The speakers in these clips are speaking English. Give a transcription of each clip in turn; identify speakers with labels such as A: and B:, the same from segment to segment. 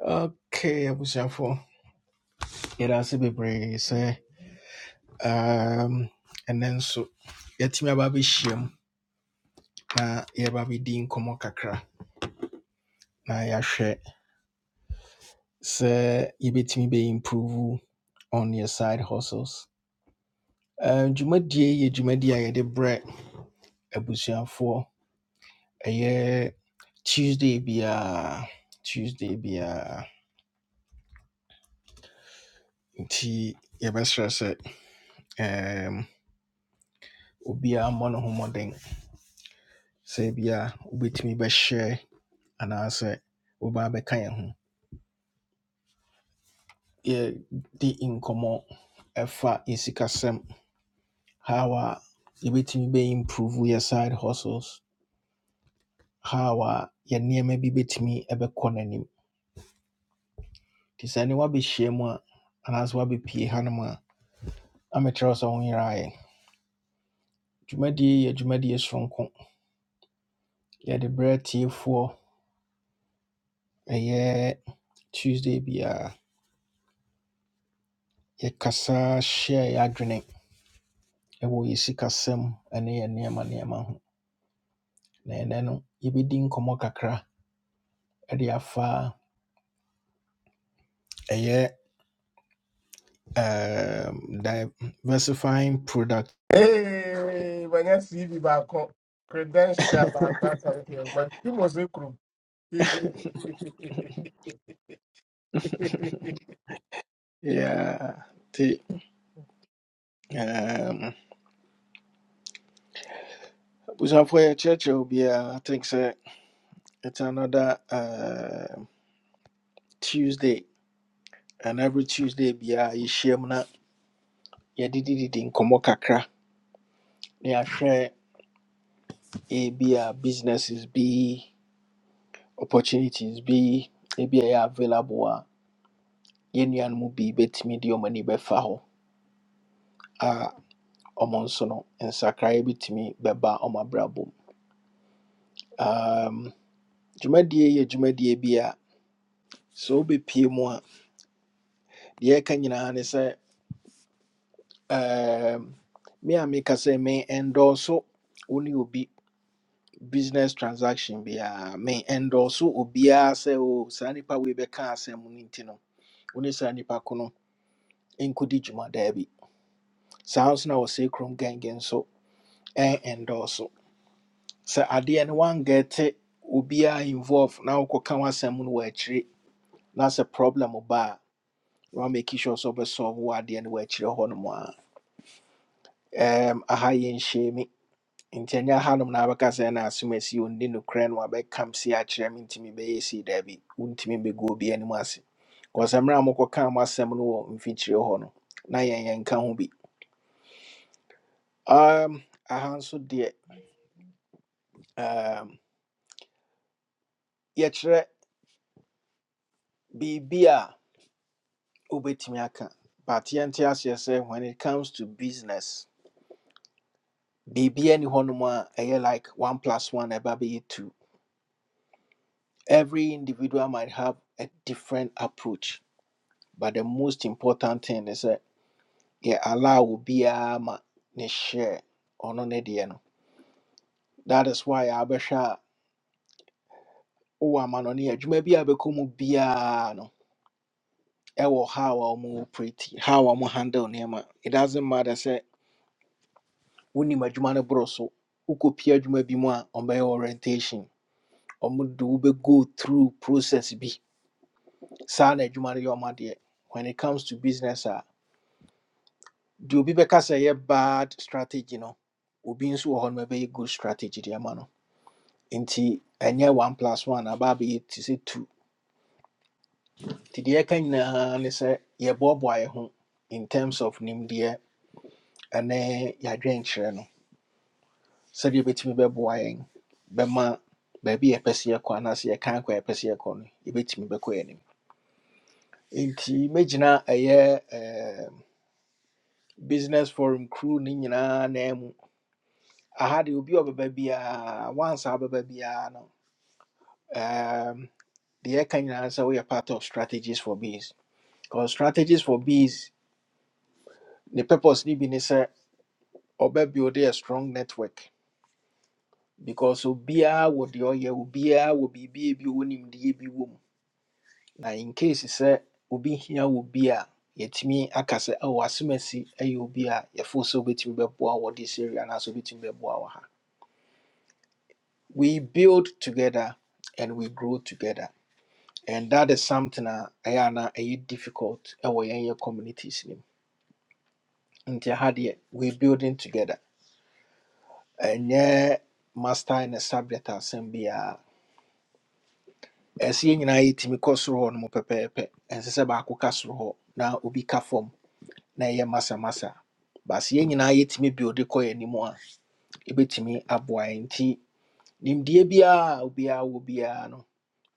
A: Okay, abusuafo, yɛda ase bebree sɛ um, ɛnɛ nso yɛatumi aba abɛhyia na yɛba abɛdi nkɔmmɔ kakra na yɛahwɛ sɛ yɛbɛtumi bɛ improve on your side hustles. Uh, dwumadie yi yɛ dwumadie a yɛde brɛ abusuafoɔ ɛyɛ Tuesday biara Tuesday biara nti yɛbɛsrɛ sɛ um, obiara mmɔ ne ho mmɔden sɛ bia wobɛtumi bɛhyɛ anaasɛ woba abɛka yɛn ho yɛdi nkɔmmɔ ɛfa yɛsikasɛm how a yɛbɛtumi bɛ improve yɛ side hustles how a yɛ nneɛma bi bɛtumi ɛbɛkɔ n'anim nti sɛ ne woabɛhyia mu a anaasɛ woabɛpie hanom a amɛkyerɛw sɛ ho yerɛ ayɛ dwumadie yi yɛ dwumadie soronko yɛde berɛ tiefoɔ ɛyɛ tuesday biara yɛkasa hyɛ yɛ adwene ɛwɔ yɛ sikasɛm ɛne yɛ nneɛma nneɛma ho na ɛnɛ no yɛbɛdi nkɔmmɔ kakra de afa ɛyɛ um, diversifying product
B: Hey, when I see you back on credential, back back up here, but you must be crew.
A: yeah nti um, abusuafoɔ yɛkyerɛkyerɛ wo biara i think sɛ it's another um tuesday and every tuesday biara yɛhyiam na yɛdedididi nkɔmmɔ kakra na yɛahwɛ ebi a businesses bi opportunities bi ebi a ɛyɛ available a yɛn nuanom bi bɛtumi de wɔn ani bɛfa a wɔn nso no nsakraeɛ bɛtumi bɛba wɔn abrabɔ mu um, dwumadie yɛ dwumadie bi a sɛ wobɛpie mu a deɛ ɛka nyinaa ne sɛ um, me a meka me ɛndɔɔso wo obi business transaction biara me ɛndɔɔso obiara se o saa nnipa wei bɛka asɛm no nti no wo ne saa nnipa ko no nkɔdi dwuma daa bi saa nso na wɔ sɛ kurom gangan nso ɛndɔɔso sɛ adeɛ no woangɛte obiaa involve na wokɔka w'asɛm no wɔ akyire na sɛ problem ba a wa make sure sɛ wobɛsɔlve wo adeɛ no wɔ akyire hɔ nom a Ɛm, aha yɛnhyɛ mi nti ɛnyɛ hanom na wabɛka sɛ na asɛm asi ɔnni nokorɛ no wabɛkam si akyerɛ me ntimi bɛyɛ sei daabi wontumi bɛgu obi anim ase bcause mmerɛ a mokɔka mo asɛm no wɔ mfikyire hɔ no na yɛn yɛnka ho bi um, aha nso deɛ um, yɛkyerɛ biribi a wobɛtumi aka but yɛnte aseɛ sɛ when it comes to business biribia ni hɔnom a ɛyɛ like one plus one ɛba bɛyɛ two every individual might have a different approach but the most important thing is that yɛ allow obiara ma ne share ɔno ne deɛ no that is why abɛhwɛ a wowɔ amanɔne a adwuma bi a bɛkɔ mu biara no ɛwɔ how a wɔn operate how wɔn handle nneɛma it doesn't matter sɛ wonim adwuma no borɔ so wokɔpia adwuma bi mu a ɔmbɛyɛ orientation ɔmo de go through process bi saa na adwuma no yɛ ɔma deɛ when it comes to business ah, deɛ be because a bad strategy no obi nso wɔ hɔ no good strategy de ama no nti ɛnyɛ one plus one ababi it is two nti deɛ ɛka nyinaa ne sɛ yɛboaboa yɛ in terms of nimdeɛ ɛne yɛadwenkyerɛ no sɛdeɛ yɛbɛtumi bɛboa yɛn be baabi a yɛpɛ sɛ yɛkɔ anaasɛ yɛkan kɔ a canquer a yɛpɛ sɛ yɛkɔ no me be yɛn anim nti mɛgyina ɛyɛ ɛɛm, business forum crew no nyinaa na mu aha be obi a once biara wansa wobɛba biara no ɛɛm, deɛ yɛka nyinaa sɛ woyɛ part of strategies for bees because strategies for bees ne purpose ni bi ne sɛ ɔbɛbuilde a strong network because obi a wo ɔyɛ obiara wɔ biribi a wo bi a ɔwɔ nimdeɛ bi wɔ mu na in case sɛ obi hia wɔ bi a yɛtumi aka sɛ ɛwɔ asɛm asi ɛyɛ obi a yɛfo sɛ wobɛtumi bɛboa wɔ this area anaasɛ wobɛtumi bɛboa wɔ ha we build together and we grow together and that is something a ɛyɛ ana ɛyɛ difficult ɛwɔ yɛnyɛ communities no mu nti ha deɛ we building together ɛnyɛ master in a subject asɛm biara ɛsɛ yɛn nyinaa yɛtumi kɔ soro hɔ no mu pɛpɛɛpɛ ɛnsɛ sɛ baako ka soro hɔ na obi ka fam na ɛyɛ masa masa, basi yɛn nyinaa yɛtumi build kɔ yɛn anim a ɛbɛtumi aboa yɛn nti nimdeɛ biara a obiara wɔ biara no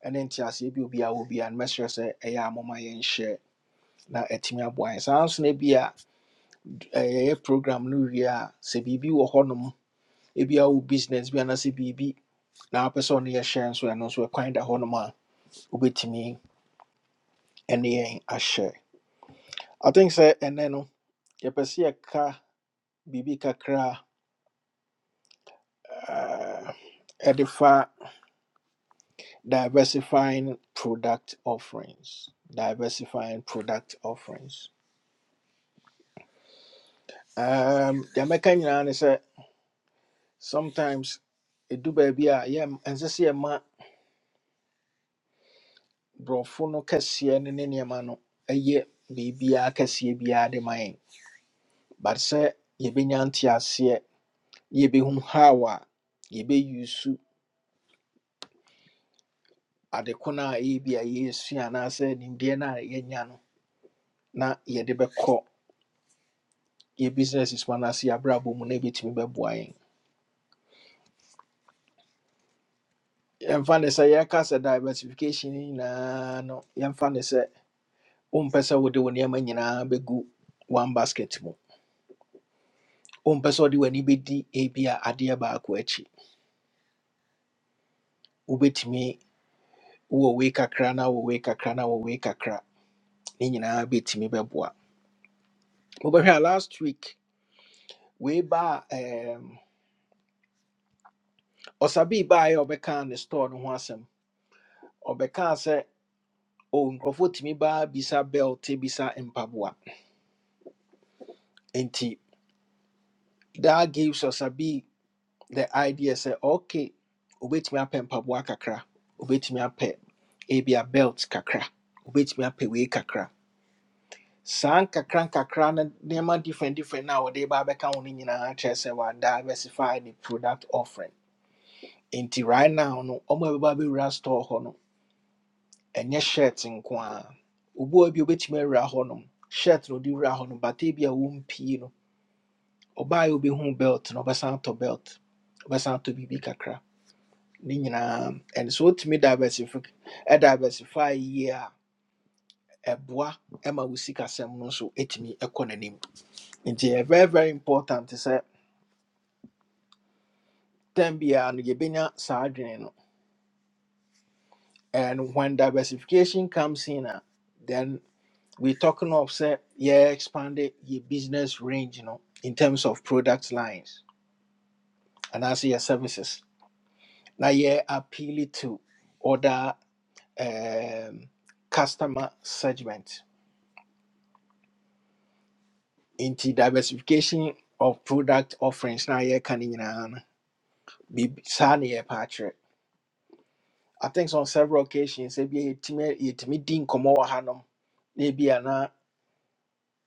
A: ɛne nteaseɛ bi a obiara wɔ biara no mɛsrɛ sɛ ɛyɛ a moma yɛnhyɛ na ɛtumi aboa yɛn saa nso no bi a eh, yɛyɛ program no wie a sɛ biribi wɔ hɔnom ebia wo business bi anaasɛ biribi na wopɛ sɛ ɔno yɛhyɛ nso ɛno nso ɛkwan da hɔnom a wobɛtumi ɛne yɛn ahyɛ i think sɛ ɛnɛ no yɛpɛ sɛ yɛka biribi kakra a uh, edify diversifying product offerings diversifying product offerings um the american is sɛ sometimes ɛdu baabi a yɛ ɛnsɛ sɛ yɛma borɔfo no kɛseɛ no ne nneɛma no ɛyɛ biribiaa kɛseɛ biaa de ma yɛn but sɛ yɛbɛnya nteaseɛ na yɛbɛhu how a yɛbɛyusu ade ko no a ɛyɛ bi a yɛsua anaasɛ nimdeɛ no a yɛanya no na yɛde bɛkɔ Your business is one yɛ abrabɔ mu na ebɛtumi bɛboa yɛn yɛmfa ne sɛ yɛka sɛ diversification ne nyinaa no yan fan is, ne sɛ wompɛ sɛ wode wo nneɛma nyinaa bɛgu one basket mu wompɛ sɛ wode w'ani bɛdi ebi a adeɛ baako akyi wobɛtumi wowɔ wei kakra na wɔ wei kakra na wɔ wei kakra ne nyinaa bɛtumi bɛboa mobɛhwɛ a bit me beboa. Over here last week we baa um, ɔsabii baeɛ a ɔbɛkaa ne store no ho asɛm ɔbɛkaa sɛ o nkurɔfoɔ tumi baa bisa belt bisa mpaboa that gives us a be the idea say okay obetumi apɛ mpaboa kakra obetumi apɛ ebi a belt kakra obetumi apɛ wei kakra saa nkakra nkakra no nneɛma different different na wɔde ba abɛka ho no nyinaa kyerɛ sɛ wa diversify the product offering nti right now no ɔmo a ɛbɛba abɛwura store hɔ no ɛnyɛ shirt nko a obuo bi obetumi awura hɔ nom shirt na ɔde wura hɔ no but ebi a wɔmpii no ɔbaa yɛ obɛhu belt na ɔbɛsan atɔ belt ɔbɛsan atɔ biribi kakra ne nyinaa ɛno sɛ wotumi diversifi- ɛ diversify yie a ɛboa ma wo sikasɛm no nso ɛtumi ɛkɔ n'anim nti ɛyɛ very very important sɛ tam biara no yɛbɛnya saa adwene no and when diversification comes in a then we talking of sɛ yɛ expand yɛ business range no in terms of product lines and also your services na yɛ appeal to other um, customer segment Into diversification of product offerings na yɛka no nyinaa no biribi- saa ne yɛpɛ akyerɛ i think on several occasions ebi yɛtumi yɛtumi di nkɔmmɔ wɔ hanom na ebi a na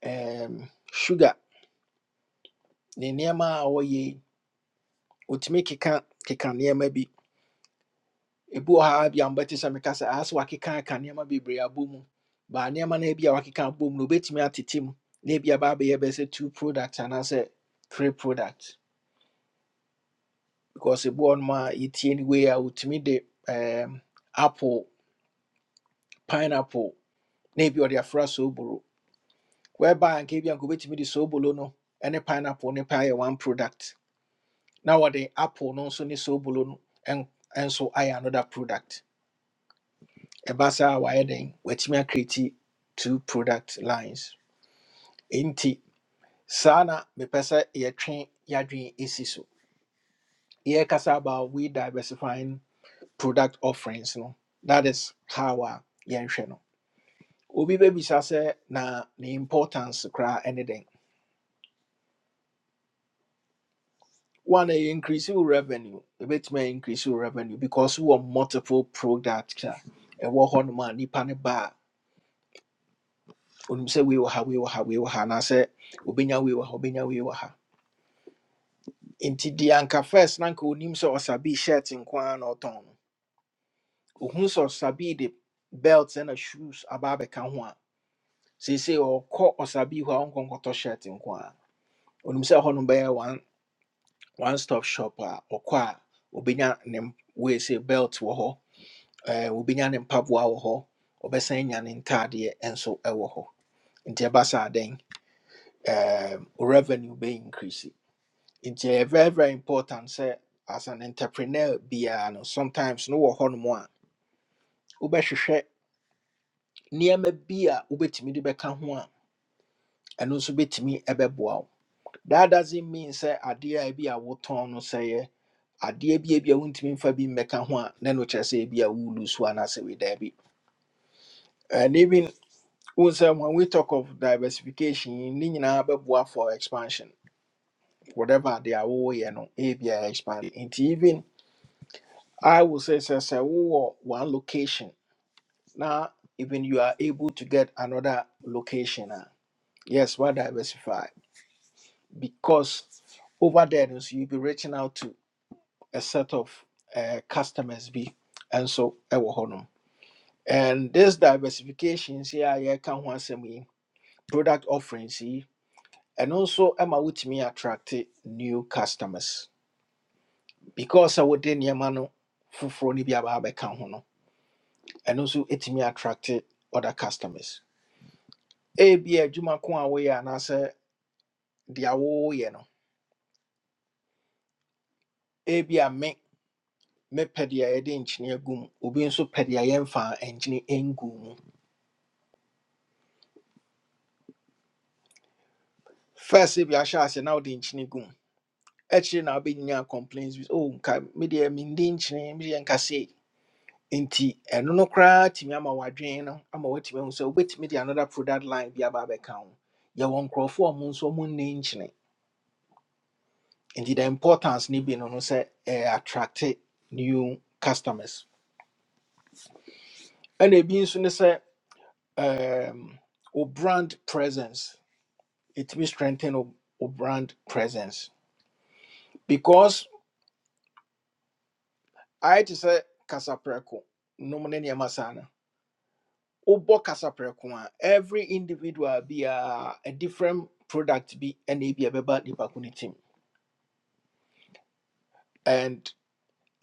A: um, sugar ne nneɛma a wɔyɛ yi wɔtumi keka keka nneɛma bi ebi wɔ ha bi a mbɛte sɛ meka sɛ aha sɛ wakeka aka nneɛma bebree abɔ mu baa nneɛma no ebi a wakeka abɔ mu no obetumi atete mu na ebi aba abɛyɛ bɛyɛ two products anaasɛ three products because ɛbu hɔ noma a yɛtie no wei a wotumi de um, apple pineapple na ebi ɔde afra sooboro whereby anka ebi anka wobɛtumi de sooboro no ne pineapple ne paa yɛ one product na wɔde apple no nso ne sooboro no ɛn- ɛnso ayɛ another product ɛba saa a wayɛ den watumi acreate two product lines nti saa na mepɛ sɛ yɛtwe yɛadwene ɛsi so yɛrekasa about we diversifying product offerings no that is how a yɛnhwɛ no obi bɛbisa sɛ na the importance koraa anything. one ɛyɛ increase your revenue ɛbɛtumi a bit may increase your revenue because we wowɔ multiple products a ɛwɔ hɔnom a nipa ne ba a onim sɛ wei we ha wei wɔ ha wei wɔ ha anaasɛ obɛnya we wɔ ha obɛnya wei wɔ ha nti deɛ anka first na anka onim sɛ ɔsabii shirt nko a na ɔtɔn no ohun sɛ ɔsabii de belt ɛna shoes aba abɛka ho a seesei ɔkɔ ɔsabii hɔ a ɔnkɔ nkɔtɔ shirt nko a onim sɛ hɔnom bɛyɛ one stop shop a ɔkɔ a obenya ne m- wei sɛ belt wɔ hɔ ɛɛ obenya ne mpaboa wɔ hɔ ɔbɛsan anya ne ntaadeɛ nso ɛwɔ hɔ nti ɛba saa dɛn ɛɛm, revenue bɛ increase nti ɛyɛ very very important sɛ as an entrepreneur biara no sometimes no wɔ hɔnom a wobɛhwehwɛ nneɛma bi a wobɛtumi de bɛka ho a ɛno nso bɛtumi ɛbɛboa wo that doesn't mean sɛ adeɛ a ebi a wotɔn no sɛeɛ adeɛ bi bi a ebia mfa bi mmɛka ho a na no kyerɛ sɛ ebia wolu so anaasɛ wedaa bi and even wo sɛ when we talk of diversification yi, ne nyinaa bɛboa for expansion whatever they are woyɛ no ebia expand nti even i would say sɛ sɛ wowɔ one location na even you are able to get another location a yes why diversify because over there no so you'll be reaching out to a set of uh, customers bi ɛnso ɛwɔ hɔ nom. And this diversification, see, I can once a me product offerings, see, and also Emma with me attract new customers because I would then Yamano Fufro Nibia Babe Kahono, and also it me attract other customers. A be a Juma Kwa way and answer the awo, you know, a be a me. mepɛdeɛ yɛde nkyene agum obi nso pɛdeɛ yɛmfa nkyene ɛngum first ebi ahyɛ ase na wode nkyene gum. ɛkyerɛ na wobɛnya complaints with oh nka medeɛ mende nkyerɛ medeɛ nka sei nti ɛno no koraa tumi ama wadwene no ama woatumi ahu sɛ wobɛtumi de another product line bi aba abɛka ho yɛwɔ nkurɔfoɔ a ɔmo nso ɔmo nne nkyene nti the importance ne bi no no sɛ attract new customers and ebi nso ne sɛ um, wo brand presence it ɛtumi strengthen wo, wo brand presence because ayɛ te sɛ kasaprɛko nom ne nneɛma no Obo kasaprɛ ko every individual be a a different product be ɛna be a nipa ko ne tim and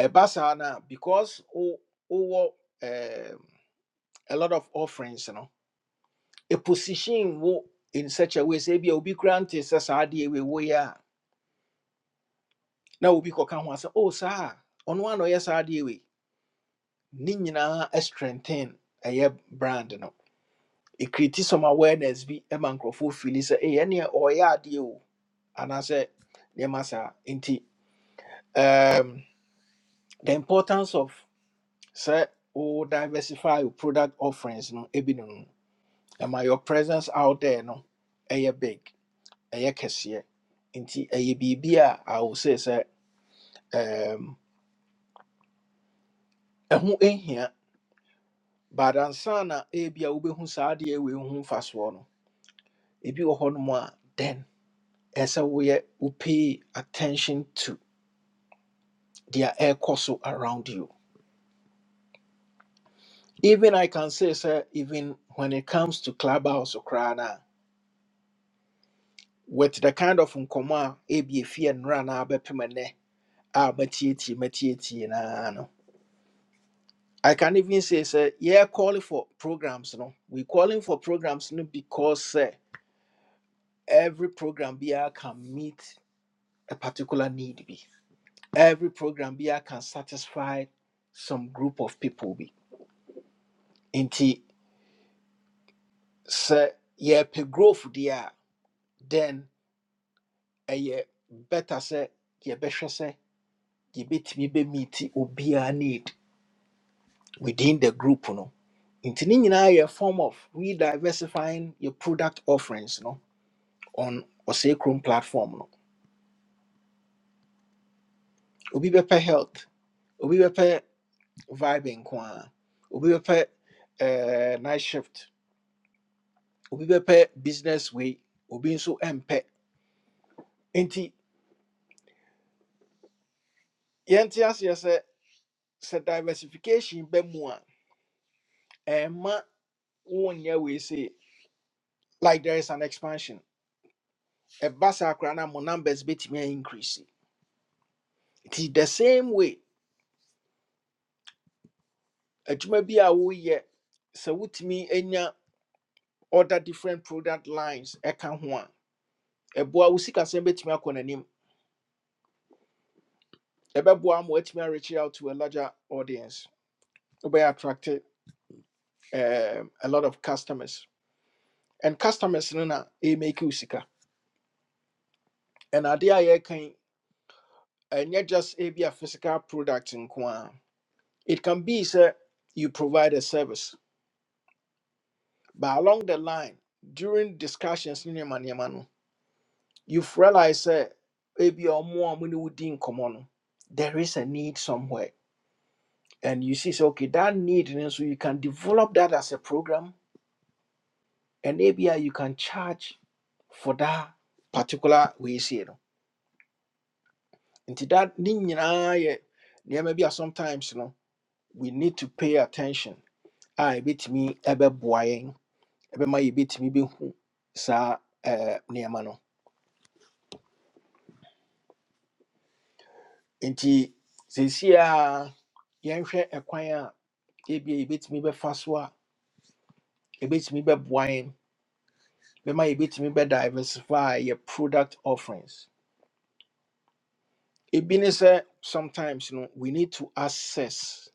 A: ɛba saa no because o wowɔ um, a lot of offerings you know. a position wo in such a way say be obi koraa nte sɛ saa wo ya woyɛ a na obi kɔka ho asɛ oh saa a, ɔno a na ɔyɛ saa adeɛ wei ne nyinaa strengthen ɛyɛ brand no ɛkriti some awareness be bi ma nkurɔfoɔ fili sɛ "Ei, ɛneɛ ɔyɛ adeɛ o And I nneɛma saa nti um, the importance of say, wo diversify your product offerings no ebi no no your presence out there no ɛyɛ big ɛyɛ kɛseɛ nti ɛyɛ biribi I will say sɛ um, ɛho nhia but ansa na ebi a wobɛhu saa adeɛ we ho mfasoɔ no ebi wɔ hɔnom a then ɛsɛ woyɛ pay attention to deɛ ɛrekɔ so around you even I can say, sir, even when it comes to clubhouse or crana, with the kind of nkoma ebi efi and run abepimene abatieti matieti na no. I can even say, sir, yeah, calling for programs, no. We calling for programs no because sir, every program be I can meet a particular need be. Every program be I can satisfy some group of people be. Inti sir, yeah, pe growth there, then ɛyɛ better sɛ yɛbɛhwɛ sɛ yɛbɛtumi bɛmiiti obiara need within the group no nti ne nyinaa yɛ form of rediversifying your product offerings no on ɔsɛe kurom platform no obi bɛpɛ health obi bɛpɛ vibe nko ara obi bɛpɛ eh, night shift obi bɛpɛ business way obi nso mpɛ nti yɛnte aseɛ sɛ sɛ diversification bɛ mu a ɛmma wonyɛ wei sei like there is an expansion. a saa koraa na mo numbers bɛtumi increase. It is the same way. Adwuma bi a woyɛ sɛ wotumi anya other different product lines ɛka ho a, ɛboa wo sikasɛm bɛtumi akɔ n'anim. Ɛbɛboa ama woatumi a-reach out to a larger audience. Wobɛyɛ attract um, a lot of customers. And customers no na ɛmake wo sika. And adeɛ a yɛreka yi, ɛnyɛ just e be a physical product nko ara. It can be sɛ you provide a service But along the line, during discussions, ne nneɛma nneɛma no, you've realized that ebi ɔmo a ɔmo ne wo di nkɔmmɔ no, there is a need somewhere. And you see, so okay, that need, and so you can develop that as a program, and maybe you can charge for that particular way. You know, into that, ne nyinaa yɛ nneɛma bi a sometimes you know, we need to pay attention. I A ebitumi ɛbɛboa yɛn, ɛbɛma yɛbetumi behu saa ɛɛ nneɛma no. nti seesei a yɛnhwɛ ɛkwan a ebia yɛbɛtumi bɛfa so a yɛbɛtumi bɛboa yɛn bɛma yɛbɛtumi diversify yɛ product offerings ebi ne sɛ sometimes no we need to assess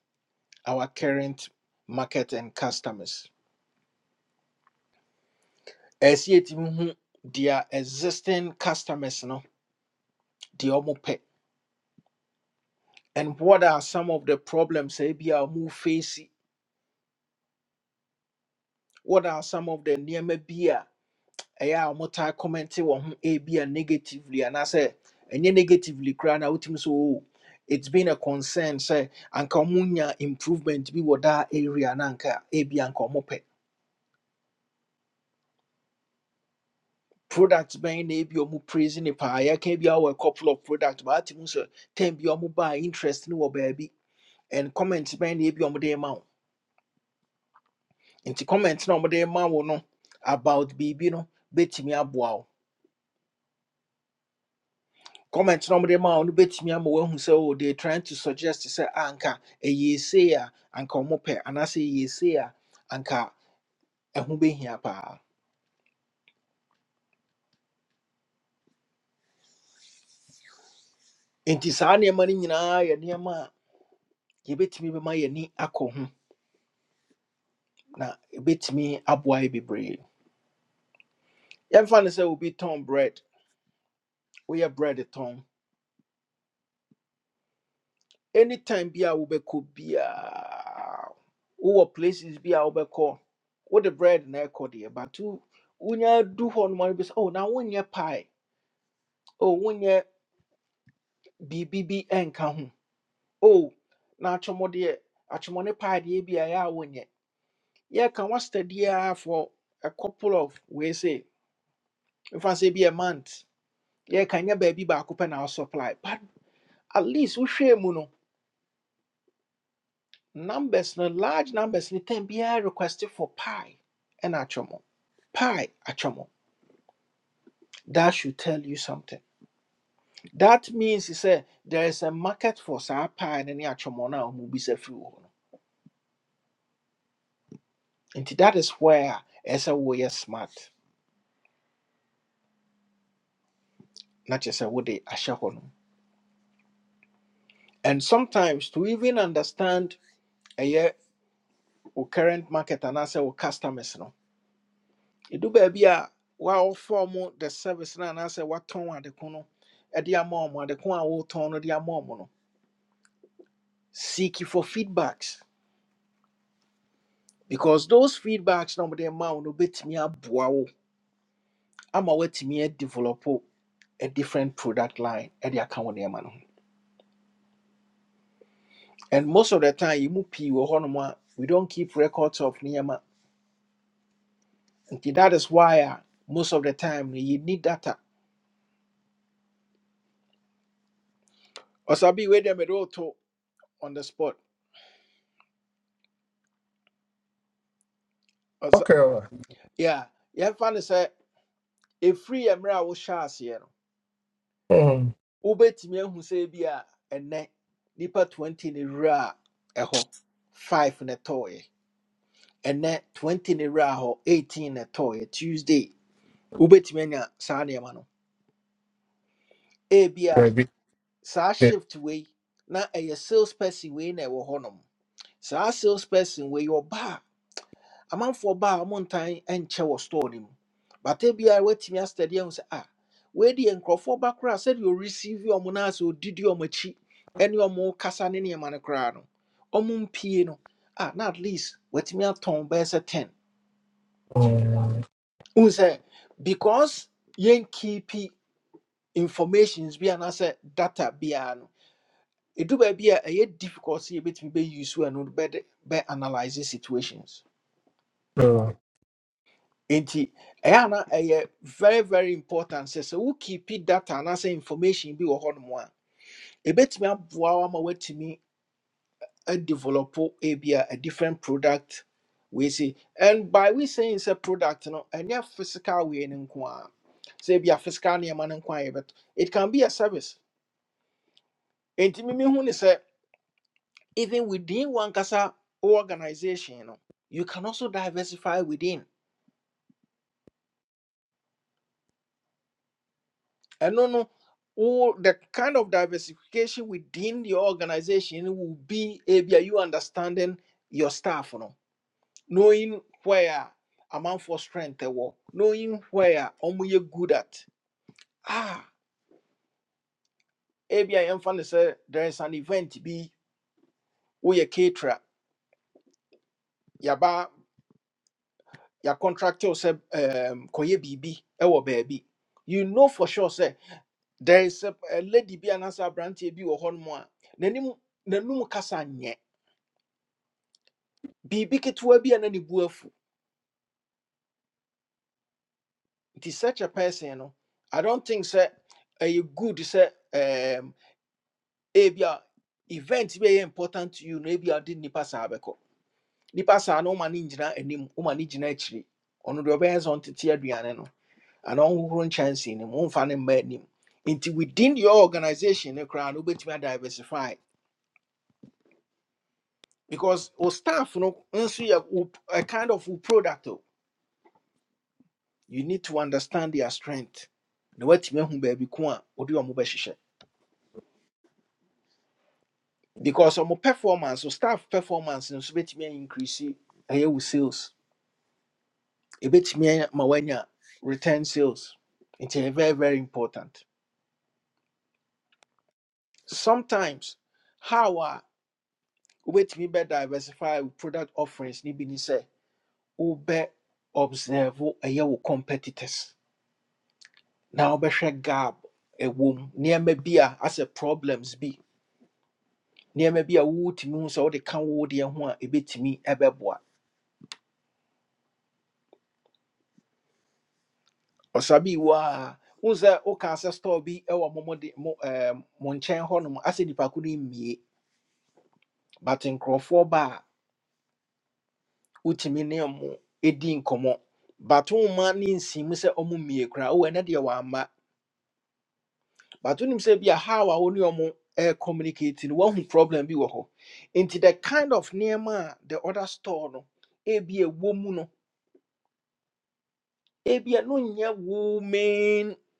A: our current market and customers ɛsɛ sɛ hu their existing customers no deɛ ɔmo pɛ and what are some of the problems ebi a ebia ɔmo face what are some of the nneɛma bi a ɛyɛ a wɔtaa kɔmmɛnte wɔn ho ebia negatively and I say, ɛnyɛ negatively koraa na wotumi so oo it's been a concern say, anka ɔmonya improvement bi wɔ daa area na anka ebia anka ɔmopɛ product bɛn na ebi ɔmo praise ne paa yɛka bi a couple of product but atimu sɛ ten bi ɔmo baa interest ne wɔ baabi and comment bɛn na ebi ɔmo de ma wo nti comment na ɔmo de ma wo no about biribi no bɛtumi aboa wo comment no mde ma no betimi ama wahu sɛ oh, they trying to suggest sɛ "Ah, anka ɛyɛ sei a anka ɔmo pɛ anaasɛ ɛyɛ sei a anka ɛho behia paa nti saa nneɛma no nyinaa yɛ nneɛma a yɛbɛtumi bɛma yɛni akɔ ho na ɛbɛtumi aboa yɛ bebree yɛmfa no sɛ obi tɔn bread woyɛ bread tɔn anytime bi a wobɛkɔ biaa wowɔ places bi a wobɛkɔ wode bread na ɛkɔ deɛ but wo- wonya du hɔ noma no bi sɛ oh na wonyɛ pie o wonyɛ biribi bi nka Oh, o na atwomdeɛ atwomne paadeɛ be a ɛyɛ a wonyɛ yɛka wasta diaa for a couple of wei se mfa sɛ bi a month yɛka nyɛ baabi baako pɛ na wo supply but at least we share, no numbers no large numbers no tam biara requested for pie ɛna atwom pie atwom that should tell you something that means he said, there is a market for saa pie and ne atwom no a ɔmubisa firi no Nti that is where ɛsɛ woyɛ smart na kyerɛ sɛ wode ahyɛ hɔ no. And sometimes to even understand ɛyɛ wo current market anaasɛ wo customers no, ɛdu baabi a wɔaɔfɔ mo the service no anaasɛ woatɔn adeko no de ama ɔmo adeko a wotɔn no de ama ɔmo no. Seek for feedbacks because those feedbacks na ɔmode ma wo no bɛtumi aboa wo ama woatumi adevelop a different product line de aka wo nneɛma no ho. And most of the time, you move pee we don't keep records of niyama. And that is why uh, most of the time you need data. Or sabi we dem to on the spot. Ɔsa-
B: Okay, well,
A: yeah, yeah. Fun say a free emra wo shas ye no.
B: um,
A: Ubet me hu say bi a ene nipa 20 ne ra ɛhɔ 5 ne toy. Ene 20 ne ra ho 18 ne toy Tuesday. Ubet me nya sa niyama no.
B: maybe
A: saa
B: that.
A: shift wei na ɛyɛ sales person wei na ɛwɔ hɔnom saa sales person wei ɔba a amanfoɔ ba a ɔmo ntan nkyɛ wɔ store no mu bata biara watumi asitɛdeɛ ho sɛ a wei deɛ nkurɔfoɔ ba koraa you ɔreceive ɔmo na asɛ ɔdidi ɔmo akyi ɛne ɔmo kasa ne nneɛma no koraa no ɔmo mpie no a na at least watumi atɔn bɛyɛ sɛ ten
B: Um,
A: n sɛ because yɛn keep informations bi anaasɛ data biara no It ɛdu be a ɛyɛ difficult sɛ yɛbɛtumi bɛyi so ɛno bɛde bɛ analyse situations
B: no.
A: nti ɛyɛ ana ɛyɛ very very important sɛ sɛ wo keep data anaasɛ information bi wɔ hɔnom a ɛbɛtumi aboa wo ama woatumi adevelop ebi a a different product We see, and by we saying sɛ product no ɛnyɛ physical way no nko a sɛ ebi a physical nneɛma no nko a yɛbɛto it can be a service enti mimi hu ne sɛ even within one kasa organization no, you can also diversify within and no no all the kind of diversification within your organization will be maybe you understanding your staff you know, knowing where amount for strength they were knowing where omu you good at ah maybe i am funny say there is an event be we a caterer yaba your contractor say um koye bibi ewo baby you know for sure say there is a, a lady bi anaasɛ aberanteɛ bi wɔ hɔnom a n'anim n'anum kasa nyɛ biribi ketewa bi a na ne bu afu nti such a person no i don't think sɛ ɛyɛ good sɛ um, ebi a event bi a ɛyɛ important to you na ebi a ɔde nipa saa bɛkɔ nipa saa no woma ne gyina anim woma ne gyina akyiri ɔno deɛ ɔbɛyɛ sɛ ɔntete aduane no anaa ɔnhohoro nkyɛnsee no mu ɔmfa ne mma anim nti within your organization no koraa no wobɛtumi a diversify because our staff no nso yɛ wo- a kind of wo product o you need to understand their strength na watumi ahu baabi ko a wode ɔmo bɛhyehyɛ because ɔmo performance o staff performance no nso bɛtumi increase ɛyɛ wo sales ɛbɛtumi ama woanya return sales It's very very important sometimes how a wobɛtumi bɛ diversify wo product offerings ne bi ne sɛ wobɛ observe ɛyɛ wo competitors na wobɛhwɛ gap ɛwɔ mu nneɛma bi a asɛ problems bi nneɛma bi a wotumi hu sɛ wode ka wo deɛ ho a ɛbɛtumi ɛbɛboa ɔsabi wɔ a wohu sɛ woka sɛ store bi ɛwɔ mo mo de mo ɛɛm, mo nkyɛn hɔnom asɛ nnipaku no mmie but nkurɔfoɔ ba a wotumi ne mo ɛdi nkɔmmɔ but womma ne nsiimu sɛ ɔmo mmie koraa wowɔ ɛnɛ deɛ wamma but when you say "Yeah, how a wo ne ɔmo eh, communicate no woahu problem bi wɔ hɔ nti the kind of nneɛma the other store no e be a woman, mu no ebi a no nyɛ woman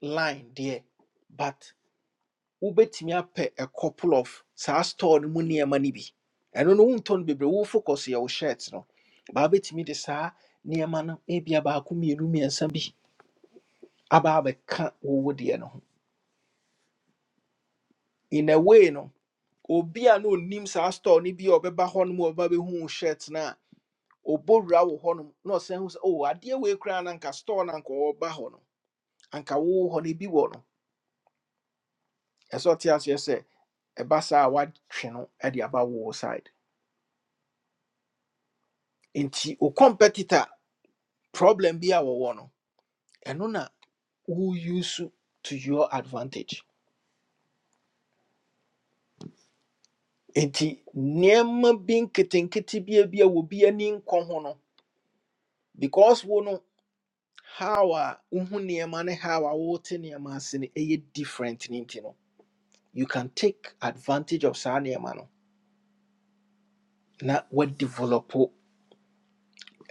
A: line there. but wobɛtumi apɛ a couple of saa store no mu nneɛma no bi ɛno no wontɔ no bebree wo focus yɛ wo shirt no baa bɛtumi de saa nneɛma no ebi a baako mmienu mmiɛnsa bi aba abɛka wo wo deɛ no ho in a way no obi a na onim saa store ni bi a ɔbɛba hɔnom a ɔbɛba bɛhu shirt no a ɔbɔ wura wɔ na ɔsan hu sɛ o adeɛ wei koraa na anka store no anka ɔba hɔ no anka wowɔ hɔ no bi wɔ no ɛsɛ ɔte aseɛ sɛ ɛba saa a woatwe no de aba wo side nti wo competitor problem bi a wɔwɔ no ɛno na wo use to your advantage nti nneɛma bi nketenkete bi a bi a wɔ bi ani nkɔ ho no because wo no how a wohu nneɛma ne how a wote nneɛma ase no ɛyɛ different ne nti no you can take advantage of saa nneɛma no na develop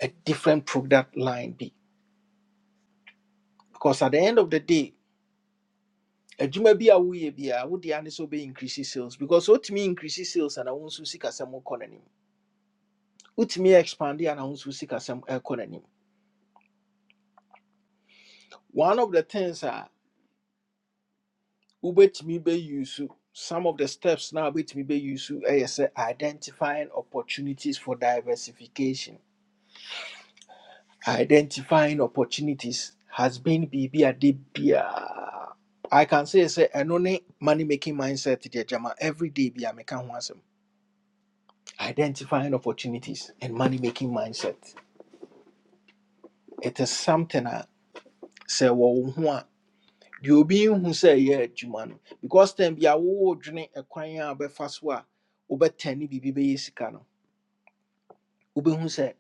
A: a different product line bi because at the end of the day adwuma bi a woyɛ biara wode ane sɛ wobɛincrease sales because wotumi increase sales ana wo nso sikasɛm kɔ n'anim wotumi expande ana wo nso sikasɛm ɛkɔ n'anim one of the things a Ubetumi be bɛuse some of the steps na wobɛtumi bɛuse ɛyɛ sɛ identifying opportunities for diversification identifying opportunities has been biribi a de biaa i can say say ɛno ne money making mindset deɛ jama everyday bi a meka ho asɛm identifying opportunities and money making mindset it is something a sɛ wɔwo ho a deɛ obi nhu sɛ ɛyɛ adwuma no because time bi a wowɔdwene ɛkwan a wobɛfa so a wobɛtɛne biribi bɛyɛ sika no wobɛhu sɛ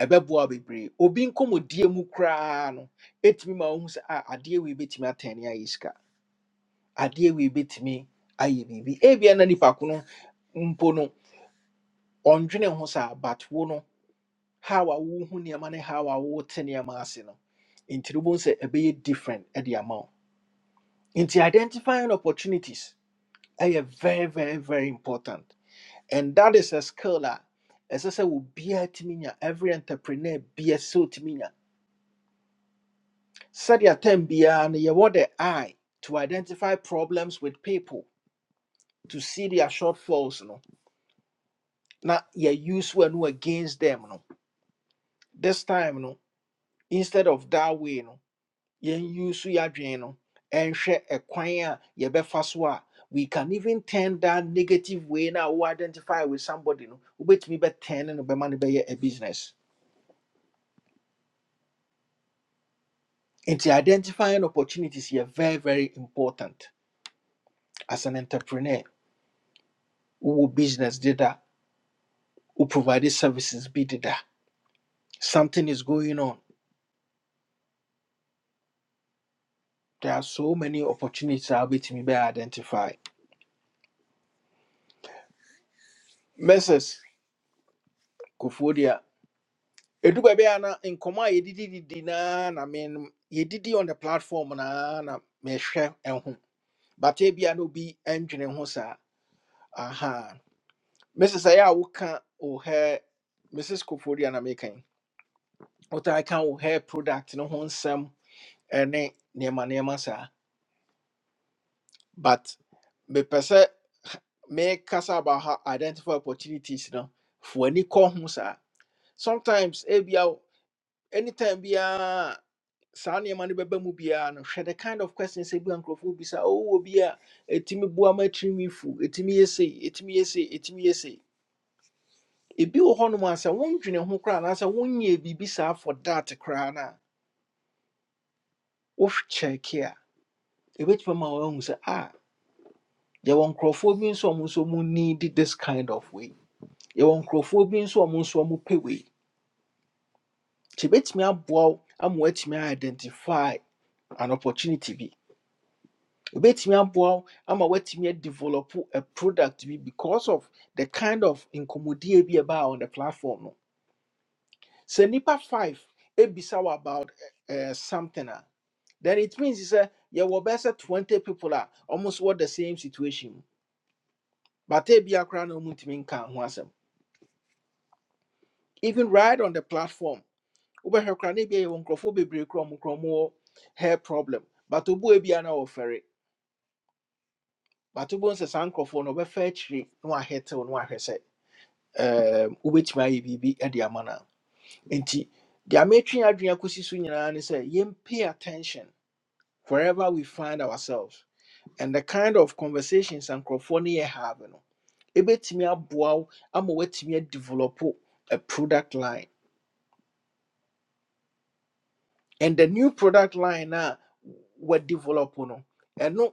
A: ɛbɛboa wo bebree obi nkɔmmɔdie mu koraa no ɛtumi ma wohu sɛ a adeɛ wei bɛtumi atɛne ayɛ sika adeɛ wei bɛtumi ayɛ biribi ebia na nipa ko no mpo no ɔndwene ho saa but wo no how a wohu nneɛma ne how a wote nneɛma ase no nti no wobohu sɛ ɛbɛyɛ different ɛde ama wo nti identifying opportunities ɛyɛ very very very important and that is a skill a ɛsɛ sɛ obiara tumi nya every entrepreneur biara sɛ ɔtumi nya sɛdeɛ time biara no yɛwɔ the eye to identify problems with people to see their shortfalls no na yɛ use wɔ no against them no this time no instead of that way no yɛnuse yɛadwene no and share a yɛbɛfa so a we can even turn that negative way now. wo identify with somebody no Ubet me be bɛtɛn no be no be a business nti identifying opportunities yɛ very very important as an entrepreneur Who business deda Who provide services bi deda something is going on there are so many opportunities I a wobɛtumi be identify mrs Edu baabi a na nkɔmmɔ a yɛdidididi naa na na me yɛdidi on the platform na na mehwɛ ɛho but ebia na obi ɛndwene ho saa aha mrs ɛyɛ a woka wo hair mrs koforia na meka yi wotaa ka wo hair product no ho nsɛm ɛne nneɛma nneɛma saa but mepɛ sɛ mekasa about how identify opportunities no fo ani kɔ ho saa sometimes ebi wo- anytime biara saa nneɛma no bɛba mu biara no hwɛ the kind of questions ebi a nkurɔfoɔ bisa ɔwɔ bi a ɛtumi boa ma tirinwi fu ɛtumi yɛ sei ɛtumi yɛ sei ɛtumi yɛ sei ebi wɔ hɔnom a sɛ wondwene ho koraa anaasɛ wonyɛ biribi saa for that koraa no a wokyɛke a ɛbɛtumi ma woahu sɛ a yɛwɔ nkurɔfoɔ bi nso a ɔmo nso mu need this kind of way yɛwɔ nkurɔfoɔ bi nso a ɔmo nso ɔmo pɛ wei nti ɛbɛtumi aboa wo ama woatumi a identify an opportunity bi wobɛtumi aboa wo ama woatumi develop a product bi because of the kind of nkɔmmɔdie bi a ɛbaa on the platform no sɛ nnipa five ebisa wo about uh, something a then it means sɛ you bɛyɛ sɛ 20 people are almost what the same situation mu but ebia koraa na ɔmotumi nka ho asɛm even right on the platform wobɛhwɛ koraa na ebia yɛwɔ nkurɔfoɔ bebree koraa a ɔmo koraa ɔmo wɔ hair problem but obu ebia na wɔfɛre but obu nso saa no ɔbɛfa akyire no wahɛtew na wahwɛ um, wobɛtumi ayɛ biribi de ama no nti deɛ metwe adwene akɔsi so nyinaa ne sɛ yɛm pay attention wherever we find ourselves and the kind of conversations and nkurɔfoɔ no have no ɛbɛtumi aboa wo ama woatumi adevelop a product line and the new product line a wɔadevelop no ɛno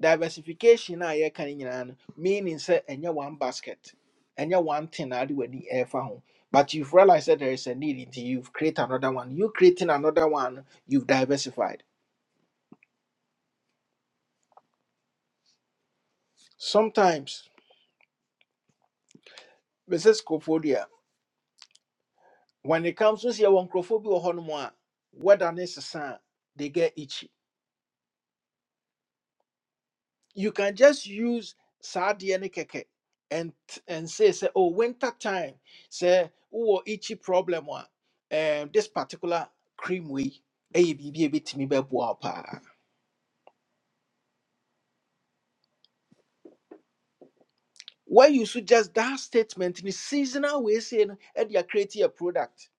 A: diversification na yɛka no nyinaa no meaning sɛ ɛnyɛ one basket ɛnyɛ one thing na ade w'ani ɛɛfa ho but you've realized that there is a need nti you've created another one you creating another one no, you've diversified sometimes mrs kofoɔ when it comes to sɛ yɛwɔ nkurɔfoɔ bi wɔ hɔnom a wɛda ne they get itchy you can just use sadia ne keke and and say say oh winter time say oh itchy problem one um this particular cream we a bibi bit me pa why you should just that statement in the seasonal way saying and you create a product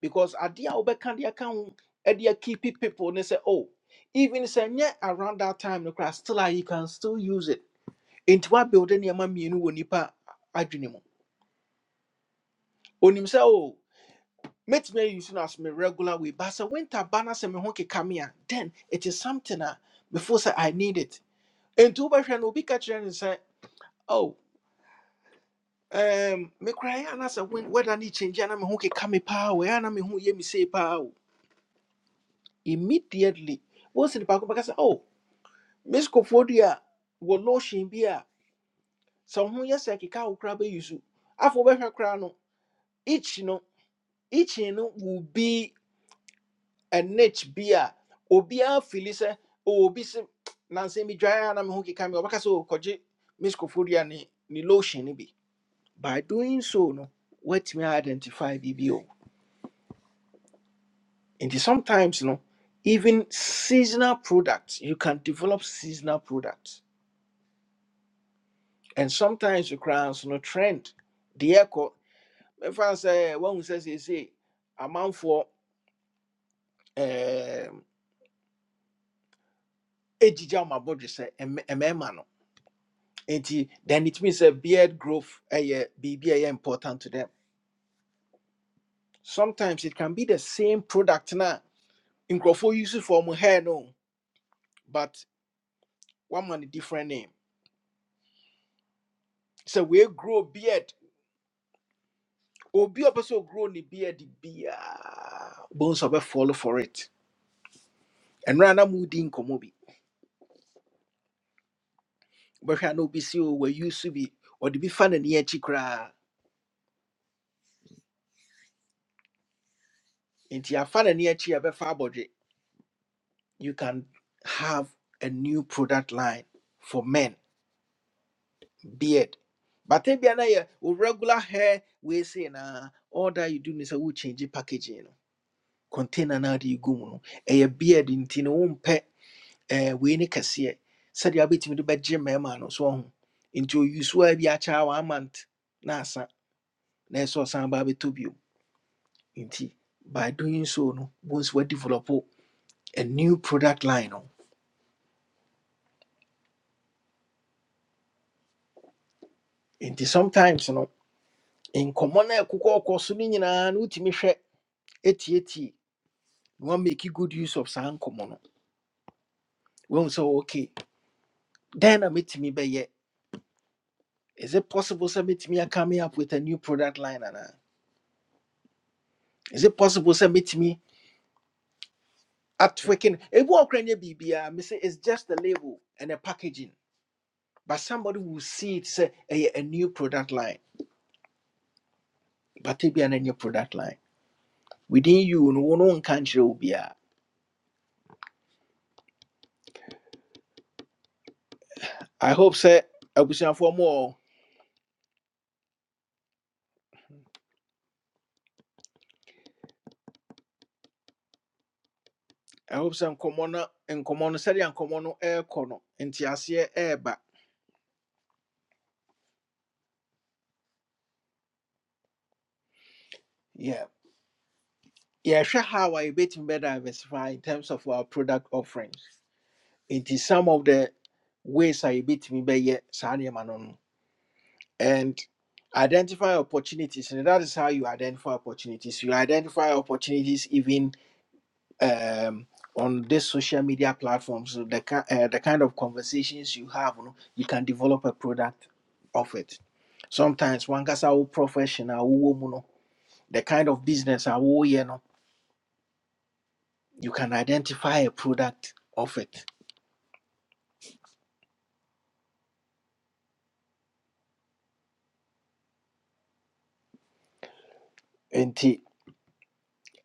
A: because adia obeka dia can and you keep people and say oh even say yeah around that time no class still ah, you can still use it into what building your mammy in wonipa adwene mu onim sɛ oh. mɛtumi ayi so no as me regular way but sɛ winter ba no me ho keka me then it is something a before say i need it And two wobɛhwɛ friend will be catching and say, oh um, me cry and as a win- weather need change ana me ho keka me power. wɔ ɛyɛ ana me ho yɛ me say power. Immediately, immediately wosi the ko bɛka sɛ oh Miss Kofodia, a wɔ lotion bi a sɛ wo ho yɛ sɛ keka a wo koraa bɛyi so no each no will be. a niche beer. a obiara fili sɛ "Oh, obi se and I'm a na me ho keka me ɔbɛka sɛ "Oh, kɔgye miskofodia ne lotion no bi by doing so no what a identify biribi o nti sometimes no even seasonal products you can develop seasonal products and sometimes you koraa no trend The echo. deɛ ɛkɔ mɛfa say sɛ woahu for seesei amanfoɔ ɛɛm, ɛgyigya wɔn abɔdwe sɛ Enti, then it means a beard growth ɛyɛ biribi a ɛyɛ important to them. Sometimes it can be the same product na nkurɔfoɔ use for mu hair no, but one man a different name. So we grow beard. Obi a person grow ne beard biara, bones of follow for it. And rana moody nkɔmɔ bi. Bɛhwɛ na obi si o we use so bi, ɔde bi fa n'ani akyi koraa. Nti afa n'ani akyi a ɛbɛfa abɔdwe. You can have a new product line for men. beard. But if you have regular hair, we say na all that you do is a change the packaging. You know. Container na the go no. A beard in tin won eh we ni kasiye. Said you bit me the bed gym eh man no so ho. Into you swear be a child one month. Na sa na so san ba be to bio. Inti by doing so no bones we develop a new product line no. Inti sometimes no in common e kuko koso ni nyina na utimi hwɛ etietie We wan make good use of saa nkɔmmɔ no wahu sɛ okay dɛn na mɛtumi bɛyɛ is it possible sɛ mɛtumi a coming up with a new product line anaa is it possible sɛ mɛtumi atwekin ebi ɔkora nyɛ biribiaa me at working? If we are B B, I say it's just a label and a packaging but somebody will see it say ɛyɛ a new product line but ebia na new product line within you no one wo no nka hope obiaa i hope sɛ abusuafoɔ mu ɔ I hope sɛ nkɔmmɔ no nkɔmmɔ no air nkɔmmɔ no ɛrekɔ no nteaseɛ ɛreba Yeah. Yeah, yɛhwɛ how a yɛbɛtumi better diversify in terms of our product offerings It is some of the ways a yɛbɛtumi bɛyɛ saa nneɛma no no and identify opportunities and that is how you identify opportunities you identify opportunities even um, on this social media platforms so the, ki- uh, the kind of conversations you have no, you can develop a product of it sometimes wankasa wo profession a wowɔ mu no the kind of business a woyɛ no you can identify a product of it. Nti,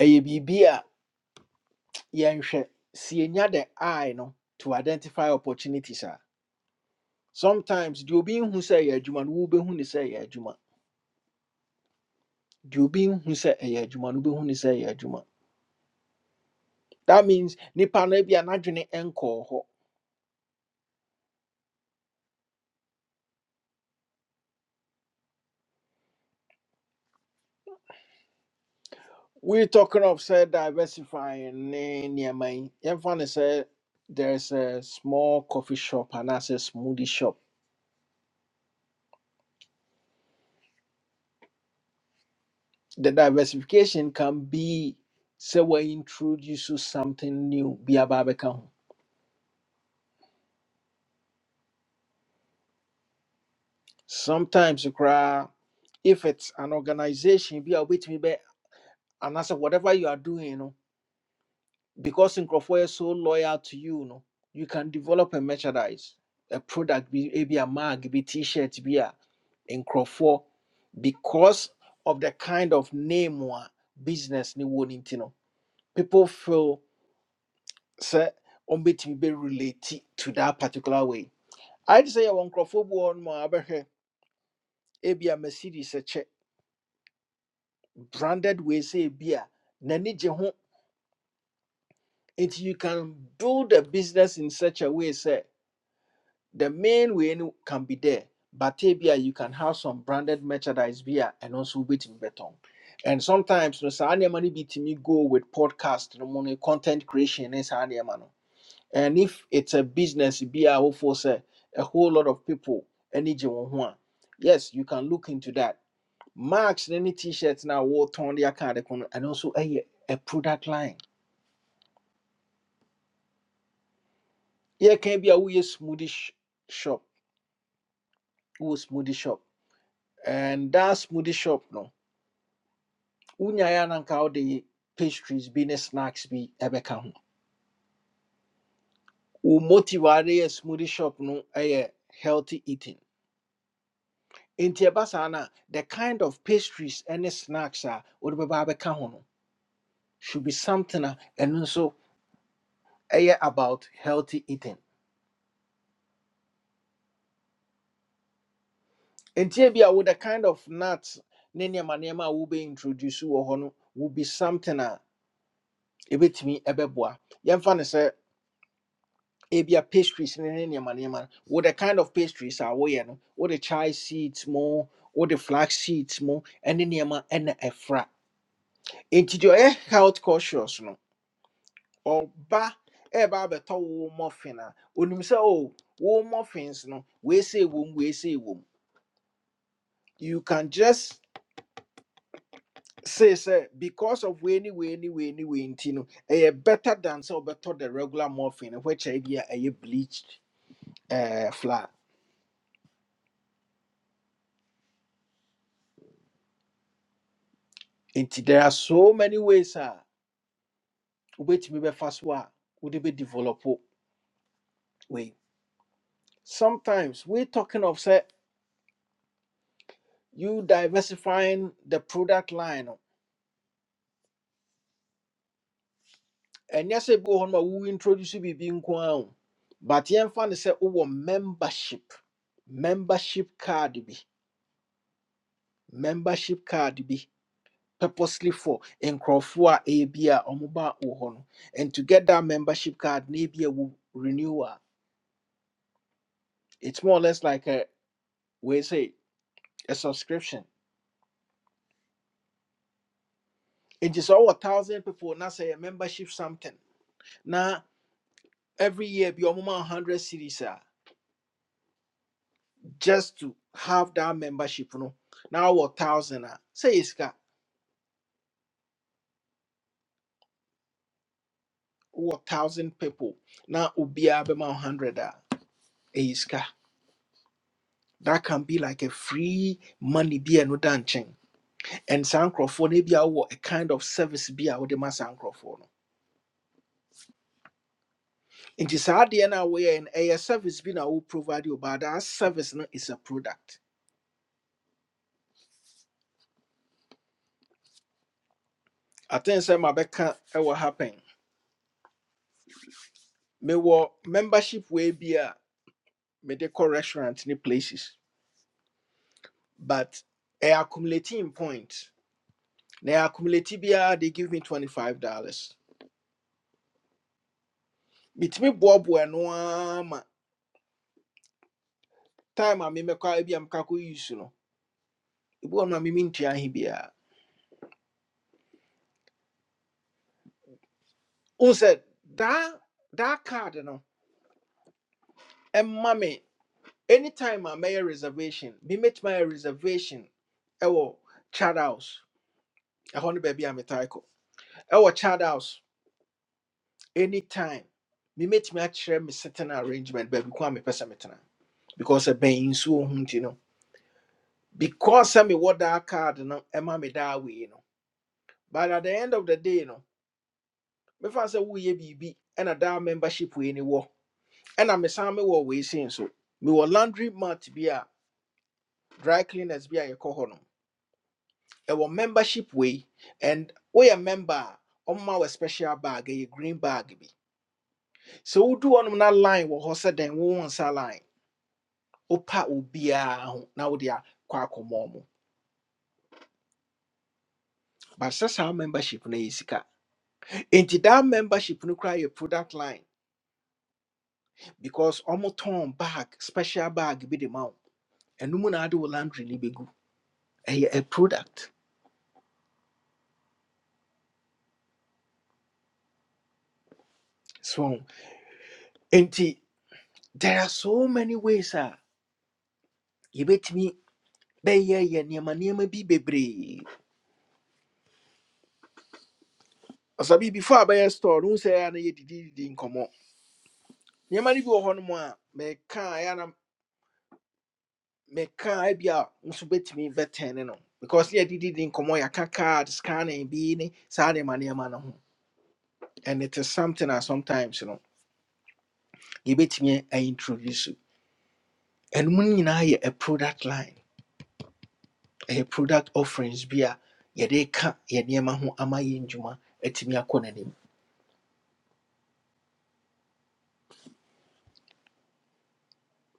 A: ɛyɛ biribi a yɛnhwɛ sɛ the eye no to identify opportunities a sometimes deɛ obi nhu say ɛyɛ adwuma no wobɛhu ne say ɛyɛ adwuma. Deɛ obi nhu say ɛyɛ adwuma no wobɛhu ne say ɛyɛ adwuma. That means nipa no bi n'adwene nkɔɔ hɔ. We talking of say diversifying ne nneɛma yi. Yɛmfa ne sɛ there's a small coffee shop and anaasɛ smoothie shop the diversification can be say we introduce you something new Be aba abɛka ho sometimes koraa if it's an organization be a wobɛtumi and anaasɛ whatever you are doing you know, because nkurɔfoɔ is so loyal to you you know, you can develop a merchandise a product bi ebi a mag be t-shirt be a in nkurɔfoɔ because of the kind of name or business ne wɔ no nti no people feel sɛ ɔmbɛtumi bɛrelate to that particular way I say, yɛwɔ nkurɔfoɔ bi wɔ hɔ nom a wobɛhwɛ ebia mercedes kyɛ branded way sɛ ebia n'ani gye ho nti you can do the business in such a way sɛ the main way no can be there but ebia you can have some branded merchandise bi a ɛno nso wobɛtumi bɛtɔn and sometimes no saa nneɛma no bi tumi go with podcast no mu no content creation ne saa nneɛma no And if it's a business, be our force, eh, a whole lot of people, any one. Yes, you can look into that. Marks any t-shirts now war turn their card and also a, a product line. Yeah, can be a we smoothie sh- shop, we smoothie shop. And that smoothie shop no. Unyaya nanka the pastries be ne snacks be ebeka ho. Wo motivate a smoothie shop no a eh, healthy eating. nti ɛba saa no the kind of pastries and snacks a wode bɛba abɛka ho no should be something a ɛno nso ɛyɛ about healthy eating nti ebi a the kind of nuts ne nneɛma nneɛma a wobɛ introduce wɔ hɔ no will be something a ɛbɛtumi ɛbɛboa yɛmfa no sɛ ebi pastries ne ne nneɛma nneɛma no wo the kind of pastries a woyɛ no wode chai seeds mu wode flax seeds mo? ɛne nneɛma ɛna ɛfra nti deɛ ɔyɛ health conscious no ɔba ɛba abɛtɔ wo muffin a onim say oh, wo muffins no we say weesei we say wom you can just say say because of weini weini weini wei nti no ɛyɛ better than sɛ wobɛtɔ the regular muffin which ɛyɛ bi a bleached ɛɛ flour nti there are so many ways a wobɛtumi bɛfa so a wode be develop way. sometimes we talking of say you diversifying the product line no, And yes, bi wɔ hɔ no ma wo introduce biribi nko ara o but yɛmfa no sɛ wowɔ membership membership card bi membership card bi purposely for nkurɔfoɔ a ɛyɛ bi a ɔmoba wɔ hɔ no and to get that membership card na ebi a wo renew a it's more or less like a we say a subscription It is over ɔwɔ thousand people now say a membership something Now every year bi ɔmoma 100 series a just to have that membership no now what thousand Ah, say iska what thousand people now ubia be ma 100 ah. iska that can be like a free money be no dancing and sankrofo ne bia wo a kind of service be a wo de ma sankrofo no nti saa deɛ no a woyɛ no service bi na wo provide you but that service no is a product i think say ma beka mabɛka ɛwɔ happen mewɔ membership we bi a mede kɔ restaurant ne places but ɛyɛ accumulating point na ɛyɛ accumulate biara they give me $25 metumi boaboa no ara time a me a bi a meka use no ebi wɔ no a mementua he biara wohu sɛ daa daa card no ɛma me anytime I make a mɛyɛ reservation memɛtumi ayɛ reservation ɛwɔ chad house ɛhɔ no baabi a metae kɔ ɛwɔ chad house anytime memɛtumi akyerɛ me a chere me certain arrangement baabi ko a pesa sɛ metena because ɛbɛn nsuo ho nti no because sɛ what that card no Emma me daa wei no but at the end of the day no mefa sɛ woyɛ biribi ɛna that membership wei ni wɔ ɛna mesan we wei so. Me mewɔ laundry mat bi a dry cleaners bi a yɛkɔ hɔ no ɛwɔ membership we, and we a member a ɔmma wɔ special bag ɛyɛ green bag bi So we do hɔnom na line wɔ hɔ sɛ dɛn wo won sa line wopa obiaa ho na wode akɔ akɔmmɔ mu but sɛ saa membership no yɛ enti that membership no koraa yɛ product line because almost tɔn bag special bag be the ma and ɛno mu na ade wo laundry no bɛgu a product so nti there are so many ways a yɛbɛtumi bɛyɛ yɛ nneɛma nneɛma bi bebree ɔsabi before I buy a bɛyɛ store no wo sɛ ɛyɛ a na yɛdididi nkɔmmɔ nneɛma inkomo. Niema ni bi wɔ hɔ no mu a mɛka a ɛyɛ a na mɛka a ebi a wo nso bɛtumi bɛtɛn no because ne yɛdididi nkɔmmɔ yɛaka card scanning bi ni sa nneɛma nneɛma no ho and it is something that sometimes you you know, you bet me a introduce. you. And mo nyinaa yɛ a product line a product offerings bi a yɛde ka yɛ nneɛma ho ama yɛ ndwuma atumi akɔ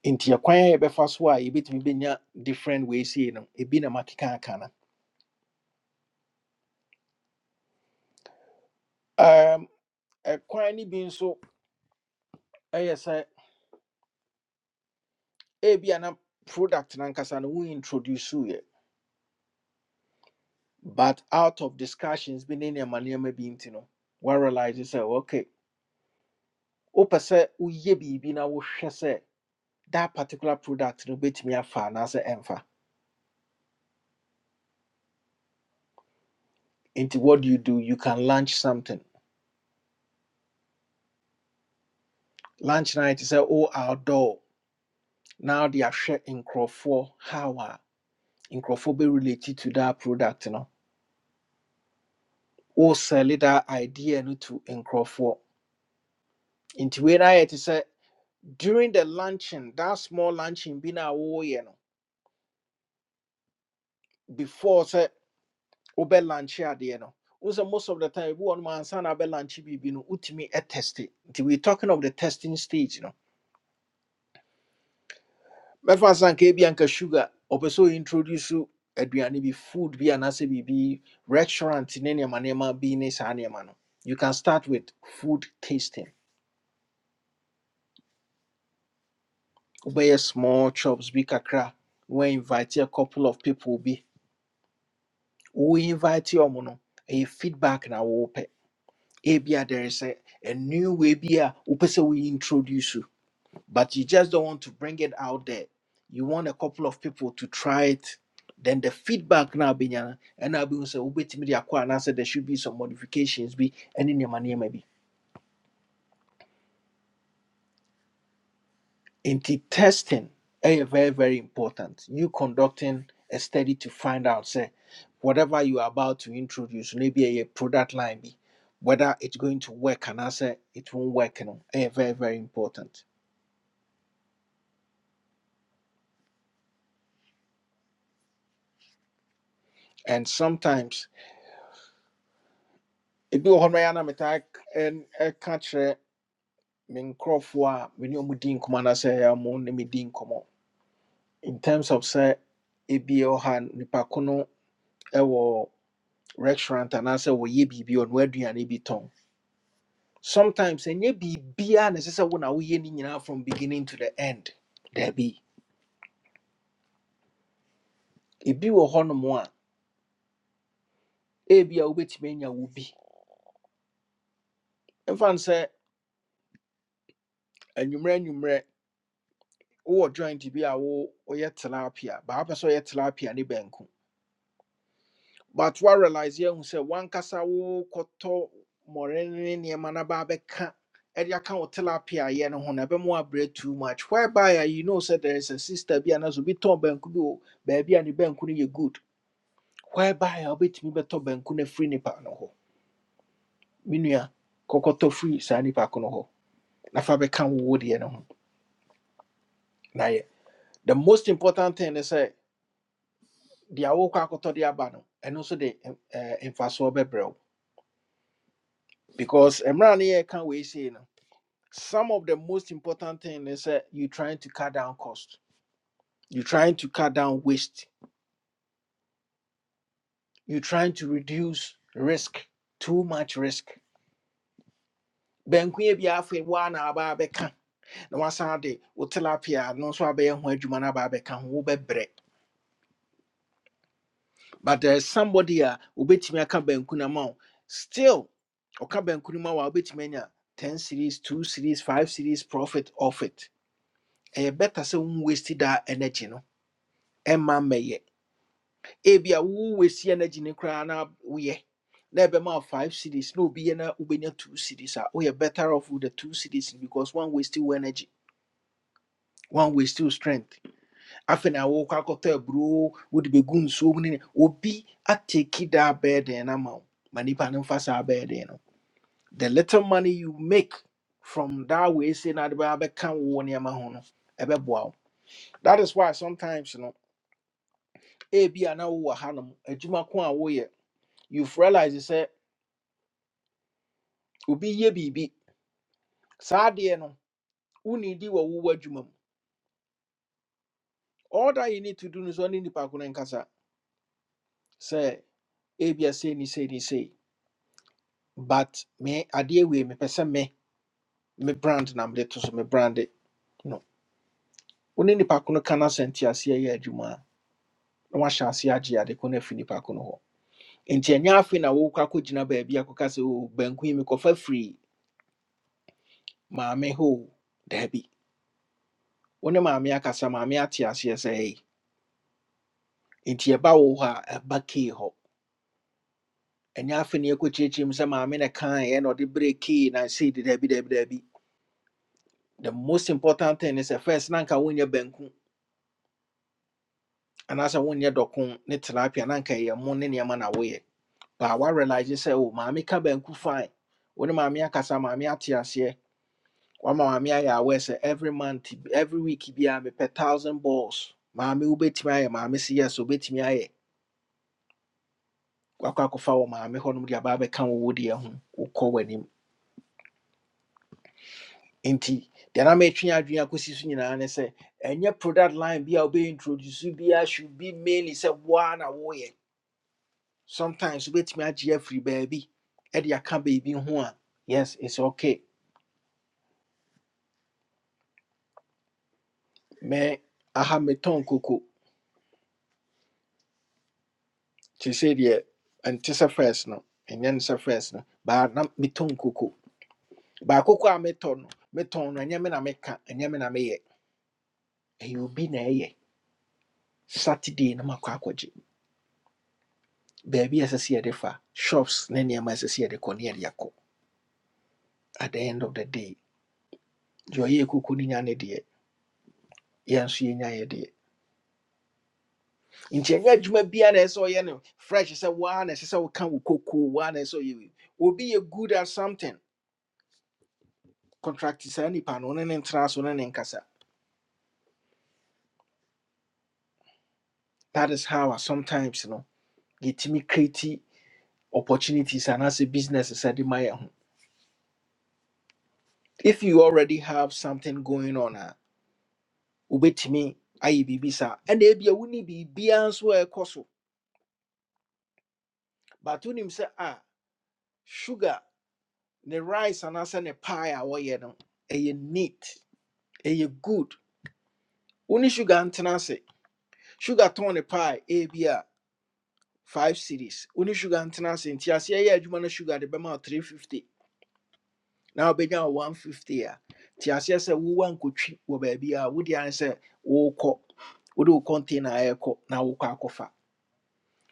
A: Inti ya ɛkwan a yɛbɛfa so a yɛbɛtumi bɛnya different ways yi no ebi na makeka aka no Um, ɛkwan ni bi nso eye se sɛ ebia na product no ankasa no wointroduce yɛ but out of discussions bi ne nneɛma nneɛma bi nti no woarealise sɛ okay wopɛ sɛ woyɛ bi na wohwɛ sɛ that particular product no bɛtumi afa anaasɛ ɛmfa Into what do you do? You can launch something. Launch night is a oh outdoor. Now they are sharing in Crawford how are in Crawford be related to that product, you know. Or sell that idea no to in Crawford. Into where I it is a during the launching, that small launching be a oh yeah, you know, before say obe lunch here, idea no. Also, most of the time, one man son be launch bibi no utimi a test it. Nti we talking of the testing stage, you know. mɛfa sanka ebi anka sugar ɔpɛ sɛ introduce aduane bi food bi anaasɛ biribi restaurant ne nneɛma nneɛma bi ne saa nneɛma no you can start with food tasting wobɛyɛ small chops bi kakra We invite a couple of people bi We invite your no A feedback na wɔwopɛ ebia there is a, a new way bi a wopɛ sɛ wointroduce but you just don't want to bring it out there. You want a couple of people to try it. Then the feedback now be nyana, and now be say wait media and I said there should be some modifications be any maybe. In the testing, eh, very very important. You conducting a study to find out say whatever you are about to introduce, maybe a product line be whether it's going to work and I say it won't work. You know, eh, very very important. And sometimes it be one way and I catch eh, me nkurɔfoɔ a me ne ɔmo di nkɔmmɔ anaasɛ ɛyɛ a mo ne in terms of say, ebi ɛwɔ ha a nipa ko no ɛwɔ restaurant anaasɛ wɔyɛ biribi ɔno aduane bi tɔn sometimes ɛnyɛ biribiara na beer sɛ wo na woyɛ ne nyinaa from beginning to the end daabi ebi wɔ hɔnom a ebi a wobɛtumi anya wo bi mfa no sɛ anwummerɛ anwummerɛ wowɔ joint bi a wo woyɛ tilapia baa wopɛ sɛ ɔyɛ tilapia ne bɛnko but what realize woarealise yɛhu sɛ wankasa wokɔtɔ mmɔre ne nneɛma no ba bɛka ɛde aka wo tilapia yɛ no ho no ɛbɛma wabrɛ too much whereby a you know sɛ there is a sister bi anaasɛ obi tɔn banku bi wɔ baabi a ne banku no yɛ good whereby a wobɛtumi bɛtɔ banku no afiri nipa no hɔ me nua kɔkɔtɔ firi saa nipa ko no hɔ na fa bɛka wo wo no ho na yɛ the most important thing is say the wokɔ akɔtɔ de aba no ɛno nso de eh, eh, mfasoɔ bɛbrɛ wo because mmerɛ a ne yɛka wei sei no Some of the most important thing is that you're trying to cut down cost. You're trying to cut down waste. You're trying to reduce risk, too much risk. Benkuye bi afe wa na aba abɛka na wasan de wo tilapia no nso abɛyɛ ho adwuma na aba abɛka ho wobɛbrɛ. But there is somebody a obetumi aka banku na ma Still, ɔka banku no ma wa obetumi anya 10 series, 2 series, 5 series profit off it. Ɛyɛ better sɛ wo waste that energy no. Ɛmma mmɛyɛ. ebia wo wɔsi energy ne koraa na woyɛ na ɛbɛma five cities No, obi yɛ na wobɛnya two cities a woyɛ better off with the two cities no because one waste wo energy one waste wo strength afei na wokɔ akɔtɔ aburo wode bɛgu be mu so ne- obi ateki daa bɛɛden no ama wo ma nnipa no mfa saa bɛɛden no the little money you make from that way say na de bɛa bɛka wo nneɛma ho no ɛbɛboa wo that is why sometimes no ebia na wowɔ hanom adwuma ko a woyɛ you've realized say. Ubi ye biribi saa no wonidi wɔ wowɔ adwuma mu all that you need to do is only ɔne nipa ko no nkasa sɛ ebia sei ni sei ni sei but me adeɛ we me sɛ me me brand na mede to so me brand it. no wone nipa ko no ka no asɛnte aseɛ yɛ adwuma a na wahyɛ aseɛ agye ade ko no afi nipa ko no hɔ nti ɛnyɛ afei na wokɔ akɔgyina baabi akɔka sɛ o banku yi mekɔfa firi maame hɔ o." daabi wo ne maame akasa maame ate aseɛ sɛ ei nti wo hɔ a ɛba kei ɛnyɛ afei ne yɛkɔkyiakyia mu sɛ maame ne kaeɛ na ɔde berɛ kii na sei de daabi daabi daabi the most important thing is sɛ first na anka wonyɛ banku anaasɛ wonyɛ dɔko ne tilapia na anka ɛyɛ mo ne nneɛma na woyɛ baa woarealise say, "Oh, maame ka banku fine wo ne maame akasa maame ate aseɛ wama maame ayɛ aware say, every month every week bi a me per thousand balls maame wobɛtumi ayɛ maame se yes wobɛtumi ayɛ wakɔ akɔfa wɔ maame hɔnom de aba abɛka wo wodeɛ ho wokɔ w'anim nti deɛ na metwe adwene akɔsi so nyinaa ne sɛ ɛnyɛ product line bi introduced wobɛintroduce biara should be mainly say one sɛ woa na woyɛ sometimes wobɛtumi agye afiri baabi ɛde aka baabi ho one. yes it's okay me aha metɔn koko te sɛ deɛ ɛnte sɛ first no ɛnyɛ ne sɛ first no baa na metɔn koko baa koko a metɔ no metɔn no ɛnyɛ me na meka ɛnyɛ me na meyɛ ɛyɛ will be ɛyɛ saturday na makɔ akɔgye baabi a ɛsɛ sɛ yɛde fa shops ne nneɛma a ɛsɛ sɛ yɛde kɔ at the end of the day deɛ ɔyɛ kuku no nya ne deɛ yɛn nso yɛnya yɛ deɛ nti ɛnyɛ adwuma biara na ɛsɛ sɛ ɔyɛ no fresh sɛ waa na ɛsɛ sɛ woka wo kokoo waa na ɛsɛ sɛ ɔyɛ wei obi yɛ good at something contract saa nipa no ne ne ntena so ne ne nkasa that is how a sometimes you know get me create opportunities and as a business sɛde ma yɛn ho if you already have something going on a wobɛtumi ayɛ biribi saa ɛna ebia woni biribiara nso a ɛkɔ so but when wonim sɛ "Ah, sugar ne rice and anaasɛ ne pie a wɔyɛ no ɛyɛ neat ɛyɛ good wo ne sugar ntena ase sugar tɔn ne pie ebi a five series wo ne sugar ntena ase nti aseɛ yɛ adwuma no sugar de bɛma wo 350 Now wobɛnya wo 150 a nti aseɛ sɛ wowa nkotwi wɔ baabi a wode ane sɛ wokɔ wode wo de wo container a ɛkɔ na wokɔ akɔfa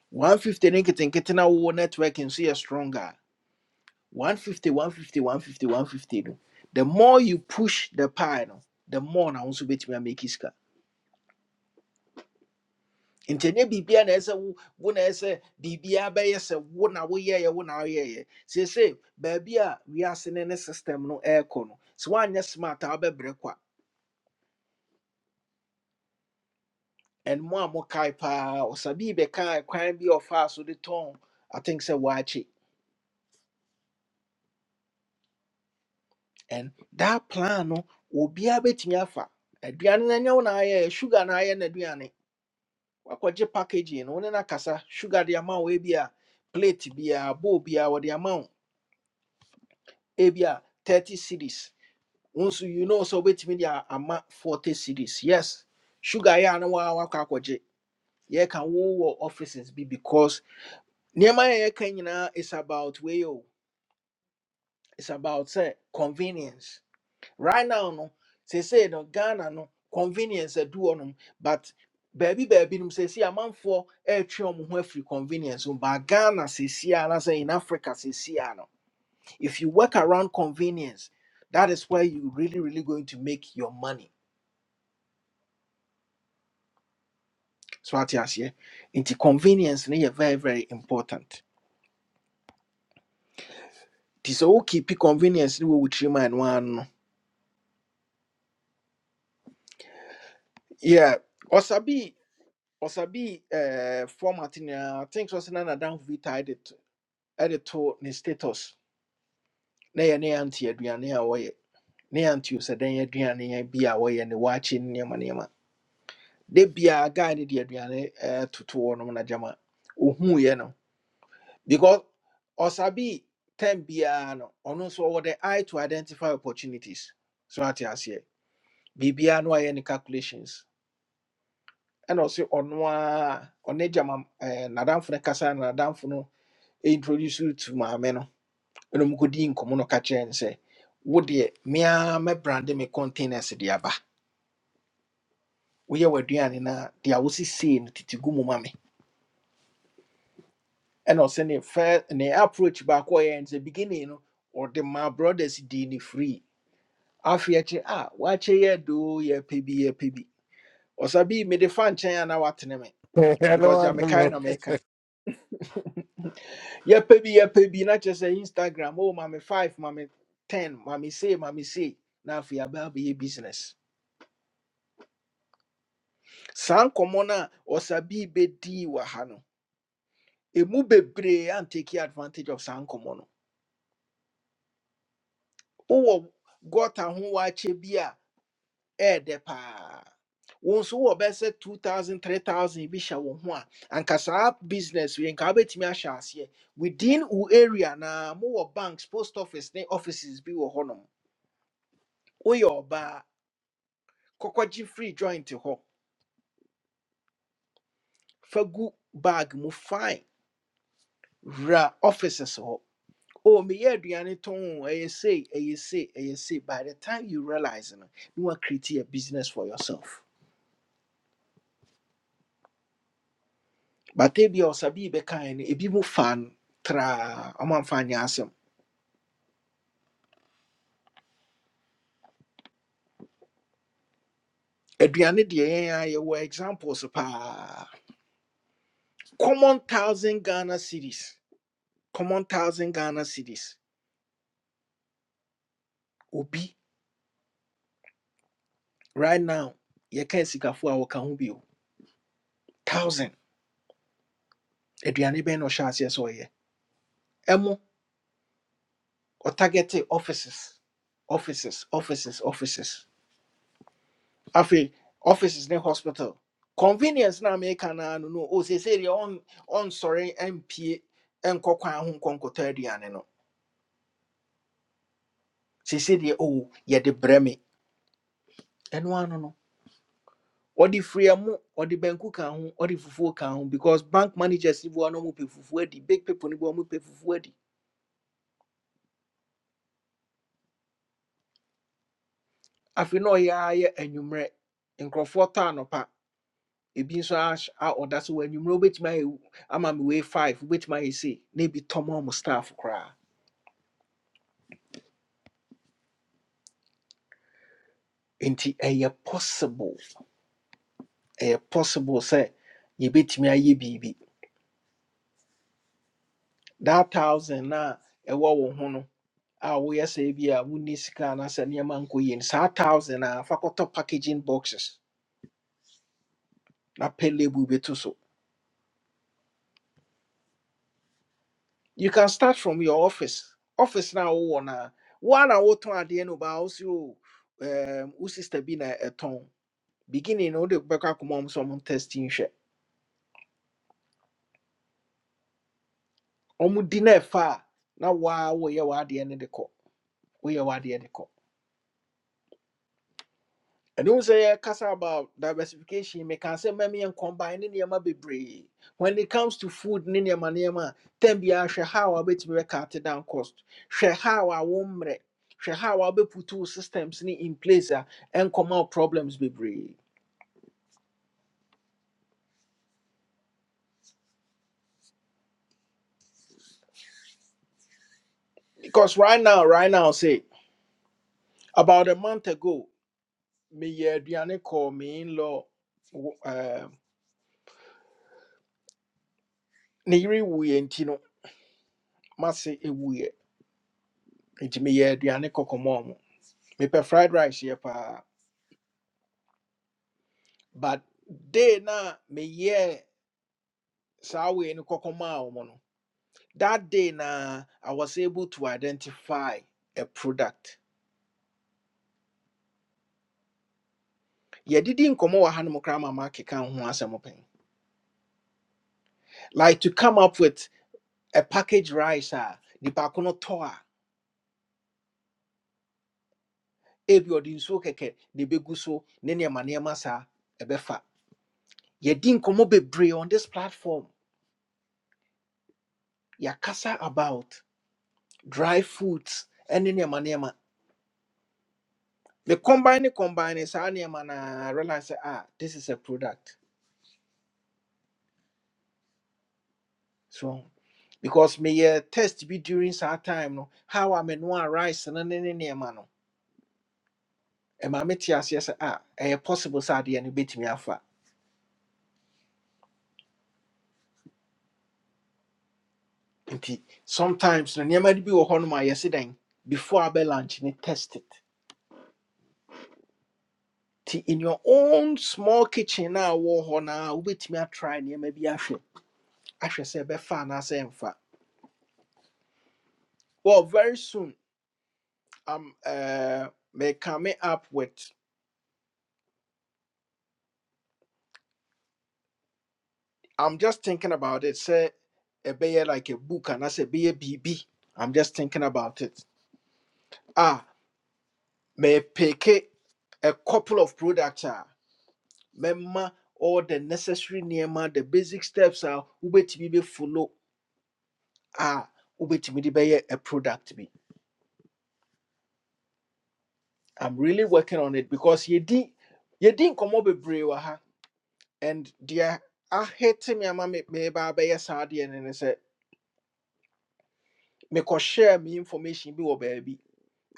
A: 150 no nketenkete na wowɔ network nso yɛ stronger One fifty, one fifty, one fifty, one fifty. no the more you push the pie no the more na wo nso bɛtumi ameki sika nti ɛnyɛ biribia na ɛsɛ wo wo na ɛsɛ biribia bɛyɛ sɛ wo na woyɛyɛ wo na woyɛyɛ seesei baabi a we are ne ne system no ɛɛkɔ no sɛ woanyɛ smart a wobɛbrɛ kwa and mo a mokae paa ɔsabii bɛkaa kwan bi a ɔfaa so de tɔn i think sɛ waakye and that plan no obiaa bɛtumi afa aduane no ɛnyɛ wo na ayɛyɛ sugar na ayɛ n'aduane wakɔgye packaging no wo ne no akasa sugar de ama wo ebi a plate biaa bowl biaa wɔde ama wo ebi a 30 cities wo you know so wobɛtumi de a- ama 40 cities yes sugar yɛ a na waa wakɔ akɔgye yɛka wowɔ offices bi because nneɛma a yɛka nyinaa is about way o it's about sɛ convenience right now no say say no ghana no convenience aduɔ nom but baabi baabi nom seesei amanfoɔ ɛretwe wɔn ho afiri convenience mu but ghana seesei a na say in africa seesei a no if you work around convenience that is where you really really going to make your money so ate aseɛ Into convenience no very very important It's okay. wokeepi convenience no wɔ wo tirim one. ɛno ara no yeah ɔsabi ɔsabi ɛɛ format nyinaa i think so, sɛ ɔsɛ na nadamfo bi tied it ɛde to ne status na yɛ ne yɛante aduane a wɔyɛ ne yɛante osadan aduane bi a wɔyɛ ne waakye ne nneɛma nneɛma da biaa guy no de aduane eh, toto hɔ nom na gyama ɔhuuiɛ no because ɔsabi time biaa no ɔno nso ɔwɔ the eye to identify opportunities so ate aseɛ biribiaa no ayɛ ne calculations ɛna ɔse ɔno a ɔne gyama eh, n'adamfo no kasa na n'adamfo no introduce you to maame no ɛna ɔmo kɔdi nkɔmɔ no ka kyerɛ no sɛ wo deɛ mea mɛbrande me containers de aba woyɛ w'aduane no a deɛ wosisei no tete gu mu ma me ɛna ɔsɛ ne fir- ne approach baako a ɔyɛɛ no sɛ beginning no ɔde ma brothers dii ne free afei akyi a wakyɛ yɛ doo yɛpɛ bi yɛpɛ bi ɔsa bi mede fa nkyɛn a na watene me
B: I don't
A: because deɛ
B: want to
A: mekae
B: know.
A: na meka yɛpɛ bi yɛpɛ bi na kyerɛ sɛ instagram o ma me five ma me ten ma me sei ma me sei na afei aba abɛyɛ business saa komono osabi a ɔsabii bɛdii wɔ ha no ɛmu bebree advantage of saa komono. no gota gɔta ho waakyɛ bi a ɛyɛ dɛ paa wo nso wowɔ bɛyɛ sɛ 2000 bi hyɛ wo ho business wei nka wobɛtumi ahyɛ within u area na mowɔ banks post office ne offices bi wɔ hɔnom woyɛ ɔbaa free joint ho. Fagu bag mu fine ra offices ho. oh meyɛ aduane tɔn o, ɛyɛ sei ɛyɛ sei ɛyɛ sei by the time you realize no you want create a business for yourself but ebi be ɔsabi bɛkae no ebi mu fa no traa ɔmamfa nyɛ asɛm aduane deɛ yɛn a examples paa common thousand ghana cities common thousand ghana cities obi right now yɛka sikafoɔ a wɔka ho bio thousand aduane bɛn na ɔhyɛ aseɛ sɛ ɔyɛ ɛmo ɔtargete offices offices offices offices afei offices ne hospital convenience na meka na ano no o sese deɛ on on sorry mpie nkɔ kwan ho nkɔ nkɔtɔ no. no sese deɛ o yɛde de breme eno ano no ɔde firiamu ɔde banku ka ho ɔde fufuo ka ho because bank managers ni bi wɔn a wɔn pɛ fufuo adi big people ni bi mo pe fufuo adi afei no ya ara yɛ anwummerɛ nkurɔfoɔ no pa ebi nso ahyɛ a ɔda so wɔ anwummerɛ obetumi ama me wei five obetumi ayɛ sei na ebi tɔm ɔmo staff koraa. nti ɛyɛ possible ɛyɛ possible sɛ yɛbɛtumi ayɛ biribi that thousand na ɛwɔ wo ho no a woyɛ sɛ bi a wonni sika anaasɛ nneɛma nkɔ yie no saa thousand a fa kɔtɔ packaging boxes na pɛ label bɛto so you can start from your office office na a wowɔ no a woa na wotɔn adeɛ no baa wo se o ɛɛm, wo sister bi na ɛtɔn beginning no wode bɛkɔ akoma ɔm sɛ ɔmo testing hwɛ ɔmo di na ɛfa a na waa woyɛ w'adeɛ no de kɔ woyɛ w'adeɛ de kɔ And also, I kasa about diversification. Me can say, "Mammy, and combine in be brave. When it comes to food, in your manema, then be I share how I bet me cut down cost. Share how I womre. Share how I be put two systems ni in place ah, and come out problems be brave. Because right now, right now, say about a month ago, me yeah, Diane call me in law. Um, Niri wuye ntino masi ewuye. Nti me yeah, Diane kokomo. Me pe fried rice yeah pa. but day na me yeah saa wei no kɔkɔmaa wɔn no that day na i was able to identify a product yɛdidi nkɔmmɔ wɔ hanom koraa ma maakeka ho asɛm pɛn like to come up with a packaged rice ah, nipa ko no tɔ a ebi ɔde nsuo kɛkɛ na ebegu so ne nneɛma nneɛma saa ɛbɛfa yɛdi nkɔmmɔ on this platform Yeah, kasa about dry foods ɛne nneɛma nneɛma me combine combining saa nneɛma na I realize sɛ, ah this is a product so because me meyɛ test bi during saa time no how am no a menoa rice no ne ne nneɛma no ɛma mete aseɛ sɛ ah ɛyɛ possible sɛ adeɛ no bɛtumi afa nti sometimes no nneɛma no bi wɔ hɔnom a yɛse dɛn before abɛ lunch ne test it nti in your own small kitchen na wɔ hɔ no a wobɛtumi atry nneɛma bi ahwɛ ahwɛ sɛ ɛbɛfa anaasɛ ɛmfa well very soon um, uh, may come up with I'm just thinking about it. Say a bear like a book and I say be a BB. I'm just thinking about it. Ah, may pick a couple of products are memma all the necessary nema, the basic steps are ubeti be follow. Ah, ubeti de be a product be. I'm really working on it because ye di ye di komo be brewaha and dear I hate me ama me me ba be yes and I say me ko share me information be or baby.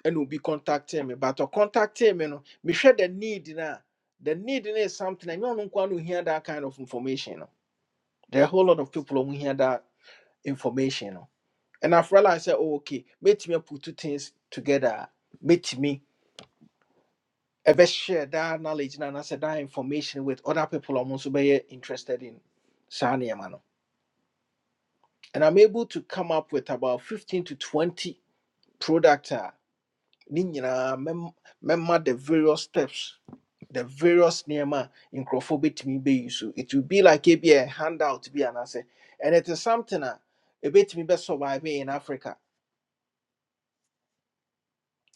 A: and will be contacting me. But to contacting me, no, me share the need now. The need no is something. I know not one to hear that kind of information. No. There are a whole lot of people who hear that information. No. And I've realized that oh, okay, let me put two things together. Let me ever share that knowledge na, and I said that information with other people I'm also very interested in. saa nneɛma no. And I'm able to come up with about 15 to 20 product. ne nyinaa mɛma the various steps the various nneɛma a nkurɔfoɔ bɛtumi bɛyi so it will be like ebi a handout bi anaasɛ and it is something a ɛbɛtumi bɛ survive in africa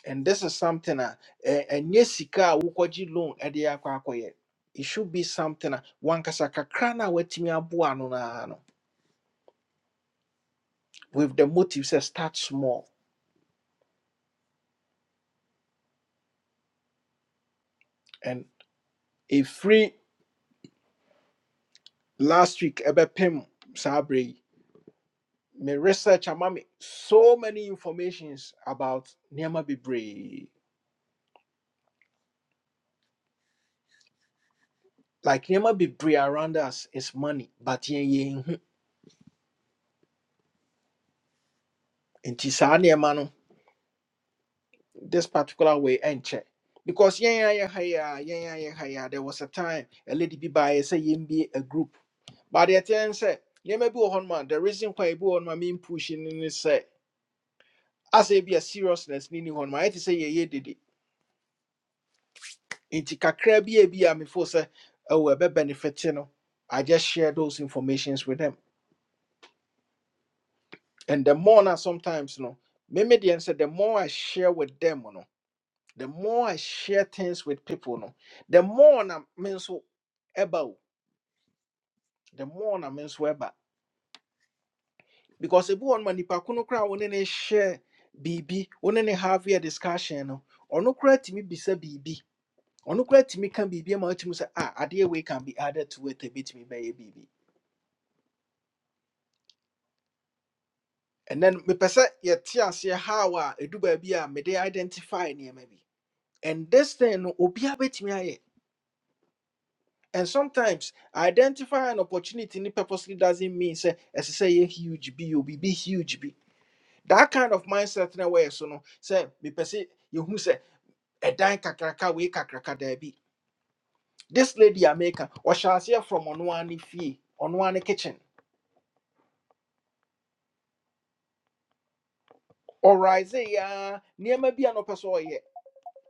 A: and this is something a ɛ- ɛnyɛ sika a wokɔgye loan ɛde akɔ akɔyɛ it should be something a wankasa kakra no a watumi aboa ano. naa no with the motive sɛ start small and ɛfiri last week ɛbɛpem saa berɛ yi My research among me so many informations about Nema Bibre. Like Nema Bibre around us is money, but yen yen inti no this particular way and check. Because yen yen haya yen yen yen haya there was a time a lady be by say yen be a group. But the ten say Nema bi on man the reason why bi on man mean pushing in is say as a be a seriousness nini on man it is say ye ye nti kakra bi a bi a mefo sɛ ɛwɔ ɛbɛ benefit no i just share those informations with them and the more na sometimes no me me deɛ sɛ the more i share with them no the more i share things with people no the more na me nso ɛba o the more na me nso ɛba because ebi wɔn ma nipa ko no koraa wɔn ne ne share biribi wɔn ne ne have a discussion no ɔno koraa tumi bisa biribi ɔno koraa tumi ka biribi ama ɔtumi sɛ ah adeɛ wei can be added to it ebi tumi bɛyɛ biribi and then mepɛ sɛ yɛte aseɛ how a ɛdu baabi a mede identify nneɛma maybe. and this thing no obiaa bɛtumi ayɛ and sometimes identify an opportunity ne purposely doesn't mean sɛ ɛsɛ say yɛ huge bi obi be huge bi that kind of mindset na wɔyɛ so no sɛ mepɛ sɛ yɛhu sɛ ɛdan kakraka wei kakraka daabi this lady america ɔhyɛ aseɛ from ɔnoa ne fie ɔnoa ne kitchen ɔrise yɛa nneɛma near maybe an ɔpɛ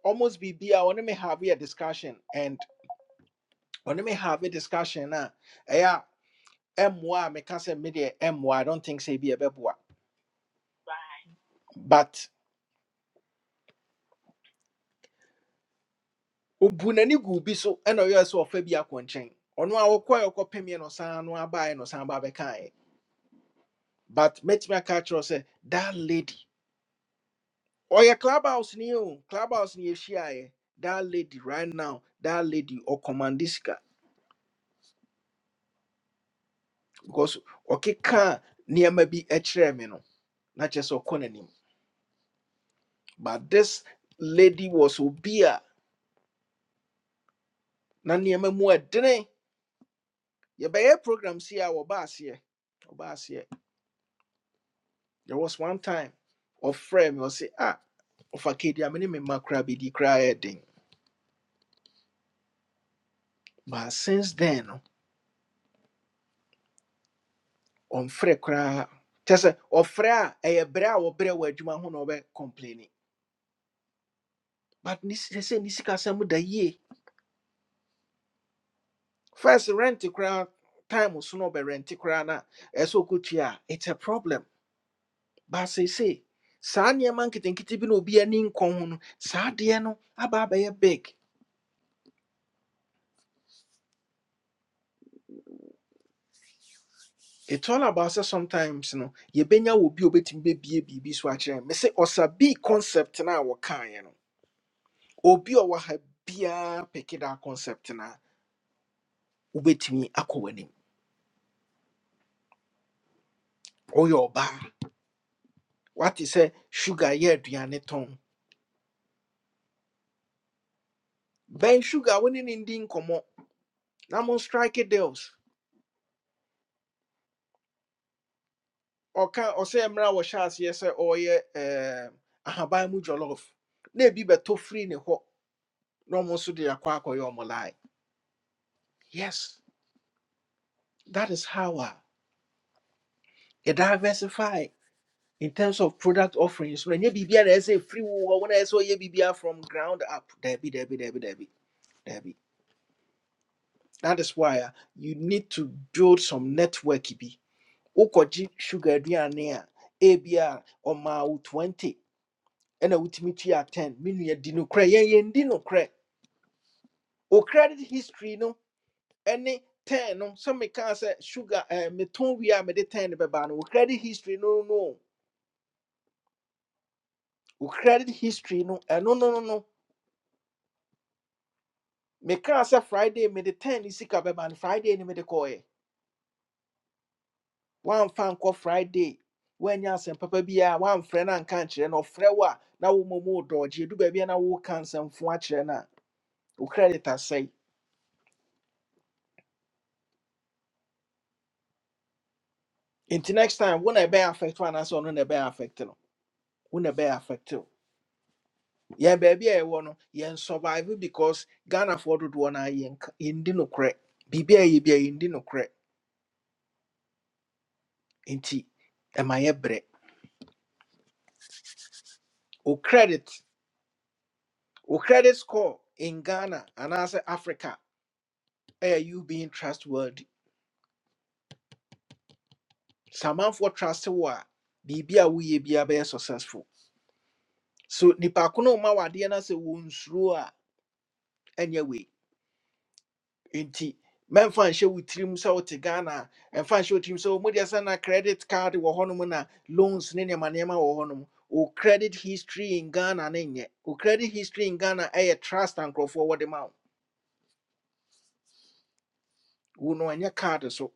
A: Almost be be. I want to have a discussion and ɔne me have a discussion na ɛyɛ a ɛmmoa a meka sɛ me deɛ ɛmmoa i don't think sɛ ebi ɛbɛboa but obu n'ani gu bi so ɛna ɔyɛ sɛ ɔfa bi akɔ nkyɛn ɔno a wɔkɔɛ ɔkɔpemie no saa no abaeɛ no saa ba bɛkaeɛ but mɛtumi aka akyerɛ wo sɛ that lady ɔyɛ clubhouse ni o clubhouse ni yɛhyiaeɛ that lady right now that lady ɔkɔmmande sika because ɔkeka nneɛma bi kyerɛɛ me no na kyerɛ sɛ ɔkɔ n'anim but this lady was obi a na nneɛma mu ɛdene yɛbɛyɛ program si a wɔba here. wɔba aseɛ there was one time ɔfrɛ me ɔse ah ɔfa kedi a me ne me mma koraa bɛdi koraa yɛ but since then on ɔmfrɛ koraa kyɛ sɛ ɔfrɛ a ɛyɛ berɛ a wɔbrɛ wɔ adwuma ho na ɔbɛ complaini but ne say, sɛ sɛ ne da yie first rent koraa time so no be ɔbɛrente koraa na ɛsɛ sɛ ɔkɔtua it's a problem But say, saa nneɛma nketenkete bi na obi ani nkɔ ho no saa adeɛ no aba big it's all about sɛ sometimes no yɛbɛnya wɔ bi a obɛtumi bɛbie biribi so akyerɛ me sɛ ɔsa bii concept na a wɔkaeɛ no obi a ɔwɔ ha biara pɛke concept na ubetimi wobɛtumi akɔ w'anim woyɛ ɔbaa wate sugar yɛ aduane ben sugar wo ne ne ndi nkɔmmɔ strike deals ɔka ɔsɛ mmerɛ a wɔhyɛ aseɛ sɛ ɔreyɛ ɛɛm, ahaban mu jollof na ebi bɛtɔ firi ne hɔ na ɔmo nso de akɔ akɔyɛ ɔmo yes that is how a you diversify in terms of product offerings When you biribiara na ɛsɛ firi wo hɔ wɔn a ɛsɛ ɔyɛ from ground up daabi daabi daabi daabi daabi that is why ah you need to build some network bi wokɔgye sugar aduane a ebi a twenty ɛna wotumi tua ten minnu yɛ di no korɛ yɛn yɛn no o credit history no any ten no some me can say sugar eh me ɛɛ we are me de ten be bɛba no o credit history no no o credit history no ɛno no no no no me can say friday me de ten ne sika bɛba no friday ne mede kɔɔɛ fan nkɔ friday woanya asɛm papa biara wamfrɛ no anka nkyerɛ no ɔfrɛ wo momo dodge du ba bia na wo mmom wodɔɔgye ɛdu baabi a kire na woka nsɛmfo akyerɛ no a o credit asɛe until next time wo na be affect one anaasɛ ɔno na be affect no wo na be affect yɛn baabi a yɛwɔ no yɛn survive because Ghana ghanafoɔ dodoɔ no a yɛndi nokorɛ biribi a yɛ bi a yɛndi nokorɛ nti ɛma yɛbrɛ o credit o credit score in ghana and as africa Are you being trustworthy Someone for trust wo a biribi a woyɛ biara bɛyɛ successful so nipa ko no ma wadeɛ no sɛ wɔnsuro a ɛnyɛ wei nti mɛmfa nhyɛ wo tirim sɛ wote ghana a ɛmfa nhyɛ wo tirim sɛ mode sɛ na credit card wɔ hɔnom na loans ne nneɛma nneɛma wɔ hɔnom wo credit history in ghana ne nyɛ wo credit history in ghana ɛyɛ trust and nkurɔfoɔ wɔde ma wo wo no ɛnyɛ card so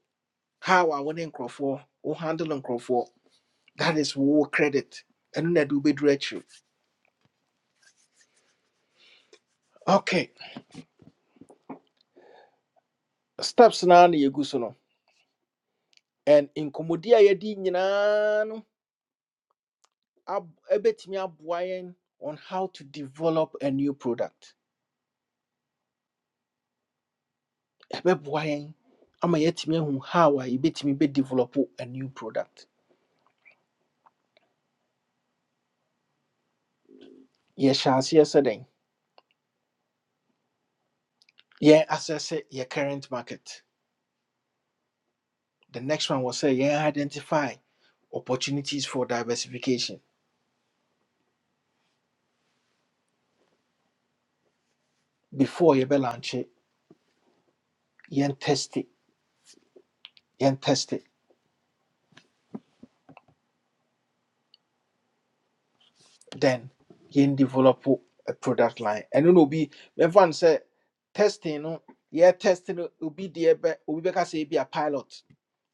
A: how a wo ne nkurɔfoɔ wo handle nkurɔfoɔ that is wo credit ɛno na de wobɛduru akyiri okay steps naa na yɛgu so no and nkɔmmɔdi a yɛdi nyinaa no ab- ɛbɛtumi aboa yɛn on how to develop a new product ɛbɛboa yɛn ama yɛatumi ahu how a yɛbɛtumi bɛdevelop a new product yɛhyɛ aseɛ sɛ dɛn yɛn assess your current market the next one was say yɛn identify opportunities for diversification before you launch it. yɛn test it, yɛn test it. then yɛn develop a product line And na obi mɛfa no sɛ testing no yɛ test no be deɛ bɛ obi bɛka sɛ ebi a pilot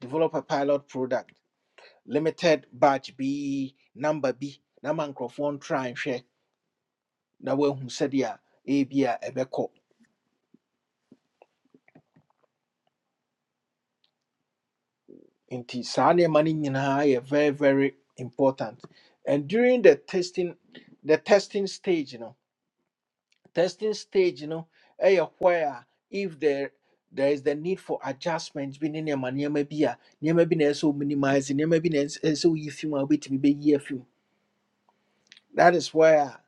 A: develop a pilot product limited batch B number B. na microphone try and nhwɛ na wahu sɛdeɛ ebi a ɛbɛkɔ nti saa nneɛma no nyinaa yɛ very very important and during the testing the testing stage you know, testing stage no ɛyɛ where a if there there is the need for adjustments. bi ne nneɛma nneɛma bi a nneɛma bi na ɛsɛ sɛ wo minimise nneɛma bi na ɛsɛ sɛ woyi fi mu a wobɛtumi bɛyi afi mu that is where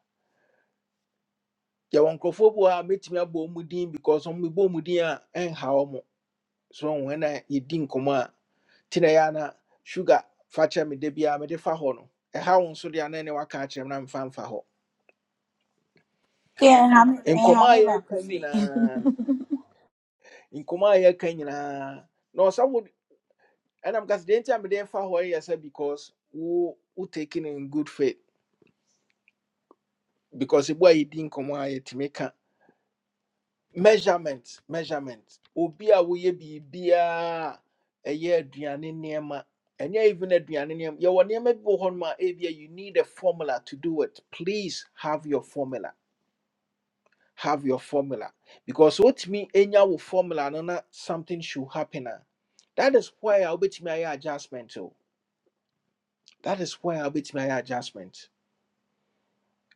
A: yɛwɔ nkurɔfoɔ bi wɔ ha a mɛtumi abɔ mu din because ɔmo mebɔ mu din a ɛnha ɔmo so wɔn na yɛdi nkɔmɔ a ti na yɛ ana sugar fa kyerɛ me da biara mede fa hɔ no ɛha wo nso deɛ anan ne waka akyerɛ me na mfa mfa hɔ
C: Ehame
A: nkɔmɔ a
C: ehame baako
A: yɛreka
C: sei.
A: nyinaa nkɔmɔ a yɛreka nyinaa na ɔsafo ɛnam kasa deɛ nti a mede fa hɔ no yɛ sɛ because wo wo taking in good faith because ebu a yɛdi nkɔmɔ a yɛtumi ka measurement measurement obi a woyɛ biribiaa ɛyɛ aduane nneɛma ɛnyɛ even aduane nneɛma yɛwɔ nneɛma bi wɔ hɔnom a ebia you need a formula to do it please have your formula have your formula because wotumi enya wo formula no na something should happen a that is where a wobɛtumi ayɛ adjustment o that is where a wobɛtumi ayɛ adjustment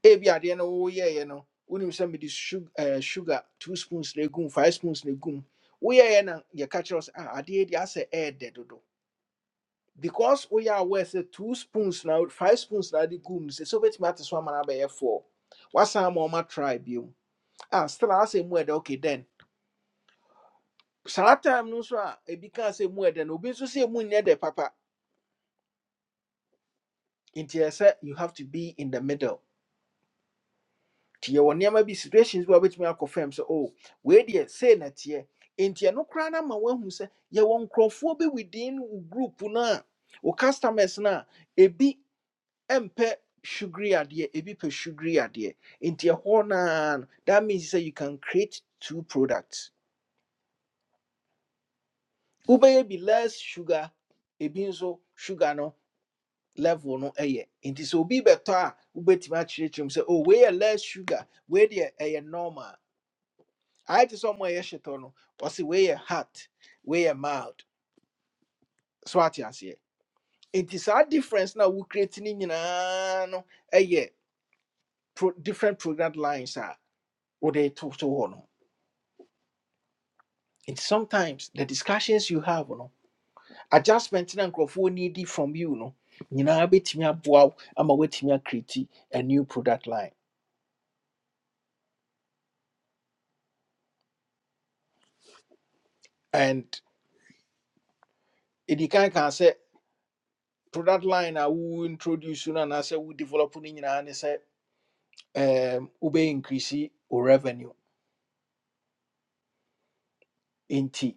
A: ebi adeɛ no woyɛeɛ no wonim sɛ mede sug- eh, sugar two spoons na egum five spoons na egum woyɛeɛ na yɛka kyerɛ wo sɛ ah, adeɛ yi deɛ asɛ ɛɛdɛ dodo because woyɛ aware sɛ two spoons na wo- five spoons na wode gum no, sɛ sɛ wobɛtumi ate so ama no abɛyɛ four wasan ma ɔma try biom ah, still asɛ mu ɛdɛ okay then saa time no nso a ebi kaa sɛ mu ɛdɛ no obi nso sɛ mu nyɛ dɛ papa nti ɛsɛ you have to be in the middle Tia wanyama bi situations bi a wobɛtumi akɔ fam sɛ o wei deɛ sei na teɛ nti ɛno koraa no ma woahu sɛ yɛwɔ nkurɔfoɔ bi within wo group no a wo customers no a ebi mpɛ sugary adeɛ ebi pɛ sugary adeɛ nti ɛhɔ naa no that means sɛ you can create two products wobɛyɛ bi less sugar ebi nso sugar no level no ɛyɛ nti sɛ obi bɛtɔ a wobɛtumi akyerɛkyerɛ mu sɛ oh wei yɛ less sugar wei deɛ ɛyɛ normal ayɛ te sɛ ɔmo a ɛyɛ hyetɔ no wɔse wei yɛ hard wei yɛ mild so ate aseɛ nti saa difference now. We creating in no a wocreate no nyinaa no pro different product lines a wode to so hɔ no nti sometimes the discussions you have oh, no adjustment na nkurɔfoɔ needed from you no nyinaa bɛtumi aboa wo ama woatumi create a new product line and ɛdi kan kan sɛ product line a wo introduce no anaasɛ we develop no nyinaa ne sɛ um, wobɛ increase our revenue nti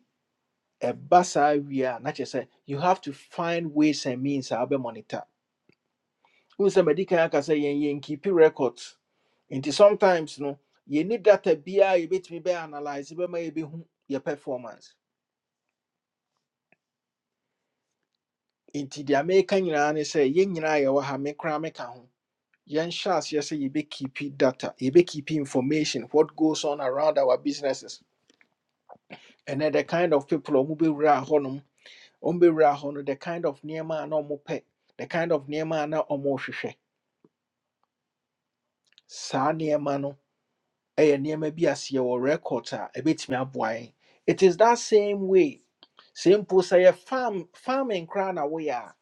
A: ɛba saa wie a na kyerɛ sɛ you have to find ways and means a wobɛ monitor wohu sɛ madi kan aka sɛ yɛn yɛnkeepi records nti sometimes no yɛni data biara a yɛbɛtumi bɛyɛ analyse bɛma yɛbɛhu yɛ performance nti deɛ meka nyinaa ne sɛ yɛn nyinaa yɛwɔ ha me koraa meka ho yɛnhyɛ aseɛ sɛ yɛbɛkeepi data yɛbɛkeepi information what goes on around our businesses ɛnɛ the kind of people a ɔmu around hɔnom ɔmbɛwura hɔ no the kind of niema a mope the kind of niema a na ɔmohwehwɛ saa nneɛma no ɛyɛ niema bi aseɛ wɔ record a ɛbɛtumi aboa yɛn it is that same way Simple say sɛ yɛ farm farming koraa na woyɛ a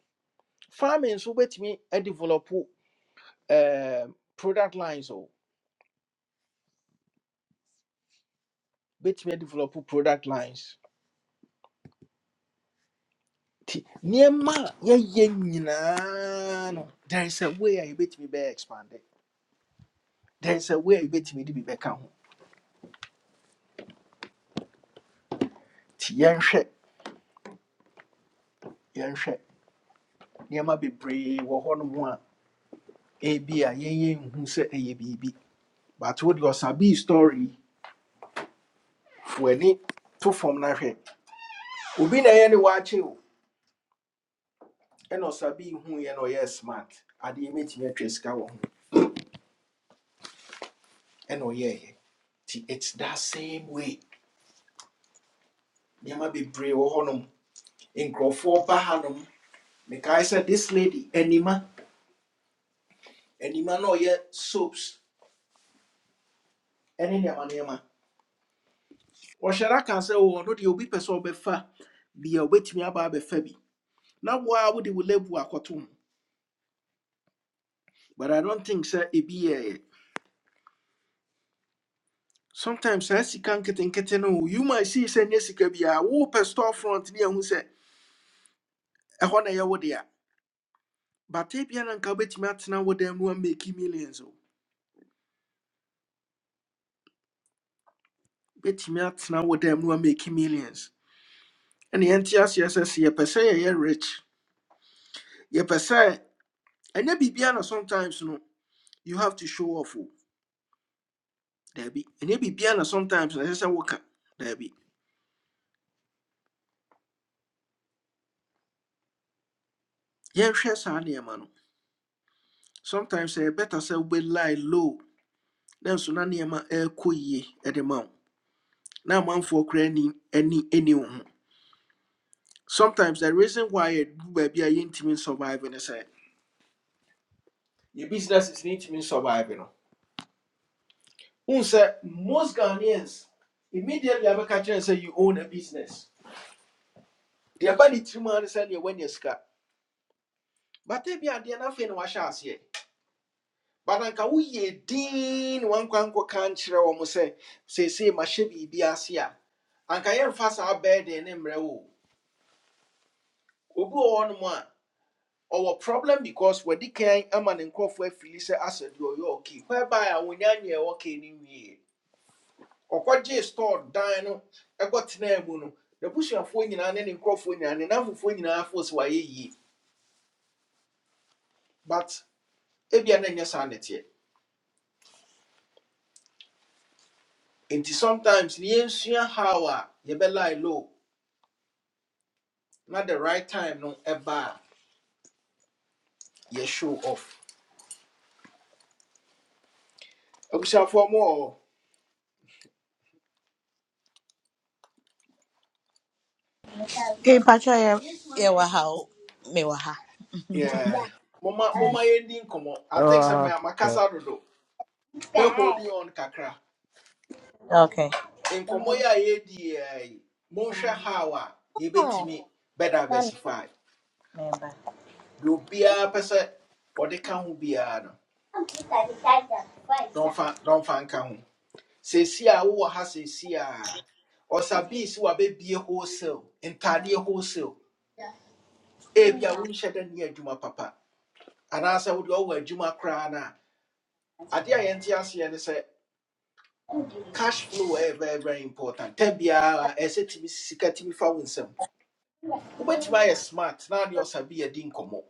A: farming nso wobɛtumi adevelop um, product lines o wobɛtumi adevelop product lines nti nneɛma a yɛyɛ nyinaa no there is a way a yɛbɛtumi be expanded. there is a way a yɛbɛtumi de be bɛka ho nti yɛnhwɛ yɛnhwɛ nneɛma be wɔ hɔnom a ebi a yɛnyɛ nhu sɛ ɛyɛ biribi but what wode ɔsabii story yi, fo ani to fam no hwɛ obi na ɛyɛ ne waakye o ɛna ɔsabii huuɛ na ɔyɛɛ smart adeɛ mɛtumi atwa sika wɔ ho ɛna ɔyɛɛyɛ nti it's that same way nneɛma bebree wɔ hɔnom nkurɔfoɔ ba hanom mekae sɛ this lady Enima, anima na ɔyɛ soaps ɛne nneɛma nneɛma ɔhyɛ da ka sɛ o ɔno deɛ obi pɛ sɛ ɔbɛfa bia obɛtumi aba abɛfa bi na waa wode wo lebu akɔto ho but i don't think sɛ It be sometimes I see saa get nketenkete no you might see sɛ nyɛ sika biaa wopɛ store front ne ahu sɛ ɛhɔ na ɛyɛ wo dea but ebia na nka wobɛtumi atena wo dam no amaki millions o wobɛtumi atena wo dam no amaki millions ɛne yɛnte aseɛ sɛ sɛ per say, yɛyɛ rich ye per yɛpɛ sɛ ɛnyɛ biribia na sometimes no you have to show off o daabi ɛnyɛ biribia na sometimes na ɛsɛ sɛ woka daabi yɛnhwɛ saa nneɛma no sometimes ɛyɛ better say we lie low Then nso na nneɛma ɛrekɔ yie de ma wo na amanfoɔ koraa ani ani ani sometimes the reason why yɛdu be a yɛntumi surviving is sɛ yɛ business is ntumi survive no wohu sɛ most Ghanaians immediately abɛka and say you own a business deɛ ɛba three tirim a ne you neɛ woanya sika but ebi adeɛ no afei na wahyɛ aseɛ but anka woyɛ din wankwankɔka nkyerɛ wɔ mo sɛ seesei mahyɛ biribi ase a anka yɛmfa saa bɛɛden ne mmerɛ wo o. obi wɔ hɔnom a ɔwɔ problem because wadi kan ama ne nkurɔfoɔ afili sɛ asɛ deɛ ɔyɛ okay whereby a wɔnya nyɛ ɛwɔ okay no nwie ɔkɔgyee store dan no ɛkɔ tenaa mu no n'abusuafoɔ nyinaa ne ne nkurɔfoɔ nyinaa ne n'afofoɔ nyinaa fo sɛ wayɛ yie but ebia na ɛnyɛ saa ne teɛ nti sometimes ne yɛnsua how a yɛbɛlie low Not the right time no Ever you show off i abusuafoɔ mu for more,
C: Mpatsɔ yɛ yɛwɔ ha o. Mewɔ ha.
A: yeah Mama, mama, ending. Come on. i think some
B: Uh,
A: sɛ ma-
B: uh,
A: makasa dodo holding on kakra
C: Okay.
A: nkɔmmɔ yi a yɛdi yɛ yi monhwɛ how a
C: Oh,
A: yɛbɛtumi
C: mami.
A: bɛdiversify
C: Memba.
A: deɛ obiara pɛ sɛ can ka ho biara no na ɔmfa na ɔmfa nka ho seesi a wowɔ ha seesi a ɔsabii si wabɛbie wholesale ntadeɛ wholesale ebi a wonhyɛ da ne yɛ adwuma papa anaasɛ wode ɔwɔ adwuma koraa no a adeɛ a yɛnte aseɛ ne sɛ cash flow ɛyɛ very very important ta biara ɛyɛ sɛ tumi si sika tumi fa wo nsam wobɛtumi ayɛ smart na ne ɔsabi yɛdi nkɔmmɔ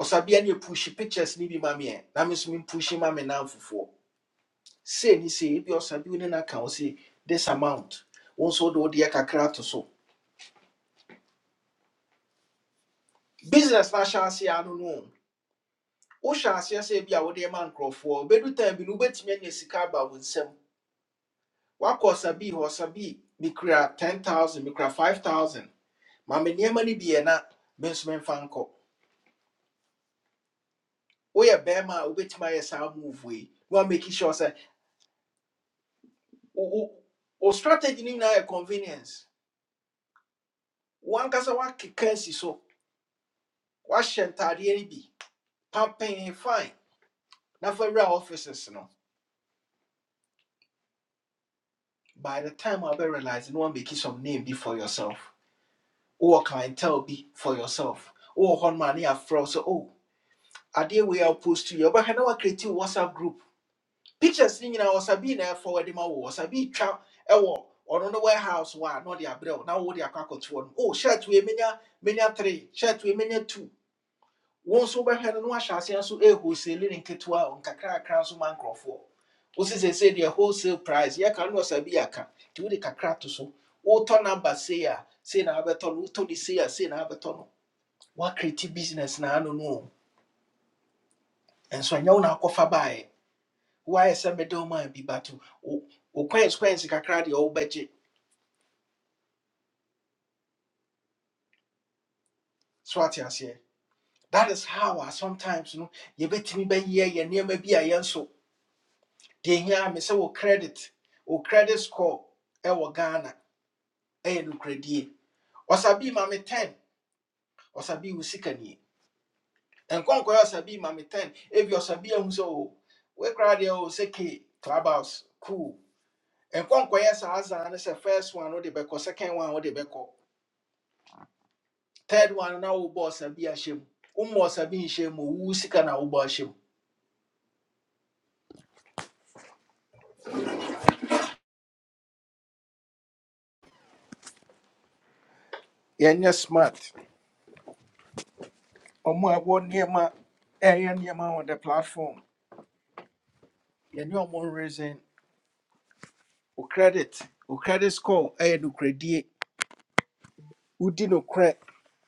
A: ɔsabia ne ɛpushi pictures ne bi ma meɛ na me so mempushi ma you namfofoɔ sei ne sei ebi ɔsabi wo ne no aka wo se this amount wo nso wode wodeɛ kakra to so business no ahyɛ aseɛ ano no o wohyɛ aseɛ sɛ bi a wode ma nkurɔfoɔ bɛdu time bi no wobɛtumi anya sika aba wo nsam wakɔ ɔsa bi hɔ ɔsa bi mikura ten thousand mikura five thousand maame nneɛma no bi yɛ na me nso memfa nkɔ woyɛ bɛrima a wobɛtumi ayɛ saa move yi na wameki sure sɛ wo wo- wo strategy no nyinaa yɛ convenience wankasa wakeka asi so wahyɛ ntaadeɛ no bi pampɛn fine na fa wura offices no by the time I a wobɛrealise no one make some name be for yourself wowɔ clientele be for yourself wowɔ hɔ no ma ne yɛafrɛ wo sɛ o adeɛ wei a wopost yi wobɛhwɛ na woacreate wo whatsapp group pictures ne nyinaa ɔsabi na forward ma wo ɔsabi twa e wo ɔno no warehouse wa no na abrel abrɛ wo na wode no oh shirt we menya menya three shirt we menya two wo nso wobɛhwɛ no na wahyɛ aseɛ nso ɛhosele ne nketewa o nkakrakra nso man nkurɔfoɔ wo se seesei deɛ wholesale price yɛka no na ɔsabi yɛaka nti wode kakra to so wotɔ number sei a sei na wabɛtɔ no wotɔ ne sei a sei na wabɛtɔ no woakreti business na ano no o ɛnso ɛnyɛ wo na akɔfa baeɛ Why sɛ mede wo mind bi but wo wo kwɛnskwɛnse kakra deɛ wobɛgye so ate aseɛ that is how a sometimes no yɛbɛtumi bɛyɛ yɛ nneɛma bi a yɛn so deɛ hia me sɛ wo credit wo credit score ɛwɔ ghana ɛyɛ nokoradie ɔsabii ma me 10 ɔsabii wo sika nie nkɔnkɔɛ ɔsabii ma me 10 ebi ɔsabii ahu o We deɛ o say ke clubhouse cool nkɔnkɔyɛ saa azan, is the first one, oh, wode beko, second one, oh, wode beko. third one na wo boss abi ahyem wo boss abi nhyem mu wo sika na wo boss ahyem yɛnyɛ smart Omo abo niema. nneɛma niema nneɛma on the platform Yenye omo reason O credit O credit score eye do credit. Udi no credit.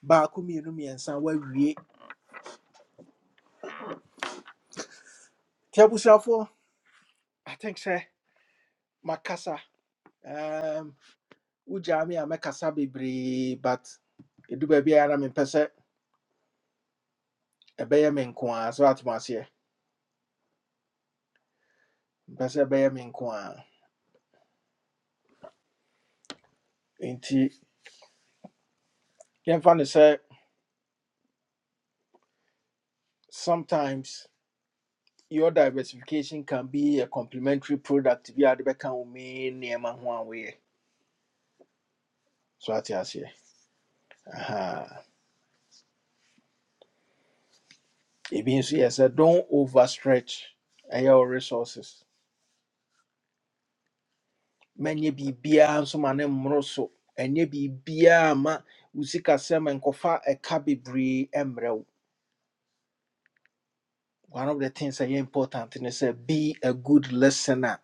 A: Ba baako mmienu mmiɛnsa wawie nti abusuafoɔ i think sɛ makasa um, wogyaa me a mɛkasa bebree but ɛdu baabi a na mempɛ sɛ ɛbɛyɛ me nko a so atom aseɛ mpɛ sɛ ɛbɛyɛ me nko a nti yɛmfa no sɛ sometimes your diversification can be a complementary product bi a de bɛka wo main nneɛma ho a woyɛ so ate aseɛ Aha. ebi nso yɛ sɛ don't overstretch ɛyɛ wo resources manyɛ biribiaa nso ma ne mmoro so ɛnyɛ biribiaa ma wo sikasɛm nkɔfa ɛka bebree mmerɛ wo one of the things ɛyɛ important is sɛ be a good listener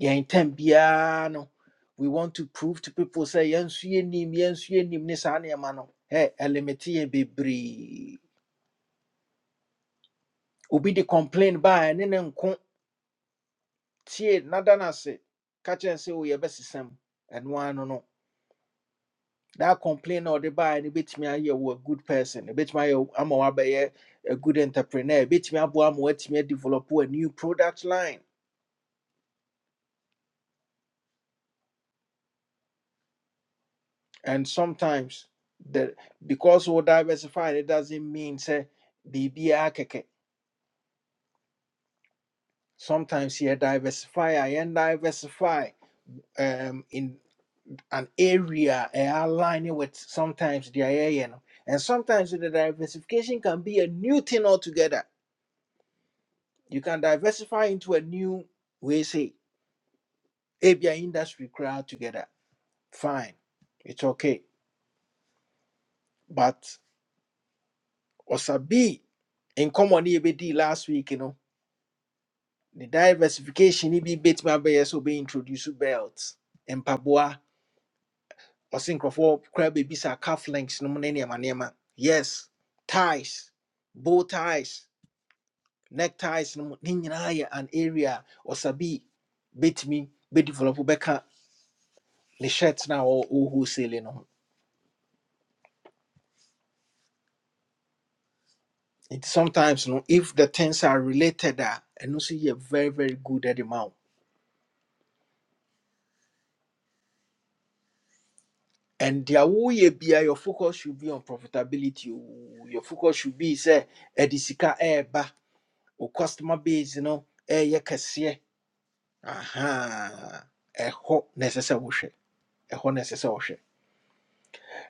A: yɛn tam biara no we want to prove to people say, sɛ yɛnso yɛnim yɛnso yɛnim ne saa nneɛma no ɛ ɛlimite yɛ bebree obi de complain baa ɛne ne nko tie nada no ase say. kyerɛ sɛ o yɛbɛsesam ɛno ano no no, that complain na the baa no bɛtumi ayɛ wo a good person ɛbɛtumi ayɛ wo- ama wabɛyɛ a good entrepreneur ɛbɛtumi aboa ama woatumi develop a new product line and sometimes the because wo diversify it doesn't mean sɛ biribiara kɛkɛ Sometimes you diversify and diversify um, in an area eh, aligning with sometimes the area, you know. and sometimes the diversification can be a new thing altogether. You can diversify into a new way, say, ABI industry crowd together. Fine, it's okay. But Osabi, in common EBD last week, you know, the diversification EB bit my so be introduced to belts and pabua. ɔse nkurɔfoɔ koraa bebisa calf links no mu ne nneɛma nneɛma yes ties bow ties neckties, ties no mu ne nyinaa yɛ an area a ɔsabi bɛtumi bɛdevelop bɛka ne shirt no a ɔwholesale no ho nti sometimes no if the things are related a ɛno nso yɛ very very good at the mouth and deɛ woyɛ bia your focus should be on profitability oo. your focus should be sɛ ɛde sika ɛɛba o customer base no ɛɛyɛ kɛseɛ aha ɛhɔ na ɛsɛ sɛ wohwɛ ɛhɔ na ɛsɛ sɛ wohwɛ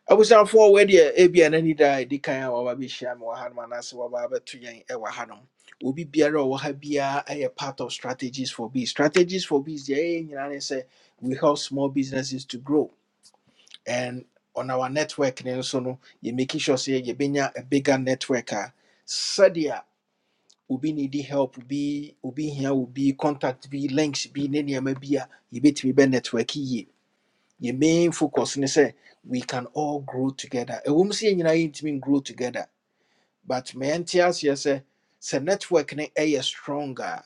A: abusuafoɔ wɔ deɛ ebia n'ani da a ɛdi kan a waba bɛhyia me wɔ hanom anaasɛ waba abɛto yɛn ɛwɔ hanom obi biara a ɔwɔ ha biara ɛyɛ part of strategies for bees strategies for bees deɛ ɛyɛ ne sɛ we help small businesses to grow and on our network ne nso no yɛ making sure sɛ yɛbɛnya a bigger network a sɛdeɛ obi needy help bi obi hia obi contact bi links bi ne nneɛma bi a yɛbɛtumi bɛ network yie your main focus ne say we can all grow together ɛwɔ mu sɛ yɛn nyinaa yɛntumi grow together but mɛnte aseɛ sɛ sɛ network ne ɛyɛ strong a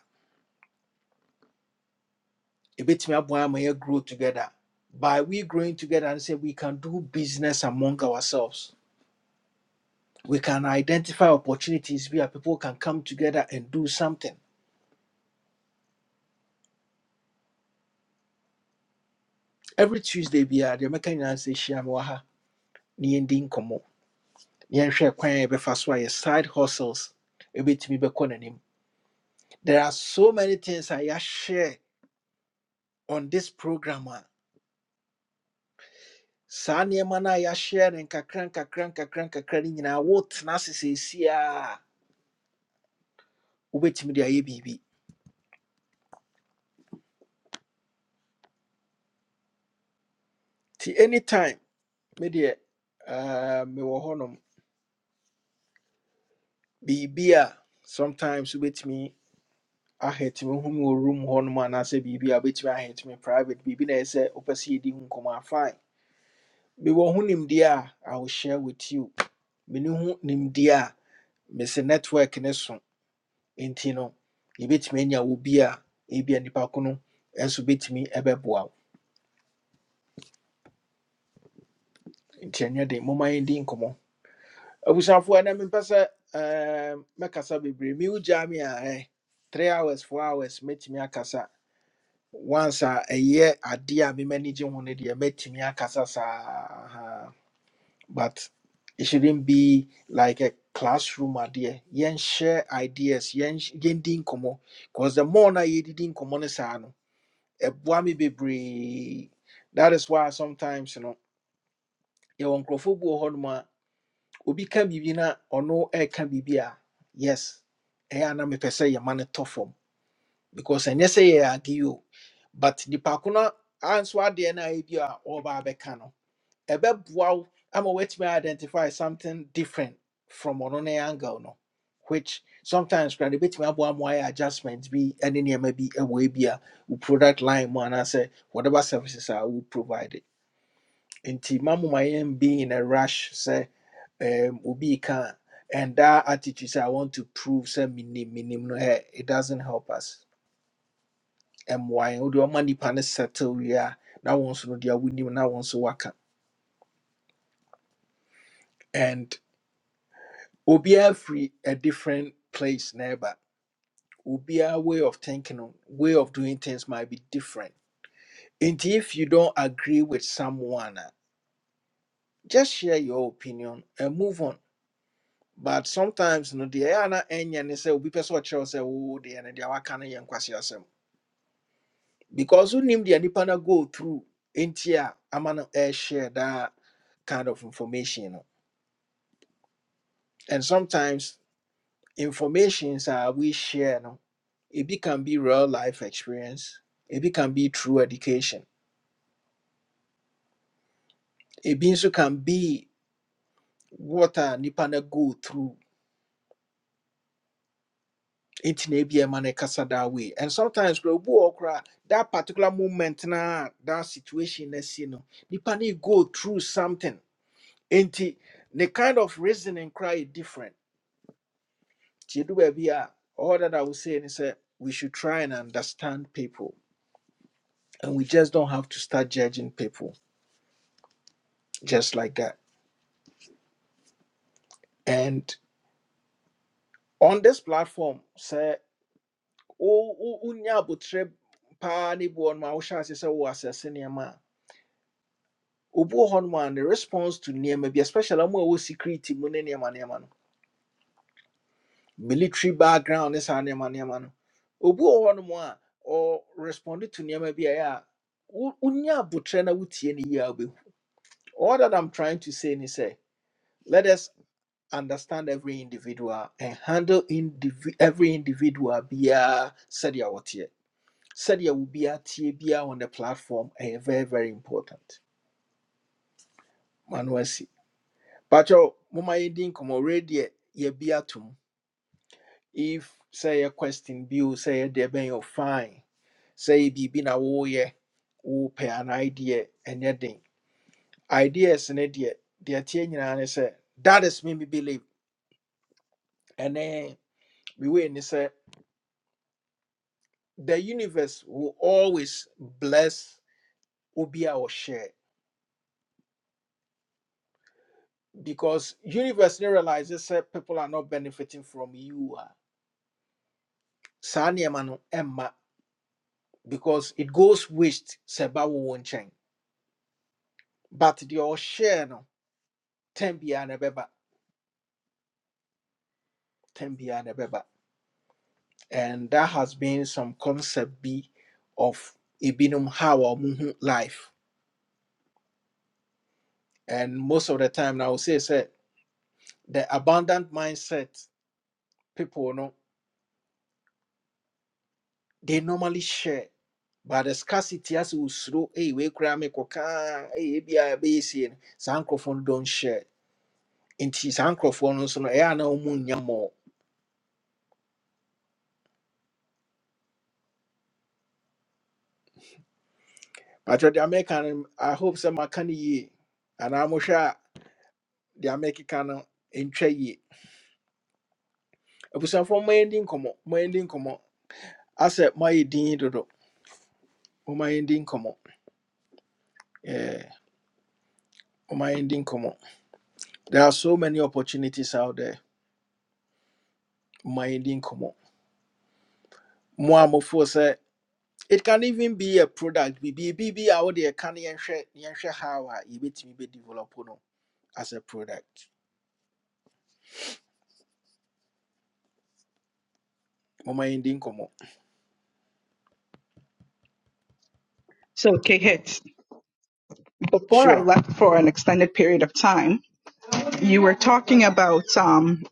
A: ɛbɛtumi aboa ama yɛ grow together by we growing together and say we can do business among ourselves we can identify opportunities where people can come together and do something every tuesday we are the American. sɛ hyia me wɔ ha na yɛndi nkɔmmɔ na yɛnhwɛ kwan a yɛbɛfa so a yɛ side hustles ɛbɛtumi bɛkɔ n'anim There are so many things I ya share on this program. a, Saa nneɛma no a yɛahyɛ no nkakra nkakra nkakra nkakra no nyinaa wotena ase seesei a wobɛtumi de ayɛ biribi. Nti anytime me deɛ ah, mewɔ hɔnom biribi a sometimes wobɛtumi ahɛt me hu me wɔ room hɔnom anaasɛ biribi a wobɛtumi ahɛt me private biribi na ɛyɛ sɛ wopɛ sɛ yɛdi ho nkɔmmɔ a fine. Mewɔ ho nimdeɛ a I will share with you. Mene ho nimdeɛ a mese network ne so. nti no yɛbɛtumi anya wo bi a ebia nipa ko no nso bɛtumi ɛbɛboa wo nti ɛnyɛ den momma yɛndi nkɔmmɔ abusuafoɔ ɛnɛ mempɛ sɛ ɛɛm, mɛkasa bebree me wogyaa me a ɛ three hours four hours mɛtumi akasa once a ɛyɛ adeɛ a mem'ani gye ho no deɛ mɛtumi akasa saa but it shouldn't be like a classroom adeɛ yɛnhyɛ ideas yɛn- yɛndi nkɔmmɔ because the more na yɛdidi nkɔmmɔ no saa no ɛboa me bebree that is why sometimes you know yɛwɔ nkurɔfoɔ bi wɔ hɔnom a obi ka biribi na ɔno ɛka biribi a yes ɛyɛ a na mepɛ sɛ yɛma no tɔ fam because ɛnyɛ sɛ yɛyɛ ade o but nipa ko no anso adeɛ no a ɛbi a ɔreba abɛka no ebe wow, ɛbɛboa wo ama woatumi identify something different from ɔno ne angle no which sometimes koraa no ɛbɛtumi aboa ma adjustments, be bi ne nneɛma a ɛwɔ ebi a product line mu anaasɛ whatever services a wo provide nti ma moma yɛn be in a rush say um, obi can, and that attitude say i want to prove sɛ menim menim no ɛ it doesn't help us And why? wode ɔma nnipa no settle wie a na wɔn nso no deɛ wonim no, na wɔn nso and. obiara free a different place never obiara way of thinking no, way of doing things might be different and if you don't agree with someone a, just share your opinion and move on but sometimes no the ana enya ne say obi person kyerɛ sɛ wo de ene de waka no yɛ nkwasi asɛm because unim the nipa na go through ntia ama no air share that kind of information no and sometimes informations are we share no ebi can be real life experience It can be true education It also can be what a nipa na go through It na be a no kasa that way and sometimes kora obu wɔ that particular moment na that situation na si no nipa na e go through something nti the kind of reasoning cry is different ti edu baabi a all that i was saying is that we should try and understand people and we just don't have to start judging people just like that. And on this platform, say wo- wo- wonya abotire paa ne bi wɔ hɔ nom a wohyɛ ase ma wo asɛse nneɛma a, response to ni ma bi, especially ɔmo a wɔ security mu ne ni ma ni ma no, military background ne ma ni ma no, obi wɔ hɔ nom a ɔresponde to ni ma bi a ɛyɛ butre na wotie ne yie a All that I'm trying to say ni say let us. understand every individual and handle indivi- every individual biya said wotie sɛdeɛ wo biara tie biara on the platform ɛyɛ very very important mano asi patro moma yɛdi nkɔmmɔ redeɛ yɛbi tum. if say a question bi o say yɛ deɛ bɛn yɛ fine sɛ yɛ biribi na woyɛ wopɛ anaa deɛ ɛnyɛ den ideas ne deɛ deɛ tie nyinaa ne say. that is me me believe ɛne mewei ne sɛ the universe will always bless obia or share because universe now realizes that people are not benefiting from you a, saa nneɛma no because it goes waste sɛ ɛba wo wo but the share no tɛn biara na ɛbɛba tɛn biara and that has been some concept B of ebinom how a life and most of the time now I would say sɛ the abundant mindset people no. they normally share. But the scarcity as we slow, hey, we cry me coca, hey, be a basin, sankrofon don't share. Inti sankrofon so no air no moon more. But the American, I hope some can ye, and I'm sure the American in tray ye. If some from my ending come up, my ending come up. I said, my dean dodo, oh, my ending come up. Yeah, oh, my ending come up. There are so many opportunities out there. My ending come up. More, more, It can even be a product. Bibi bibi out there can yenhwe yenhwe how a yebetimi be develop no as a product. Mama yindi komo.
D: So, Kehit, before I
A: Sure.
D: left for an extended period of time, you were talking about um,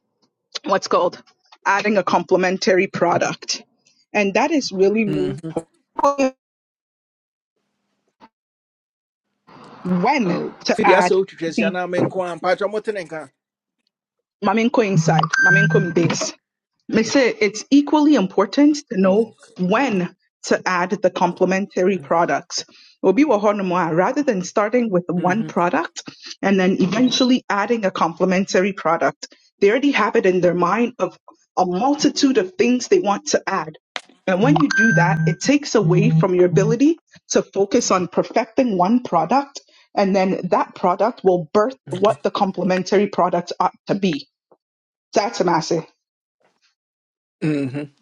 D: what's called adding a complementary product. And that is really,
A: Mhm.
D: really when
A: Oh,
D: to
A: fidi asa
D: add
A: otwetwe sia
D: the
A: na me nko ampa twa motene nka.
D: Maminko inside, Maminko base. They say it's equally important to know
A: Oh.
D: when to add the complementary
A: Mhm.
D: products. Obi wɔ hɔnom a, Rather than starting with one
A: Mhm.
D: product and then eventually adding a complementary product, they already have it in their mind of a multitude of things they want to add. And when you do that, it takes away from your ability to focus on perfecting one product, and then that product will birth what the complementary product ought to be. That's a massive.
A: Mhm.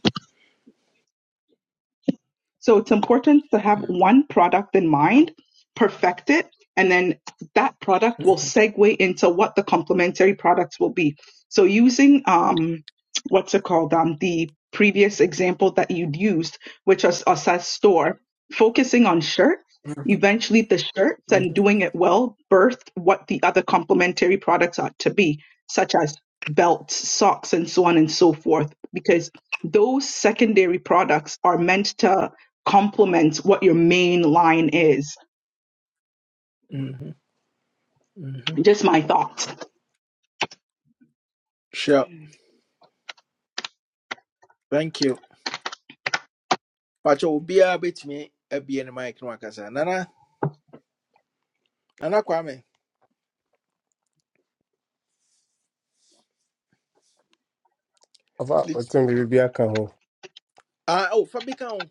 D: So it's important to have one product in mind, perfect it, and then that product will segue into what the complementary products will be. So using um, what's it called? Um, the previous example that you'd used, which was size Store, focusing on shirts,
A: Mhm.
D: eventually the shirts and doing it well birthed what the other complementary products ought to be, such as belts, socks, and so on and so forth, because those secondary products are meant to complement what your main line is.
A: Mhm. Mhm.
D: Just my thoughts.
A: Sure. Thank you. Pacho obi a betimi abie ne mic no akasa. Nana, nana kwame.
B: about what
A: Lit-
B: time you be back home?
A: Ah, oh, Fabikan.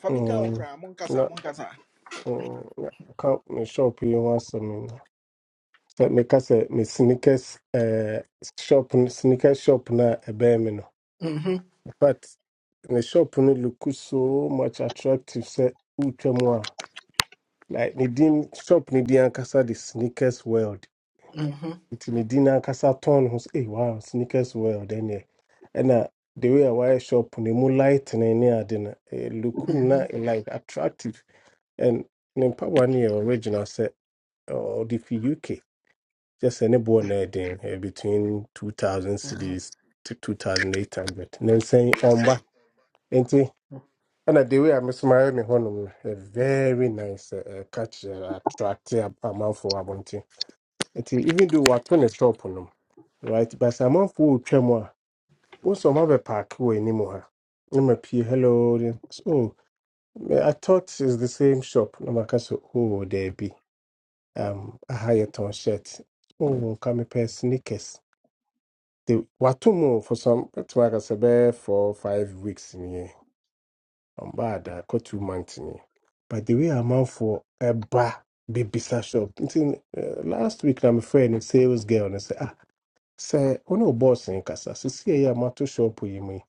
A: Fabikan
B: Um,
A: okra monkasa
B: na,
A: monkasa.
B: um, na, come me shop you want some. Say me kase me sneakers, eh, shop sneakers shop na ebe me no. But the shop no look so much attractive. Say, Uchemwa. Like, Nidin shop Nidin Ankasa, the sneakers world.
A: Mhm.
B: It's Nidin Ankasa ton who's, hey, wow, sneakers world. And yeah, and uh, the way I wear shop, the more light and any other, look
A: Mhm.
B: na eh, like attractive. And Nimpa one year original set, or the UK, just any born there then eh, between 2000 cities to 2800. And then saying, on back. ɛna the way i a mesoma me hɔnom a very nice ɛ ɛ, catch ɛ, attract a- amanfoɔ wɔ abɔnten even though wato ne shop no right but some amount for chemo. also have a wo sɛ ɔma bɛpaake wɔ anim ha na hello then, so me- I thought it's the same shop No matter so oh there be? um, a higher yɛtɔn shirt oh come nka mepɛ sneakers They- wato mu for some bɛtumi aka sɛ bɛyɛ four five weeks nie bad. I kɔ two months in. but the way I'm out amanfoɔ ɛba bebisa shop nti eh, last week na mefrɛ no sales girl and say, ah sɛ wo ne wo boss eh, nkasa sisi a ɛyɛ a mato shop yi mu say,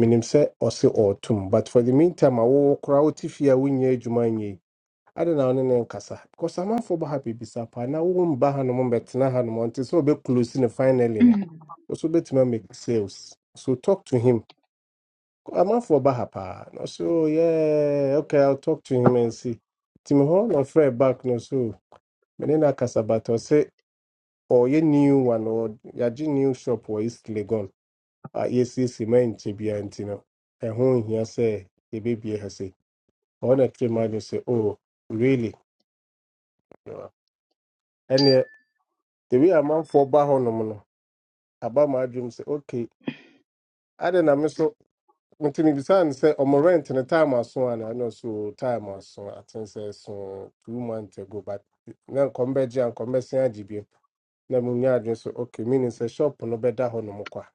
B: menim sɛ ɔse ɔɔtom but for the meantime a wowɔ koraa wote fie a wonyɛ adwuma nyi. I don't know, wo ne ne nkasa because amanfoɔ ba ha bebisa paa na womba hanom mbɛtena hanom ɔnte sɛ wobɛkulosi no mo nti So be close no finally no
D: Mm,
B: wo so wobɛtumi amake sales so talk to him I'm ha paa na ɔsɛ oh yeah okay i'll talk to him and see timi no na back no so me ne say. akasa ye new one ɔ yɛagye new shop wɔ east legon Ah, yes, yes, man, Tibia and Tino. And whom here say, the baby has say, on a yɛsiesie ma nkyɛ biara nti no ɛho nhia sɛ yɛbɛbie ha se ɔhɔ na kyerɛ ma no sɛ oh really ɛneɛ the way I'm ba hɔnom no About my dream say. okay adɛn na me so nti mebisa no sɛ ɔmo rent no time aso ana no so time aso aten sɛ so two months ago but na nkɔmbɛgye a nkɔmbɛsen agye bio na munya adwene so okay meaning sɛ shop no bɛda hɔ nom kwa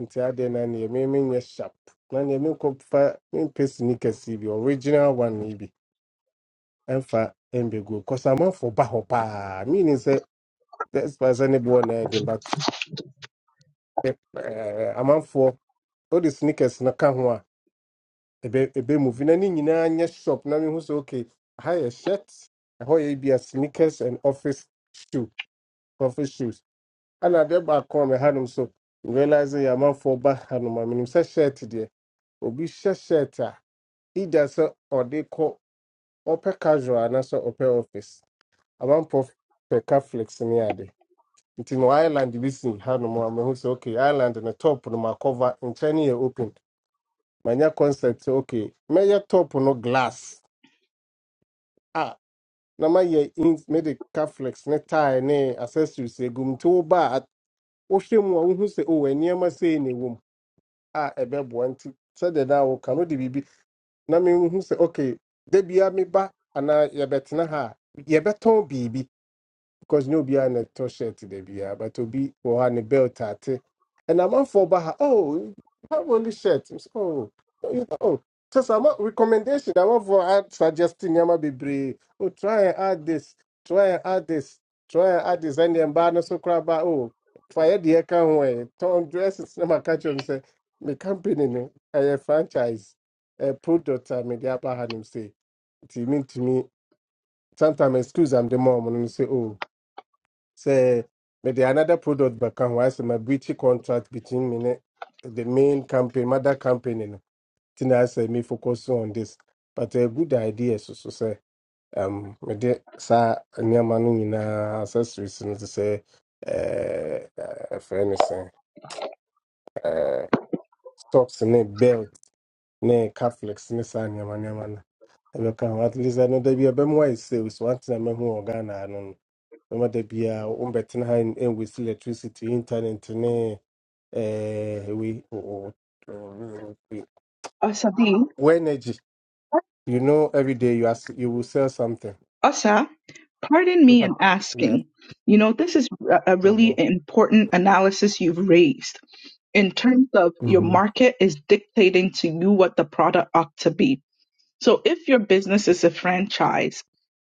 B: nti adeɛ no neɛ memenyɛ sharp na neɛ menkɔfa mempɛ sneakers yi bi original one yi bi ɛmfa go cause am for ba hɔ paa meaning sɛ best buy sɛ ne boɔ na ɛden but eh, eh, amanfoɔ wode sneakers na ka ho a ebe ebe move na ne nyinaa nyɛ shop na mehu sɛ okay ha yɛ shirt ɛhɔ yɛ bi a sneakers and office shoe office shoes ɛna adeɛ baako a mɛhanom so realize yɛ amanfoɔ ba hanom a menim sɛ shirt deɛ obi hyɛ shirt a either sɛ ɔde kɔ ɔpɛ casual anaasɛ ɔpɛ office amanfoɔ pɛ ka flex ne ade nti no island bi si hanom a mahu sɛ okay island no top no makɔva nkyɛn no yɛ open manya concept sɛ okay mɛyɛ top no glass na ma yɛ ins ne de caflex ne tie ne accessories egum nti woba a wohwɛ mu a wohu sɛ o nneɛma sei na ɛwɔ mu a ɛbɛboa nti sɛdeɛ na woka no de biribi na mehu sɛ okay da biara meba anaa yɛbɛtena ha a yɛbɛtɔn biribi because no be an to shirt to the beer, but to be or an a belt at it. And I'm on for Baha. Oh, you have only shirt. I'm so, Oh, oh, you know. Just I'm a recommendation. I'm not for ad suggesting Yama be brave. Oh, try and add this, try and add this, try and add this, and then banner so crab. Oh, fire the account way. Tom dresses, never catch him say, the company, no, ɛyɛ franchise, a product, I mean, the upper hand him say, it mean to me, sometimes excuse I'm the mom and say, oh say maybe another product back and why say my beauty contract between me ne- the main campaign, mother campaign, no. Then I say me focus on this. But a good idea so so say um me de sa nneɛma no nyinaa accessories no to say uh for anything uh socks ne belt ne cufflinks ne saa nneɛma nneɛma no ɛbɛka ho at least ɛno da bi ɛbɛmoa yɛ sales one thing a mɛhu wɔ Ghana ha no no ɛma da biaa wombɛtena ha ɛnwɛsi electricity internet ne eh, we wo wo-
D: Asadi,
B: wo energy you know every day you ask you will sell something
D: Asa, pardon
B: In
D: me
B: fact,
D: in
B: yeah
D: asking. You know, this is a a really
B: mhm,
D: important analysis you've raised in terms of your
B: mhm,
D: market is dictating to you what the product ought to be. So if your business is a franchise,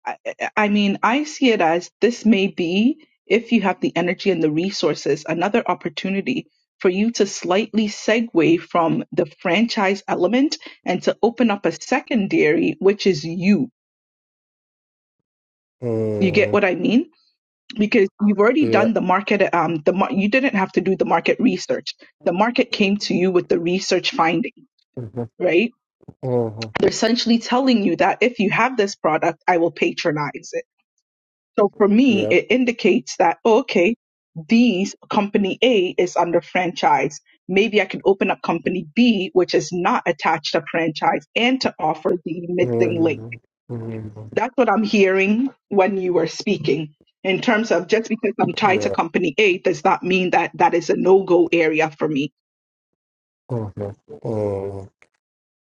D: I, I I mean, I see it as this may be, if you have the energy and the resources, another opportunity for you to slightly segue from the franchise element and to open up a secondary, which is you. You get
B: mm,
D: what I mean? Because you've already
B: yeah
D: done the market, um, the mar- you didn't have to do the market research. The market came to you with the research finding,
B: mhm,
D: right?
B: mhm,
D: They're essentially telling you that if you have this product, I will patronize it So for me,
B: yeah
D: it indicates that, oh, okay, these company A is under franchise. Maybe I can open up company B, which is not attached to franchise, and to offer the missing link.
B: mm, mhm,
D: That's what I'm hearing when you were speaking. In terms of just because I'm tied to
B: yeah
D: company A does not mean that that is a no go area for me.
B: mhm, mm.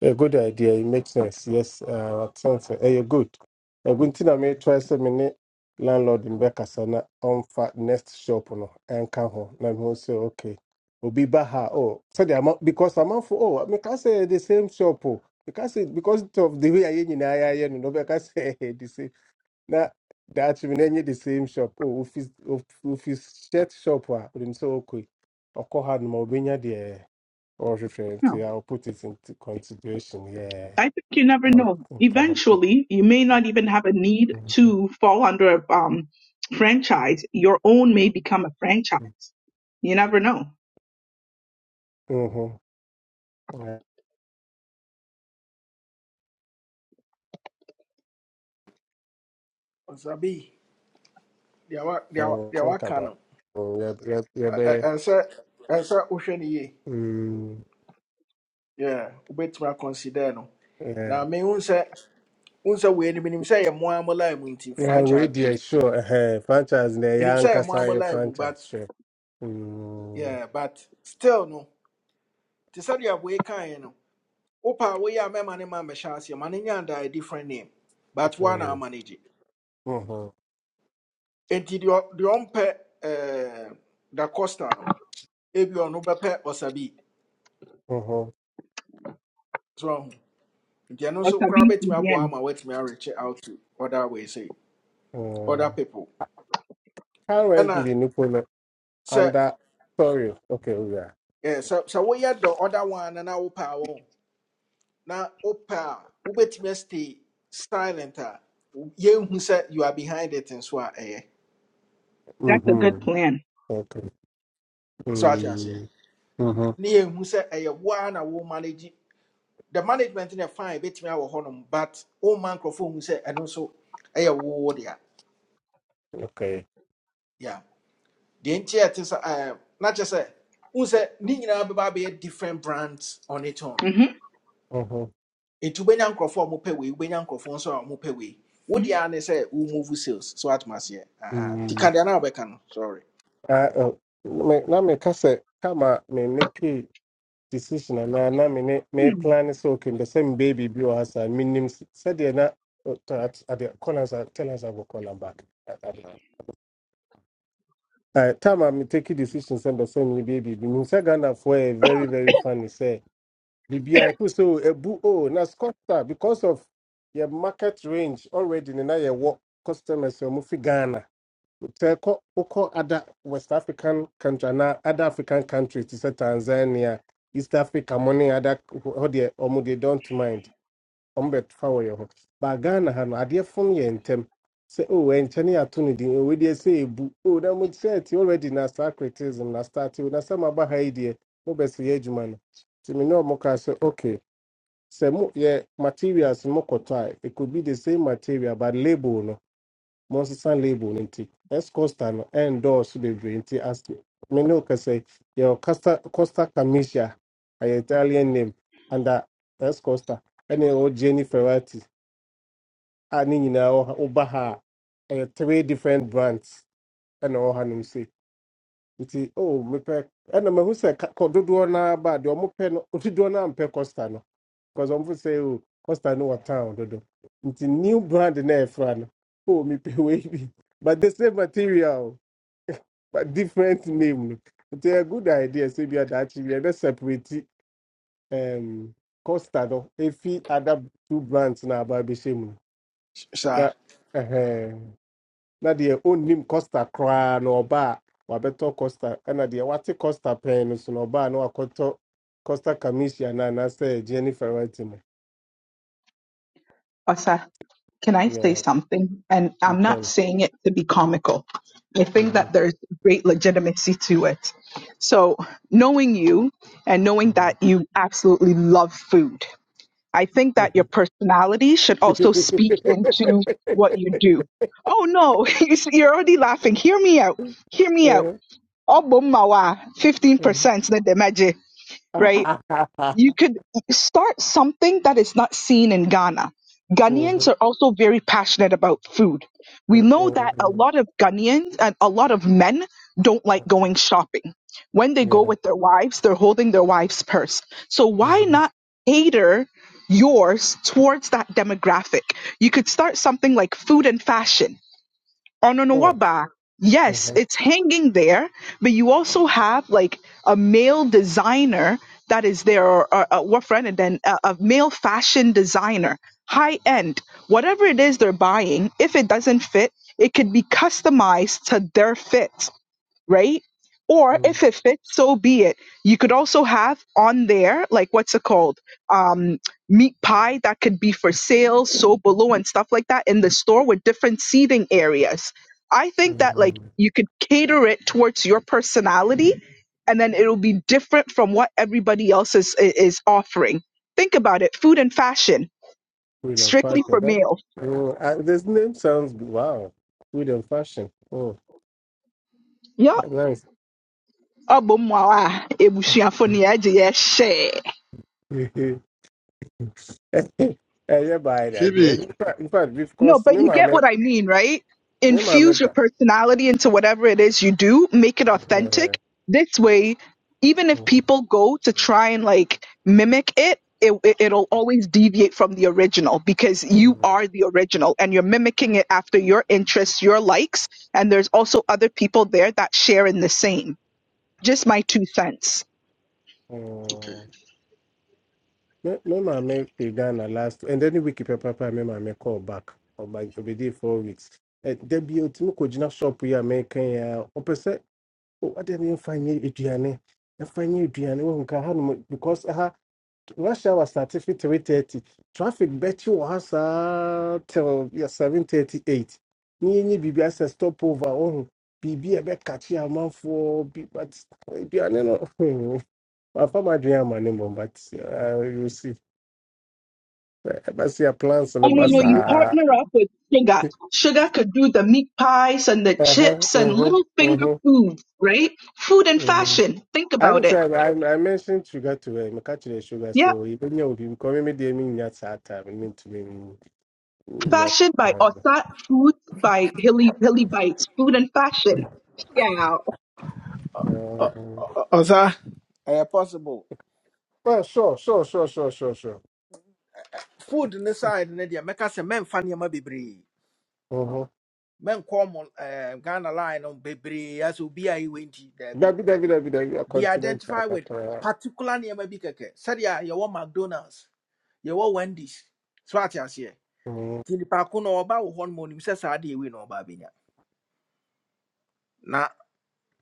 B: A good idea. It makes sense. Yes, uh, sense. Hey, good. A good thing I may try say me landlord in Bekasana on fat next shop no and come home. Now me say okay. Obi baha oh so the amount because amount for oh me can say the same shop oh because it because of the way I yin I yin no be the same Now that me na the same shop oh office office shirt shop ah we say okay. Okoha no more be near there. Or One
D: No,
B: fifty. I'll put it into consideration. Yeah,
D: I think you never
B: I'll
D: know.
B: think about it.
D: Eventually, you may not even have a need
B: Mm-hmm.
D: to fall under a um, franchise. Your own may become a franchise. You never know.
B: Well,
A: Ɔsabi, they are they are
B: I'll
A: they
B: think
A: are
B: about it.
A: no,
B: Oh, Yeah, yeah, yeah,
A: ɛ- ɛ-
B: but,
A: ɛnsɛ ɛnsɛ wohwɛ no yie.
B: mm,
A: Yeah, wobɛtumi akɔnsider no.
B: yeah.
A: Na mehu sɛ wohu sɛ wei no menim sɛ yɛ mmoa mo line mu nti
B: Yeah, we
A: franchise wei.
B: did sure. uh Franchise, the
A: Menim
B: young
A: sɛ yɛ mmoa mo
B: Kasari
A: line mu
B: franchise,
A: but
B: sure. Mm,
A: yeah, but still no, te sɛdeɛ wei kaeɛ no, wopɛ a woyɛ a mɛma ne ma mmɛhyɛ aseɛ ma no nya a different name but
B: different
A: one woana
B: name.
A: amanage
B: Uh-huh.
A: enti deɛ ɔ- deɛ eh, da costa no ebi ɔno bɛpɛ Osabi.
B: Uh-huh.
A: so nti ɛno
D: Or
A: nso koraa
D: Sabi
A: bɛtumi aboa
D: CBN.
A: ama woatumi areche out to other ways eh, other
B: Um,
A: people And
B: currently,
A: ɛna
B: Nupolo
A: sɛ
B: under. Sorry. Okay, oh, yeah.
A: eh, sɛ sɛ woyɛ the other one no na wopɛ a wo na wopɛ a wobɛtumi stay silent a yɛnhu sɛ you are behind it nso a eh.
D: That's a good
B: Mm-hmm.
D: plan.
B: Okay.
A: so I ate aseɛ
B: Mm, Mm-hmm.
A: ne yɛnhu say, ɛyɛ woa na wo manage the management no fine bɛtumi awɔ hɔnom but woma nkurɔfoɔ hu sɛ ɛno nso ɛyɛ wo wo dia.
B: Okay.
A: yeah." The entire thing ɛte sɛ ɛɛ na kyerɛ sɛ n sɛ different brands on its own
D: hmm
B: Mm-hmm.
A: nti wobɛnya nkurɔfoɔ a wɔpɛ wei wobɛnya nkurɔfoɔ nso a wɔpɛ wei wodi ara ne say, wo move sales so atom aseɛ aha nti
B: mm.
A: ka deɛ na wobɛka no sorry
B: Ah, oh, me na me kasa kama me make decision na na me ne me
D: Hmm.
B: plan so okay the same baby bi o hasa minim said na oh, to- at at the corners I tell us I go call am back. Uh, time I'm taking decisions and the same baby. Sagana for a very, very funny say. BBI so a boo oh na Scotta because of your market range already na now your work customers are moving Ghana sɛ kɔ wokɔ ada west african country anaa other african countries te sɛ tanzania east africa mo ne ada hɔ deɛ ɔmo de don't mind ɔmo bɛfa wɔ yɛ ho but ghana ha no adeɛ fom yɛ ntɛm sɛ o ɛnkyɛ ne yɛato no din owe deɛ sɛ ɛbu o na mo sɛte already na saa criticism na start o na sɛ maba ha yi deɛ mobɛsɛ yɛ adwuma no nti me ne ɔmo kaa sɛ okay sɛ mo yɛ materials no mokɔtɔ a it could be the same material but label no Monster label no nti S Costa no ɛndɔɔso bebree nti ase me ne wo kasa yɛwɔ Costa Costa Camicia ɛyɛ Italian name under S Costa ɛne yɛwɔ Jenny Ferrati a ne nyinaa wɔ ha woba ha a ɛyɛ three different brands ɛna ɛwɔ hanom sei nti oh mepɛ ɛna mahu sɛ ka- kɔ dodoɔ no ba a, deɛ ɔmopɛ no dodoɔ no ampɛ Costa no because ɔmfo sɛ o Costa no wɔ town dodo nti new brand na ɛfra no oh mepɛ wei bi but the same material but different name. It's a good idea. So we are that we are not separate um Costa no. If we add up two brands na about the same.
A: saa
B: Na eh na the own name Costa cra no ba wabeto Costa and the what Costa pen no, so no ba no akoto Costa Camisha na na say Jennifer Whitman.
D: Osa, can I say
B: Yeah,
D: something? And
B: you
D: I'm not
B: can.
D: saying it to be comical. I think
B: Mhm,
D: that there's great legitimacy to it. So, knowing you and knowing
B: mhm,
D: that you absolutely love food. I think that your
B: mhm.
D: personality should also speak into what you do. Oh no, you see, you're already laughing. Hear me out. Hear me out. Ogbommawa,
B: Mhm,
D: 15% na demaje, right? you could start something that is not seen in Ghana.
B: mhm.
D: Ghanaians are also very passionate about food. We
B: Oh,
D: know
B: oh,
D: that a lot of Ghanaians and a lot of men don't like going shopping. When they go with their wives, they're holding their wife's purse. So why not cater yours towards that demographic? You could start something like food and fashion on Ononowaba, yes, it's hanging there, but you also have like a male designer that is there, or, or a what friend, and then a, a male fashion designer, high end, whatever it is they're buying. If it doesn't fit, it could be customized to their fit right? Or if it fits, so be it. You could also have on there, like what's it called? Um, meat pie that could be for sale, so below and stuff like that in the store with different seating areas. I think that like you could cater it towards your personality and then it'll be different from what everybody else is i- is offering. Think about it. Food and fashion,
B: With a
D: strictly
B: fashion,
D: for
B: that
D: males.
B: oh, uh, this name sounds wow. With a fashion, oh,
D: Yup.
B: that's nice.
D: Ọ bụ mma nwa a, ebusuafo na ya ji ya share.
B: I yeah, by the idea.
E: Phoebe,
B: In fact, in fact, we've
D: No,
B: because
D: but
B: me,
D: you get
B: mama,
D: what I mean, right?
B: me, mama,
D: Infuse your
B: ba-
D: personality into whatever it is you do, make it
B: yeah,
D: authentic. This way, even if
B: mm,
D: people go to try and like mimic it, it it- it'll always deviate from the original because you
B: mm,
D: are the original and you're mimicking it after your interests, your likes, and there's also other people there that share in the same. Just my two cents.
E: okay.
B: mm. me, me, mama, to Ghana last, and then we keep papa, me, mama, call back, or by for the day four weeks. Eh, There be a team could shop we are making. Oh, adeɛ no yɛmfa nyɛ find you nyɛ aduane wohu ka hanom because ha rush hour start fi three thirty traffic bet you was saa till yeah seven thirty eight ne yɛnyɛ biribi asɛ stop over wohu biribi a ɛbɛkakye amanfoɔ bi but aduane no hmm, mamfa m'adwene amma ne mmom but uh, you see I see a plans no
D: Oh no, no, you partner up with Sugar. Sugar could do the meat pies and the
B: Uh huh.
D: chips and
B: Uh
D: little
B: huh.
D: finger
B: Uh
D: foods, right? Food and
B: huh.
D: fashion. Think
B: I
D: about
B: don't say I,
D: it.
B: I I mentioned sugar to him, catch the sugar,
D: Yeah.
B: so even you will be coming me the mean at that time, I mean to me. yet,
D: Fashion by Osat, food by Hilly Hilly Bites, food and fashion. Yeah.
B: um,
A: Ɔ- ɔsa possible
B: Well, sure, sure, sure, sure, sure, sure.
A: food inside ne side ne deɛ men sɛ mɛmfa nneɛma bebree
B: Uh-huh.
A: mɛnkɔ mo ɛɛ ghana line no bebree asɛ obi a yɛ wei nti
B: Mm-hmm.
A: daabi
B: David, David, David, David, a
A: be
B: continent.
A: identified with particular name bi kɛkɛ sɛdeɛ yɛwɔ mcdonalds you want wendy's so ate aseɛ nti Tini ko na ɔba wɔ hɔ no ma onim saa adeɛ wei na ɔba abɛnya na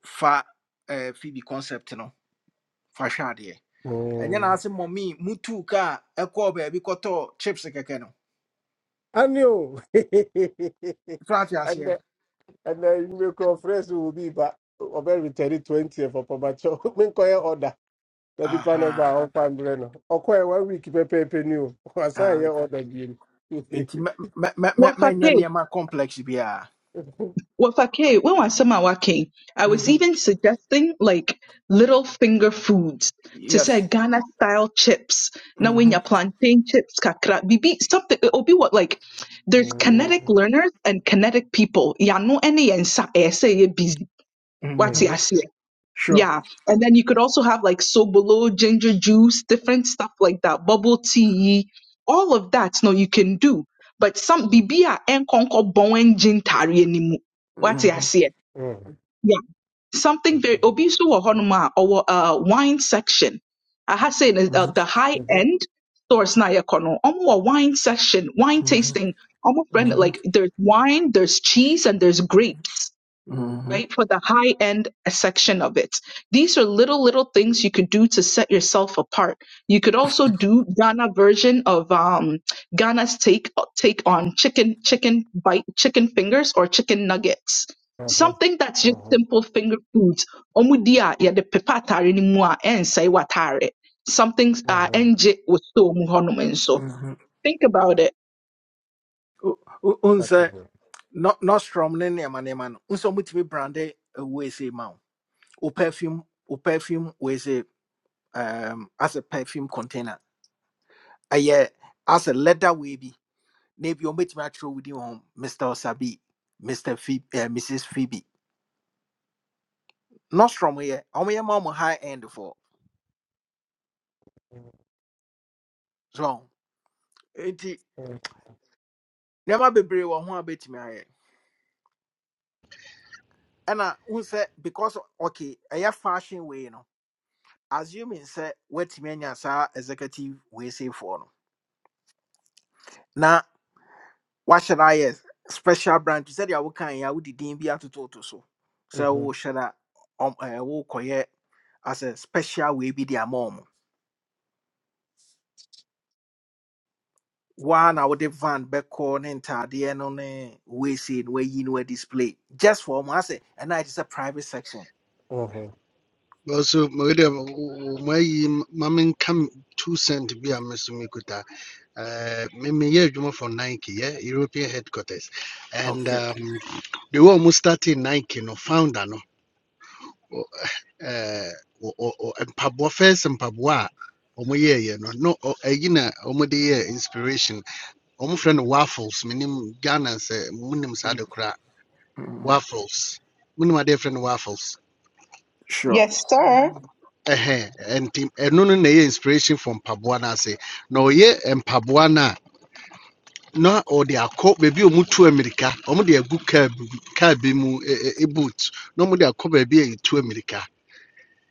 A: fa eh, phoebe concept no fa hwɛ adeɛ na
B: Mm-hmm.
A: ase mɔmi mutu ka a ɛkɔɔ baabi kɔtɔɔ chips keke no
B: I knew. and
A: so ate aseɛ
B: then, and then you make your friends who will be back. Over returning 20 eh, for Papa Cho. Make order. Nadipa no ba
A: aha
B: ɔmfa mbrɛ no. Ɔkɔɛ one week pɛpɛɛpɛ ni o. Wasan
A: ah,
B: yɛ ɔda bio.
A: enti me me me me mɛ-
D: What's that
A: mɛnyɛ
D: thing?
A: nneɛma complex biara
D: With Ake, when was some Wake, I was
A: Mhm.
D: even suggesting like little finger foods to say
A: yes
D: Ghana style chips. Now when
A: Mhm.
D: your plantain chips, kakra, bibi, something it'll be what like there's kinetic learners and kinetic people. Yano any and sa eh, say you're busy. What's
A: Mhm.
D: your say?
A: sure
D: Yeah. And then you could also have like sobolo, ginger juice, different stuff like that, bubble tea, all of that. No, you can do. But some bibia and konko bowen gin tari animu. What I
A: Mhm.
D: say? Yeah. Something very obisu or honoma or uh wine section. I have said uh, uh,
A: Mhm.
D: the high end stores na yakono. Omo a wine section, wine
A: Mhm.
D: tasting. Omo friend
A: Mhm,
D: like there's wine, there's cheese, and there's grapes
A: mhm,
D: right? For the high end section of it. These are little, little things you could do to set yourself apart. You could also do Ghana version of um, Ghana's take take on chicken, chicken bite, chicken fingers or chicken nuggets. Something that's just simple finger foods. Omudia ya de pepatare ni mua and say watare. Something uh enje with so muhonomen so.
A: mhm.
D: Think about it.
A: Wo- wo- Wohu sɛ no- nostrum ne nneɛma nneɛma no Unse sɛ womutumi brande wei sei ma wo wo perfume wo perfume wei sei um, as a perfume container Aye, as a leather wei bi na bi ɔmɛtumi akyerɛ wo din wɔ ho mr sabi mr Phoebe, uh, mrs phoebe nostrum yɛ ɔmoyɛ ma mo high end for. so nti nneɛma bebree wɔ ho a bɛtumi ayɛ ɛna wohu sɛ because okay ɛyɛ fashion way no assuming say what woatumi anya saa executive we say seifoɔ no na wahyɛ I ayɛ special branch sɛdeɛ wokaeɛ a wode din bi atototo so So sɛ wohyɛ no a ɔm- ɛɛ, as a special way. bi de mom. ɔmo woa na wode van bɛkɔ ne ntadeɛ no ne we say no wayi no display just for ɔmo asɛ ɛna ɛte sɛ private section
E: also Maria my mamin come two cent be a Mesumikuta. Uh Mimi Juma for Nike, yeah, European headquarters. And
A: okay
E: um they were almost starting Nike no founder no uh or Pabua first and Pabua ọmọ yẹ yẹ no no ẹyi na ọmọ de yẹ inspiration ọmọ fẹ no waffles minim ghana sẹ munim saa de
A: Mhm.
E: kora
A: Mhm.
E: waffles munim adeɛ frɛ no waffles
A: sure
D: Yes, sir.
E: ɛhɛn ɛnti ɛno no na ɛyɛ inspiration from mpaboa no ase na ɔyɛ mpaboa no na ɔde akɔ baabi a ɔmo America amerika ɔmo de agu kaa bi kaa bi mu ɛ ɛ ɛ, boot na ɔmo de akɔ baabi a yɛtu amerika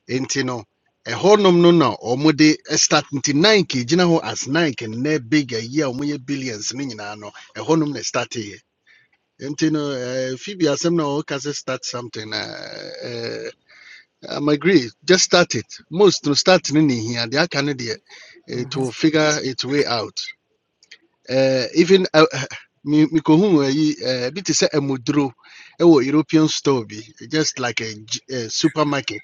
E: nti no ɛhɔnom no na ɔmo de start nti nike gyina ho as nike nnɛ big ayi year ɔmo yɛ billions no nyinaa no ɛhɔnom na start yɛ nti no ɛɛ fibi asɛm na ɔka sɛ start something na eh um, I agree. Just start it. Most to start in here. They are candidate to
A: Mhm.
E: figure its way out. Uh, even uh, me, me kohun eh, yi a bit say a mudro. Ewo European store bi just like a, g- a supermarket.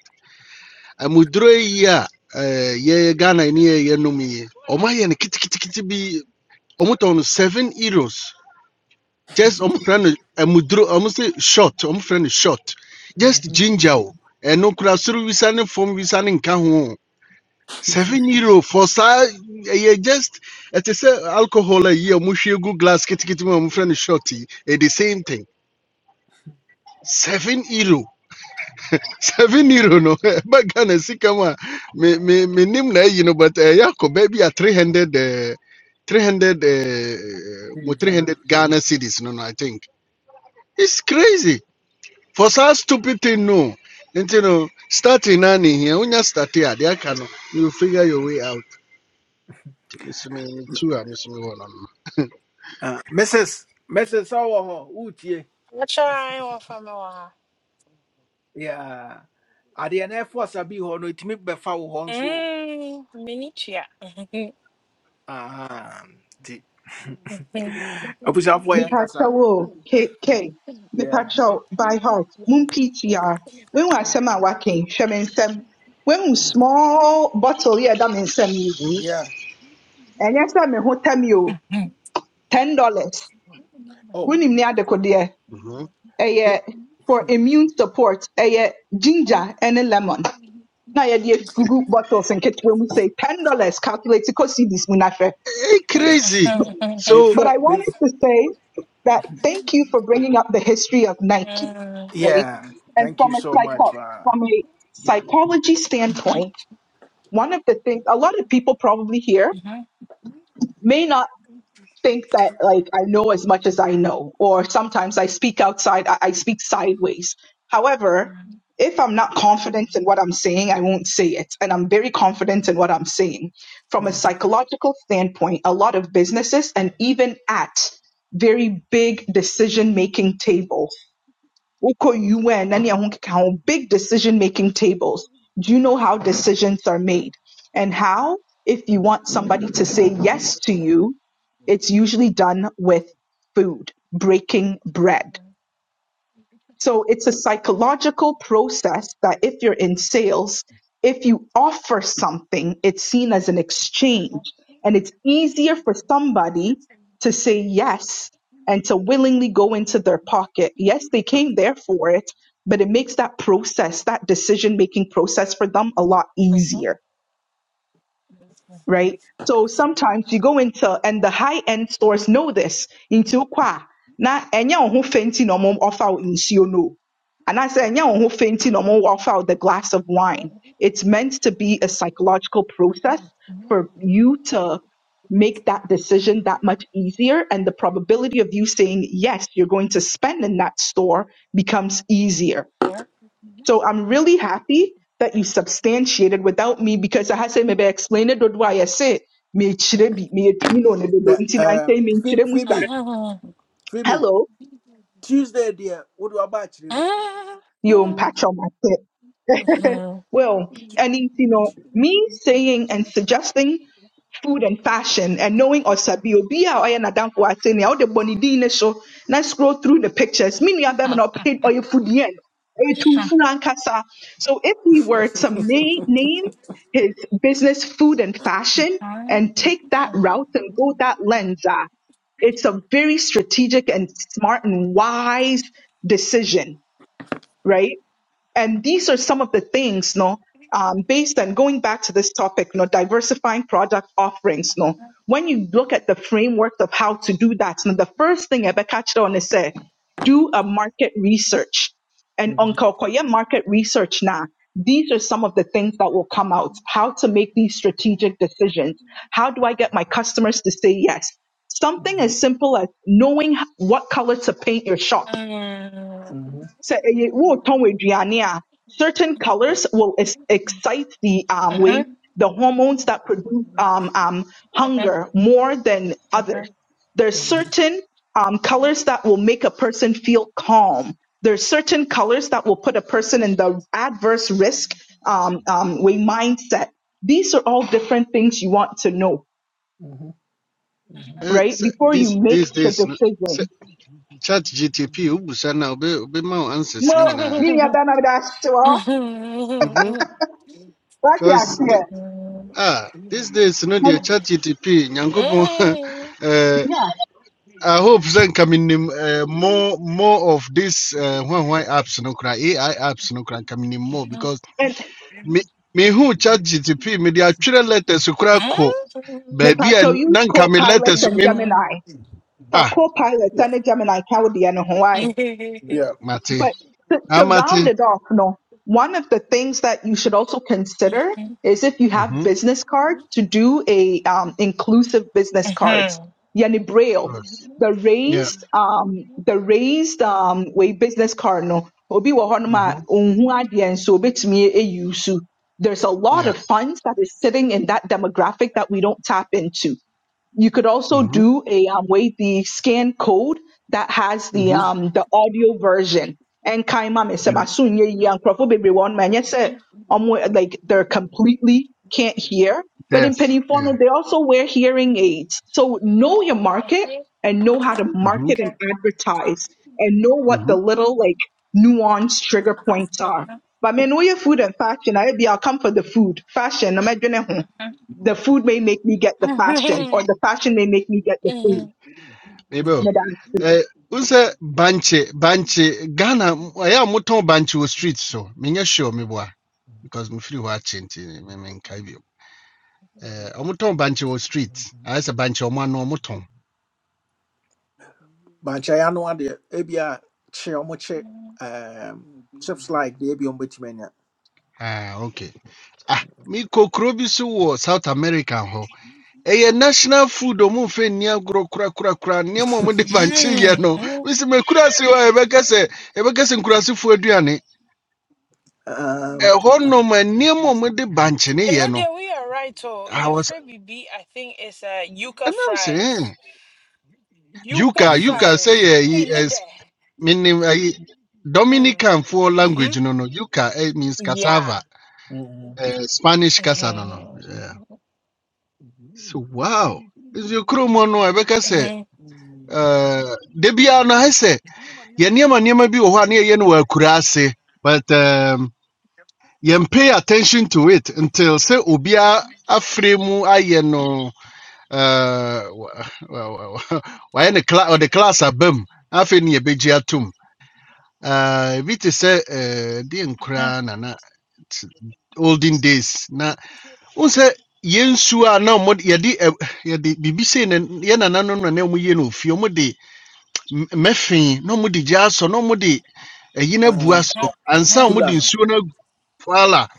E: A mudro yi a eh, ye Ghana ni ye ye no mi. Oma ye ne kiti kiti kiti bi. Omo ton seven euros. Just omo friend a mudro. Omo say short. Omo friend short. Just
A: Mhm.
E: ginger. And no kura suru visa ne form visa ne nka ho. Seven euro for saa you just It is a alcohol a year. a glass ketekete mu a mofrɛ shorty. shot the same thing seven euro seven euro no ɛba ghana sika mu a me me me, name na you know. but ɛyɛ akɔ baabi a 300 eh, 300 eh, mo
A: Mhm.
E: 300 ghana cities no no i think it's crazy for such stupid thing no nti no starting na ne hia wonya starte a deɛ aka no you figure your way out Miss me too a mesome hɔ no
A: Uh, mrs mrs sɛ wɔ
F: Achora anyị nwa fami wa ha.
A: Yeah. Adeɛ na ɛfo asa bi hɔ no ɛtumi bɛfa wo hɔ nso o.
F: Mm, mini
A: Aha, nti abusuafoɔ yɛ nkasa.
D: Mepacho K. kk
A: Yeah.
D: mepakyɛw by heart mo mptr When asɛm a waka yi hwɛ me nsɛm woehu small bottle yi a ɛda me And yi
A: Yeah.
D: ɛnyɛ sɛ me ho tɛ me o ten dollars
A: Oh.
D: wonim ne adekodeɛ
E: Mm-hmm.
A: me-
D: ɛyɛ for immune support ɛyɛ ginger and a lemon Now na yɛde group bottles and kit when we say ten dollars calculate kɔ cedis mu
E: Hey,
A: Yeah.
E: crazy.
A: Me
E: So,
D: But
A: phone.
D: I
A: Me.
D: wanted to say that thank you for bringing up the history of Nike, right?
A: Yeah.
D: And
A: Thank you
D: from a
A: so much.
D: psycho-
A: Uh,
D: from a psychology standpoint, one of the things a lot of people probably here may not think that like I know as much as I know, or sometimes I speak outside, I, I speak sideways. However, if I'm not confident in what I'm saying, I won't say it. And I'm very confident in what I'm saying. From a psychological standpoint, a lot of businesses and even at very big decision making tables Uko UN na ne ɛho keka ho, big decision making tables. Do you know how decisions are made? And how, if you want somebody to say yes to you, it's usually done with food, breaking bread. So it's a psychological process that if you're in sales, if you offer something, it's seen as an exchange. And it's easier for somebody to say yes and to willingly go into their pocket. Yes, they came there for it, but it makes that process, that decision making process for them a lot easier right? So sometimes you go into and the high end stores know this into kwa na enya oho fenti no mom offer wo nsuo no. And I say enya oho fenti no mom offer wo the glass of wine. It's meant to be a psychological process for you to make that decision that much easier and the probability of you saying yes you're going to spend in that store becomes easier so I'm really happy that you substantiated without me because I had say maybe explain it or why I say me chire bi me etu no ne do
A: the
D: nti na
A: um
D: say me
A: Phoe-
D: chire mu sare.
A: Phoebe Phoebe
D: Hello,
A: Tuesday dear what do I batch him?
D: you unpack mpatcho well, and it's, you know, me saying and suggesting food and fashion and knowing Osabi Obi a ɔyɛ n'adamfo wɔ ase nea ɔde bɔ ne din ne so na scroll through the pictures. Me nua bɛrima na ɔpɛ ɔyɛ foodie no. Ɔyɛ tumfo ankasa. So if we were to ma- name his business food and fashion and take that route and go that lens, ah, it's a very strategic and smart and wise decision right? And these are some of the things, no, um, based on going back to this topic, no, diversifying product offerings, no. When you look at the framework of how to do that, no, the first thing Ebe catched on is say, do a market research. And
A: Mhm,
D: on Kokoye market research now, these are some of the things that will come out. How to make these strategic decisions. How do I get my customers to say yes? Something
A: mhm,
D: as simple as knowing what color to paint your shop
A: mhm,
D: sɛ ɛyɛ wotɔn aduane a certain colors will ex- excite the um way the hormones that produce um um hunger more than others. There's certain um colors that will make a person feel calm. There's certain colors that will put a person in the adverse risk um um way mindset. These are all different things you want to know,
A: mhm, mhm.
E: uh,
D: right?
E: so
D: Before you
E: this
D: make
E: this
D: the
E: this n- so,
D: decision.
E: chat GTP ubusana ube ube mau answers
D: Mo,
E: ni nyina.
D: me ni abana da asewa.
E: Mhm.
D: Wati
E: Cause th-
D: aseɛ.
E: ah these days you the
D: And
E: chat GTP nyangopo uh
D: yeah.
E: I hope then coming uh, more more of this uh why why apps no kra AI apps no kra coming more because
D: And
E: me me who chat GTP me the actual letters kra ko
D: me
E: baby
D: Mepacho
E: and
D: use
E: nan coming
D: co-pilots
E: letters
D: and
E: me
D: Gemini. So
E: ah
D: co pilot
A: Yeah.
D: and Gemini can be in Hawaii.
A: Yeah.
E: mate
D: But to, to round
E: Amati.
D: it off, no, one of the things that you should also consider
F: Mhm.
D: is if you have
E: Mm-hmm.
D: business cards to do a um, inclusive business cards.
F: Mhm.
D: Yani braille,
E: Plus.
D: the
E: Yeah.
D: raised um the raised um way business card no obi wɔ hɔ nom
E: Mm-hmm.
D: a ohun adeɛ nso obetumi eyi so there's a lot
E: Yeah.
D: of funds that is sitting in that demographic that we don't tap into You could also
E: Mm-hmm.
D: do a um, wait the scan code that has the
E: Mm-hmm.
D: um the audio version. And kaima me se
E: Yeah.
D: masunye yang profo baby one man yes like they're completely can't hear. But in
E: Deaf. Yeah.
D: Pennyformia, they also wear hearing aids. So know your market
F: Mhm.
D: and know how to
F: My
E: Mm-hmm.
D: market and
F: God.
D: advertise and know what
E: Mm-hmm.
D: the little like nuanced trigger points are.
F: Mhm.
D: But I mean, know your food and fashion. I be I'll come for the food. Fashion, I'm the food may make me get the fashion, or
F: Mhm.
D: the fashion may make me get the food.
F: Mhm.
E: Abel.
D: Madam,
E: Eh, unse banche banche Ghana aya muton banche o street so minya sure me boa because me free wa chinti me me nkai bio. Eh, omuton banche wo street. Asa banche omo anu omuton.
A: bankyɛ ano adeɛ ebia kye ɔmo kye um, chips like deɛ ebi ɔmo betumi anya
E: Ah, okay. Ah, mi kokro bi so wo South America ho. A national food a ɔmomfa nni agorɔ korakorakora nneɛma a ɔmode mankyeyɛ no
F: Mhm.
E: mesi makurase hɔ a yɛbɛka sɛ yɛbɛka sɛ nkurasefoɔ aduane
A: um,
E: ɛhɔ nom a nneɛma a ɔmode bankye ne
F: And
E: yɛ
F: no,
E: no man near moment of Banchiniano.
F: there we are right. Oh,
E: I
F: your
E: was-
F: favorite BB, I think, is uh, yuca
E: and i ɛnam sɛ hmm,
F: fries.
E: yuka
F: Yuca
A: Mhm,
E: yuka sɛ
F: fries. Hey,
E: yɛ
F: need
E: es
F: that.
E: menim
F: Mm.
E: Dominican dominicanfoɔ
F: Mm-hmm.
E: language no no yuka it means
F: Yeah.
E: cassava
A: mhm,
E: eh, spanish kasa no no
F: Mhm.
E: yeah. so wow is kurom hɔ mono a yɛbɛka sɛ
F: Mhm.
E: eh, da biara no ayɛ yɛn nneɛma nneɛma bi wɔ hɔ a no wɔ but um, yɛn pay attention to it until sɛ obiara afrɛ mu ayɛ no uh, wa- wa- wa- wa- wayɛ no cla- class aba mu Na ne yɛbɛgye atom Ah, ebi te sɛ eh, deɛ
F: Mhm.
E: nkoraa na na t- olden days na wohu sɛ yɛn a na ɔmo de- yɛde ɛ- yɛde biribi sei na yɛn nananom na no na ɔmo yɛ no ofie M- mɛfee na ɔmode gya asɔ na ɔmode ɛyi no abu
A: uh,
F: Mhm.
E: asɔ ansa a
F: Mhm.
A: kula
E: ɔmode
A: no
E: nsuo no agu paala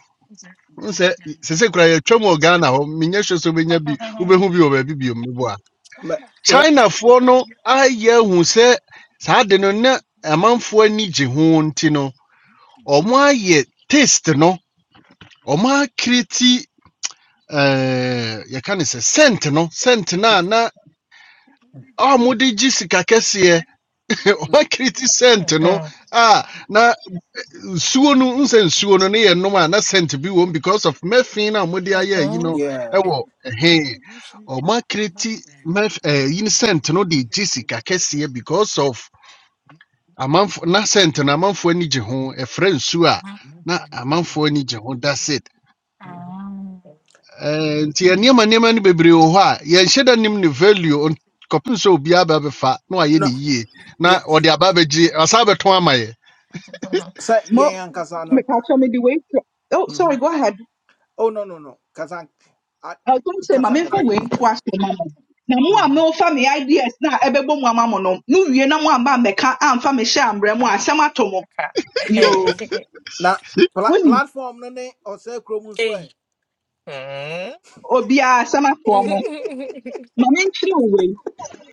E: n sɛ sese kora yɛtwa mu wɔ ghana hɔ menyɛ hwɛ sɛ wobɛnya bi
F: Mhm.
E: wobɛhu bi wɔ baabi bio meboa
A: mɛ wɛ
E: chinafoɔ no ayɛ ahu sɛ saa de no na amanfoɔ ani gye ho nti no ɔmo ayɛ taste no ɔmo akiriti ɛɛ yɛka ne sɛ scent no scent no a na a ɔmode gye sika kɛseɛ ɔmo akiriti scent no
F: Mhm.
E: a na nsuo no nsɛ nsuo no ne yɛ nom a na sent bi wɔ because of methane a mode ayɛ yi
F: Mhm.
E: no
A: yeah
E: ɛwɔ ɛhe ɔma kreti meth eh, yi ne no de gye sika kɛseɛ because of amanfo na scent no amanfoɔ ani gye ho ɛfrɛ nsuo a na amanfoɔ ani gye ho that's it
A: mhm.
F: Mhm.
E: Eh, nti yɛ nneɛma nneɛma no bebree wɔ hɔ a yɛnhyɛ da nim ne value on- kɔpem sɛ be bɛbɛfa na wayɛ
A: no
E: ne yie
A: yɛ
E: na ɔde aba bɛgye asa bɛtɔn ama yɛn
F: Mhm.
A: sɛ
D: mo
A: yɛn ankasa
D: me
A: no
D: catch me the way. to- Oh, sorry,
A: mhm.
D: go ahead.
A: oh no no no kasa a-
D: I was going to say, my
A: kasa
D: main
A: kasa
D: for
A: fi
D: way
A: bi
D: to
A: kasa
D: ask your mama." Na mo a
A: Mhm.
D: mo fa me ideas na ebe bo mo ama mo no. No wie na mo amba me ka amfa me hye ambrɛ mo asɛm atɔ mo. Yo,
F: Okay.
A: na pla
D: woni
A: platform no ne ɔsɛ kurom nso
F: Hey.
A: ɛ
F: Mm.
D: obi a asɛm atɔ mo. Ma me nkyere wo wei.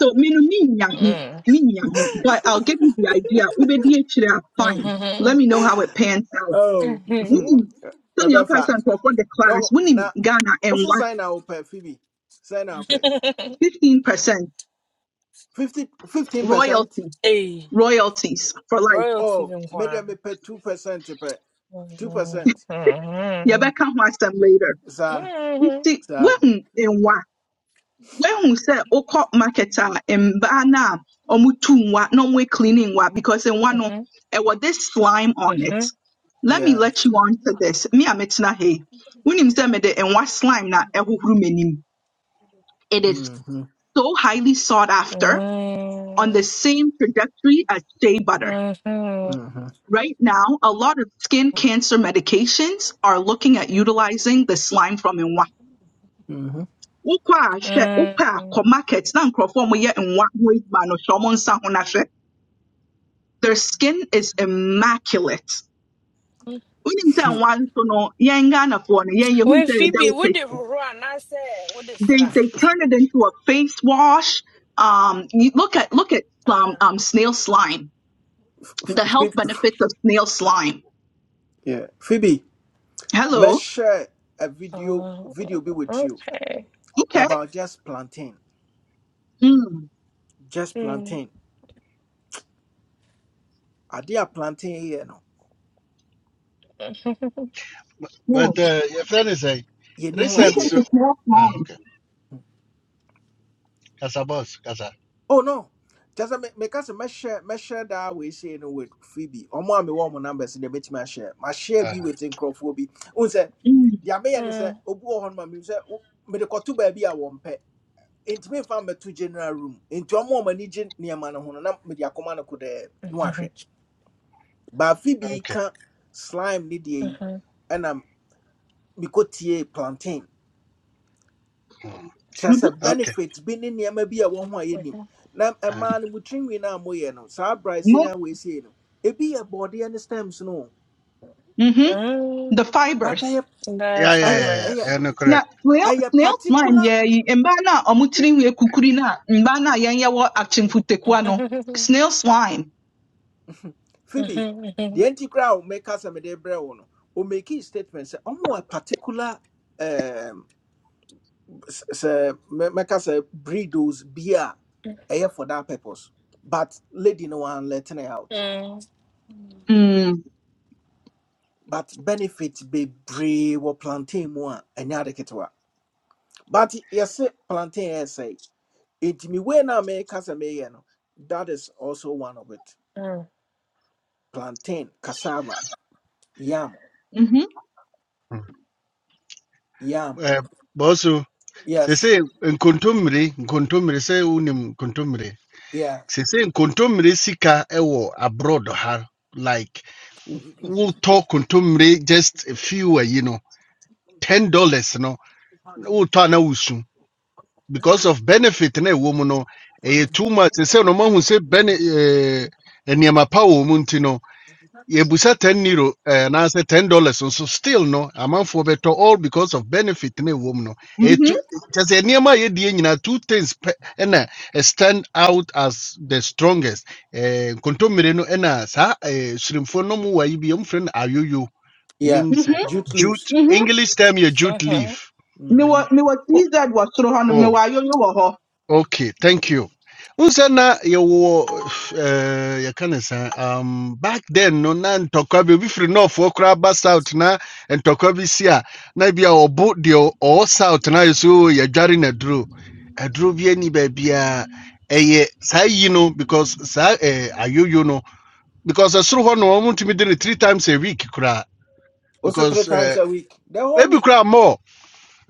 D: So me no me nya ho,
F: Mm.
D: me nya ho. But I'll give you the idea. Ubedi a fine. Let
F: Mhm.
D: me know how it pans out.
A: oh
F: Hmm.
D: wonim sɛnea ɔkae
A: ɛbɛfa
D: sɛ nkurɔfoɔ de class
A: dɔw
D: wonim
A: na
D: ghana
A: wosi
D: ɛnwa
A: sign na wopɛ fi bi sign na wopɛ.
D: 15 percent
A: Fifty, fifteen percent
D: royalty
F: hey.
D: royalties for life
F: Royalty
A: Oh,
F: them
A: maybe I may
F: choir.
A: pay 2%. Pay
F: Mhm.
A: 2%.
F: Mhm.
D: yɛbɛka ho asɛm later
A: Sir,
F: Mhm.
D: nti
A: sir.
D: woahu ɛnwa woahu sɛ wokɔ market a mbaa no a ɔmotu nwa na ɔmo cleaning nwa because nwa no
F: Mhm.
D: ɛwɔ this slime on it
F: Mhm.
D: let me
A: Yeah.
D: let you on to this me a metena ha yi wonim sɛ mede nwa slime na ɛhohoro m'anim it is
A: Mm-hmm.
D: so highly sought
F: Mhm.
D: after on the same trajectory as shea butter.
F: Mhm.
A: Mm-hmm.
D: Right now, a lot of skin cancer medications are looking at utilizing the slime from nwa. Wokɔ a hwɛ, wopɛ a
F: Mhm.
D: kɔ market na nkurɔfoɔ a wɔyɛ nwa ho adwuma no hwɛ wɔn nsa ho na hwɛ. Their skin is immaculate. Wonim
A: Mm-hmm.
D: sɛ nwa nso no, yɛn Ghanafoɔ no, yɛn yɛhu
F: Wait,
D: sɛ ɛyɛ
F: Phoebe, what did
D: delicacy.
F: Run I say? What is
D: They
F: that?
D: they turn it into a face wash. Um, you look at look at um,
F: Uh,
D: um snail slime. The health benefits of snail slime.
A: yeah. Phoebe, let's
D: Hello
A: share a video
F: uh,
A: video be with you
F: okay.
D: Okay.
A: about just plantain.
D: Mm.
A: Just
F: Mm,
A: plantain. Are they a plantain here? No.
D: Mm.
E: But uh, if anything,
A: You know
E: recent.
D: Lupin
A: idea.
D: is
E: su-
D: a snail
E: Ah,
D: slime.
E: okay. Casa boss. Casa.
A: Oh no. Just a me me case me share me share that we say no with Phoebe. Omo am one numbers in the bit me share. My share
E: Ah,
A: be with Nkrofobi. Un say
D: Mm.
A: dia me yan say
F: mm,
A: obu ho ma me say me de koto ba bi a wo mpɛ. Enti me fa me to general room. Enti omo am ani gye niam no ho no na me de akoma no ko de no ahwɛ. Ba Phoebe
E: okay.
A: ka slime ni de yi
F: mhm, mhm, mhm.
A: ɛna me ko tie plantain.
E: Mm.
A: kyerɛ
D: Mm-hmm.
A: sɛ
E: Okay.
A: benefit bi ne nneɛma bi a ɛwɔ ho a yɛnim na
E: Ah,
A: ɛmaa no mu tirinwi no a moyɛ no saa
D: Mo-
A: brazilian weesei no ebi yɛ bɔɔdeɛ ne stems no o,
D: mm-hmm.
F: Mm,
D: The
A: but
D: fibers.
A: ɛyɛ
F: The
E: yeah, yeah,
A: ɛyɛ
E: yeah, yeah.
F: fibers.
A: ɛyɛ
E: Yeah, No,
D: Now,
E: correct.
D: snail,
A: ɛyɛ
D: snail slime,
A: particular
D: yeah, mba na omutiri we kukuri na, mba na yanya wa achimfutekwa no.
F: Mhm.
D: Snail slime.
A: phoebe deɛ
F: Mhm.
A: nti koraa a mɛka sɛ mede brɛ wo no ɔmakii statement sɛ ɔmo wɔ particular um, s- sɛ mɛ- mɛka sɛ breedos bi a ɛyɛ for that purpose but lady no one letting it out
F: Mhm.
D: Mm.
A: but benefit bebree wɔ plantain mu a ɛnyɛ ade ketewa But yes, plantain essay. It me when I make no. That is also one of it.
F: Mhm.
A: Plantain, cassava, yam,
D: Mm-hmm.
E: Mm.
A: yam.
E: Uh, bosu. Se
A: Yes,
E: se nkontomire, nkontomire se unim nkontomire.
A: yeah,
E: Se se nkontomire sika ewo abroad ha like we'll talk nkontomire just a few, uh, you know, ten dollars no. We'll talk na usu. because of benefit na ɛwɔ mu no ɛyɛ too much say, no mahu say bene eh, nneɛma pa wɔ mu nti no yɛbusa 10 euro eh, anaasɛ 10 dollars So still no amanfoɔ bɛtɔ all because of benefit na ɛwɔ mu no ɛyɛ
D: Mm-hmm.
E: too- kyerɛ sɛ ye a yɛdie two things pɛ ɛna eh, stand out as the strongest Eh, nkontommire no ɛna saa eh, surimfoɔ no mu wɔ yi bi yɛmfrɛ no ayoyo
A: yeah.
E: menim say
D: Mm-hmm.
A: Jute leaves.
E: jute
D: Mm-hmm.
E: english term ye
F: Mhm.
E: jute
F: mhm,
E: leaf
D: Me
A: Mm-hmm.
D: wa, me wa
E: Oh.
D: TZ wa soro hano, me
E: oh.
D: wa yoyo
E: Okay, thank you. Unsana yɛwɔ eh, yɛka ne sa um, back then no na ntɔkwa bi obi firi nɔɔfoɔ koraa ba south na ntɔkwa bi si a na bi a ɔbo deɛ ɔwɔ south na so yɛdware na aduro aduro bi ani baabiaa ɛyɛ saa yi no because saa eh, ayoyo no because ɛsoro hɔ no ɔmotumi de no three times a week koraa
A: Also three
E: because
A: times
E: eh,
A: a week. The whole
E: ebi
A: week.
E: koraa more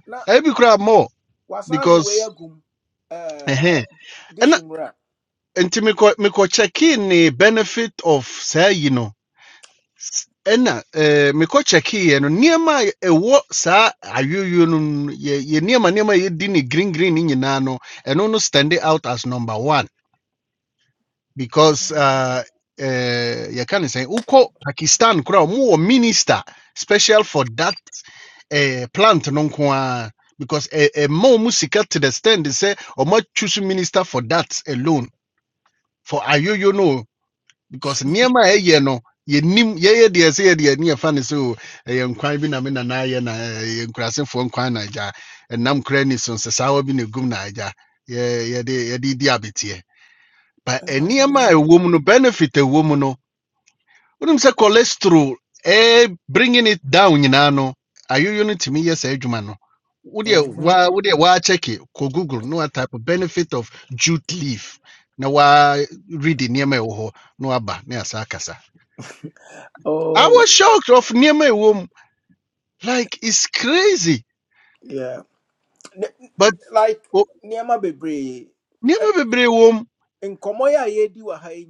A: Na
E: ebi koraa more
A: wasadi way
E: because
A: agum. Um,
E: ɛhɛn.
A: this imra.
E: nti mekɔ mekɔ kyɛkee ne benefit of saa yi no ena ɛna eh, mekɔ kyɛkeeɛ no niema a ɛwɔ saa ayoyo no ye no, niema yɛ nneɛma nneɛma ne green green ne nyinaa no ɛno no stand out as number one because uh, uh, yɛka ne say uko pakistan koraa ɔmowɔ minister special for that eh, plant no nko a because eh, eh mo mu sika to the stand they say sɛ ɔmatwu choose minister for that alone for ayoyo no because nneɛma a ɛyɛ no yɛnim yɛyɛ deɛ sɛ yɛde yɛni yɛfa no sɛ o ɛyɛ nkwan bi na me nana yɛ na ɛyɛ nkurasefoɔ nkwan na agya ɛnam kora ni so nsesaawa bi na egum na agya yɛ- yɛde yɛde di abeteɛ but eh, nneɛma a
A: Mm-hmm.
E: ɛwɔ mu no benefit a ɛwɔ mu no wonim sɛ cholesterol ɛɛ bringing it down nyinaa no ayoyo no tumi yɛ saa adwuma no wodeɛ wa wodeɛ waa kɔ google no a type of benefit of jute leaf na waa read nneɛma a ɛwɔ hɔ na waba na yɛasa akasa I
A: Oh,
E: was shocked of Niamey womb. Like it's crazy.
A: yeah. Ne-
E: But
A: like
E: oh,
A: niama bebre. Ɛ-
E: Niamey be womb
A: Nkɔmmɔ yi a yɛdi wɔ ha yi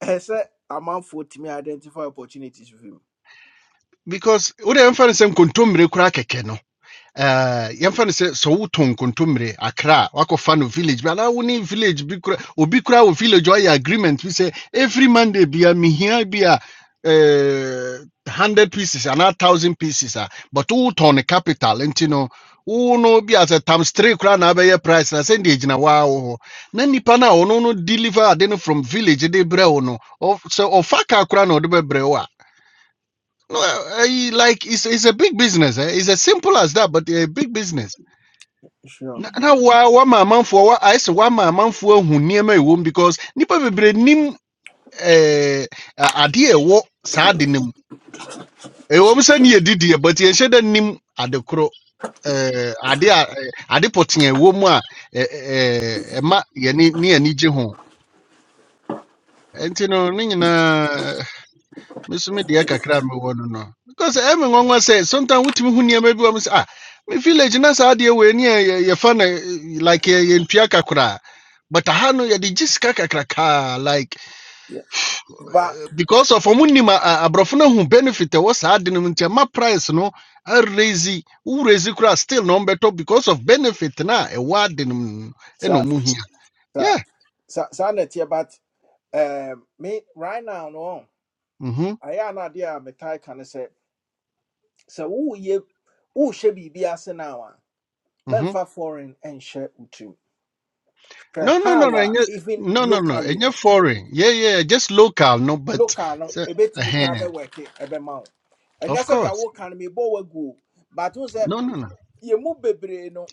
A: I said, ɛsɛ sɛ amanfoɔ Me identify opportunities with him
E: because we are referencing kuntum uh, yɛmfa no sɛ sɛ wotɔ nkontommire akra a, wakɔfa no village bi anaa village bi kora obi village a agreement We say every monday bia mehia bi a eh, 100 pieces and a 1000 pieces a but wotɔn no capital nti no wo no bi as a sɛ times 3 koraa na abɛyɛ price na sɛnde agyina waa wo hɔ na nnipa no a no deliver ade no from village de brɛ wo no ɔ- sɛ ɔfa ka na ɔde bɛbrɛ wo ah. no, eh, eh, like it's, it's a big business eh? it's as simple as that but a big business
A: Sure.
E: na na wa wa ma wa ayɛ sɛ wa ma amanfoɔ ahu nneɛma a because nipa bebree nim ɛɛ a- adeɛ a ɛwɔ saa ade no mu ɛwɔ ne yɛ didiɛ but yɛnhyɛ dɛ nim ade korɔ ɛɛ ade a ɛɛ, ade pɔtee a ɛwɔ mu a ɛɛ ɛɛ, ɛma ne yɛni gye ho nti no ne nyinaa meso me deɛ kakra a mewɔ no no because ɛme nwanwa sɛ sometimes wotumi ho nneɛma bi wɔ m say ah me village na saa adeɛ wei ne yɛ- yɛ- yɛfa no eh, like yɛ- yɛntua ka koraa but aha no yɛde gye sika kakrakaa like
A: but
E: eh, because of ɔmo nim a- a- no hu benefit a ɛwɔ saa ade no mu nti ɛma price no arezi worezi koraa still na ɔmbɛtɔ because of benefit na e ward no a ɛwɔ ade no mu no ɛna
A: sa
E: ɔmo hia
A: sa
E: yeah
A: sa saa na ɛteɛ but um, me right now no
E: mhm,
A: ayɛ anadeɛ a metae ka ne sɛ who woyɛ wohyɛ biribi ase now a
E: mhm.
A: mɛmfa foreign and wo tirim
E: No,
A: hwɛ
E: no, no,
A: how
E: no, ɛnyɛ-
A: even
E: no, no, no.
A: locally
E: Enye
A: no
E: foreign. Yeah, yeah, yeah, just local. No, but
A: local no
E: so,
A: ɛbɛtumi koraa
E: uh,
A: bɛwɛke ɛbɛma wo ɛnyɛ
E: of
A: sɛdeɛ
E: course.
A: woka no mebɔ waguo but wo
E: No, no,
A: ye
E: no.
A: yɛmu bebre no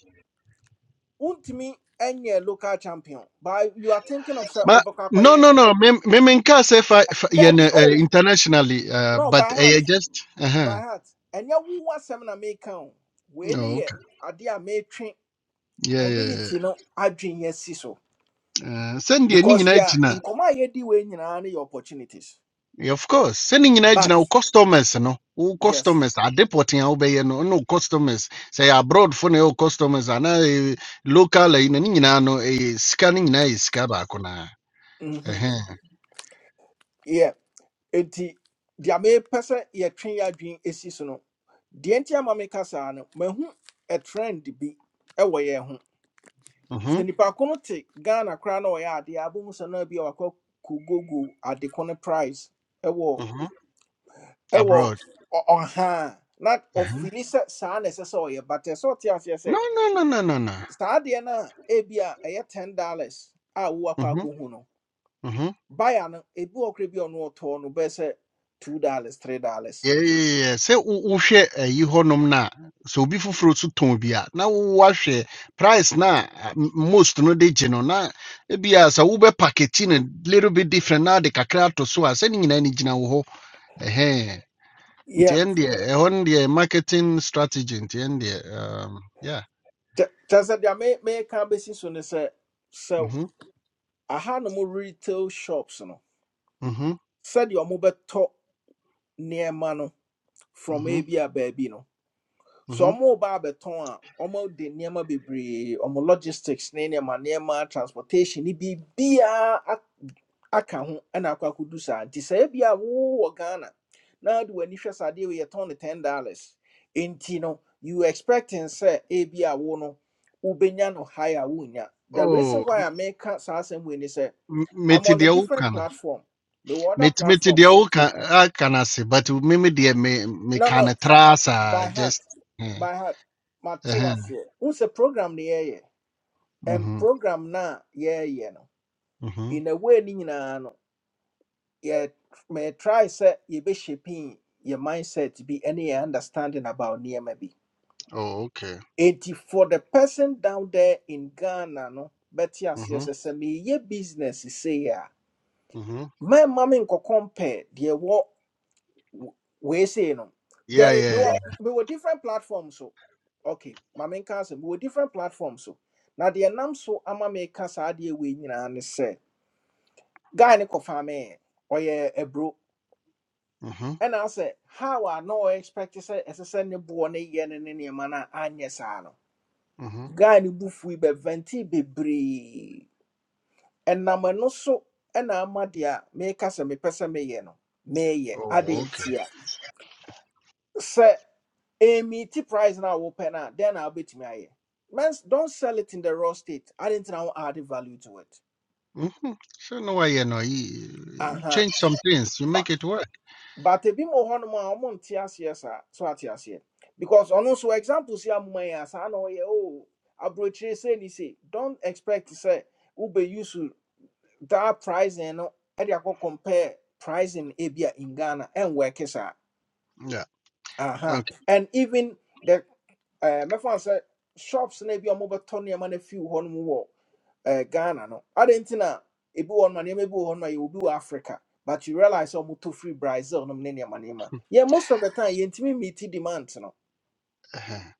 A: Untimi and your local champion. But you are thinking of sir
E: But no,
A: Obakakoye.
E: no, no. Me, me, me nka sɛ fa, fa,
A: There
E: yɛ no,
A: be
E: uh,
A: oh
E: internationally. Uh,
A: no
E: but
A: by heart.
E: ɛyɛ just. Uh-huh.
A: By heart. And ya woo was seminar make count. When
E: Oh,
A: ye
E: okay.
A: are dear may train
E: Yeah, yeah, yeah. yeah.
A: community no adwin yes so.
E: Uh, send the ni
A: Because they
E: nyinaa
A: are
E: gyina.
A: in command ye di way in any opportunities.
E: Yeah, Of course. Send ni nyinaa
A: But
E: gyina wo customers no. Wo
A: yes.
E: customers adeporting a wobɛyɛ no, no customers. Sɛ abroad for no customers anaa eh, local ɛyi no ne nyinaa no, eh, sika no nyinaa yɛ sika baako naa.
A: Mm-hmm. Yeah. Enti dear may person ye train ya dream is no. The entire mammy casa no mahu a trend be away. sɛ
E: Mhm,
A: nipa ko no te ghana koraa na ɔyɛ adeɛ a abom sɛ na bi a wakɔ kogogo ade ko no price ɛwɔ
E: mhm.
A: ɛwɔ
E: Abroad.
A: ɔ- ɔha a, na
E: Mhm.
A: ɔfili sɛ saa na ɛsɛ sɛ ɔyɛ but ɛsɛ sɛ ɔte aseɛ
E: No,
A: sɛ
E: no, no, no, no, no.
A: saa adeɛ no a ebi a ɛyɛ ten dollars a wowakɔ
E: Mhm,
A: akɔhu no
E: mhm.
A: baya no ebi wɔ korɛ bi a ɔno ɔtɔɔ no bɛyɛ sɛ two dollars three dollars
E: Yeah, yeah, yeah. yeah. Sɛ wo- wohwɛ ayi hɔnom no a, sɛ obi foforɔ nso tɔn bi a, na woahwɛ price na a, m- most no de gye no na ebia sɛ wobɛ package no little bit different na de kakra ato so a, sɛ ne nyinaa ne gyina wo hɔ. Ɛhɛn. Nti
A: yɛ
E: ɛn deɛ, ɛhɔ no deɛ marketing strategy nti ɛn deɛ, um, yeah.
A: kyɛ kyɛ sɛ deɛ me- meka bɛsi so ne sɛ sɛ
E: Mhm,
A: aha no mo retail shops no
E: mhm,
A: sɛdeɛ ɔmo bɛtɔ nneɛma no from a
E: mhm,
A: bi a baabi no so
E: mhm.
A: ɔmo ba abɛtɔn a ɔmo de nneɛma bebree ɔmo logistics ne nneɛma nneɛma transportation ne biribiaa ak- aka ho ɛna akɔ akɔdu saa nti sɛ ebi a wowɔ ghana na de w'ani hwɛ saa adeɛ wei yɛtɔn no ten dollars nti no you expecting sɛ ebi wo no wobɛnya no high a wonnya the reason
E: Oh,
A: why i meka saa asɛm wei ni sɛ
E: m-
A: i'm
E: mete
A: on a
E: deɛ
A: different
E: woka no.
A: platform the other
E: metumi te
A: platform
E: deɛ
A: so
E: woka aka no ase but meme deɛ me
A: no
E: meka
A: no
E: no tra saa
A: by heart
E: just eh,
A: by heart mate
E: ɛhɛn.
A: waseɛ wohu sɛ program the yɛyɛ and
E: Mhm,
A: program na a yɛyɛ no
E: mhm.
A: in a way no nyinaa no yɛ may try set ye be shaping your mindset be any understanding about nneɛma maybe.
E: Oh, okay.
A: enti for the person down there in ghana no bɛte aseɛ
E: Mhm,
A: sɛ sɛ meyɛ business sei
E: mhm.
A: My mɛma me compare the ɛwɔ we say no
E: Yeah,
A: there we
E: yeah.
A: were,
E: yeah.
A: we were different platforms so okay My main asɛm we were different platforms so Now the nam so ama me ka saa adeɛ wei nyinaa ne sɛ guy ne kɔfa me oyɛ a bro."
E: Mhm,
A: And I sɛ how I no expect sɛ ɛsɛ sɛ ne boɔ ne yɛ ne ne nneɛma no a anyɛ saa no
E: mhm.
A: guy ne bu fui bɛvɛnti bebree ɛnam ɛno so ɛna ama deɛ a meka me mepɛ sɛ meyɛ no meyɛ
E: Oh, okay.
A: adentia ntia Amy T price now open up, then I'll bet me. I man, don't sell it in the raw state. I didn't know add value to it.
E: Mhm. So no why you know you,
A: Uh
E: you
A: huh.
E: change some things, you
A: But
E: make it work.
A: but a bit more on my own TS, yes, sir. So I TS here because on also examples here, my ass, I know, yeah, oh, approach say, ni say, don't expect to say, Uber use to that price and I compare pricing Abia in Ghana and work, sir.
E: Yeah.
A: Uh-huh.
E: Okay.
A: And even the uh my friend said shops na bi a wɔbɛtɔ nneɛma no afiw hɔ nom wɔ uh, Ghana no. I nti not ebi wɔ hɔnom a nneɛma bi wɔ hɔnom a yɛwɔ bi wɔ Africa. But you realize sɛ wɔtɔ firi Brazil nom ne money nneɛma. Yeah, most of the time you yɛntumi meet demand no.
E: Uh-huh.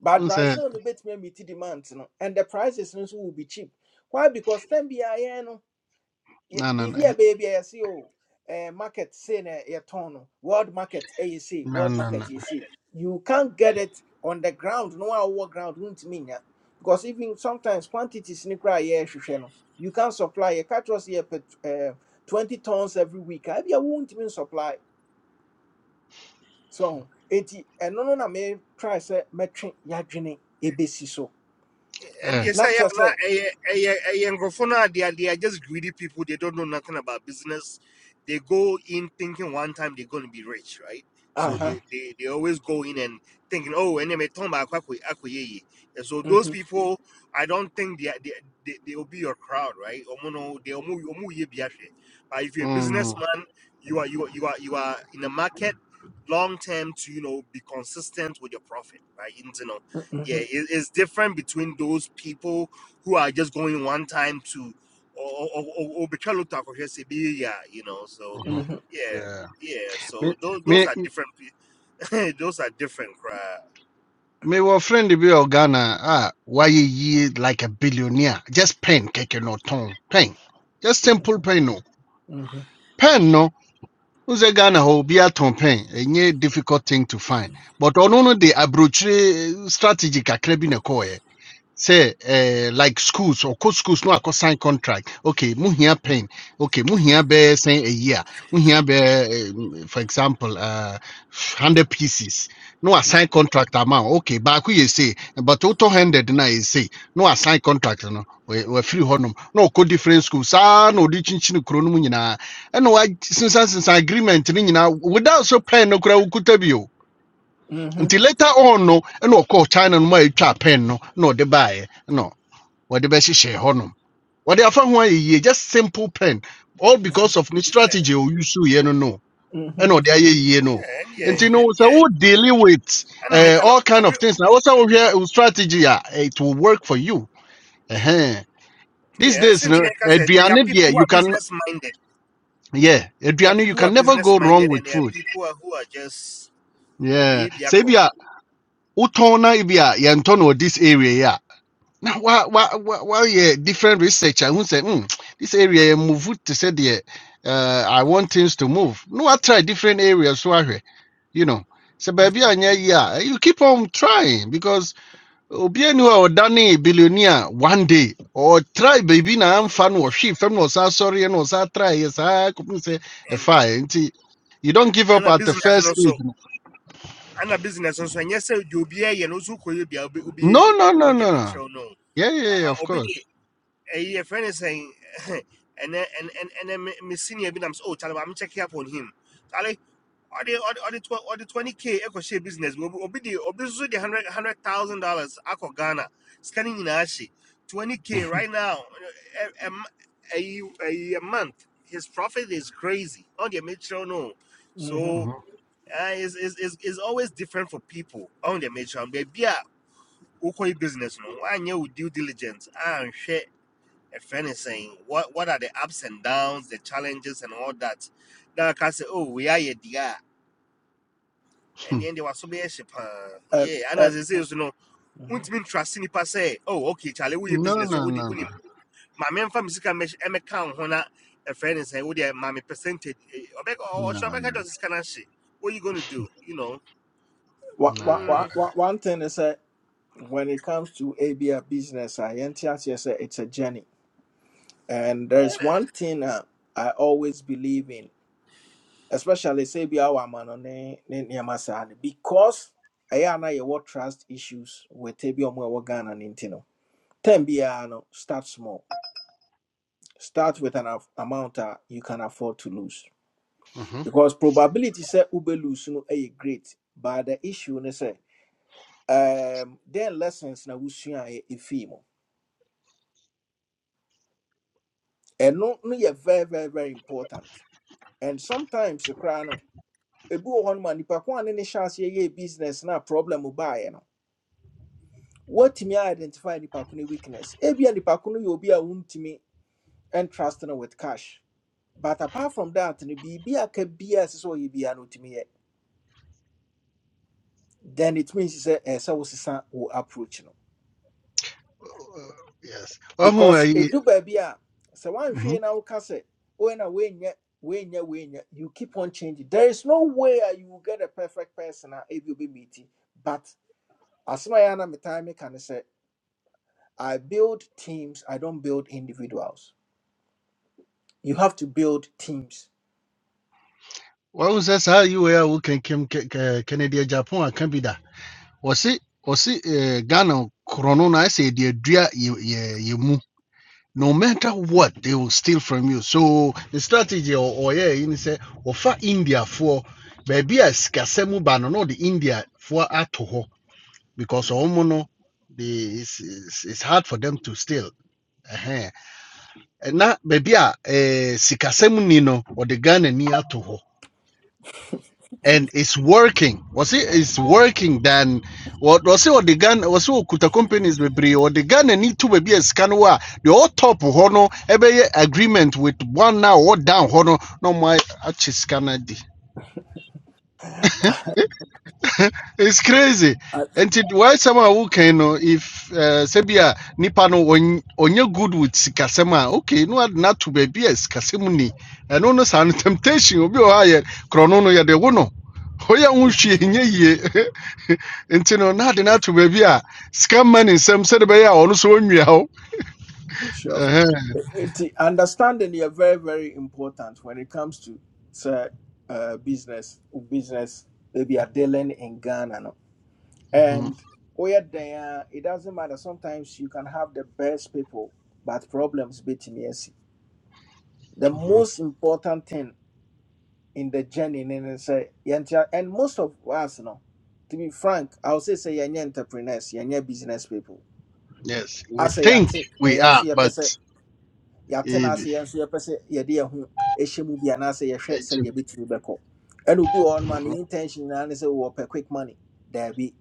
A: But
E: say
A: Brazil no bɛtumi meet demand no. And the prices no nso will be cheap. Why? Because time biara yɛn no
E: no no no
A: biribi baby, baabi a yɛse eh, market say na yɛtɔn no world market ɛyɛ sei
E: no
A: world
E: no
A: market
E: no.
A: yɛ sei you can't get it on the ground no one wowɔ ground won't mean ya. because even sometimes quantities ne koraa yɛrehwehwɛ no you can not supply a kyerɛ sɛ yɛpɛ eh, 20 tons every week I be a not wontumi supply. so enti And no na metry sɛ mɛtwe yɛadwene ɛbɛsi so
G: And
E: Eh.
G: yes,
A: na
G: I
A: kyerɛ sɛ
G: am Grofona, they are they are just greedy people. They don't know nothing about business. They go in thinking one time they're gonna be rich, right? So they,
E: Mhm.
A: aha
G: they, they always go in and thinking, oh, and they may talking about akwe- akweyeye. And so those
A: mhm,
G: people, I don't think they are, they, they, they will be your crowd, right? Omo no, they omo- omo ye bi ahwe. But if you're a
E: Mm,
G: businessman, you are you are you are you are in the market long term to you know be consistent with your profit, right? yeah
A: mhm, mhm,
G: it, it's different between those people who are just going one time to or or or or between look to Akosua yeah, you know so
E: mhm.
A: mhm,
G: yeah
E: Yeah.
G: yeah
E: Me,
G: so those
E: me
G: those are different pe- those are different crowd
E: mewɔ friend bi wɔ ghana ah, why yie like a billionaire just pen keke no ɔtɔn pen just simple pen no
A: mhm,
E: pen no n sɛ ghana hɔ obi atɔn pen ɛnyɛ difficult thing to find but ɔno no de aburokyire eh, strategy kakra bi na ɛkɔɔeɛ say eh, like schools or co schools no akɔ sign contract okay muhia pen okay muhia be sɛn a year muhia be eh, mm, for example uh, hundred pieces no assign contract amount okay baako yɛ say but auto-handed na you say no assign contract no we wɔ- wɔafiri hɔnom No co different schools saa na ɔde kyinkyini kuro no I nyinaa since wasensansensan agreement no without so pen no koraa ukutabio until later on no and no ɔkɔɔ china no mu a pen no na ɔde no wɔde bɛhyehyɛ hɔnom wɔde afa ho ayɛ yie just simple pen all because of the
G: yeah
E: strategy you use. ɔyusuiɛ no no
A: mhm,
E: ɛna ɔde ayɛ yie no
G: yeah, and
E: nti
G: yeah
E: no
G: and
E: sɛ
G: yeah
E: wo dealing with
G: and I
E: uh,
G: make an
E: all kind
G: ob-
E: of things Now, wo sɛ strategy Ah, it will work for you Ɛhɛn. these
G: yeah
E: days no
G: since like I said there are
E: aduane
G: people
E: deɛ
G: who
E: you
G: are
E: can
G: business minded
E: yeah
G: there are
E: aduane you
G: people who are
E: can never
G: business
E: go wrong
G: minded
E: with
G: and there are
E: food
G: people who are, who are just
E: yeah
G: obi
E: sɛ
G: biako
E: ebi a wotɔn na ebi a no this area yi Now, why, why, why, why yeah, different researcher who say, hmm, this area eh, move it to say the, uh, I want things to move. No, I try different areas. So I, hear, you know, so
A: mhm.
E: baby, and yeah, yeah, you keep on trying because Obianu or Danny billionaire one day or try baby na I'm fan or she fan was sorry and was I try yes I could say a
G: and
E: fine. You don't give
G: and
E: up
G: a
E: at the
G: business
E: first
G: also.
E: stage.
G: ana business nso ɛnyɛ sɛ deɛ obiara yɛ no nso kɔyɛ bia obiara
E: No,
G: yi
E: no, no,
G: ɔn deɛ
E: no, no.
G: mɛkyerɛw no
E: Yeah, yeah, yeah
G: aha
E: of
G: obi de
E: course.
G: ɛyi yɛfrɛ ne sɛn ɛnɛ and and and me senior bi Oh, tell oh charlie maame check up on him charlie ɔde ɔde the tw the twenty k ɛkɔhyɛ business bi obi obi de obi nso de hundred hundred thousand dollars akɔ ghana Scanning in Ashi. twenty k
E: Mm,
G: right now A a month his profit is crazy ɔn deɛ mɛkyerɛw no
A: hmm
G: so
E: mhm.
G: uh, is is is is always different for people on the mention baby a wokɔ business no wanyɛ wo due diligence And shit, a friend is saying, what what are the ups and downs the challenges and all that na ka say, oh wei ayɛ deɛ a ɛneɛ deɛ waso bɛyɛ hye paa
A: And,
G: yeah ana
A: and
G: sɛ sei so no
A: Mhm.
G: wontumi ntrase nnipa sɛ oh okay Charlie, we woyɛ
E: No,
G: business so
E: no,
G: wode
E: no, no.
G: wonim ma memfa me sika mmɛhy- ɛmmɛka wo ho na ɛfrɛ ne sɛn wodeɛ ma me percentage eh, ɔbɛka
E: No,
G: ɔhyɛ ɔbɛka
E: no,
G: kyɛ sɛ sika no ahye what are you gonna do you know
A: one, one,
E: no.
A: one
G: mm.
A: one- one thing is that when it comes to ABA business, I NTS say it's a journey. And there's one thing uh, I always believe in, especially say be our man on ne- ne- nneɛma saa no, because I know you trust issues with Tebi Omo Ghana and Intino. Ten B I no start small. Start with an af- amount that you can afford to lose.
E: hmm
A: Because probability say ube lose no a great, but the issue ne say. um then lessons na wusua e efi mu ɛno no yɛ very very very important and sometimes koraa no ebi wɔ hɔnom a nipa ko a ne ne hyɛ aseɛ business na problem baeɛ no wɔtumi identify nipa ko ne weakness ebia nipa ko no yɛ obi a wuntumi entrust no with cash but apart from that no biribi a ka biara a ɛsɛ sɛ no otumi yɛ then it means sɛ ɛsɛ sɛ wosesa wo approach no
E: Yes. Ọhụ
A: because a
E: ayi.
A: ɛdu baabi a sɛ
E: Mhm.
A: woanhwee na woka sɛ wei na when woenyɛ woenyɛ you when you keep on changing there is no way you will get a perfect person a ebi obɛmeeti but as a ɛyɛ a na metae i build teams i don't build individuals you have to build teams
E: Ọhụ sị saa yi wee a woke nkem ke- ke- Kennedy a, Japan aka bi da. Wɔse wɔse eh, Ghana korɔ no na ɛsɛ yɛde adua yɛ yɛ yɛ mu. No matter what, they will steal from you. So the strategy or ɔyɛ yi ni sɛ India for baabi a sikasɛm ba no na ɔde Indiafoɔ ato hɔ because ɔmo no they it's, it's, it's hard for them to steal. na baabi a eh, sikasɛm ni no wɔde ni ato and it's working wɔse it's working than wɔ- wɔse wɔde ghana wɔse wɔkuta companies bebree wɔde ghana ni to baabi a sika no top a deɛ no ɛbɛyɛ agreement with one now ɔwɔ down hɔn no na ɔmo ayɛ- akye sika no It's crazy.
A: I,
E: And it why someone who can know if uh, Sebia Nipano on onye good with Sikasema, okay, no not to be as Kasemuni. And no sound temptation will be higher. Cronono ya de wono. Hoya unshi nye ye. And Intino not not enough to be a scam man in some said by our own so meow.
A: sure Enti, understanding is very very important when it comes to sɛ uh, business business Maybe are dealing in ghana no And where they are, it doesn't matter. Sometimes you can have the best people, but problems beating yes. The most important thing in the journey and I say yɛntia- and most of us no, to be frank, I'll say say you're entrepreneurs, you're business people.
E: Yes,
A: I
E: we
A: say
E: think
A: yate na
E: we
A: yensu
E: are,
A: ye
E: but
A: pese yate na ase
E: it,
A: yensu ye pese ye de ho ehye mu bia na ye hwe
E: it,
A: se de betumi beko. And obi on man
E: mm-hmm.
A: intention na ne say we quick money. There be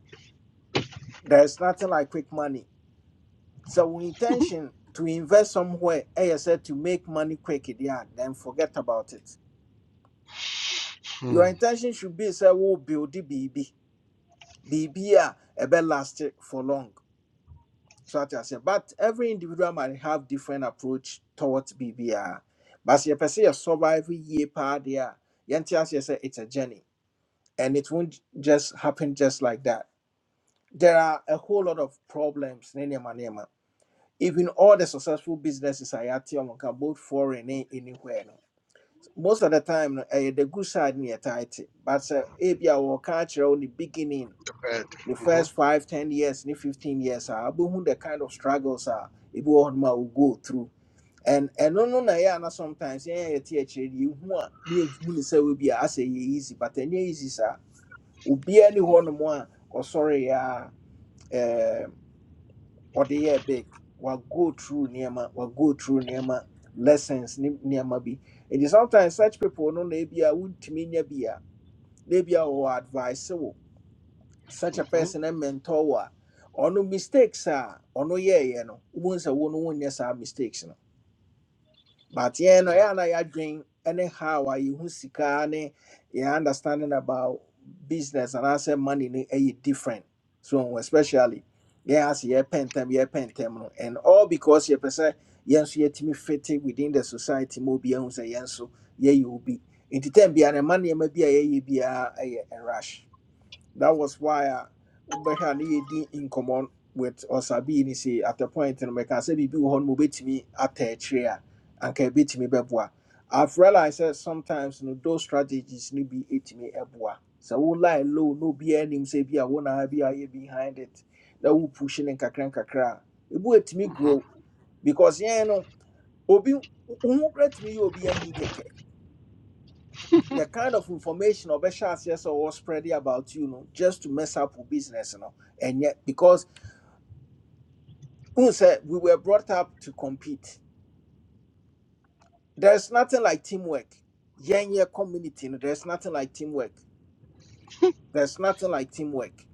A: there's nothing like quick money So wo intention to invest somewhere I said to make money quick yeah, then forget about it. Your intention should be say we build the BB. BB a ebe last for long. So that I say, but every individual might have different approach towards BB. a, But you say you survive year pa there. Yentias you say it's a journey. And it won't just happen just like that. There are a whole lot of problems. even all the successful businesses I at Yamonka, both foreign and anywhere. No. Most of the time, no, eh, the good side near tight. But uh, if you are catch on the beginning, the first five, ten years, ni 15 years, I who the kind of struggles are if you want will go through. And and no no na yeah na sometimes yeah yeah teacher you who a ni who say we be as easy but any easy sir obi any one more or sorry yeah eh, or the year big will go through Nema, will go through Nema lessons Nema be. And sometimes such people no maybe I would mean be a maybe or advice so such a
E: Mm-hmm.
A: person and mentor or no mistakes are or no yeah you know once a one one yes are mistakes no but yɛn no
E: Yeah.
A: ɛyɛ a na yɛadwen ne how a yɛhu sika ne yɛn understanding about business and I say money no ɛyɛ different so especially yeah, as yɛn ase yɛpɛ ntɛm yɛpɛ ntɛm no and all because yɛpɛ sɛ yɛn nso yɛtumi fit in within the society ma obi ahu sɛ yɛn you yɛyɛ obi nti tɛm be no ɛma nneɛma bi a yeah, biara a rush that was why I Ubeha ni in common with Osabi ni say at the point in America say bibi wɔ hɔ no mobetimi atɛkyerɛ a anka ebetimi bɛboa. I've realized that sometimes you know, those strategies need be etimi ɛboa. So we lie low, no be anim say be a one be a behind it. That we pushing and kakra and kakra. It will etimi
E: mm-hmm.
A: grow because yeah no obi who great me obi ahi kɛkɛ the kind of information or yes or spreading about you know just to mess up with business you know and yet because we were brought up to compete there's nothing like teamwork yeah yeah community no, there's nothing like teamwork there's nothing like teamwork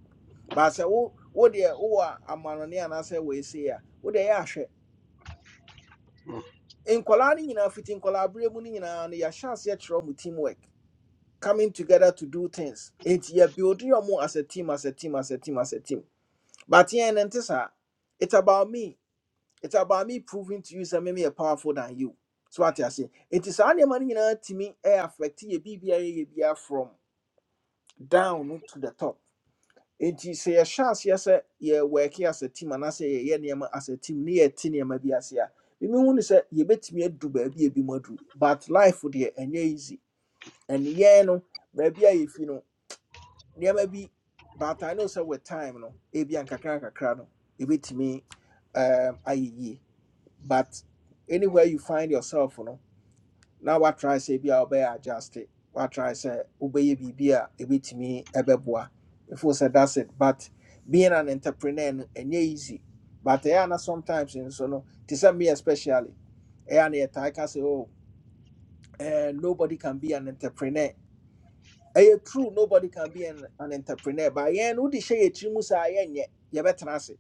A: but i say, oh what the oh i'm on and i said we say yeah what they are in colani you know fitting collaborating you know and your chance yet from teamwork coming together to do things it's yeah building your more as a team as a team as a team as a team But yeah, and this, uh, it's about me. It's about me proving to you that maybe are powerful than you. So what I say, it is only money you know to me. I affect you, Be BBA from down to the top. It is a chance, yes, you work here as a team, and I say, yeah, name as a team near Tinia, maybe as here. You mean when you say you bet me a do baby a be more do, but life would be eh, and yeah, easy. And yeah, no, baby, if you know nneɛma be, but I know sɛ with time no ebi ankakra ankakra no me, um, ayɛ yie but anywhere you find yourself no Now na watry sɛ ebi a wobɛyɛ adjust it. What try watry sɛ wobɛyɛ biribi a ebetumi If we sɛ that's it but being an entrepreneur no ɛnyɛ easy but I know na sometimes nso no to sɛ me especially I a na yɛtae ka oh, eh, nobody can be an entrepreneur ɛyɛ true nobody can be an, an entrepreneur but yɛn no wode hyɛ yɛ tiri mu saa yɛnyɛ yɛbɛtena ase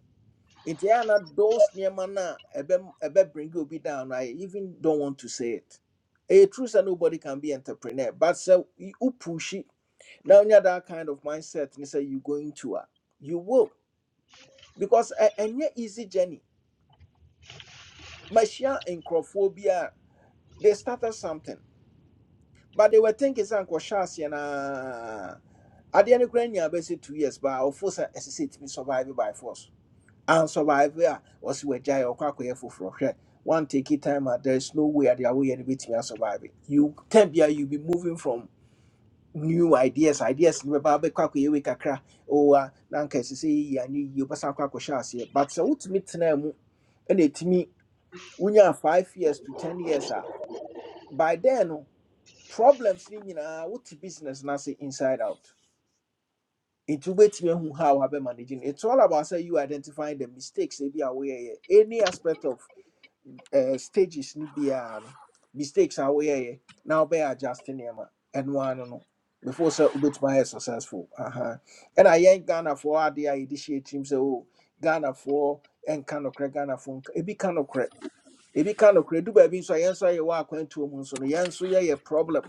A: nti ɛyɛ na those nneɛma no a ɛbɛm- ɛbɛbringi obi down no I even don't want to say it ɛyɛ true sɛ nobody can be entrepreneur but sɛ y- wopushi na wonya that kind of mindset ne sɛ you going to a you will because ɛ- ɛnyɛ easy journey mahyia nkurɔfoɔ bi a they started something but they were thinking sɛ nkɔhyɛ na naa adeɛ no koraa nyaa bɛsɛ two years baa ɔfo sɛ ɛsɛ sɛ ɛtumi survive by force And ansurvive a ɔse wagyae ɔkɔ akɔyɛ foforɔ hwɛ one take it time a there is no way ade awoyɛ no bɛtumi asurvive you tam bia you be moving from new ideas ideas no bɛba bɛkɔ akɔyɛ wei kakra oh a na anka ɛsɛ sɛ yɛyi anyɛ yie wobɛsan akɔ akɔhyɛ aseɛ but sɛ wotumi tena mu ɛna ɛtumi wonya five years to ten years a by then no problems ni nyinaa what business na ase inside out nti wobɛtumi ahu how abɛ manage no it's all about say you identifying the mistakes They be aware any aspect of uh, stages ni biara no mistakes are aware now be adjusting them. And one, no no, before say which ayɛ successful Uh aha ɛna yɛn ghanafoɔ adeɛ a yɛde hyɛ tirim sɛ o ghanafoɔ ɛnka nokorɛ ghanafoɔ nka ebi ka nokorɛ ebi ka nokorɛ du baabi nso a yɛn nso ayɛwɔ akwantuo mu nso no yɛn nso yɛyɛ problem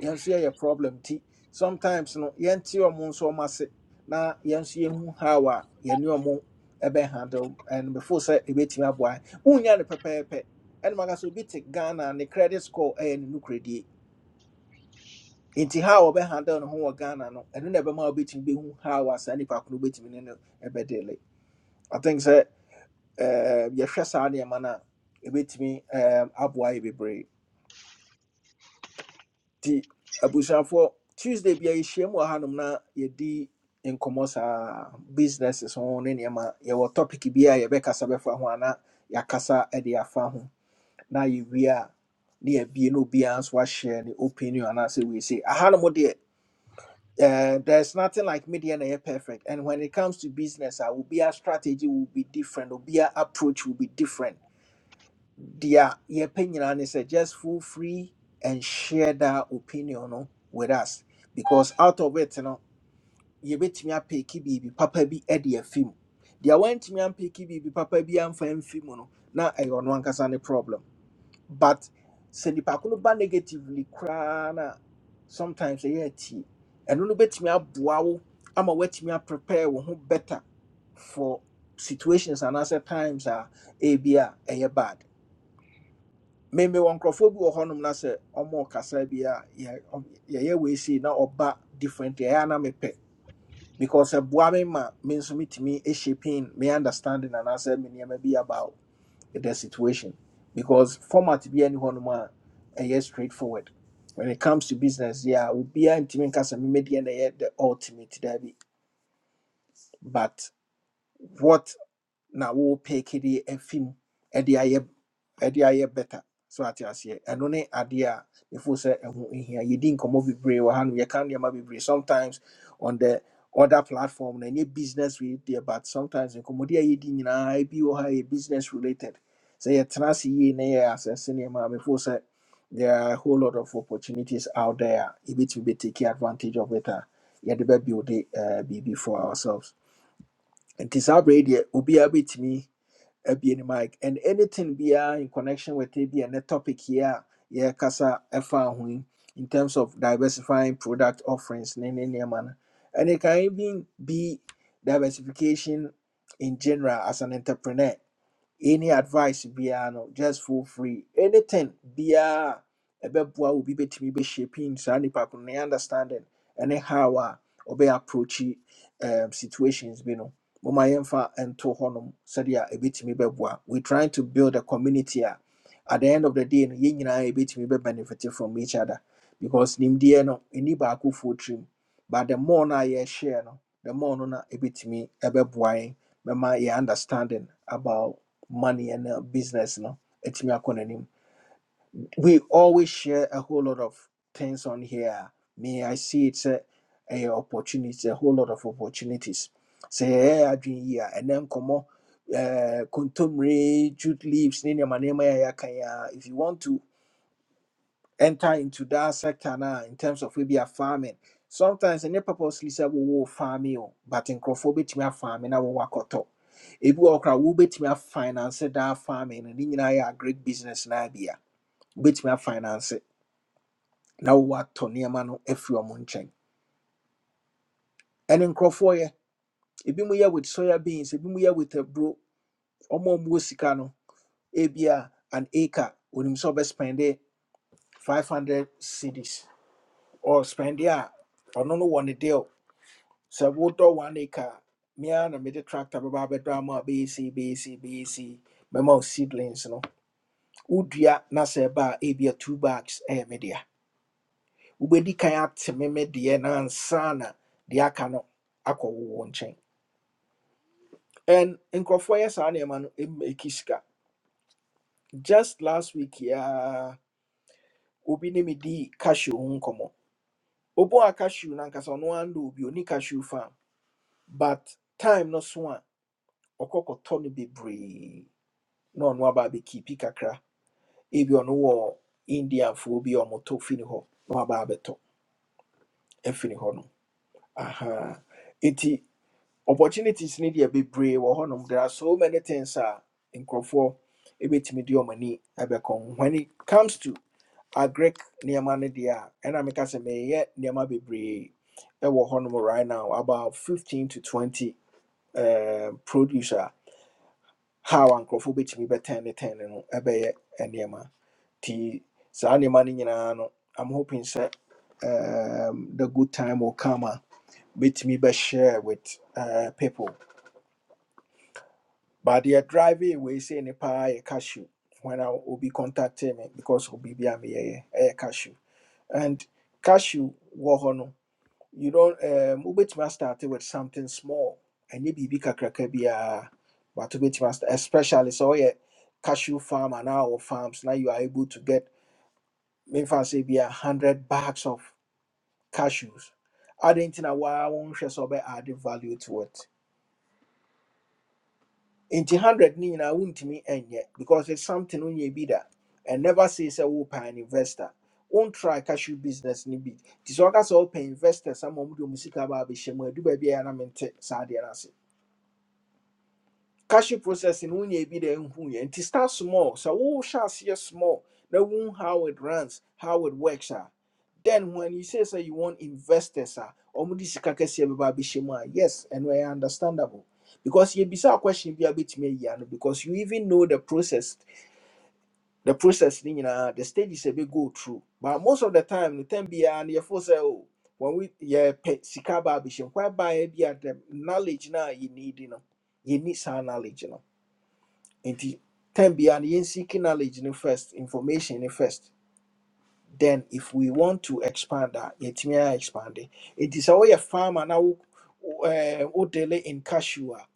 A: yɛnso yɛyɛ problem ti sometimes no yɛnte ɔmo nso ɔmo ase na yɛnso yɛhu how a yɛne ɔmo ɛbɛ handle and before sɛ ebetumi aboa wonya no pɛpɛɛpɛ ɛnum aka so obi te ghana ne credit score ɛyɛ ne nukuredie nti how ɔbɛ handle ne ho wɔ ghana no ɛno na ɛbɛma obetumi behu how a saa nipa koro obetumi ne no ɛbɛ deal i think sɛ ɛɛ yɛhwɛ saa nneɛma no a ebetumi ɛɛ aboa yɛ bebree. nti abusuafoɔ tuesday bia yɛhyiam wɔ hanom na yɛdi nkɔmmɔ saa businesses ho ne nneɛma yɛwɔ topic bi a yɛbɛkasa bɛfa ho ana yɛakasa de afa ho na yɛwie a ne yɛbie na obiara nso ahyɛ ne opinion anaasɛ weesei ahanom deɛ Uh, there's nothing like media na yɛ perfect and when it comes to business a obiara strategy will be different obiara approach will be different Dear your opinion is just feel free and share that opinion no, with us. Because out of it, you know, you bet me a picky baby, papa be Eddie a film. Dear went me a picky baby, papa be am for him film. No, now I don't on one any problem. But send the pacuno ba negatively crana sometimes a year tea. And no bet me up wow, I'm a wet me up prepare who better for situations and other times are a ebia ɛyɛ bad meme wɔ nkurɔfoɔ bi wɔ hɔnom na more ɔmo Yeah, bi a yɛ- ɔm- yɛyɛ wei sei na ɔba different a na mepɛ because ɛboa me ma me nso metumi ɛhyɛpin me understanding anaasɛ me nneɛma bi about the situation because format be any hɔnom a ɛyɛ straightforward when it comes to business yeah obiaa ntumi nka sɛ memɛdeɛ na ɛyɛ the ultimate daabi but what? na wo peke de afi mu ɛde ayɛ ɛde ayɛ better so ate aseɛ ɛno ne adeɛ a ɛfo sɛ ɛho hia yɛdi nkɔmmɔ bebree wɔ ha no yɛka nneɛma bebree sometimes on the other platform na ɛnyɛ business with deɛ but sometimes nkɔmmɔde a yɛdi nyinaa bi wɔ ha yɛ business related sɛ yɛtena ase yie na as asɛse nneɛma a mefo there are a whole lot of opportunities out there a be taking advantage of it a yɛde bɛbuilde uh, yeah, the baby will be for ourselves And nti saa will be deɛ obiara bɛtumi ebien mic and anything be ah in connection with ebi and the topic here yeah kasa ɛfa ho in terms of diversifying product offerings ne ne nneɛma no. and it can even be diversification in general as an entrepreneur any advice biara no just feel free anything biara ɛbɛboa wo bi bɛtumi bɛshaping saa nipa ko ne understanding ɛne how a ɔbɛyɛ approach um, situations bi no moma yɛmfa nto hɔnom sɛdeɛ ɛbɛtumi bɛboa we trying to build a community a at the end of the day no yɛn nyinaa yɛbɛtumi bɛbenefit from each other because nimdeɛ no ɛni baakofoɔ tirim but the more no a yɛshare no the more no na ɛbɛtumi ɛbɛboa yɛn bɛma yɛ understanding about money and uh, business no ɛtumi akɔ n'anim we always share a whole lot of things on here me i see it's a, a opportunity a whole lot of opportunities sɛ I yɛn here, and then come on, uh, kontomire jute leaves ne nneɛma nneɛma yɛ yɛaka yi if you want to enter into that sector now in terms of maybe a farming. Sometimes any purposely say we will farm you, but in crofobit me a farming I will work out. If we okra will bet me a finance that farming and in a great business na idea. Bet me a finance it. Now what Tony Mano if you are munching. And in crofoye, if you here with soya beans, if you here with a bro, or more musikano, ebia an acre, when himself spend 500 cities or spend yeah, or no no, one a day. sɛ wodɔ one acre a me ara na mede tractor bɛba abɛdɔ ama a bɛyɛ sei, bɛyɛ sei, bɛyɛ sei, bɛma wo seedlings no wodua na sɛ ɛba a ebia two bags ɛyɛ me dea wobɛdi kan ate me me deɛ na ansa na deɛ aka no akɔ wo wo nkyɛn and nkurɔfoɔ yɛ saa nneɛma no ɛmɛki sika just last week yaa obi ne me dii cashew ho nkɔmmɔ obu a cashew no ankasa ɔno ara ndɔ obi ɔni cashew farm but time no so a ɔkɔ kɔtɔ no bebree na ɔno aba abɛkiipi kakra ebi ɔno wɔ indiafoɔ bi a ɔmotɔ fini hɔ na waba abɛtɔ afini hɔ nom aha nti opportunities ne deɛ bebree wɔ hɔ nom. there are so many things a nkurɔfoɔ ɛbɛtumi de ɔmo ani ɛbɛkɔ ho. when it comes to agric nneɛma no deɛ a ɛna meka sɛ meyɛ nneɛma bebree ɛwɔ hɔnom right now about 15 to 20 um, produce a how a nkurɔfoɔ bɛtumi bɛtɛn ne tɛn no ɛbɛyɛ nneɛma nti saa nneɛma no nyinaa no i'm hoping sɛ um, the good time will come a bɛtumi bɛshare with uh, people but deɛ driving wei sei ne paa yɛ cashew when I will be contacting me because obi bi a meyɛyɛ ɛyɛ cashew and cashew wɔ hɔ no you don't um, wobɛtumi start with something small ɛnyɛ biribi kakraka biara but wobɛtumi astart especially sɛ ɔyɛ cashew farm and our farms now you are able to get memfa sɛ be a hundred bags of cashews adɛn nti na waa wɔnhwɛ sɛ ɔbɛ add value to it nti hundred ni ne nyinaa wontumi ɛnyɛ because it's something wonyɛ bi da and never say sɛ wopɛ an investor Won't try cashew business ni bi nti sɛ ɔka sɛ wopɛ investor Some ma ɔmode ɔmu ba be bɛhyɛ mu adu baabi a ɛyɛ a na mente no cashew processing wo nya bi da and yɛ nti start small So, who shall see a small na wohu how it runs how it works ah. then when you say sɛ you want investors ah or mudi sikakesi bɛba abɛhyɛ mu a yes ɛno ɛyɛ understandable because yɛbisa question bi a bɛtumi ayi ano because you even know the process the process ne nyinaa the stages a bit go through but most of the time no time biara no yɛfo sɛ o when we yɛpɛ sika ba abɛhyɛ mu hɔ baeɛ bi a the knowledge no a yɛnidi no yɛni saa knowledge no nti time biara no yɛnsiki knowledge no first information no first then if we want to expand a yɛtumi a expand nti sɛ woyɛ farmer now, wo wodele in cashew a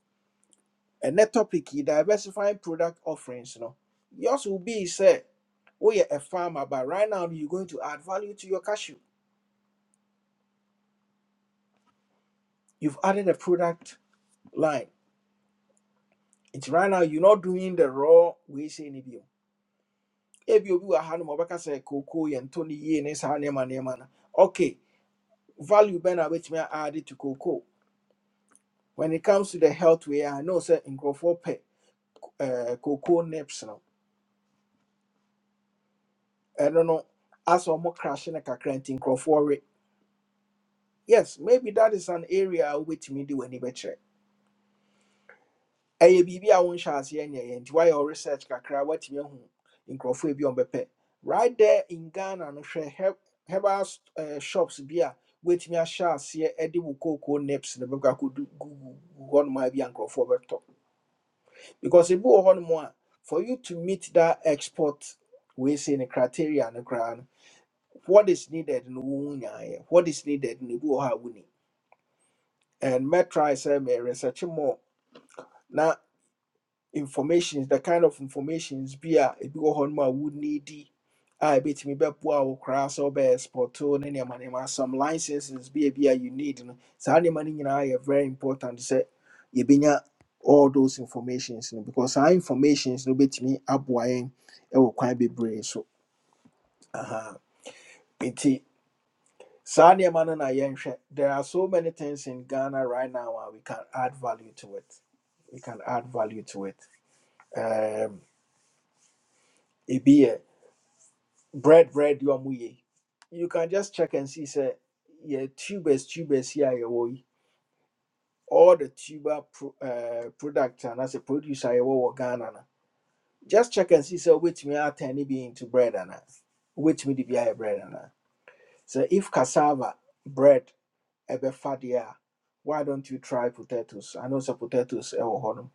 A: ɛnɛ topic yi diversifying product offerings no yours will be sɛ woyɛ a farmer but right now you're going to add value to your cashew you've added a product line It's right now you're not doing the raw wei sɛ no bio ebi obi wɔ ha no say cocoa and Tony yie ne saa nneɛma nneɛma no okay value Ben, bɛn na add it to cocoa when it comes to the health way a know sɛ nkurɔfoɔ pɛ eh, cocoa nips no I don't know. as ɔmo more crashing kakra nti in we yes maybe that is an area a wobɛtumi de w'ani bɛkyerɛ ɛyɛ biribi a wonhyɛ aseɛ nyɛyɛ and woayɛ wo research kakra woatumi ahu nkurɔfoɔ bi a ɔmbɛpɛ right there in ghana no hwɛ heb- herbal s- eh, shops bi which me ahyɛ aseɛ de wo cocoa nips no bɛkɔ akɔdu gugu do hɔnom a bi a nkurɔfoɔ bɛtɔ because if you want more, for you to meet that export we say the criteria and the ground, what is needed no wo nyaayɛ what is needed no ebi wɔ hɔ a woni and mɛtry sɛ may research more Now. informations the kind of informations be a ebi wɔ hɔ nom a wo needi a ebetumi bɛboa wo koraa sɛ wobɛyɛ spɔto ne nneɛma nneɛma some licenses bi a bi a you need no saa nneɛma no nyinaa yɛ very important sɛ yɛbɛnya all those informations no because saa informations no bɛtumi aboa yɛn wɔ kwan bebree so Aha. nti saa nneɛma no na yɛnhwɛ there are so many things in ghana right now a we can add value to it we can add value to it um, ebi yɛ bread bread you are muye. You can just check and see say yeah tubers tubers here yeah woy. All the tuber pro, uh, product and as a producer yeah wo Ghana na. Just check and see say which me are tiny be into bread and uh, which me the be a bread and so if cassava bread ebe fadia why don't you try potatoes? I know say potatoes e wo nom.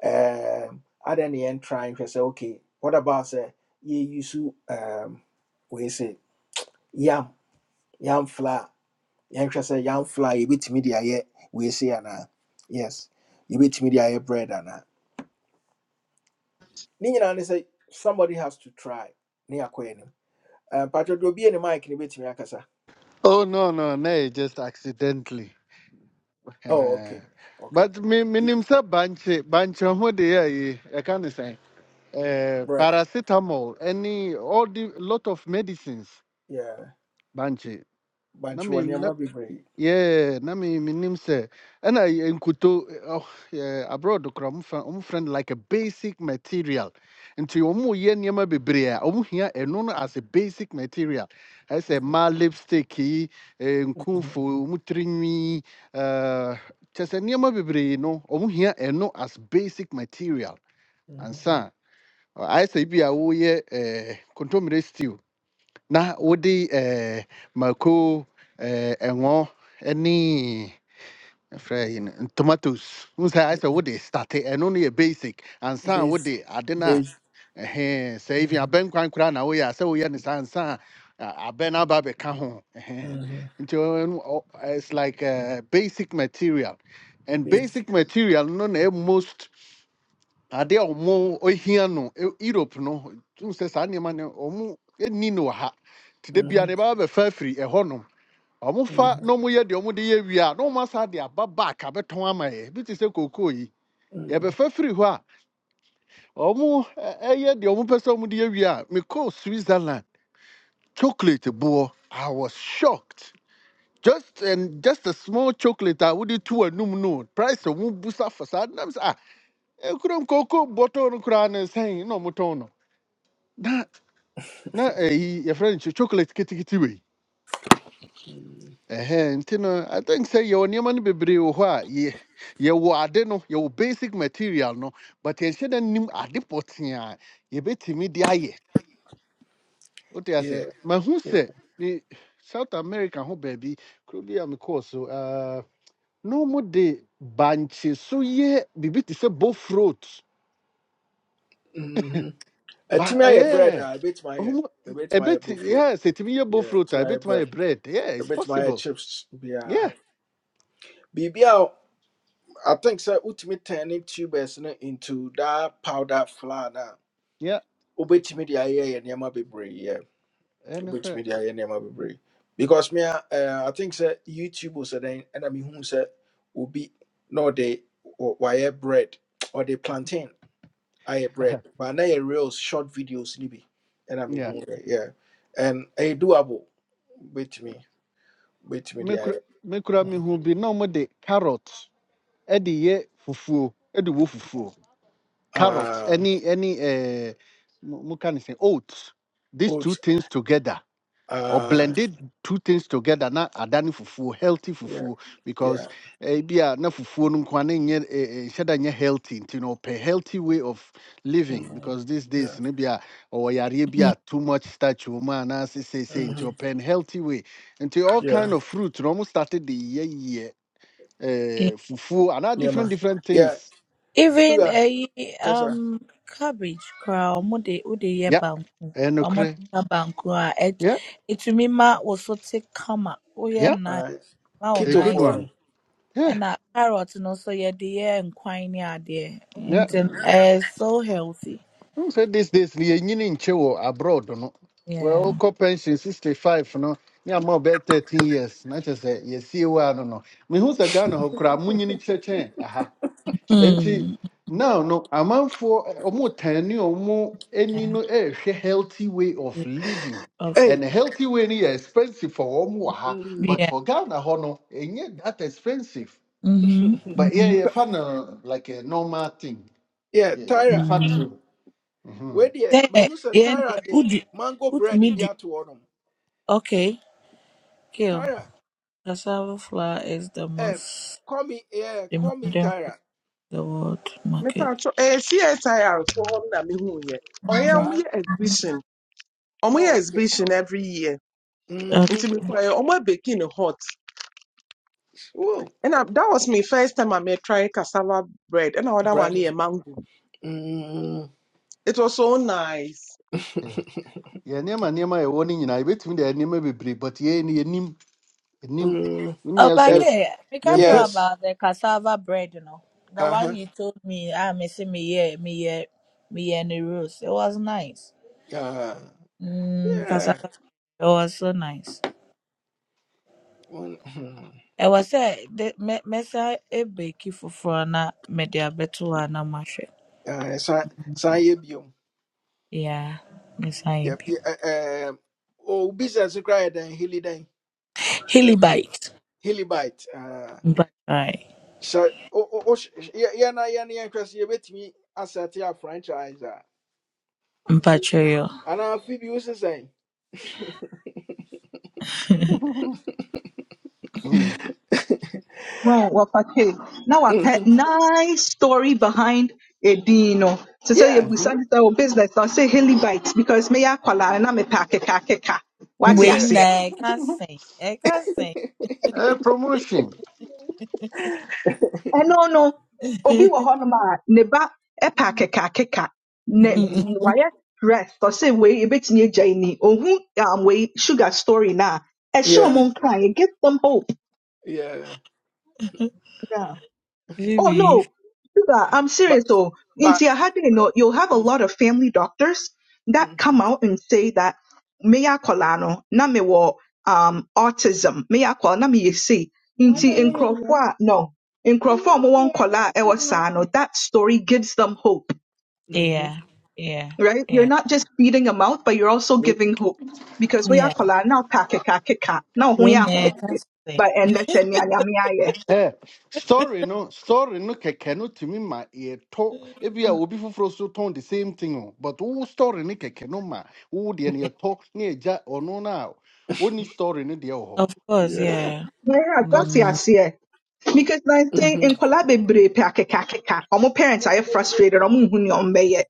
A: Um, other the end trying say okay, what about say yeah, you use um we say yam yɛamfla yɛnhwɛ sɛ yɛamfla a yɛbɛtumi de ayɛ weese anaa yes yɛbɛtumi de ayɛ bread anaa ne nyinaa ne sɛ somebody has to try ne yɛakɔ anim Eh, mpatwɛ deɛ obie ne mike ne bɛtumi akasa
E: Oh no no no! Just accidentally.
A: oh
E: Uh,
A: okay okay
E: but me me
A: Di-
E: nimsa banche banche ho de ya ye. I can say uh,
A: bread
E: paracetamol. Any all the lot of medicines
A: yeah
E: banche.
A: bankye wɔ nneɛma bebree
E: Yeah, na me minim sɛ ɛna yɛ nkuto eh, ɔh, yɛ abroad kora ɔmfa ɔmfrɛ no like a basic material nti ɔmo yɛ nneɛma bebre a ɔmo hia eno no as a basic material I say
A: Mhm,
E: ma lipstick yi eh, nkumfo ɔmo tirinwi ɛɛ kyɛ sɛ nneɛma no ɔmo hia eno as basic material
A: mhm,
E: ansa I say bi a woyɛ ɛɛ kontomire stew na wode ɛɛ mako ɛɛ ɛŋɔ ɛne Afraid, you know, tomatoes. Who's I said
A: mhm.
E: what they started and only a basic and some what
A: base
E: they adena.
A: base
E: Eh, say if you are
A: mhm,
E: Ben Quan Cran We are so we And son. I ben ababe cajon.
A: mhm,
E: It's like uh, basic material. And
A: base
E: basic material, no, no, eh, most are there more ohiano, Europe, no, two says animal or more, it nino ha. Today be an
A: mhm,
E: above a fair free, a honum ɔmofa
A: mhm,
E: na ɔmoyɛ deɛ ɔmode yɛ wie a na ɔmo asa de aba back abɛtɔn ama yɛ bi te sɛ kookoo yi
A: mhm.
E: yɛbɛfa firi hɔ a ɔmo ɛ- ɛyɛ deɛ ɔmo pɛ sɛ ɔmode yɛ wie a mekɔɔ switzerland chocolate boɔ i was shocked just and just a small chocolate I would a wode to anum no price a wobusa fa saa nam sɛ a ɛkurom kookoo bɔtɔɔ no koraa ne sɛn na ɔmotɔn no motono na na ɛyi yɛfrɛ no sɛ chocolate ketekete wei Ɛhɛ, nti no i think sɛ yɛwɔ nneɛma no bebree wɔ hɔ a yɛ- yɛwɔ ade no yɛwɔ basic material no but yɛnhyɛ da nnim ade pɔtee a yɛbɛtumi de ayɛ wote
A: yeah
E: aseɛ mahu
A: yeah.
E: sɛ ne south america ho baabi kuro bi a mekɔɔ so ah, na ɔmo de bankye so yɛ biribi te sɛ bofrot
A: Mhm.
E: ba
A: atumi ayɛ bread
E: ɛyɛ
A: a ɛbɛtumi ayɛ
E: ɔmo
A: ɛbɛtumi ayɛ
E: ɛbɛti
A: bofuro
E: yɛ sɛ ɛtumi yɛ
A: Yeah,
E: bofrot a
A: tonight
E: ɛbɛtumi
A: bread.
E: ayɛ bread yeah
A: A
E: it's
A: bit my
E: possible
A: chips yeah.
E: yeah
A: Baby I think so ultimate turning tubers no, into that powder flour now.
E: yeah
A: Ubetimi the aye and yama be brave, yeah.
E: ɛno
A: Ubetimi
E: korɛ
A: the aye and yama be brave. Because me uh, I think so YouTube was then and I mean who said will be no they wire bread or they plantain aye bread. But now real short videos nibi and I mean who yeah. And a doable with me with me
E: mekura
A: the
E: mekura me ho bi na ɔmo de carrot ɛde yɛ fufuo ɛde wɔ fufuo carrot
A: aye.
E: ɛne ɛne ɛɛ mo mo ka ne sɛ oats these two
A: oats.
E: things together or
A: Uh,
E: blended two things together na adani fufu healthy
A: yeah,
E: fufu
A: yeah,
E: because ebi a na fufu no nkwa na nyɛ nhyɛ da healthy you know, ɔpɛ healthy way of living
A: mm,
E: because these
A: yeah,
E: days no bi a ɔwɔ yareɛ bi a too much starch wɔ na say say say
A: hmm
E: into n healthy way into all kind
A: yeah,
E: of fruit na ɔmo started de yɛyɛ
C: Eh,
E: eh, fufuo anaa
A: yeah, ma.
E: different different
A: yeah.
E: things
C: Even
A: Sugar,
C: a
A: kasa,
C: um cabbage koraa ɔmo de wode yɛ
E: ya
C: banku. Ɔmo de
E: ɛnokorɛ
C: ka banku a ɛt-
E: Yeah,
C: ɛtumi ma wo so te kama. Woyɛ
E: yeah.
C: nice
A: uh,
C: ma wo
E: a
A: keto
E: good
C: nice.
A: for
E: one
A: them.
E: yeah
C: Ɛna carrot no nso yɛde yɛ nkwan ne adeɛ
E: yeah.
C: nti no
A: Mm.
C: so healthy.
E: Who said this days ni enyini nche wo abroad no.
C: Yeah.
E: Well, co pension 65 no. Me am about 13 years. Na che say ye see wa no no. Me who is a Ghana ho kra munyini cheche aha. Enti
C: Mm.
E: now no amanfo omo tani omo eni
C: Yeah.
E: no eh healthy way of
C: yeah.
E: living.
C: Of
A: Hey,
E: And a healthy way ni yɛ expensive for omo aha,
A: mm,
E: but
C: yeah.
E: for Ghana ho no enye that expensive.
C: Mhm.
E: But yeah,
C: Mhm.
E: you fun uh, like a normal thing.
A: yeah,
E: Yeah, you
A: Tyra,
E: fun
C: Mm.
E: so.
A: where the
C: Yeah.
A: but who said
C: Yeah.
A: Tyra
C: yeah.
A: the
C: Udi.
A: mango bread
C: Utimi.
A: be out to them?
C: Okay. Kill.
A: Tyra,
C: Cassava flour is the
A: eh,
C: most
A: call me, yeah, call me
C: demanding for
A: Tyra,
C: the world
H: Me
C: market.
H: mepatro eh CSIR so hɔ na mehuu yɛ ɔyɛ ɔmo
A: sir.
H: yɛ exhibition ɔmo yɛ
A: Oh, okay.
H: exhibition every year
C: Okay.
A: Mm-hmm.
H: nti mekɔɛ ɔmo abeki ne hot
A: Whoa,
H: ɛna that was my first time I met try cassava bread And ɔda one
A: bread.
H: yɛ mango
A: Mm.
H: it was so nice
E: yɛ nneɛma nneɛma a ɛwɔ no nyinaa yɛbɛtumi de ayɛ nneɛma bebree but yɛn ni yɛnim yɛnim
A: mm.
E: ne
C: Oh,
E: yɛn
C: but
E: so
A: That,
C: okay, we can
E: yɛmpɛ
C: talk
A: yes.
C: about the cassava bread, you know. The
A: Uh
C: one
A: huh.
C: you told me, ah, me see me yeah, me yeah, me yeah, and the roast. It was nice.
A: Yeah.
C: Mm,
A: Yeah.
C: cassava, it was so nice.
A: Mm, mm.
C: ɛwɔ sɛ de mɛ mɛsan ebeki foforɔ na mɛde abɛto hɔ a na mahwɛ
A: ah, Saa saa yɛ bio.
C: yeah mɛsan yɛ
A: Yɛ-
C: bi
A: yɛ- ɛ- ɛɛm, Oh, business koraa yɛ dɛn hilly dɛn refuge
C: helibite
A: hillybite.
C: mpakyɛw
A: Yɛn na yɛn yɛn hwɛ so yɛbɛtumi asɛte a franchise a
C: mpakyɛw
A: anaa fibi wosi sɛn.
E: Mm.
D: No, okay. Now
A: Mhm.
D: a pet nice story behind a bean no. Te sɛ
A: Yeah,
E: Mhm.
D: yɛbisa ne sɛ wo business na ɔsɛ helibite because meyɛ akwalaa no na mepɛ akekaakeka.
C: wei
D: Wate
A: yeah,
D: say?
C: na
D: Eh
C: ɛka sɛn ɛka sɛn
E: Eh, promotion
D: no, no. obi wɔ hɔnom a ne ba ɛpɛ akekaakeka. Ne
A: mhm,
D: wayɛ stress. Ɔsɛ wei ebetumi agya yi ni. Ohu um, wei sugar story na a. show
A: yeah,
D: ɔmo nkae. It gives them hope.
A: yeah.
D: Yeah. Oh
C: bibi
D: no, Sugar, I'm serious
A: But
D: though. In
A: but.
D: Tiahade, no, you'll have a
A: Mm,
D: lot of family doctors that
A: mhm,
D: come out and say that meya kolano na me wo um autism meya kola na me yesi. Inti in
A: mhm,
D: Crawford, no. In Crawford, mo won kola e saa no. That story gives them hope,
A: mhm,
C: yeah yeah
D: right? You're
C: yeah
D: not just feeding them out, but you're also giving hope because meya
C: yeah
D: kola na ka keka keka na ho
C: wei
D: ya
C: na
D: homete.
C: ɛka sɛn
D: But and that's
E: Eh, story no story no kɛkɛ no tumi ma yɛtɔ
C: yeah.
E: ebi a obi foforɔ so tɔn the same thing o but wo story no kɛkɛ no ma wo deɛ no yɛtɔ ne yɛgya ɔno no a ɔni story no deɛ wɔ hɔ
C: of course
E: yeah
A: Yeah.
C: yeah
D: Yeah, that's
E: because
C: mm.
D: yes, yeah. Because na saying in
A: Mm-hmm.
D: kola bebree pe akeka akeka. Omo parents are frustrated. Omo huni ombeye.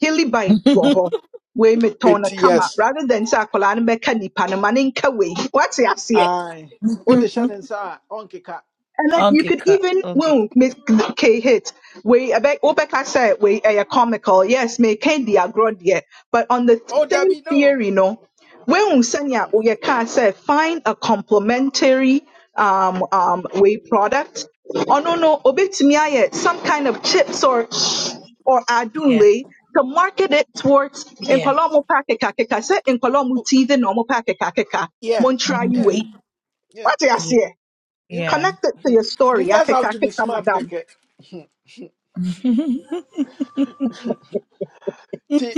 D: Hilly bite woho. We me tona
A: It
D: kama
A: yes.
D: rather than say kola nbe kani panama ninka we. What's yes,
A: Aye. Oh, the Shannon sir, Uncle Cat.
D: and like you
C: Uncle
D: could
C: Cut,
D: even
C: Uncle.
D: well make K hit we a bit Obeka said we a comical, yes, make candy a grow dear. But on the
A: Oh,
D: same
A: Debbie, no,
D: theory, no, when
A: no.
D: Usanya
A: no.
D: Oyeka said find a complementary um um way product. Oh no no obetumi some kind of chips or or adunle to market it towards in
C: Yeah.
D: Kolomo Pakeka Keka said in Kolomo
A: Oh,
D: tea the normal Pakeka Keka
A: yeah,
D: Montrai
A: yeah,
C: hmm
D: way.
A: yeah.
D: What do you
C: Yeah.
D: say?
A: You
C: Yeah.
D: Connect it to your
A: you
D: story.
A: guys have
D: Yatika,
A: to be
D: kita,
A: smart,
D: madam.
A: keke. Ti,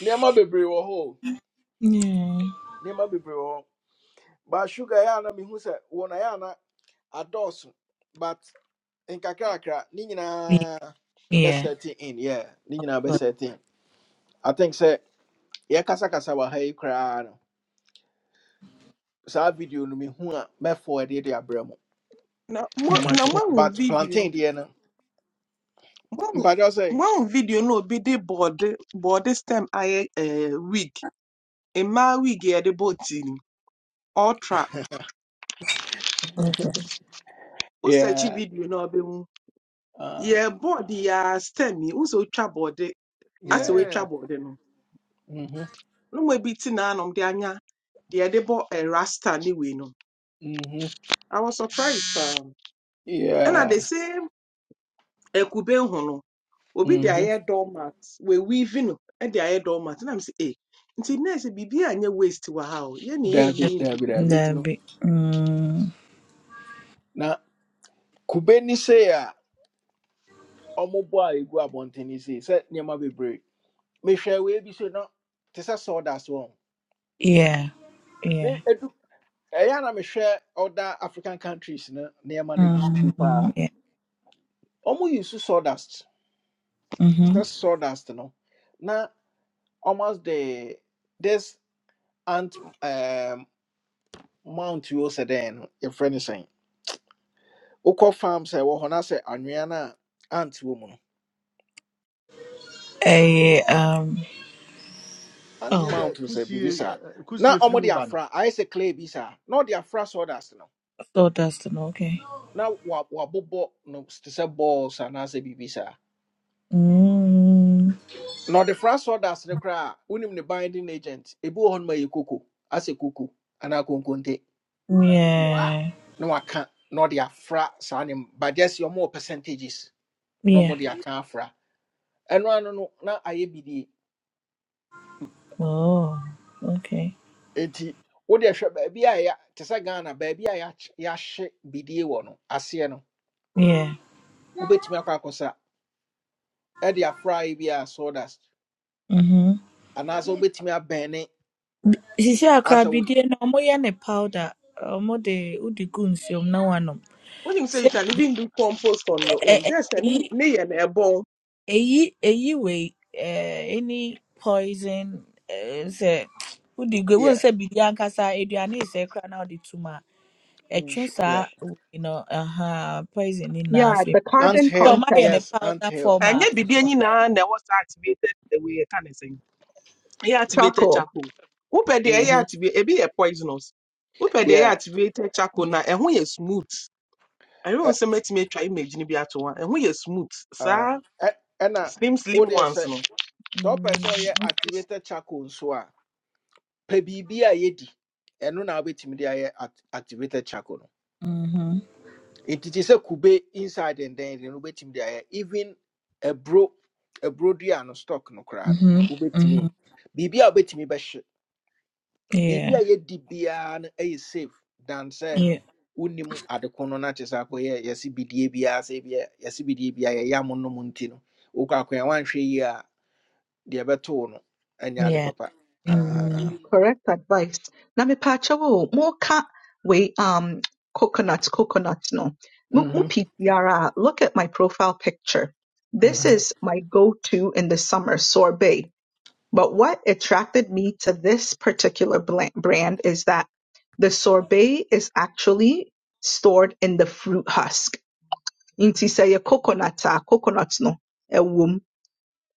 A: nema bebre wo ho.
C: yeah.
A: Nema bebre wo. But sugar ya na me hu se say wona ya na adosu. But in kakrakra, ni
C: Yeah.
A: nyina be
C: Yeah.
A: setting in, yeah. Ni nyina be
C: But,
A: setting. I think say yeah kasa kasa wa hai kra no. Sa video no me hu a me forward dey abramo.
H: na mo
A: Na
C: but
H: na
A: mahwɛ.
C: sure.
H: moahu
A: But
H: video
A: plantain dey no.
H: moahu
A: Mpacho say,
H: moahu video no obi de bɔɔde bɔɔde stem I eh wig mmaa wig yɛde bɔ ti Ultra.
C: Okay.
H: ɔɔtra wosɛ akyi
A: yeah,
H: video no? ɔbɛhu
A: uh,
H: yɛ bɔɔde yɛ a stem yi wosɛ otwa bɔɔde ase
A: yeah,
H: woatwa
E: yeah
H: bɔɔde no
A: mm-hmm,
H: no mu bi te nanom de anya deɛ yɛde bɔ eh, rasta ne wei no
A: mm-hmm,
H: i was surprised um And at the
A: yeah,
H: same akube ho no obi de
A: mm-hmm,
H: ayɛ doormat wewiivi no de ayɛ doormat na m sɛ eh nti nurse biribi anyɛ waste wɔ ha o yɛne
A: Dabi,
C: That'd,
H: yɛyiyi ndu
A: Dabi,
H: these
C: be,
A: Dabi.
H: days
C: that'd
H: no
C: be. Mm,
A: Na, kube ni se ya, omo bo a igu abonte ni se, se niyama bebre. Me share we bi se no, te se sawdust won.
C: yeah. Yeah.
A: Me edu, eya na me share other African countries na, niyama ni bi
C: Mm,
A: pa.
C: yeah.
A: Omo yusu sawdust, It's
C: Mm-hmm.
A: se sawdust no. Na, almost the, this ant, um, mount yo se den, your friend is saying. Uko farm sɛ ɛwɔ hɔ na sɛ anwea no a ant wɔ mu no
C: A um.
A: ant
C: Oh,
E: ɛnyɛ
A: mount
E: deɛ
A: sɛ biribi
E: kusie eh,
A: saa
E: eh,
A: na
E: kusie firi mu
A: ɔmode
E: ba no
A: afra ayɛ sɛ clay bi saa na ɔde afra sawdust no
C: so Dustin. Okay.
A: na wa- wabobɔ no te sɛ balls anaasɛ biribi saa
C: Mm,
A: na ɔde fra sawdust no koraa a ne binding agent ebi wɔ hɔ no ma yɛ koko asɛ koko anaa konkonte
C: yeah.
A: na waka na ɔde afra sa ne but just ɔmowɔ percentages na
C: Yeah.
A: ɔmode aka afra ɛno ano no na ayɛ bidie
C: Oh. Okay.
A: Enti wode hwɛ baabi a yɛ te sɛ Ghana baabi a yɛakye- yɛahye bidie wɔ no aseɛ no
C: Yeah.
A: wobɛtumi akɔ akɔsa ɛde afra yi bi a sawdust
C: Mm-hmm.
A: anaasɛ wobɛtumi abɛne
C: Sisi
A: asɛ wo
C: akrabidie na ọmụ ya ne powder ọmụ de ụdị gu nsiom na nwa
H: when you say? you
C: Say,
H: can even do compost on your
C: eh,
H: own
C: eh,
H: just sɛ ne
C: èyí
H: ne yɛ no ɛbɔn
C: èyí èyí wei eh, any poison eh, sɛ wode gu wohu
A: yeah,
C: sɛ biribi ankasa aduane yi sɛ koraa na wode tom a
H: Mm.
C: ɛtwe
A: sh-
C: saa
A: yeah.
C: wei no aha poison no na.
D: Yeah,
C: afiri
D: the
C: mu. Nti
A: ant
C: ɛsɛ
D: carbon
C: sɛ
A: hill
C: ɔmayɛ
D: content,
C: no
A: yes ant
C: powder
A: hill
C: form a
H: ɛnyɛ biribi nyinaa na ɛwɔ saa activated the way yɛka ne sɛn He activated
D: charcoal.
H: charcoal wopɛ deɛ ɛyɛ
A: Mhm.
H: activate a be a poisonous wopɛ deɛ ɛyɛ
A: yeah
H: activated charcoal now?
C: yeah.
H: And who is smooth I don't
A: ɛ-
H: ɛyɛ nsɛ mɛtumi atwa image no bi ato hɔ a, ɛho yɛ smooth
A: uh,
H: Sir,
A: ɛ- ɛna
H: slim slim
A: wodeɛ
H: ones
A: sɛ
H: no
A: sɛ wopɛ sɛ ɔyɛ
C: Mm,
A: activated charcoal nso a pɛ biribi a yɛdi ɛno na wobɛtumi de ayɛ act- activated charcoal no
C: mhm,
A: nti te sɛ kube inside and then no wobɛtumi de ayɛ even aburo aburo dua no stock no koraa no
C: mhm, mhm.
A: wobɛtumi biribi a wobɛtumi bɛhye
C: Yeah,
A: biribi a yɛdi no ɛyɛ safe dan sɛ
C: yeah,
A: wonim adeko no na kyɛ sɛ akɔyɛ bidie biara se bia yɛse bidie biara yɛyɛ amo nom nti no wokɔ akɔyɛ woanhwɛ yie a deɛ ɛbɛtoo no ɛnyɛ ade
C: yeah.
A: papa Ah,
C: Mm,
D: Correct advice. Na me pacha wo mo ka we um coconuts, coconuts no. Mu mu
A: mhm,
D: pi- yara. Look at my profile picture. This
A: mhm,
D: is my go-to in the summer sorbet. But what attracted me to this particular bla- brand is that the sorbet is actually stored in the fruit husk. Inti say a coconut, ah, coconut no.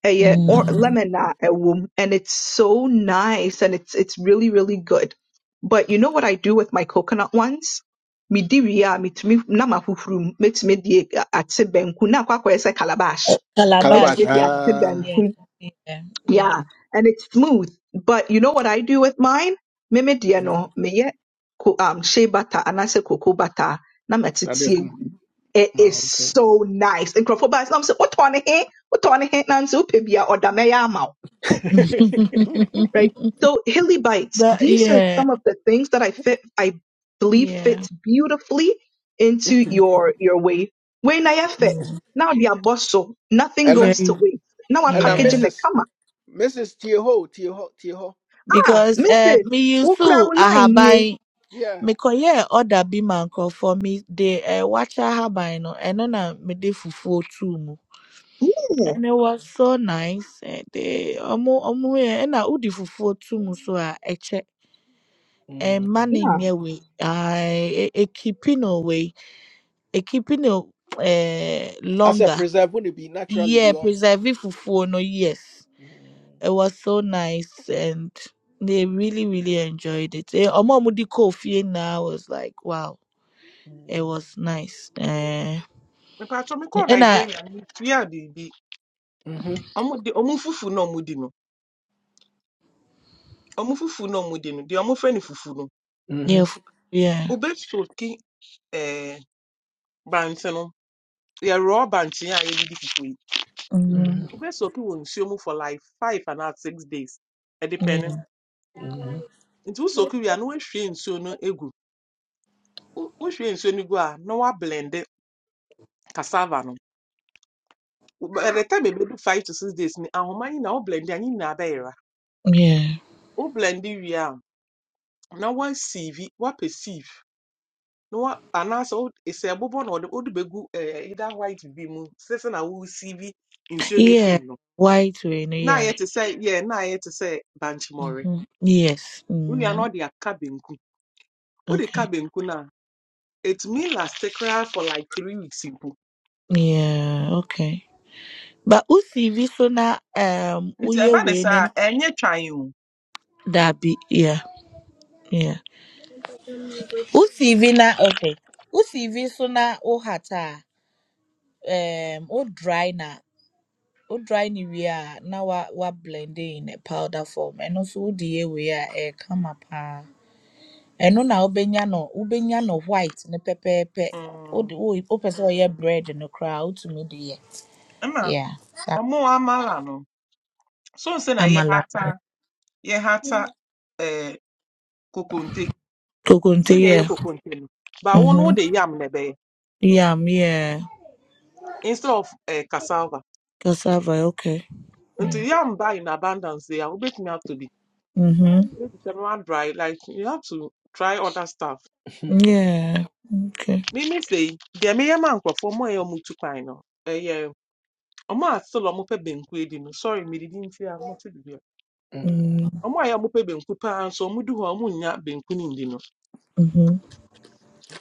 D: ɛyɛ or
A: mhm.
C: mm.
D: lemon a ɛwɔ and it's so nice and it's it's really really good. But you know what I do with my coconut ones? Midi wie a metumi na mahuhuru mu metumi de ate banku na akɔ akɔyɛ sɛ calabash.
A: calabash
D: Metumi
C: calabash
D: de
C: yeah
D: ate
A: ah,
C: yeah
D: banku
C: yeah yeah
D: yeah, and it's smooth. But you know what I do with mine? Mimi deɛ
A: no
D: no, meyɛ ko- um shea butter anaasɛ cocoa butter na matete
A: na de
D: egu.
A: gum
D: It
A: Ah,
D: is
A: okay
D: so nice. Nkurɔfoɔ baa sɛ na ɔmo sɛ wotɔ ne he, wotɔ ne he na nso wopɛ bi a ɔda mɛyɛ ama wo. Right? So Hilly Bites,
C: but
D: these are
C: yeah
D: some of the things that I fit I believe
C: Yeah.
D: fits beautifully into
C: Mm.
A: And
D: your your way. Wei na yɛfɛ. Now the abɔ so, nothing goes
C: Very, very-
D: to waste. Now I
A: and uh,
D: package in
C: yeah.
D: the
A: Mrs. Mrs. Tieho, Tieho, Tieho.
D: Ah,
C: Because uh,
D: Mrs.
C: me used to
D: Ukrawulai line
C: ahaban
A: Yeah.
C: me koye order bi man for me they uh, watch ahaban no and na I me de fufu too mu.
D: Yeah.
C: And it was so nice. And they omo omo here and I udi fufu too mu so a eche.
A: Mm,
C: And money
D: Yeah.
C: near we I a keeping away a keeping uh
A: As a
C: longer.
A: preserve wouldn't be naturally
C: Yeah,
A: be on.
C: preserve fufu no yes.
A: mm,
C: It was so nice and they really, really enjoyed it. Eh, Omomudi Kofi now was like, wow, it
A: mm.
C: was nice. Eh,
H: Me pa to me call
C: and I,
H: nigeria no metua biribi
A: Mhm,
H: ɔmo de ɔmo fufu no ɔmo di no ɔmo fufu no ɔmo di no deɛ ɔmo fɛ no fufu no
C: yeah,
A: mhm,
C: f- yeah,
H: wobɛsoki Eh, bankye no yɛ raw bankye a yɛde di fufu yi
C: hmm
A: mhm,
H: wobɛsoki wɔ nsuo mu for like five anaa six days ɛdepɛ
C: yeah,
H: no
A: mhm,
H: nti wosoki wie a na woahwie nsuo no egu wo- wohwie nsuo no gu No na woablende cassava no by the time we do five to six days ni ahoma yi na woblende a ne nyinaa bɛyera
C: yeah,
H: woblende wie a na woasiivi woapɛ sieve na wa anaasɛ wo- sɛ ɛbobɔ na wɔde wode bɛgu eh, either white bi mu sɛsɛ na wosiivi nsuo no
C: yeah,
H: afim no
C: white rain,
H: na
C: yeah,
H: ayɛ te sɛ yɛ na ayɛ te sɛ bankyemɔre
C: hmm yes,
H: wo wie a na
C: mm,
H: ɔde aka benku wode
C: okay,
H: ka benku no a ɛtumi laste koraa for like three weeks mpo
C: yeah, okay. But Usi Visona, um,
H: nti
C: Uye
H: ɛba ne saa a
C: Wenen
H: twan o
C: Dabi, yeah, yeah. ucv na okay ucv so na wohata a um o dry na o dry ni wie a na wa wa blend in a powder form ɛno nso wode yɛ wei a ɛyɛ kama paa ɛno na wobɛnya no wobɛnya no white ne pɛpɛɛpɛ O de
H: Mm.
C: o wopɛ sɛ ɔyɛ bread no koraa wotumi de yɛ
H: Ama
C: yeah that
H: ọmụ amala nọ. So nse na ye
C: amala
H: hata ye hata eh kokonte.
C: kokonte
H: Si na ye
C: yeah
H: kokonte no. Ba wo no
C: mhm
H: de yam na be
C: yam yeah
H: instead of eh cassava.
C: cassava okay
H: Nti
C: yeah
H: yam buy in abundance ya obetumi atọ bi.
C: mhm
H: Maybe the man dry, like you have to try other stuff.
C: yeah okay
H: Me me say, deɛ meyɛ man nkurɔfoɔ more a mutu ɔmo tu yeah. no, ɛyɛ ɔmo a still ɔmo no. Sorry, me didn't hear. te bibi a.
A: mhm,
C: mm-hmm.
H: Ɔmo a ɛyɛ ɔmo pɛ benku paa nso no.
C: Mm-hmm.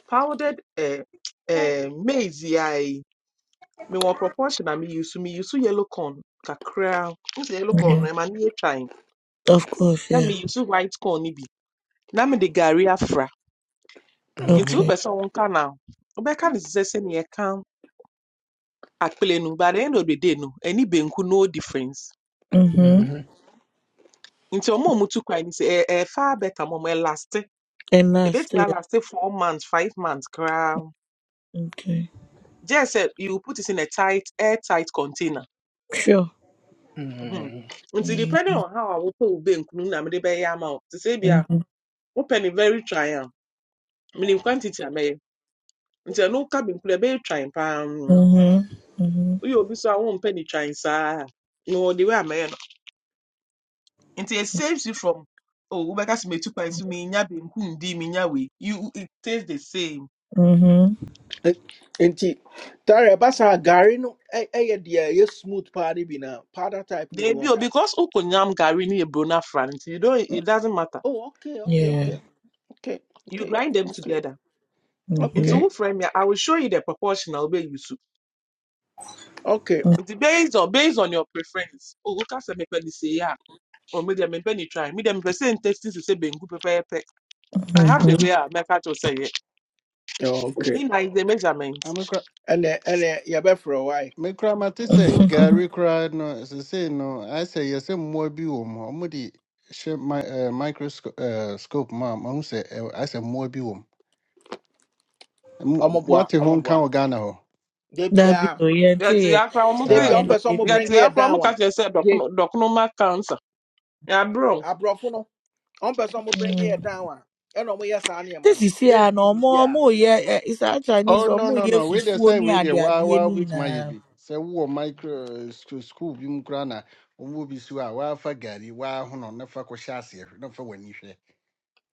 H: Powdered eh, eh, maize i. Me yi, proportion a me use me use yellow corn kakra. Use yellow corn
C: Mhm.
H: I'm ne yɛ twan.
C: Of course,
H: Na
C: yeah.
H: meyi so white corn ne bi. Na mede gari afra. Into
A: mhm,
C: Okay.
H: wopɛ sɛ wɔnka na wobɛka no te sɛ sɛnea akpele no by the end of the day no any benku no difference
C: Mm-hmm.
A: mhm,
H: nti ọmụ ọmụ tu kwan sị ẹ ẹ far better mọ mọ elaste
C: And last,
H: ebetumi
C: yeah.
H: last four months five months koraa
C: Okay.
H: just sẹ you put it in a tight air tight container
C: Sure.
H: Mhm.
A: mhm.
H: nti depending
C: Mm-hmm.
H: on how awopɛ wo benku no na mede bɛyɛ ama wo te sɛ ebi a
C: Mm-hmm.
H: wopɛ ne very try a menim quantity a mɛyɛ nti ɛno woka benku no ɛbɛyɛ try paa mm.
C: Mm-hmm.
H: woyɛ obi so a wompɛ ne try saa a na wɔde wei a no Nti it saves you from oh wobɛka sɛ metu kwan so menya banku ndi menya wei. You it tastes the same.
C: Mm-hmm.
A: Nti tare basa gari no ɛyɛ deɛ ɛyɛ smooth paa ne bi na powder type ne bi
H: They
A: wɔn.
H: o because ukonyam gari ne eburo na no you don't it doesn't matter.
A: Oh okay okay
C: Yeah.
A: okay okay
H: You
A: okay
H: grind them together.
C: Mm-hmm.
H: Into
A: okay
H: wo frame ya, I will show you the proportion a you use.
A: okay okay
H: Nti based on based on your preference. Oh woka sɛ mepɛ ne sei a or me deɛ mepɛ ne try. Me deɛ mepɛ sɛ say bengu banku pɛpɛɛpɛ. I have the
C: Mm-hmm.
H: way I make kyerɛ wo sɛ yɛ.
A: okay.
H: He na is the measurement.
A: Ɛnɛ ɛnɛ yɛbɛfrɛ why?
E: me koraa mate
H: No
E: sɛ
H: problem.
E: Gary koraa no seesei no I say yes. sɛ mmoa bi wɔ mu hɔ ɔmo de hyɛ mi- eh, microscope Uh, scope mu a mahu sɛ ɛw- ayɛ sɛ mmoa bi wɔ mu Mo-
A: ɔmoboa
E: moate ho nka
A: ɔmoboa
E: wɔ ghana hɔ
A: da
C: that be
A: biara
C: oh, yeah,
H: yɛte
C: see, yeah.
H: akora wɔn
A: da
H: te
E: saa
A: biara
C: Yeah,
E: na-
A: ɔmpɛ
C: the
A: sɛ ɔmo
C: baby. be-
A: bring
H: yɛte
A: yɛ
H: akora
A: down
H: wɔn ka
A: one.
H: kyerɛ sɛ
A: ye
H: dɔkono dɔkonoma cancer yɛabrɛ wɔn
A: aborɔfo no ɔmpɛ sɛ ɔmo bring yɛ
C: Mm.
A: down a ɛna ɔmoyɛ saa nneɛma
C: This
A: no
C: is here
A: memfi
C: no more
A: biribiaa
C: more yeah eh, it's a
E: oh
C: Chinese or
E: no
C: more
E: no
C: yeah
E: no wei deɛ
C: fufu
E: say
C: ni
E: wei
C: ade
E: deɛ waa
C: ade
E: waa
C: ni
E: wobɛtumi ayɛ
C: na.
E: bi sɛ wowɔ micro school bi mu koraa na ɔmo bi si hɔ a waafa gari waahono na fa kɔhyɛ aseɛ hwɛ- na fa w'ani hwɛ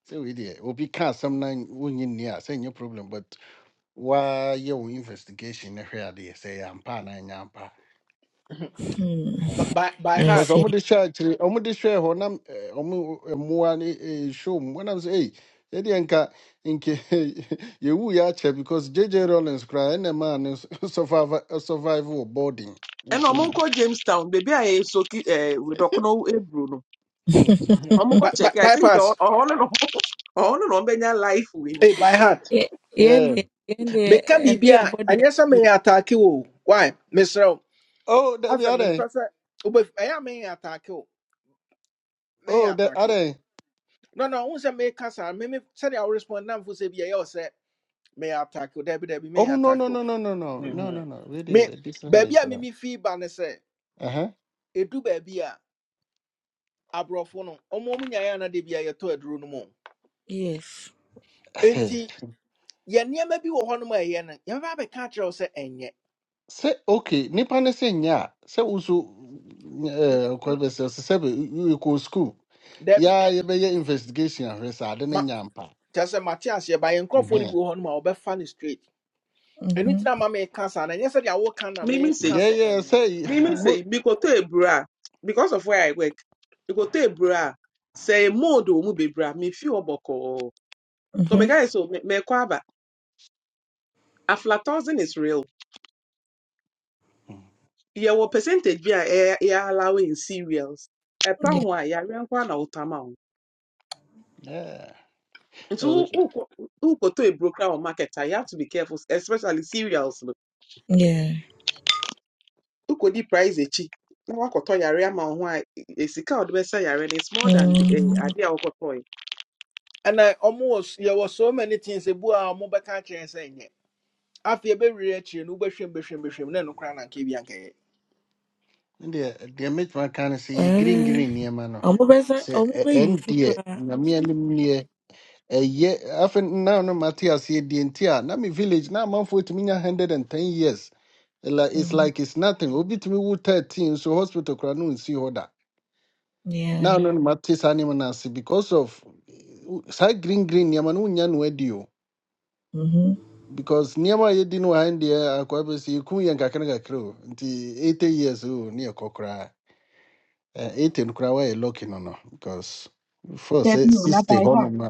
E: sɛ wei deɛ obi ka asɛm na wonyi nni a sɛ nyɛ problem Why wɔn investigation na hwɛ adeɛ sɛ ɛyɛ ampa anaa ɛnyɛ ampa
C: Hmm.
A: by,
E: Ɛhɛn.
A: by by
C: I
E: because
A: heart
C: see.
E: ɔmode hwɛ akyiri ɔmode hwɛɛ hɔ nam ɔmo mmoa no ɛhwɛ mu wɔnam sɛ ei yɛdeɛ nka nke yɛwu yɛ akyɛ because jj rollins koraa ɛnɛ maa no survive survive wɔ boarding
H: ɛna
E: nti
H: wɔn
E: no
A: Mm.
H: nkɔ jamestown beebi a yɛyɛ soki ɛɛ dɔkono eburo no
E: hmm.
A: Mhm.
H: wɔn nkɔ
A: by, by,
H: kyɛkɛ i think sɛ all,
A: bypass
H: ɔhɔ all, na ɔmo ɔhɔ no na wɔn bɛnya life wei no
A: hey, by heart
C: Yeah, yeah,
E: yeah.
C: yeah, yeah,
A: Me
C: and yeah,
A: biribiaa
C: body.
A: ɛnyɛ sɛ meyɛ ataake wo o. why Mister?
E: oh dabi
A: As a mempɛ
E: adɛn
A: sɛ wobɛf- ɛyɛ a me attack you. Me
E: oh da
A: attack you.
E: adɛn
A: no no wohu sɛ meka saa Me sɛdeɛ worespond na mfo for bi ɛyɛ wo sɛ meyɛ ataake wo daabi daabi
E: oh
A: meyɛ
E: no
A: ataake
E: no
A: wo
E: no no no no no
A: Mhm.
E: no no
A: me
E: wedeɛ different
A: baabi a mimi fii ba ne sɛ
E: Uh huh.
A: ɛdu baabi a aborɔfo no ɔmo ɔmo nyaeɛ ana da bi a yɛtɔ aduro no mu o.
C: Yes.
A: enti yɛ nneɛma bi wɔ hɔnom a ɛyɛ no yɛbɛba abɛka akyerɛ wo sɛ ɛnyɛ
E: sɛ okay nipa ne sɛ nyɛ a sɛ woso kɔbɛsɛ sɛ sɛ be ko school. Ya
A: daabi
E: sukuu be yɛbɛyɛ investigation ahwɛ sɛ ade ne
A: ma
E: nya mpa
A: kyerɛ sɛ mate aseɛ ba yɛ nkurɔfoɔ no bi
E: Ɛhɛn.
A: wɔ hɔnom a wɔbɛfa no straight ɛno nti
C: Mhm.
A: na ma meka saa no ɛnyɛ sɛdeɛ woka na
H: mímí sè
A: meka sɛ
E: yɛyɛ
A: ɛnyɛ
E: sɛ
H: Mimi
A: Aha.
E: mo
H: say mikoto ebra because of where I work. Mikoto ebra say modo mu bebra me fi oboko. So me
C: Mhm.
H: guys so me me kwaba aflatoxin is real. Yeah, what percentage be a e e allowing in cereals. E pa ho a pound
C: Yeah.
H: one ya ren kwa na utama ho.
E: Yeah.
H: Nti
E: Ɛwɛ.
H: ukoto ebro kra o market a, broker or marketer, you have to be careful especially cereals no.
C: Yeah.
H: Ukodi price echi. Na wakoto yare ama ho a e- sika o de be say yare no, it's more than the eh,
C: Mm.
H: ade a wakoto.
A: ɛna ɔmo wɔ s- yɛwɔ so many things ebu a ɔmo bɛka akyerɛ yɛn sɛ ɛnyɛ afei ɛbɛwiri akyire no wobɛhwɛm bɛhwɛm bɛhwɛm na ɛno koraa na anka bi ankɛyɛ
E: deɛ deɛ mɛtuma ka no sɛ green
C: Eh.
E: green nneɛma no
C: Ọmụ bụ eze.
E: sɛ
C: Ọmụ bụ
E: ɛ-
C: eyi
E: ɛn
C: usu
E: deɛ
C: kura.
E: nyame anim neɛ ɛyɛ afei na no mate aseɛ deɛ nti a na me village na amanfoɔ tumi nya 110 years Ɛla- it's
C: Mhm.
E: like it's nothing obi tumi wo 13 so hospital koraa no nsi hɔ da
C: Yeah.
E: Now, no no mate saa nneɛma no because of eh, green green nneɛma no wonya no adi
C: Mhm.
E: because niama a yɛdi no wɔ ha no deɛ akoa 80 years o ne yɛkɔ koraa Eh, 80 no koraa woayɛ lucky no no because first sɛ
D: Debbie Una
E: 60
D: by heart.
E: hɔnom a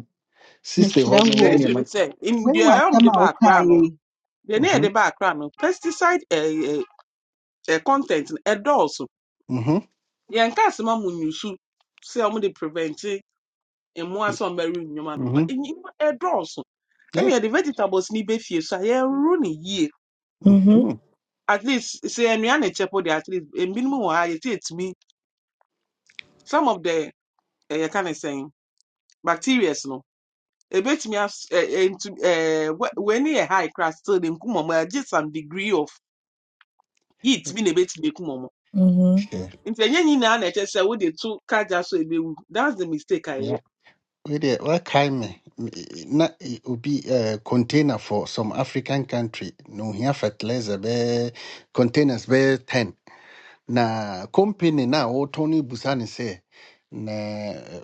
E: 60
D: Mr.
E: hɔnom na
H: There is
D: Wu.
H: to me
E: nneɛma
H: say in
D: When
H: the
D: was
H: realm
D: the
H: the back ram
D: Maokai?
H: deɛ ne
E: Mhm,
H: yɛde ba akra no pesticide eh, eh, eh, content no also.
E: mhm,
H: yɛnka asɛm amu nyusu sɛ ɔmo de prevente mmoa sɛ ɔmo ɛre nnwuma no but
E: mhm.
H: nnwuma ɛdɔɔso ɛna yɛde vegetables ni bɛfie so a yɛro ne yie
C: Mhm.
H: at least sɛ ɛnua ne kyɛ po at least ebinom wɔ ha yɛte etumi some of the eh, yɛka ne sɛn Bacteria, no ebetumi as ɛɛ ntu ɛɛ wɛni high class still de nkum ɔmo agye some degree of heat Be na ebetumi ekum ɔmo
C: Mhm.
E: Hwɛ,
H: nti ɛnyɛ nyinaa na ɛkyɛ sɛ wode to kagya so a ɛbɛwu thats the mistake a
E: yeah.
H: ɛyɛ
E: Wei there, what kind? Me- na eh, obi eh, container for some african country No here fertilizer bɛɛ containers be 10 na company na wɔtɔn Tony Busani say, sɛ na eh,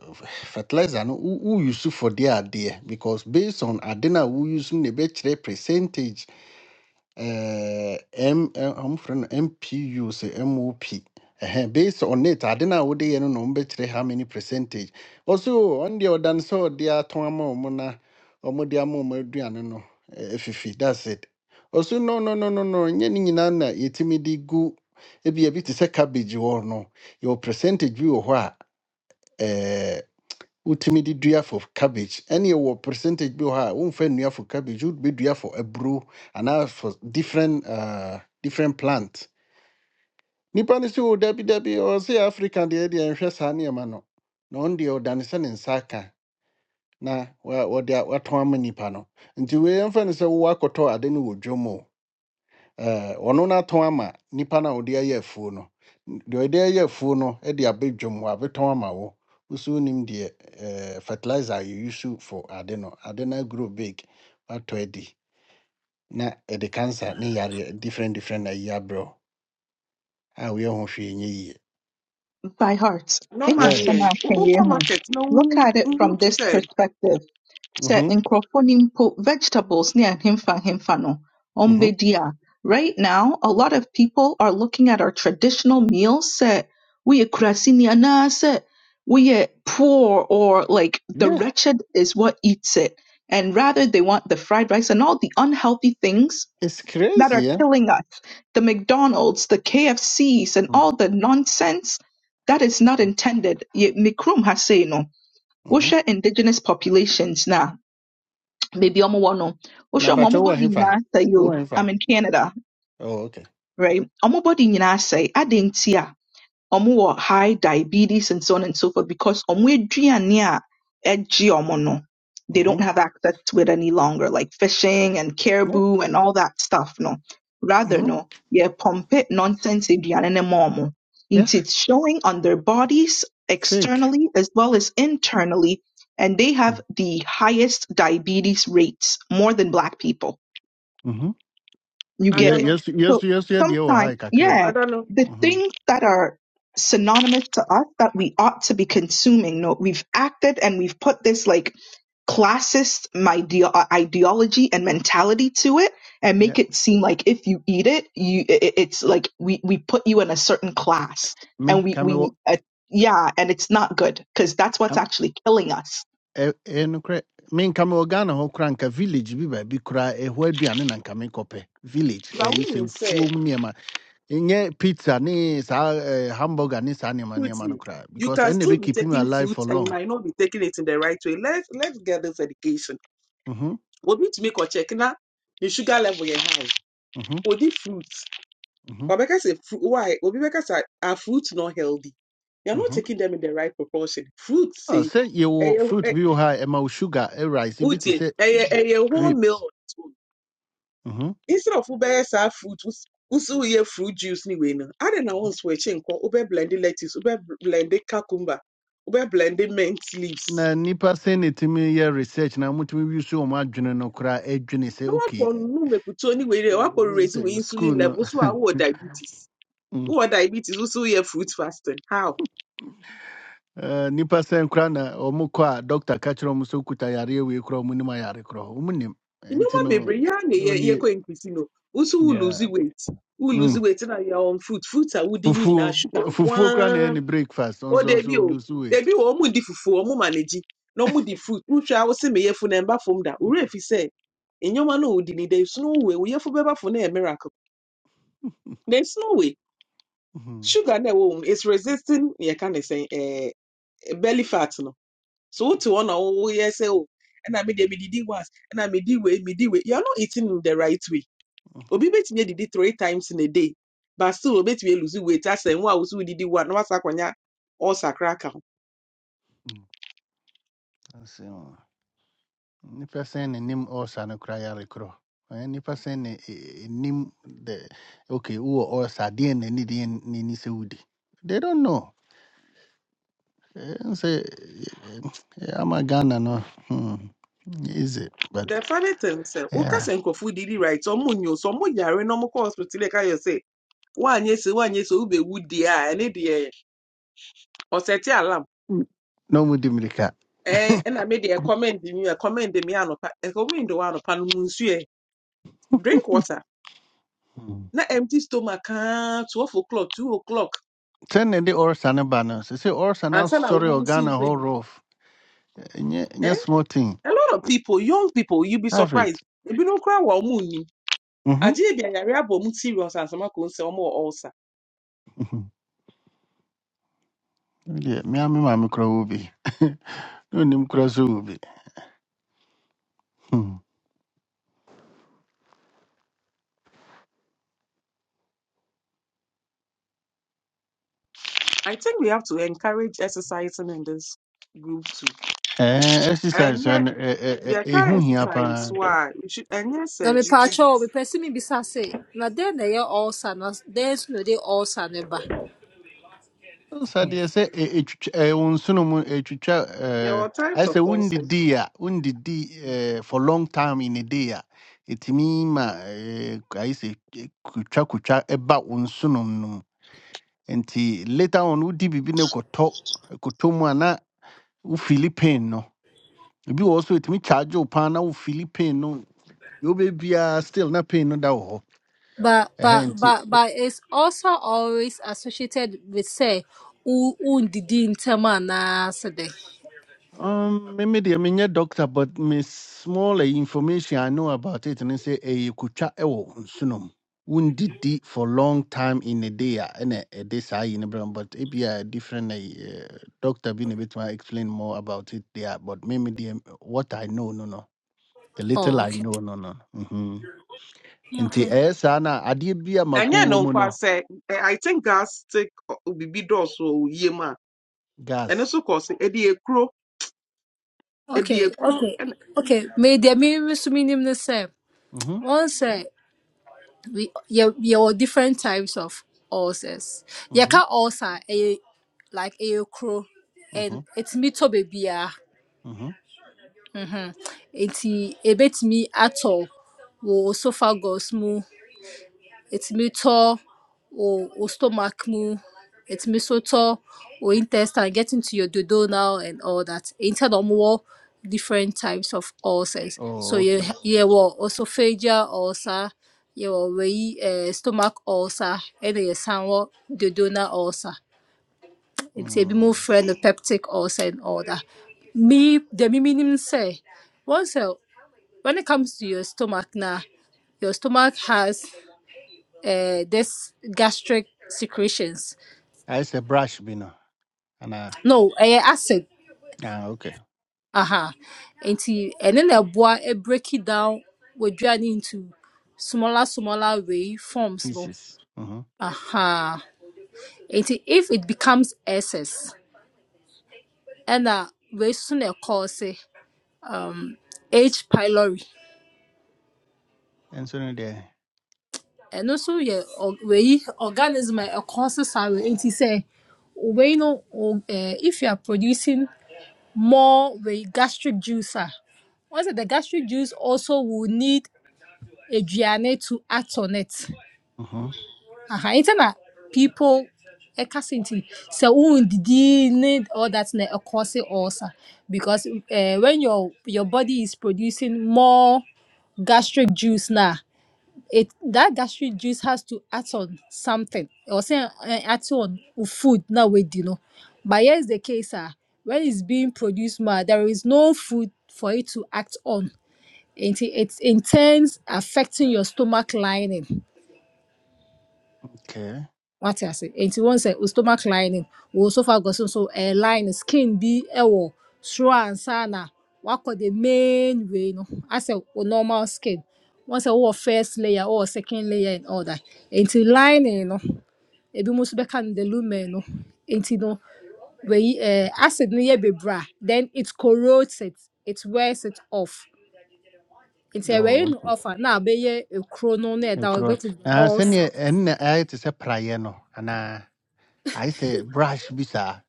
E: fertilizer no who who use for their adeɛ because based on ade no a wouse no na percentage eh, M, eh, I'm friend MPU say MOP. Uh, based on it, I don't know what they know better how many percentage. Also, on the other hand, so they are Tomamo Mona or Modiamo Modiano. No, if you that's it. Also, no, no, no, no, no, Yaninana, Yetimidi goo. Ebi You te sɛ cabbage wɔ hɔ no, your percentage bi wɔ hɔ wotumi de dua for cabbage ɛne ɛwɔ percentage bi wɔ hɔ a womfa nnua for cabbage wobɛdua for aburo anaa for different uh, different plant nnipa no sɛ o dabi dabi ɔwɔ africa deɛ deɛ nhwɛ saa nneɛma no na ɔno deɛ ɔdane sɛ ne nsa aka na wa- wɔde a- watɔn ama nnipa no nti wei ɛmfa no sɛ wowɔ akɔtɔ ade no wɔ dwom o Eh, ɔno n'atɔn ama nipa na ɔde ayɛ afuo no deɛ ɔde ayɛ afuo no e de abɛ dwom wɔ abɛtɔn ama wo woso wonim deɛ eh, fertilizer you use for ade no ade no agro big watɔ adi na ɛde cancer ne yareɛ different different na ayi bro. wo we woyɛ ho hwee nyɛ yie
D: By heart. It was
E: yeah
H: normally
D: the
H: yɛn wo- wokɔ
D: Maokai.
H: market na
D: Look
H: wohu
D: at it
H: wohu
D: from
H: te
D: this
H: sɛ
D: perspective. sɛ
E: mhm
D: nkurɔfoɔ no mpo vegetables ne ahemfa ahemfa no
E: mhm
D: ɔmbɛdi a right now a lot of people are looking at our traditional meals sɛ woyɛ kurasini anaasɛ woyɛ poor or like the
E: yeah
D: wretched is what eats it and rather they want the fried rice and all the unhealthy things
E: it's
D: that
E: crazy
D: are
E: yeah
D: killing us the mcdonald's the kfcs and
E: mm
D: all the nonsense that is not intended yɛ mikrom ha sei no
E: mhm
D: wohwɛ indigenous populations now baabi a wɔwɔ
E: na
D: Osho, wohwɛ
E: mpakyɛ
D: ma wɔn
E: wowɔ
D: body
E: hefa
D: nyinaa asɛe o
E: wowɔ hefa
D: i'm in canada
E: oh okay
D: right wɔn body nyinaa asɛe adɛn ntia ọmụ wɔ high diabetes and so on and so forth because ọmụ eduane a ɛgye ọmụ no, they
E: mhm
D: don't have access to it any longer, like fishing and caribou and all that stuff no. Rather no, yɛpɔmpe nonsense aduane no ma ọmụ.
E: yeah
D: Nti it's showing on their bodies externally as well as internally and they have the highest diabetes rates, more than black people.
E: mhm
D: You get
H: ada
D: it.
H: no
D: So sometimes, yeah,
H: ada no
D: the
E: mhm
D: things that are synonymous to us that we ought to be consuming, no, we've acted and we've put this like classist idea, ideology and mentality to it and
E: yeah
D: make it seem like if you eat it, you i- i- it's like we we put you in a certain class
E: me
D: and we
E: ka me wɔ
D: we uh, yeah, and it's not good because that's what's actually killing us.
E: Ɛ- ɛyɛ nokorɛ me nka mewɔ ghana hɔ koraa nka village bi baabi koraa ɛhɔ aduane na nka mekɔpɛ village
H: but
E: ɛyi sɛ
H: wonim sɛ
E: mfuom nneɛma ɛnyɛ pizza ne saa eh, hamburger ne saa nneɛma nneɛma no
H: wotie
E: koraa
H: you
E: because
H: can
E: ɛnna
H: still be
E: ɛbɛkeep me
H: taking
E: alive
H: fruit
E: for
H: and you
E: long
H: might not be taking it in the right way let let's get this education
E: Mhm,
H: We need to make a check na ne sugar level is high
E: mhm,
H: odi fruit
E: mhm,
H: ɔbɛka sɛ fru- why obi bɛka say are fruits not healthy you are not
E: mhm.
H: taking them in the right proportion fruit
E: Ah,
H: say
E: sɛ
H: eh,
E: yɛwɔ fruit
H: eh,
E: bi wɔ ha a ɛma wo sugar e rice. bi te
H: Uche,
E: say
H: a, a, whole meal
E: grapes Mhm.
H: Instead of ubaya sa fruit, us- usu ye fruit juice ni we no. I don't know once we change ko ube blended lettuce, ube blended cucumber, ube blended mint leaves.
E: na nipa say na ɛtumi yɛ research na motumi wi so wɔ m adwene no koraa adwene sɛ
H: No one
E: okay
H: can no me put any
E: eh,
H: way. One can raise we
E: sɛ school
H: insulin
E: no
H: level So I who are diabetes? Who are diabetes? Usu ye fruit fasting. How?
E: Eh, nipa sɛ nkora na ɔmo kɔ a dɔkta ka kyerɛ ɔmo sɛ okuta yareɛ wei korɔ ɔmo nim ayare korɔ ɔmo nim
H: You know
E: nti
H: what,
E: no
H: baby? Yeah,
E: na
H: ye ye
E: ɔnie
H: ko increase no. Usu will lose
E: nea-
H: weight. Who lose
E: mm,
H: weight na ya on fruit. Fruits are woody na
E: fufuo fufuo koraa na
H: sugar.
E: ɛyɛ ne breakfast
H: o
E: ɔnso
H: debi
E: ɔnso
H: o
E: lose weight
H: debi o ɔmo di fufu ɔmo manage no ɔmo di fruit wotu a wosi meyɛ fu na ɛmba fam da owurɛ fi sɛ nneɛma no a odi ni de sunu we woyɛ fu bɛba fo na ɛyɛ miracle na esunu we
E: Mhm,
H: sugar na ɛwɔ mu no, resisting yɛ can ne sɛn ɛɛ belly fat no so wotu hɔ na woyɛ sɛ o and I mi de mi didi was ɛna mi di wei mi di wei you are not eating in the right way
E: mhm,
H: obi betumi edidi three times in a day but still obetumi lose weight asɛn wo a wosi wo so didi wa na wasa kwanya all ɔsakra
E: mm, ase, mm. nipa sɛn ne nim ɔɔsa no kora yare korɔ Ɛnyɛ nipa sɛn ne eh, eh, nim the okay wowɔ ɔɔsa deɛ na ni deɛ ne ni sɛ wodi they don't know Eh, n sɛ eh, eh, eh, ama ghana no hmm, easy but
H: The funny thing sɛ woka
E: yeah.
H: sɛ did didi right ɔmo nyɛ so sɛ ɔmo yare na ɔmo kɔ hospital one yɛ sɛ woanyɛ se woanyɛ se wobɛwu deɛ a ɛne deɛ ɔsɛte alam
E: no mu dimirika
H: ɛɛ ɛna me deɛ comment mi a comment mi anɔpa ɛkɔmend wɔ anɔpa no mu nsu ɛ drink water na empty stomach kaa twelve o'clock two o'clock
E: ten ne de orsa ne ba no sɛ sɛ orsa na
H: And ansa na wo
E: sɔre
H: nso
E: ɔghana hɔ
H: baby.
E: rof ɛnyɛ ɛnyɛ
H: Eh,
E: small thing
H: a lot of people young people you be
E: have
H: surprised
E: it
H: If ebinom koraa wɔ ɔmo nim
E: Mhm,
H: agye I de be abɔ ɔmo serious ansama ko nsɛ ɔmo wɔ ulcer.
E: mhm. yeah Me deɛ mea me maame kora wɔ bi ne onim so wɔ bi Hmm.
H: I think we have to encourage exercising in this group too. And yet, there can exercise. Why we should? And yes,
I: Na
H: sir, we should.
I: mepatwa o mepɛ sɛ mibisa se na dɛn na ɛyɛ ulcer na dɛn nso na ɛde ulcer no ba
H: There were times of also.
E: ndidi eh, for long time in a day a ɛtumi ma eh, ayɛ sɛ eh, kotwakotwa ɛba wo nsonom no nti later on wodi biribi ne kɔtɔ kɔtɔ mu a na wo Philippine no ebi wɔ hɔ so ɛtumi charge wo paa na wo fili no You be biara still not paying no da wɔ hɔ
I: but but
E: ɛhɛ
I: but but is ulcer always associated with say who who did anaa sɛ dɛn
E: um me me deɛ menyɛ doctor but me small eh, information i know about it and they say, ne sɛ ɛyɛ kotwa sunum. nsonom di for long time in a day ah, and a ɛna ɛde saa yi no brɛ but it be a different eh, eh, doctor being a bit more explain more about it there but me me deɛ what i know no no the little
I: oh
E: i know
I: okay
E: no mm. And
I: okay
H: And yeah, no, kwa
E: no
H: say eh, I think gas take obibi doors or yema. And
E: gas
H: also cause edi ekro, edi
I: okay
H: crow.
I: okay
H: And
I: okay May deɛ me nso menim ne
E: mm-hmm,
I: One say sɛ we yɛ yɛwɔ different types of ulcers You
E: mm-hmm,
I: can ulcer a, like ɛyɛ kuro
E: mm-hmm,
I: and ɛtumi tɔ baabiara
E: mm-hmm.
I: Enti ebetumi atɔ wo esophagus mu, etumi tɔ wo wo stomach mu, etumi nso tɔ wo intestine get into your duodenal and all that. Enti ɛna ɔmowɔ different types of ulcers. So
E: oh okay
I: yɛ- yɛwɔ esophageal ulcer, yɛwɔ wei ɛɛ stomach ulcer ɛna yɛsan wɔ duodenal ulcer. Nti ebinom
E: mm.
I: frɛ no peptic ulcer and all that. Me deɛ me menim ne sɛ once a when it comes to your stomach now your stomach has uh, this gastric secretions
E: I say brush bi no
I: no ɛyɛ acid
E: Ah, okay.
I: aha nti ɛne na ɛboa ɛ- break it down wɔaduane into smaller smaller way forms no
E: Pieces. Mm-hmm.
I: aha nti if it becomes excess ɛna wei so na ɛkɔɔse h pylori
E: And so there.
I: ɛno nso yɛ or- wei organism a ɛkɔɔse saa wei nti sɛ wei no o- eh, if you are producing more with gastric juicer. Once the gastric juice also will need a aduane to act on it.
E: Mm-hmm.
I: Aha, nti na people ɛka se nti sɛ wondidi need all that na ɛkɔ se ulcer because uh, when your your body is producing more gastric juice na it that gastric juice has to act on something or say uh, act on food now with you know but here's the case ah when it's being produced ma there is no food for it to act on it, it intends affecting your stomach lining
E: Okay.
I: wate ase nti wɔn sɛ o stomach lining wɔ esophagus nso ɛyɛ line skin be bi ɛwɔ soro ansa What could the main way no I asɛ o normal skin wɔn sɛ wɔwɔ first layer wɔwɔ second layer and all that Into lining no ebi mo nso bɛka no the lumen no Into no wɛyi acid no be bra. then it corrodes it it wears it off Into ɛwɛyi
E: Oh,
I: no off a na a chrono? no that ɛda hɔ
E: okay.
I: which is the
E: Ah, send you and I to say prayer no. And uh, I say brush bisa.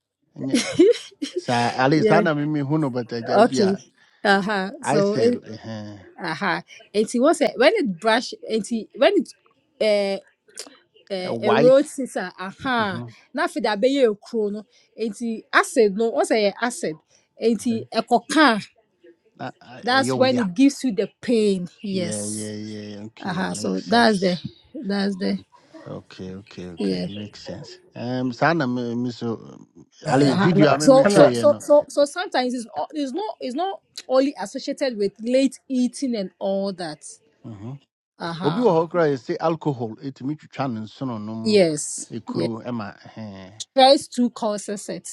E: Sa Alisana mimi huno but
I: Okay.
E: jabia.
I: Uh-huh.
E: I
I: So
E: say
I: it
E: uh,
I: uh-huh. And he was when it brush and he when it uh uh,
E: why?
I: erodes it a uh-huh.
E: Mm-hmm.
I: Now na afei de abɛyɛ ekuro no. and he acid no What's sɛ acid And
E: Mm-hmm.
I: he a, coca.
E: Uh,
I: that's
E: Yo
I: when
E: yeah.
I: it gives you the pain
E: Yeah,
I: yes
E: yeah, yeah.
I: Uh
E: Okay,
I: huh.
E: makes
I: so that's
E: sense.
I: the that's the
E: Okay, okay,
I: yeah
E: okay, makes sense. Um, sana me me so Ali
I: Uh huh.
E: video
B: Ɛna
E: me me
I: so
B: ɛna
E: share
I: so
E: you
I: so
E: know.
I: so so sometimes it's al- it's not it's not only associated with late eating and all that Uh
E: obi wɔ
I: aha
E: hɔ koraa yɛsɛ alcohol ɛtumi twitwa ne nsononom
I: yes
E: ɛkuro ɛma ɛhɛ
I: first two courses set.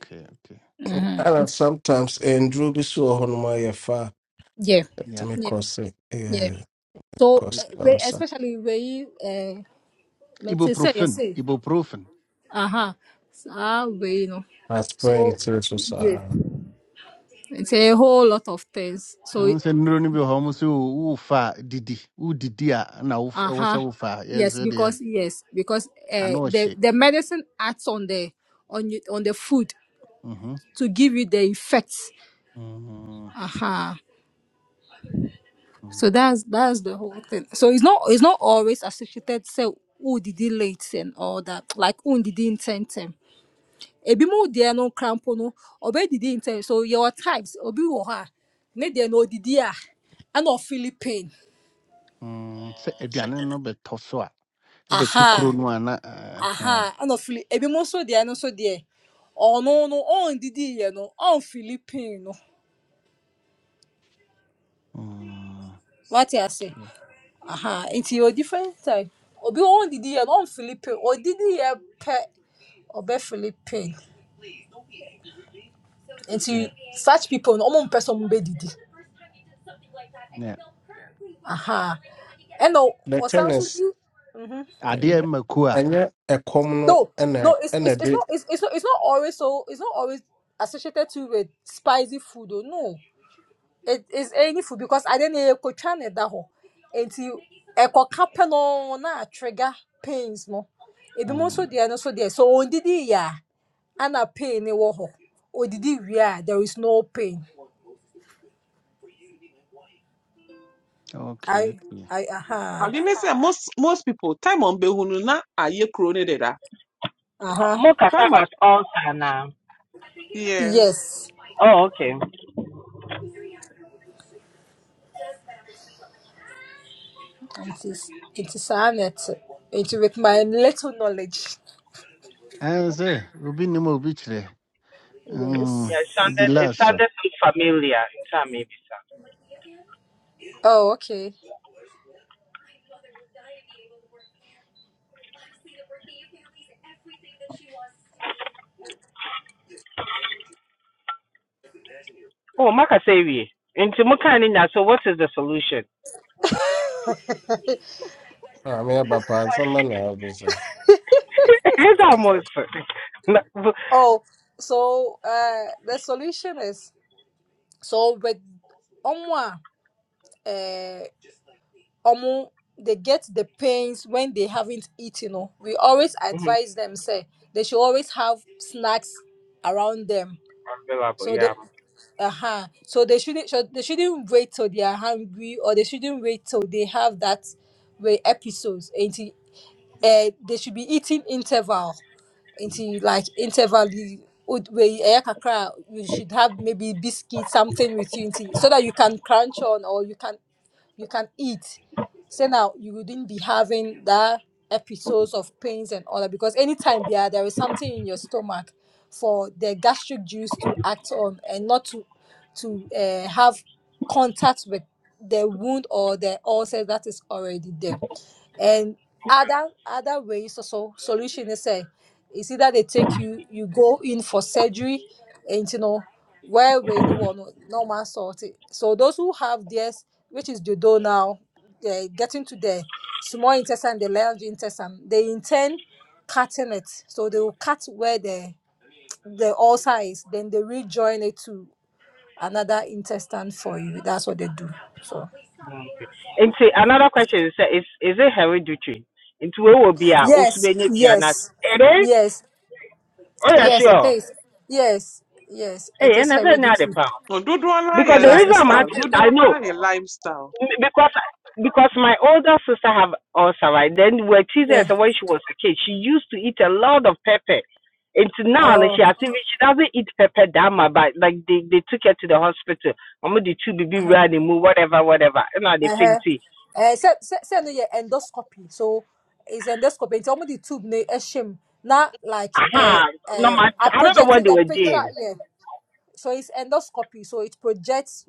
E: Okay, okay.
I: Uh-huh.
B: ɛna
I: And-
B: sometimes nduro bi so wɔ hɔ nom a yɛ fa a
I: Yeah,
E: yeah
B: ɛtumi
I: yeah,
B: kɔse
I: yeah.
B: ɛyɛ
I: So eh,
E: weapon
B: kɔse na
I: we-
B: ɔsa.
I: especially wei uh let's say say yes say uh-huh. So, Ah we you know.
B: Aspirin
I: So
B: tiri so
I: yeah. It's a whole lot of things. So uh-huh. Yes, because yes, because uh the the medicine acts on the on you on the food
E: Mhm.
I: to give you the effects.
E: Mm,
I: Uh-huh.
E: hmm
I: So that's that's the whole thing. So it's not it's not always associated say who did it late and all that. Like who did it intend them. Ebi mu deɛ no crampo no Obe did didi intend. So your types obi wɔ hɔ ne deɛ no odidi a ɛna ɔfili pain.
E: mm. sɛ aduane no bɛtɔ so a ɛbɛto kuro
I: Aha
E: no a na ɛɛ,
I: aha ɛna ɔfili ebi mu nso deɛ no nso deɛ ɔno no no. oh didi yɛ no oh fili no.
E: mm,
I: What you say? aha nti yɛ different type obi wɔn didi yɛ wɔn philippine odidi yɛ pɛ ɔbɛ philippine
E: yeah,
I: nti such people no wɔn mpɛ sɛ wɔn bɛ didi
E: yeah.
I: aha ɛna ɔ-
B: The
I: ɔsan so
B: tennis
I: di
E: adeɛ
B: ɛnyɛ
E: ma ku a
B: ɛnyɛ a common
I: no
B: ɛna
I: no it's
B: ɛna
I: it's it's
B: ɛde
I: not it's it's not it's not always so it's not always associated to with spicy food Oh no. it is anyfo because ade na yɛkɔtwa ne da hɔ nti ɛkɔka pɛ no na trigger pains no ebinom nso
E: mm,
I: deɛ no So there. So on sɛ ɔndidi yɛ a ana pain no war, hɔ odidi wie a there is no pain
E: okay,
I: I,
E: okay.
I: I, aha,
H: again, I say most most people time on behunu na aye crow ne deda.
J: Oh,
I: aha,
H: Time a
J: Mokasaga's ulcer now.
H: yeah.
I: yes
J: Oh, okay.
I: nti nti saa na ɛte with my little knowledge
E: ɛn sɛ obi nim a obi kyerɛ Mm,
J: Yeah, it
I: yes
E: ɛdi
J: sounded it
E: last so,
J: sounded so familiar. in time maybe sir.
I: oh okay
J: Oh, Makasevi. Into Mukanina, so what is the solution?
B: Ah, mi apa panza me ne dice.
J: it's almost. Mhm.
I: oh so uh, the solution is so with ɔmo a omo they get the pains when they haven't eaten oh. we always advise them say they should always have snacks around them
J: Available,
I: so the
J: yeah.
I: uh-huh so they shouldn't should, they shouldn't wait till they are hungry or they shouldn't wait till they have that way episodes until uh, they should be eating interval until like interval you would- where you eh, kakra, you should have maybe biscuit something with you until so that you can crunch on or you can you can eat. So now you wouldn't be having that episodes of pains and all that because anytime there there is something in your stomach for the gastric juice to act on and not to to uh, have contact with the wound or the ulcer that is already there and other other ways also solution is say it's either they take you you go in for surgery and you know where we no one normal sort it. so those who have this which is the door now they getting to the small intestine the large intestine they intend cutting it so they will cut where the the ulcer is then they rejoin it to another intestine for you that's what they do so
J: Okay. Into another question is uh, is is it hereditary? Into where will be our
B: Ah,
I: yes
J: Usubenya Pianat?
I: yes
J: It is?
I: yes
J: Oh yeah,
I: Yes, it
J: sure.
I: is. Yes, yes, it
J: Hey, and
I: is
J: that's another
I: heredity.
J: pound.
H: Or do na
J: Because
H: ye
J: the
I: Yes,
J: reason
I: it's
J: I'm
I: uh,
H: lifestyle.
J: asking is
H: Do
J: I know.
H: na ye lifestyle.
J: M- because because my older sister have ulcer, right? Then we we're teasing her
I: yeah.
J: so when she was a kid. She used to eat a lot of pepper. And to now and
I: Oh,
J: she has even she doesn't eat pepper that much, but like they, they took her to the hospital. I'm the two baby
I: uh-huh.
J: ran and move, whatever, whatever. You know, they
I: Uh-huh.
J: think tea.
I: Uh, say, say, say no, yeah, endoscopy. So it's endoscopy. It's only the tube ne eshim. Not like uh,
J: Aha, no
I: uh,
J: matter
I: I
J: I don't know what
I: projected
J: they
I: a
J: were
I: picture.
J: doing.
I: Yeah. So it's endoscopy. So it projects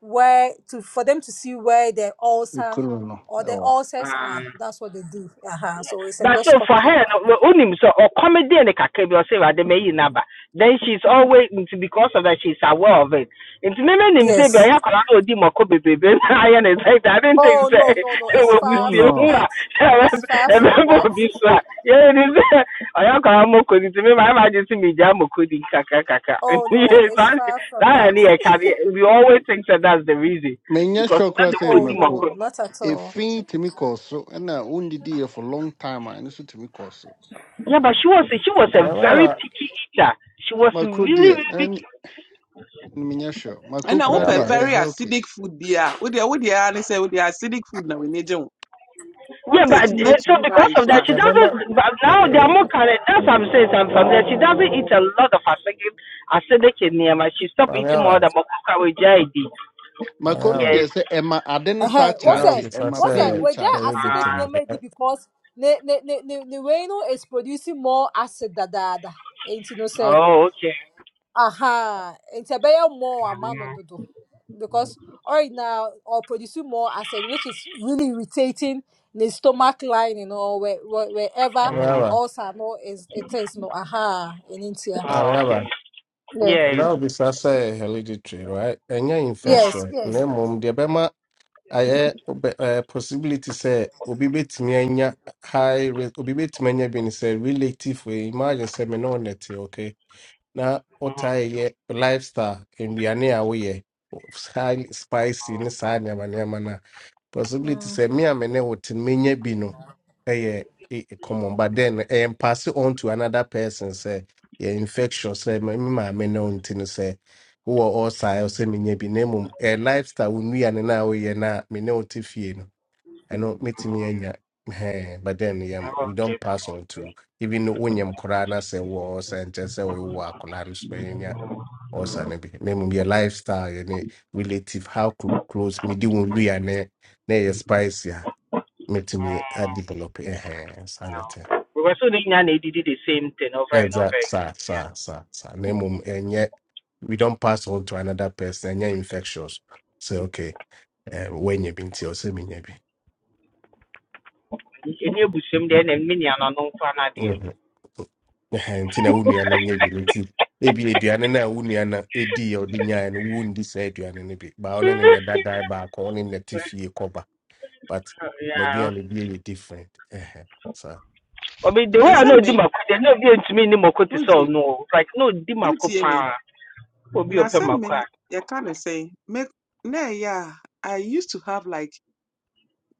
I: where to for them to see where the ulcer
E: kuro no
I: or the
E: ɛwɔ
I: ulcers
J: Ah.
I: are. That's what they do. Uh-huh. So it's
J: But so for
I: endoscopy.
J: her, no, only so or comedy and the kakri or say the may number. Then she's always mm, because of that she's aware of it. Into me him say be
I: Yes.
J: I kora no di mako bebe be I and didn't think
I: Oh
J: that
I: no, no, no.
J: she
I: It's
J: will
E: oh
I: far
J: see
I: from
J: who
E: no
J: are
I: that. It's far
J: a
I: from
J: remember
I: that.
J: be so. Yeah, it is ya kora moko into me my imagine see me jam moko di kaka kaka.
I: Oh no,
J: Yes,
I: it's
J: that
I: far from that.
J: that carry. we always think that that's the reason
E: menyɛ
J: because
E: sure
J: not
E: koraa
J: the
E: sɛ
J: way
I: Oh
J: di
E: ɛma
I: no,
E: ku.
I: not at all.
E: efi tumi kɔ so ɛna wondidiiɛ for long time a ɛno so tumi kɔ so
J: Yeah, but she was she was
B: me
J: a
B: va, me
J: very
B: va.
J: picky eater. She was
E: mako
J: really
E: deɛ
J: really
E: ɛn-
J: picky.
E: menyɛ sure
H: And
E: mako
H: I
E: koraa
H: hope a
E: deɛ ɛyɛ
H: very
E: healthy
H: acidic food bi a wodeɛ wodeɛ ara say, sɛ wodeɛ acidic food na w'ani agye wo
J: Yeah, but
H: content no yɛ
J: uh, so
H: too
J: because
H: high
J: of
H: so
J: that,
H: a
J: she
B: Me va,
J: doesn't. But now they are
B: me
J: more current. That's what I'm saying. so I'm from there. She doesn't eat a lot of acidic acidic enema. She stopped eating more than Mokuka with JID.
E: mako no
J: Yes.
E: deɛ sɛ ɛma ade no saa
I: Uh-huh. What's
B: Now
I: it?
E: charge
B: before I
E: ɛma
I: What's it?
E: pain no
B: say
I: We're just
E: charge
I: acidic
B: hereditary,
I: name
J: Uh,
I: it
B: right?
I: because the the the the the way, you know, is producing more acid than the other. Ain't you know say?
J: oh, okay.
I: aha nti ɛbɛyɛ more ama no dodo because right now or producing more acid which is really irritating the stomach lining or where, where,
B: Me
I: wherever
J: Mm-hmm.
B: va,
I: ulcer no is it is no aha in India.
J: Oh, okay.
I: Yeah.
J: Yes.
B: Now before I say hereditary, right? Any
J: Mm-hmm.
I: Yes,
B: infection, ne
I: yes.
B: mum the bema aye uh, possibility say obi betumi anya high risk obi betumi anya bi say relative we imagine say me no net okay na wotaa yɛ lifestyle nnuane a woyɛ highly spicy ne saa nneɛma nneɛma no a possibility sɛ me a me ne wote no menya bi no ɛyɛ e- e- common but then ɛyɛ pass it on to another person sɛ yɛ infectious sɛ me me maame ne wo nti no sɛ wowɔ ɔsaa ɛwɔ sɛ menya bi na mmom ɛyɛ lifestyle wo nnuane no a woyɛ no a me ne wote fie no I ɛno metumi anya Ɛhɛn, but then yɛm
J: Oh,
B: we don't
J: Okay.
B: pass on to even when koraa na sɛ wɔ sɛ nkyɛ sɛ wowɔ akwadaa no so bɛnya ɔsa Maybe bi na mmom lifestyle yɛ relative how clo- close mede wo wia ne ne ɛyɛ spice yeah meet me a mɛtumi adevelop ɛhɛn saa ne tɛ
J: We were so young and they did the same thing over and over
B: Exact. Sir.
J: again.
B: Sir. Sir. Sir. Name mmom ɛnyɛ we don't pass on to another person ɛnyɛ infectious So okay uh, When you bi nti ɔsɛ menya bi
J: Yeah. Any bushim there, and many are not known for another.
B: Mhm. Ɛha, nti na wo nua no nyɛ bi no nti ebi aduane no a wo nua no ɛdii a ɔde nyaeɛ no wondi saa aduane no bi baa ɔno ne ne dadae baako ɔne ne ne te fie kɔba but mo
J: Yeah.
B: aduane no bi yɛ different Ɛha, saa
J: I mean the way I
H: ɛsɛ
J: know di
H: me
J: mako, the no be ntumi ni mako te sɛ
H: wotie
J: ɔno. o. It's Like no di mako
H: wotie me
J: paa. Obi
H: na
J: ɔpɛ
H: sɛ
J: mako a. Pemaka.
H: me you can't say. me na yeah. I used to have like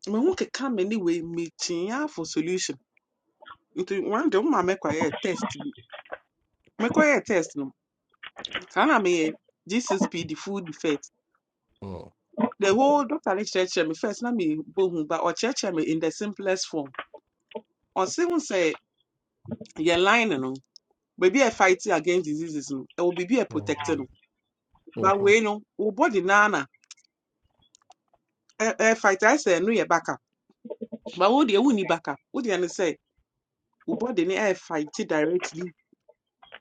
H: me ho keka come ne wei mekyea for solution nti one day woma a test bi a test no Can saa na meyɛ the food defect
B: Mm.
H: the whole doctor lecture me first na mebɔ But or ɔkyerɛkyerɛ me in the simplest form ɔse ho sɛ yɛ line no baabi a fighting against diseases no ɛwɔ biribi a protect
B: Mhm.
H: no but
B: Mhm.
H: wei no wo body naa na ɛɛ fight ayɛ sɛ ɛno yɛ backup but wo deɛ wonni backup wo deɛ no say wo body no ɛɛ fight directly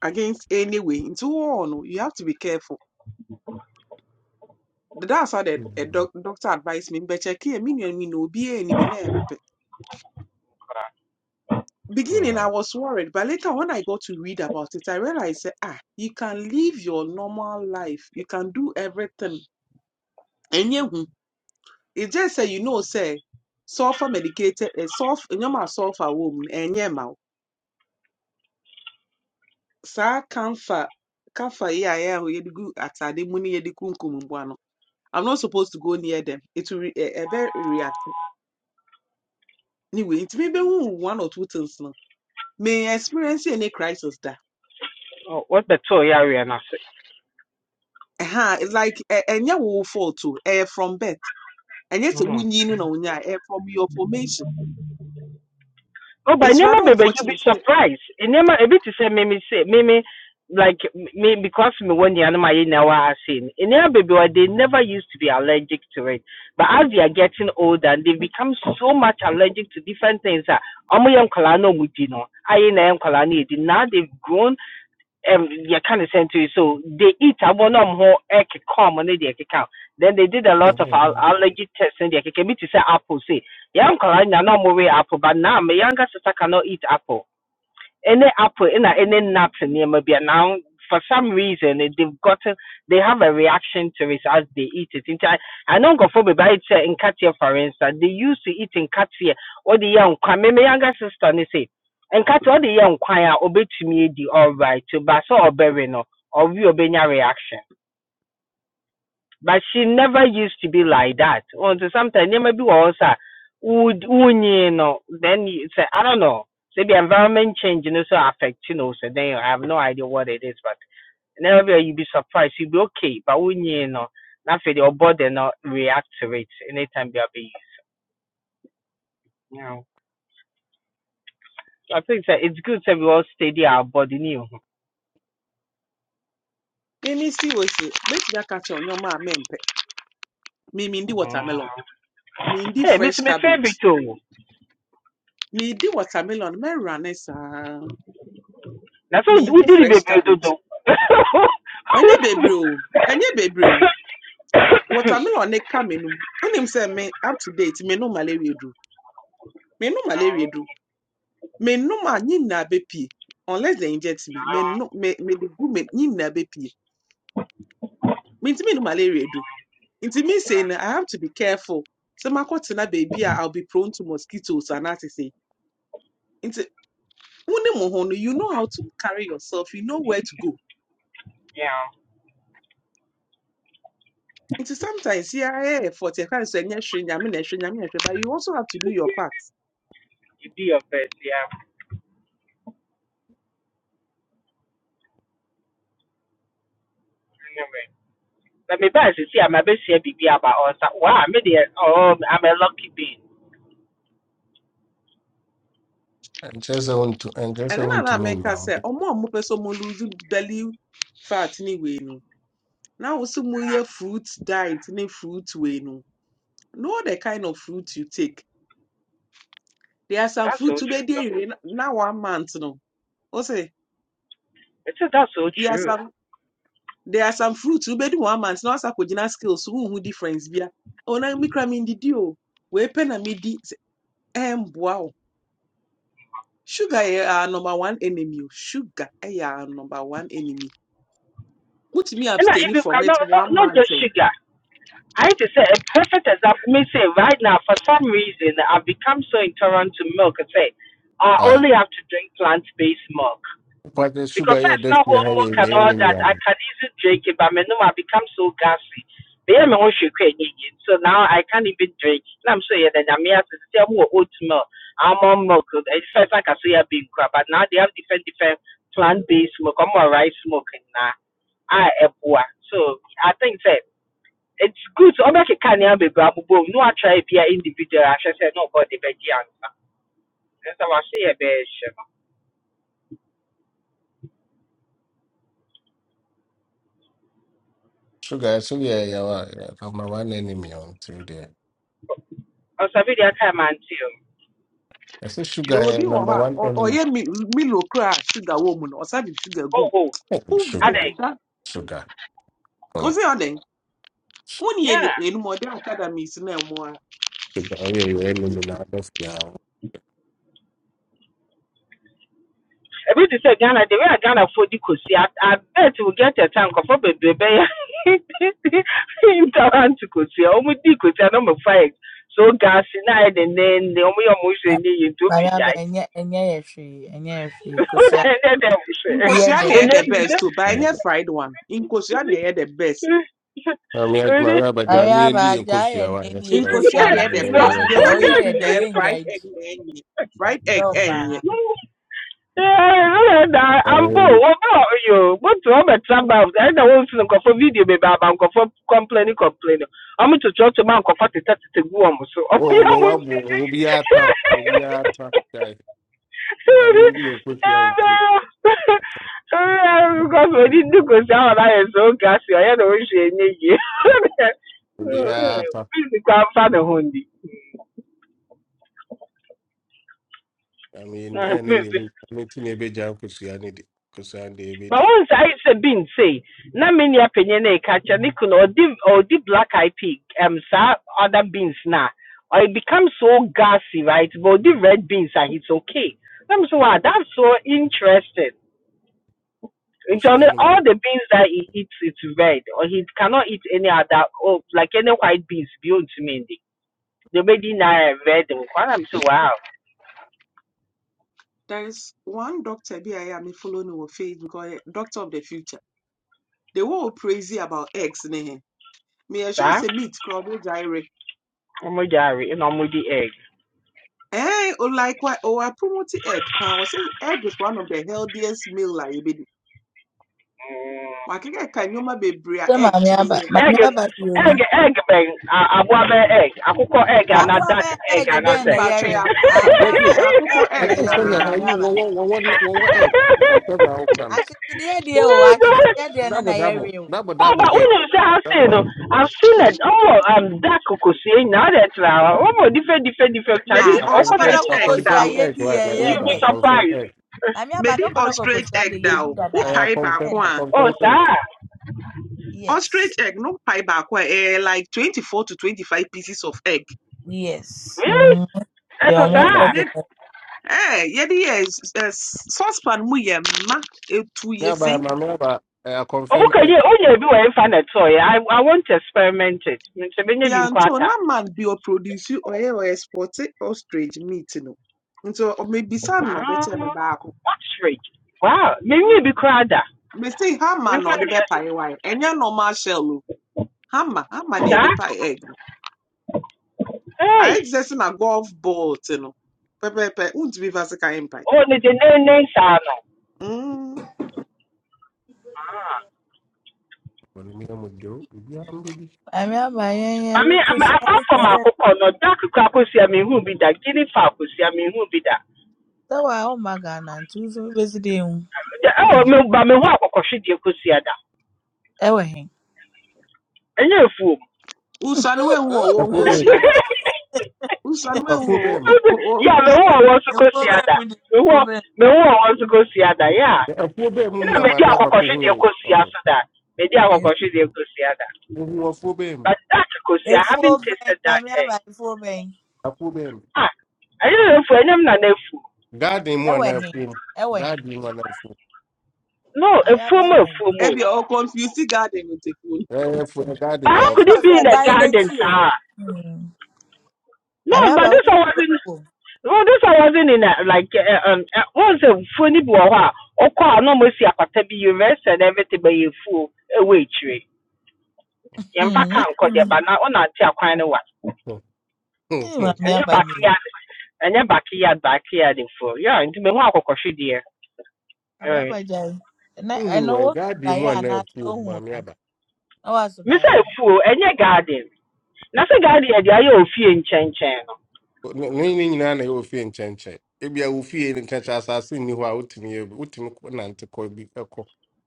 H: against any way nti wɔɔ no you have to be careful that's how the a
B: Mhm.
H: doc, doctor advised me but check here me and me no be any be na mepe beginning i
B: Ah.
H: was worried but later when i got to read about it i realized ah you can live your normal life you can do everything Enye hu It just say you know say sulfur medicated uh, sulfur nyoma sulfur wom enye ma wo. saa camphor camphor here a yɛ a yɛde gu atade mu ne yɛde kunkum mboa no I'm not supposed to go near them it will re- ɛ- ɛbɛ react anyway ntumi bɛhu one or two things no may experience any crisis da
J: Oh, what the toy area na se.
H: Aha, it's like ɛ- ɛnyɛ wo fault o ɛyɛ from birth ɛnyɛ we
J: Mhm.
H: wonyi no na wonya ɛyɛ from your formation
J: Oh, by
H: it's rather
J: nneɛma baby, you will be
H: unfortunate sɛ
J: surprised. And Nema, a bit to say, mimi say, mimi like me because me when the animal you seen, in seen. baby, bebree they never used to be allergic to it. But as they are getting older, they become so much allergic to different things. ah, ɔmo yɛ Kalano, na ɔmo no. Ayi na ɛyɛ Kalani. Now they've grown um, you kind of send to you. So they eat abonum ho egg come on the account. Then they did a lot of al-
B: Mhm.
J: allergy tests and they can me to say apple. Say, young Korean, no more apple, but now my younger sister cannot eat apple any apple in any nut nearby now for some reason eh, they've gotten they have a reaction to it as they eat it nti i I know me by ayɛ in Katia, for instance they used to eat nkateɛ wɔde yɛ nkwan me me younger sister ne se nkateɛ wɔde yɛ nkwan a obetumi edi alright but sɛ ɔbɛwe no or ɔwe obenya reaction but she never used to be like that. Until sometimes there may be also would you know then you say I don't know. Say the environment change you know so affect you know so then I have no idea what it is but never you be surprised you be okay but when you know nothing your body not react to it anytime they are be you know. I think that it's good that we all steady our body new.
H: mimi si wɔ se mɛtumi aka catch on your a mempɛ me mindi
J: Mm.
H: watermelon, mindi
J: Hey, Miss
H: fresh
J: my favorite
H: cabbage,
J: too.
H: mindi watermelon, me rane saa,
J: That's what who
H: mindi
J: did it
H: fresh
J: baby do
H: cabbage.
J: do.
H: Enye bebre o, enye bebre Watermelon ne ka menu. Unim se me up to date Me no malaria do. Me no malaria do. Me no ma nyina bepi. Unless they inject me, Me no me me de bepi. me inti me no menu malaria do. Inti me say I have to be careful. So my na baby I'll be prone to mosquitoes and that is it. Wone mohono, you know how to carry yourself, you know where to go.
J: yeah.
H: It is sometimes yeah, yeah, yeah, for the kind of strange, I mean, but you also have to do your part.
J: you be your first year anyway. Let me buy see I'm a bit here baby, about us. Wow, I'm the oh I'm a lucky being.
B: ɛnkyerɛ sɛ wontu- ɛnkyerɛ
H: And
B: sɛ
H: then I
B: wontumi
H: make
B: nnya
H: her
B: wo
H: say, Oh, mom, person more lose belly fat anyway. No, now also more your fruit diet, any fruit way. No, know the kind of fruit you take. There are some
J: That's
H: fruit
J: so
H: to be
J: true though.
H: there now one month. No, also,
J: It's that's so
H: there are
J: true.
H: some. There are some fruits who bed one month now as a skills who who difference bia. Oh na me cramming did you. Wepe na midi ɛmboa wo sugar is our number one enemy o sugar is our number one enemy put me
J: And I if
H: abstaining
J: you
H: from
J: can
H: it
J: not not,
H: one
J: not
H: month
J: just
H: ɛn
J: sugar. I hate to say a perfect example me say right now for some reason I've become so intolerant to milk. I say I
B: Ah,
J: only have to drink plant based milk.
B: wopatɛ
J: Because
B: sugar yɛ
J: first,
B: ɔda
J: now
B: fie ha
J: homework
B: yɛ
J: and
B: yɛ
J: all that,
B: anemia
J: I
B: no
J: can easily drink it, but my name I become so gassy. They are my own sugar in it. So now I can't even drink. Now I'm saying that I'm here to tell more oat milk, almond milk. It's first like I say I've been crap, but now they have different, different plant based milk, or more rice milk. now I have So I think that it's good. So I'm like a canny, I'm a babu. No, I try to be an individual. I should say, no, but the baby answer. That's how I say a bear.
B: sugar ɛso yɛ yɛwa ɛma one enemy a ɔnti wo deɛ
J: I was a video time until.
B: ɛsɛ sugar
H: yɛwɔ bi
B: yɛ
H: wɔ
B: number
H: hɔ a
B: one
H: ɔ-
B: enemy
H: ɔyɛ me milo koraa a sugar wɔ sugar gum.
J: Oh, oh.
B: Sugar,
H: Who wonder? sugar gum
J: I think.
B: sugar. Oh,
H: wohonda
B: sugar.
H: wo
B: Oh,
H: sɛ ɔdɛn wone
J: Yeah.
H: yɛ enumɔden academies no ɛmoa
B: yeah, you ain't no no no yeah.
J: Ebi te sɛ Ghana, the way a Ghana fo di kosi, I, I bet we get a time kɔfɔ bebree bɛyɛ intolerant to kosi. Ɔmo di kosi a na ɔmo fa yɛ so gaasi na ayɛ dendeenden. Ɔmo yɛ ɔmo hwɛ ne yie nti ɔmo
C: Maame aba
J: egyae.
C: ɛnyɛ ɛnyɛ yɛ hwee ɛnyɛ yɛ hwee kosua
J: Ɛnyɛ dɛ ɛmo hwɛ.
C: yɛ
H: nkosua
C: dɛ
H: na ɛyɛ
J: Ɛnyɛ
C: ebi
H: the
J: bi
C: di.
J: dɛ.
H: best o
B: I
H: but ɛnyɛ fried one nkosua na ɛyɛ the best
J: Ɛnyɛ.
B: mean, like my
J: Ɛnyɛ.
B: rabbi
C: Maame
B: got me in
C: aba
B: the
C: agya ayɛ
B: Nkosia. Why?
C: n'ani
B: That's
C: yɛ
B: right.
C: kosua
H: nkosua na
C: na
B: In
H: ɛyɛ
B: the
H: the
C: kosua
H: best
C: no
B: area
H: the
C: deɛ ɔyɛ
B: Nkosia.
H: only
C: yɛ
H: thing na
C: dɛ yɛ ngya
H: fried
C: edi.
H: egg na fried
C: Ɛkyerɛ
H: egg
C: wo
H: ɛnyɛ
C: paa.
J: ɛda
B: I mean,
J: ambo
B: in the
J: wɔba yo gbotu ɔbɛtra gbaa ɛda wɔmfi nkɔfɔ video am aba nkɔfɔ kɔmplɛni kɔmplɛni ɔmo totorɔto ma nkɔfɔ teta teta gu wɔn so ɔmo
B: oh,
J: yɛ
B: go
J: mo
B: up, Obiata, Obiata, guy. I mean, in the Nkosia in Cape.
J: because wɔdi di ko si ahɔ na yɛ so oge asi ɔyɛ na ohwɛ enye yie
B: Obiata.
J: please kɔ afa ne ho ndi
B: I mean, and in the meeting, a big jam Nkosia, and the Nkosia, and the
J: But
B: baby.
J: once I ayé sẹ bi nse na many nua panyin catcher, ɛka kyerɛ ne kunu ɔdi black eye pig um, saa other beans na or it becomes so gassy right but the red beans and it's okay I'm so wow that's so interesting nti ɔno
B: Nkosia, no more.
J: all the beans that he eats it's red or he cannot eat any other oh like any white beans beyond to me. the baby now red nkwa na mo so wow
H: there is one doctor bi a ɛyɛ a mefolo no wɔ facebook ɔyɛ doctor of the future They one who praise you about eggs ne he meyɛ
J: sir.
H: sure
J: I'm
H: sɛ meat kora diary.
J: saa ɔmo I'm with the egg.
H: Eh, or like wa ɔwɔ promote egg I was saying egg is one of the healthiest meal a yɛbɛdi
J: Mm.
H: wakekeka nneɛma bebree a
C: Sɛ
H: egg
C: maame
H: to tumi
C: aba
H: yɛ
C: maame
J: egg
C: aba deɛ
J: egg
C: onim.
J: egg bɛn I want bɛ egg akokɔ egg
B: Ah,
J: ana
C: Aboa
J: dark
C: bɛyɛ
J: egg
C: ɛɛg
J: ana
C: bɛn
J: sɛ
C: na
H: nipa
C: yɛwe.
B: ah,
C: Aboa
B: that's
H: I
B: it.
C: bɛyɛ
H: ɛyɛ for
C: ɛɛg
B: I
C: na
H: egg
B: guess I'm
C: yɛwe
B: not. I
C: maame
H: now.
B: you
C: aba.
B: one one one one one egg. Yes, I'm not.
C: Achịchịdie die o, achịchịdie die no
B: Double,
C: na
B: double,
C: yɛwe o.
B: double,
J: ọba
B: double egg.
J: wọnyam sị ha sị
B: Double,
J: no
B: double.
J: i've seen it ọmụ um, dark kokosie na ọ dị tụrụ awa ọmụ different, different,
H: Maybe
J: different
C: Ah,
J: chinese
B: I
C: na
J: ọkọ
B: confirm,
H: ostrich
C: dɔkɔdɔkɔ
B: I
J: chinese
H: egg
J: one
C: kosua
J: star
H: da
B: confirm
H: Maybe
B: egg,
C: yedi
B: right,
C: yɛn
B: my
J: you
C: yɛn
B: neighbor.
J: be
C: dɛ.
B: I confirm
J: surprised
B: egg.
C: Maame aba dɔkɔdɔkɔ
H: ostrich
C: kosua de
H: egg da
C: yedi
H: o
B: Eh, I
C: dadaada.
H: wopae back
B: confirm,
C: Ɛn,
B: I
H: one.
J: oh
B: confirm egg.
J: sir,
C: Yes,
H: ostrich egg no pae back one. Eh, like twenty four to twenty five pieces of egg
C: yes.
J: really
C: Mm,
J: That's
C: Deɛ
J: a
B: My
C: ɔmo
B: neighbor.
J: sir.
C: ege.
H: Then.
C: no.
H: Eh, yɛde yɛ s- eh, saucepan mu yɛ ma etu
B: Neighbor,
H: yɛsi.
B: my neighbor. Eh, I
J: Oh,
B: confirm
J: Okay, yeah,
B: egg.
J: oh yeah, be where find a toy. I I want to experiment it. Nti menye bi be
H: Yanto
J: impata.
H: na man bi ɔproduce ɔyɛ ɔexport ostrich meat no. Nti ɔmebisa no na
J: Ah,
H: ɔbɛkyerɛ me baako.
J: that's rich. Wow, menye be krada.
H: Mesi hama
J: Me
H: na
J: find
H: ɔde
J: a chance.
H: bɛpae wire. Ɛnyɛ normal shell o. Hama, hama na
J: Da?
H: yɛde pae egg no. Ayɛ
J: Hey,
H: te sɛ sɛ na golf ball te no. Pɛpɛɛpɛ, wontumi mfa sika mpae.
J: oh ne de ne ne sa no.
H: Mm.
J: Ah.
B: What do you mean I'm with you? You are baby.
C: Maame aba yɛn
J: I
C: yɛwe
J: mean, I'm
C: kosua de
J: apart from
C: yɛwe
J: akoko no, dark kwakosia me hu bi da, gini fa kwakosia me hu bi da.
C: sɛ wa ɔma Ghana nti nso besi de ehu.
J: Da, oh
C: Mm,
J: me ba me hu akoko hwede kwakosia da.
C: Ɛwɔ he?
J: Enye fool.
H: Wosua no woehu
B: A
H: ɔwɔ
B: full beam.
H: nkosua da. Wosua no
B: A full
H: woehu ɔwɔ
B: beam.
H: ɔwɔ
J: Yeah, me who
H: nkosua
J: I
H: da.
J: want to go
C: Efuo
J: see
C: bɛn
J: other.
C: mu de
J: Me who
C: efuo bɛn.
J: me who I want to go see other. Yeah.
B: A full
J: And
B: beam,
J: I
B: no,
J: made
B: my
J: go
B: neighbor.
J: see the
B: Who
J: kosi after that. Made the
C: Ew,
J: akokoshe the go see other.
B: a full beam?
J: But that kosi, I haven't
C: Efuo bɛn
J: tasted that
C: maame
J: egg.
C: aba efuo bɛn.
B: A full beam.
J: Ah, I don't know if I am not a fool.
B: Garden one
C: Ɛwɔ
B: of
C: he?
B: whom.
C: Ɛwɔ he?
B: Garden one of whom.
J: No, a
C: Maame aba
J: fool,
C: ɛwɔ
J: more a
C: he?
J: fumo.
H: Ebia ɔconfuse garden with the food.
B: Eh, for the
J: But
B: garden,
C: Me
J: how could
B: okay.
J: it
C: ensure
J: be
C: say
J: in the
C: dan ne
J: garden,
C: ti o.
J: sir?
C: Mm.
J: No,
C: Mami
J: but
C: aba
J: this
C: wo
J: I wasn't.
C: wo.
J: No, this I wasn't in a, like uh, um. Uh, once a funny boy, or call no mercy, I could be you rest and everything, but you fool, a waitress. yɛmfa ka
C: Mm.
J: nkɔdeɛ ba na wonante akwan no wa
C: Ni mami
J: ɛnyɛ
C: aba ni.
J: backyard ɛnyɛ backyard backyard fuo yɛ nti mehu akɔkɔhwedeɛ
C: Mami
J: ɛɛ.
C: aba jai. Na eno
B: When
C: wo
B: God be
C: da ya
B: one
C: na
B: of
C: se
B: whom, my
C: ohun na nka. Na wa so
J: me
C: da
J: sɛ
C: ya na.
J: fuo ɛnyɛ garden na sɛ garden yɛde ayɛ ofie nkyɛnkyɛn no
B: ne nyinaa na ɛwɔ fie nkyɛnkyɛn ebia wo fie no nkakyɛ asase nni hɔ a wotumi yɛ bi wotumi kɔ nante kɔ bi ɛkɔ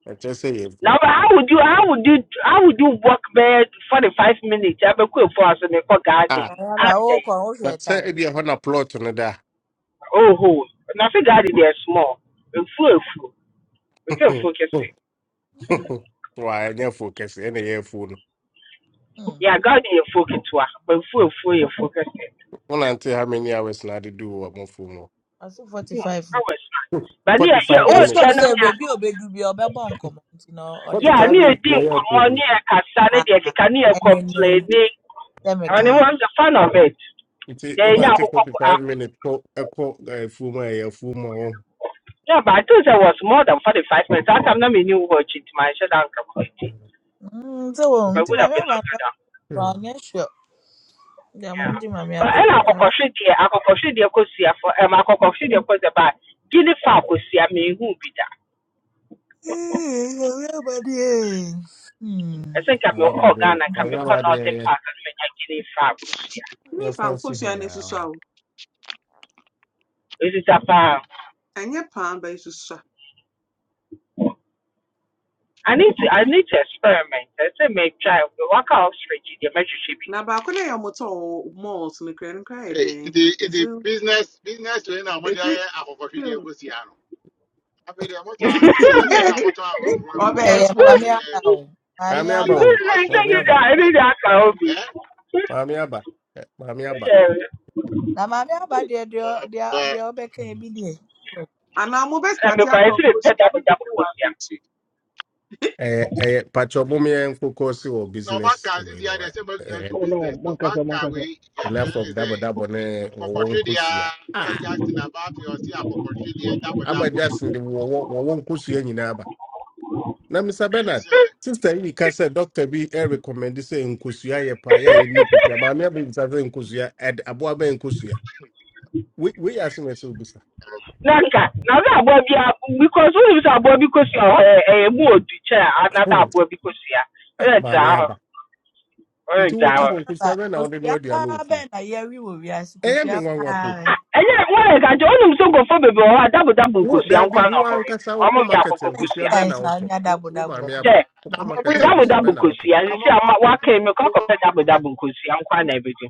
B: ɛkyerɛ sɛ yɛ bu
J: Now, but how would you how would you how would you walk bɛɛ forty five minutes abɛkɔ efuo ase na ekɔ garden
B: a
C: Mami
J: At
C: aba
J: mu
C: wo ko wo
B: na
C: hwe
B: sɛ
C: time.
B: ebia hɔ na plot no da
J: oh ho. na sɛ garden deɛ small efuo efuo meka efuo kɛse
B: wa ɛnyɛ fo kɛse ɛna ɛyɛ fo no
C: Mm.
J: Yeah, garden yɛ focus ketewa but efuo efuo yɛ focus kɛse.
B: wonante how many hours na ade do wɔ mo fo
C: Aso 45. o.
J: ɛwɔ soro ba ne
B: forty
J: yɛ yɛ
C: Me
B: five minutes
C: ensure
J: ɔɔsia nam
C: say
J: yɛ
C: baby obedu bi obebo nkomo nti no all the
J: yɛ
B: forty
J: a
C: time.
B: five
J: ne
B: minutes
J: yɛdi
B: yɛ ɛyɛ fo
J: nkɔmmɔ ne
B: mu no
J: yɛ kasa ne
C: Ah,
J: deɛ keka ne yɛ
C: enene
J: kɔmpleni
C: temi
J: ɔne
C: kan.
J: I'm the Kikania complaining. And I was a fan of it
B: nti
J: They, yɛnya akokɔ
B: forty
J: ko
B: five minutes kɔ ɛkɔ ɛfuo mu a ɛyɛ fo mu a wɔn
J: yeah, but I thought it was more than 45 minutes. That time, I mean, you new. it, my shut down completely.
C: Hmm. so wo
J: But it
C: nti
J: would have
C: mami
J: been
C: aba
J: longer
C: na
J: down.
C: ro anya sure. Ya mo
J: yeah.
C: nti mami
J: But I'm I'm your
C: aba.
J: organ and akɔkɔhwe deɛ akɔkɔhwe deɛ kɔsia fo ɛm akɔkɔhwe deɛ kɔsia ba gini fa kɔsia mehu bi da
C: Eh, ọ̀rẹ́ mi ni, eh. Hmm.
J: ɛsɛ nka
B: ɔyɛ
J: mekɔɔ
B: abadeɛ
J: ghana nka mekɔ northern park na menya gini fa kɔsia
B: Your
H: N'efa
B: si
H: nkosua
B: hɛ yaa
H: n'esusua
B: wa.
H: o,
J: ɛsisa paa
H: ɛnyɛ pan ba esusua.
J: I need to I need to experiment. I say make try walk out straight to the measure should be.
H: Na baako no yɛ ɔmotɔ wɔ malls no koraa no koraa
K: Hey, the
H: den.
K: the
H: Ezi
K: business business to any amount
H: ezi
K: there akoko fi dey
H: krim
K: go see ano. Abi the amount of business to
H: yɛ
K: any amount of
H: ɔbɛ
K: one
C: Eh, Ɛyɛ
K: akoko
H: ɛspɔt
C: Mami
K: fi
C: aba o, maame
B: Maame
K: Austrian
J: This
B: aba
C: aba,
J: is
B: o.
J: like
K: Austrian
B: Maame
J: saying
C: mami
J: that
B: aba.
C: aba.
J: I
K: area.
J: need that hobby.
K: Eh?
B: Maame aba. Ɛ, Maame aba.
J: Yeah,
C: Na maame aba
K: Oh,
C: deɛ deɛ ɔ-
K: uh,
C: deɛ ɔ-
K: but
C: deɛ ɔbɛka yɛ bi deɛ.
H: anaa mo bɛ
J: I'm
H: stati atɔ
J: going to pet
H: nkosua
J: up a
H: ne
J: double
H: beko wɔ
J: question.
H: abirekyi.
B: Ɛyɛ ɛyɛ patsɔ bomi yɛ nkokɔ si wɔ
K: no man
B: business
K: can this
B: ewei
K: year
B: no
K: they
B: wa.
K: say make you do
B: Ɛyɛ
A: Oh no,
K: business. No man
A: mankasa
K: can
A: mankasa.
K: we your
B: enough
K: friend
B: of
K: is
B: dabɔ
K: a
B: dabɔ ne
K: akoko
B: wɔwɔ
K: fi dey.
B: nkosua.
K: Abi
B: Ah,
K: Jackson about you see akoko fi dey double
B: aba
K: double.
B: jason de wɔwɔ kusia ni nyinaa aba. Na Mr
K: Yes
B: Bernard,
K: sir.
B: sister yi ka doctor bi ɛrecommend sɛ nkosua yɛ paa yɛ a yɛni nkosua. Maame aba bisa sɛ nkosua ɛd aboa bɛ nkosua. Wei wei yɛ asem
J: Nanka, now that boy be because who is a boy because you are a mood to chair another boy because you
B: Ah,
J: are. It's
B: Maame
J: our,
B: aba. nti
J: it's
B: wo ti
J: our.
C: Maame aba
B: konkusia bɛ na wode no
C: kosua
B: aduane wɔ
C: paa bɛn
B: fie
C: na yɛwe wɔ wiase
B: ɛyɛ
C: kosua
B: me nwanwa po
C: paa.
J: ɛnyɛ wɔyɛ ka nkyɛ wonim sɛ nkurɔfoɔ bebree wɔ hɔ a double double
B: wo
J: nkosua
B: daabi
J: nkwa na
B: wo
J: ɔmo we
B: ankasa
J: ɔmo
B: wokɔ
J: yɛ
B: market
C: How
J: akɔkɔ
C: many
B: nkosua
J: nkosua
B: bɛn na
C: times na
B: wotɔ
C: ɔnya
B: wo
C: double
B: wo
C: double
B: maame
C: nkosua?
J: kyɛ
B: aba
K: Na
B: wokɔ
K: mo we
B: market
J: double
B: nkosua
J: double
B: bɛn na wotɔ
J: nkosua
K: na
J: sisi ama waka yi mekɔ akɔpɛ double
K: mo
J: double nkosua nkwa na ebedi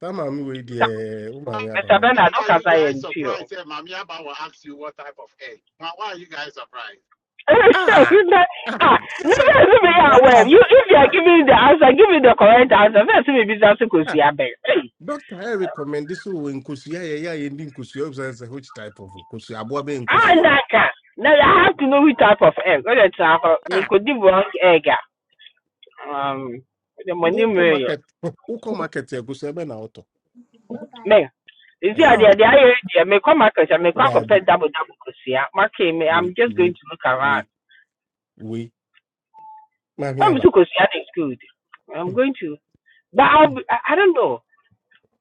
B: saa maame wei
J: sa
B: deɛ wo
K: Why
B: maame aba
J: mr
B: wɔ no.
J: bernard
K: are you
J: wokasa yɛ
K: guys
J: nti o
K: surprised? Hey, Mami Abba will ask you what type of egg. Why are you guys surprised?
B: Ah! Ah!
J: Ah,
B: sɛ
J: na
B: sɛ
J: fɛn si mi yɛ awɛ
C: Bernard.
J: you
K: Uh,
J: if you are giving the answer give me the correct answer fɛn si mi bi sa so kosua bɛn ɛyi
B: dɔkta ɛ rekɔmmɛnde sɛ wɔ nkosua yɛyɛ a yɛndi nkosua wobsɛ sɛ which type of nkosua aboa bɛyɛ
J: ah
B: nkosua
J: naka Now i have to know which type of egg o de tena hɔ mi
B: Ah,
J: ko egg um the money
B: wokɔ
J: mi
B: market wokɔ market nkosua bɛn na wotɔ
J: me You see I
C: oh.
J: deɛ i
B: Ɛɛ,
J: ayɛ deɛ mekɔ market a mekɔ
B: daabi
J: akɔpɛ double double kosua Okay, me
B: we
J: I'm just
B: wei
J: going to look around
B: wei wei maame
J: I'm
B: aba
J: so kosua is good
B: Hmm.
J: I'm going to but I'll be, I, I don't know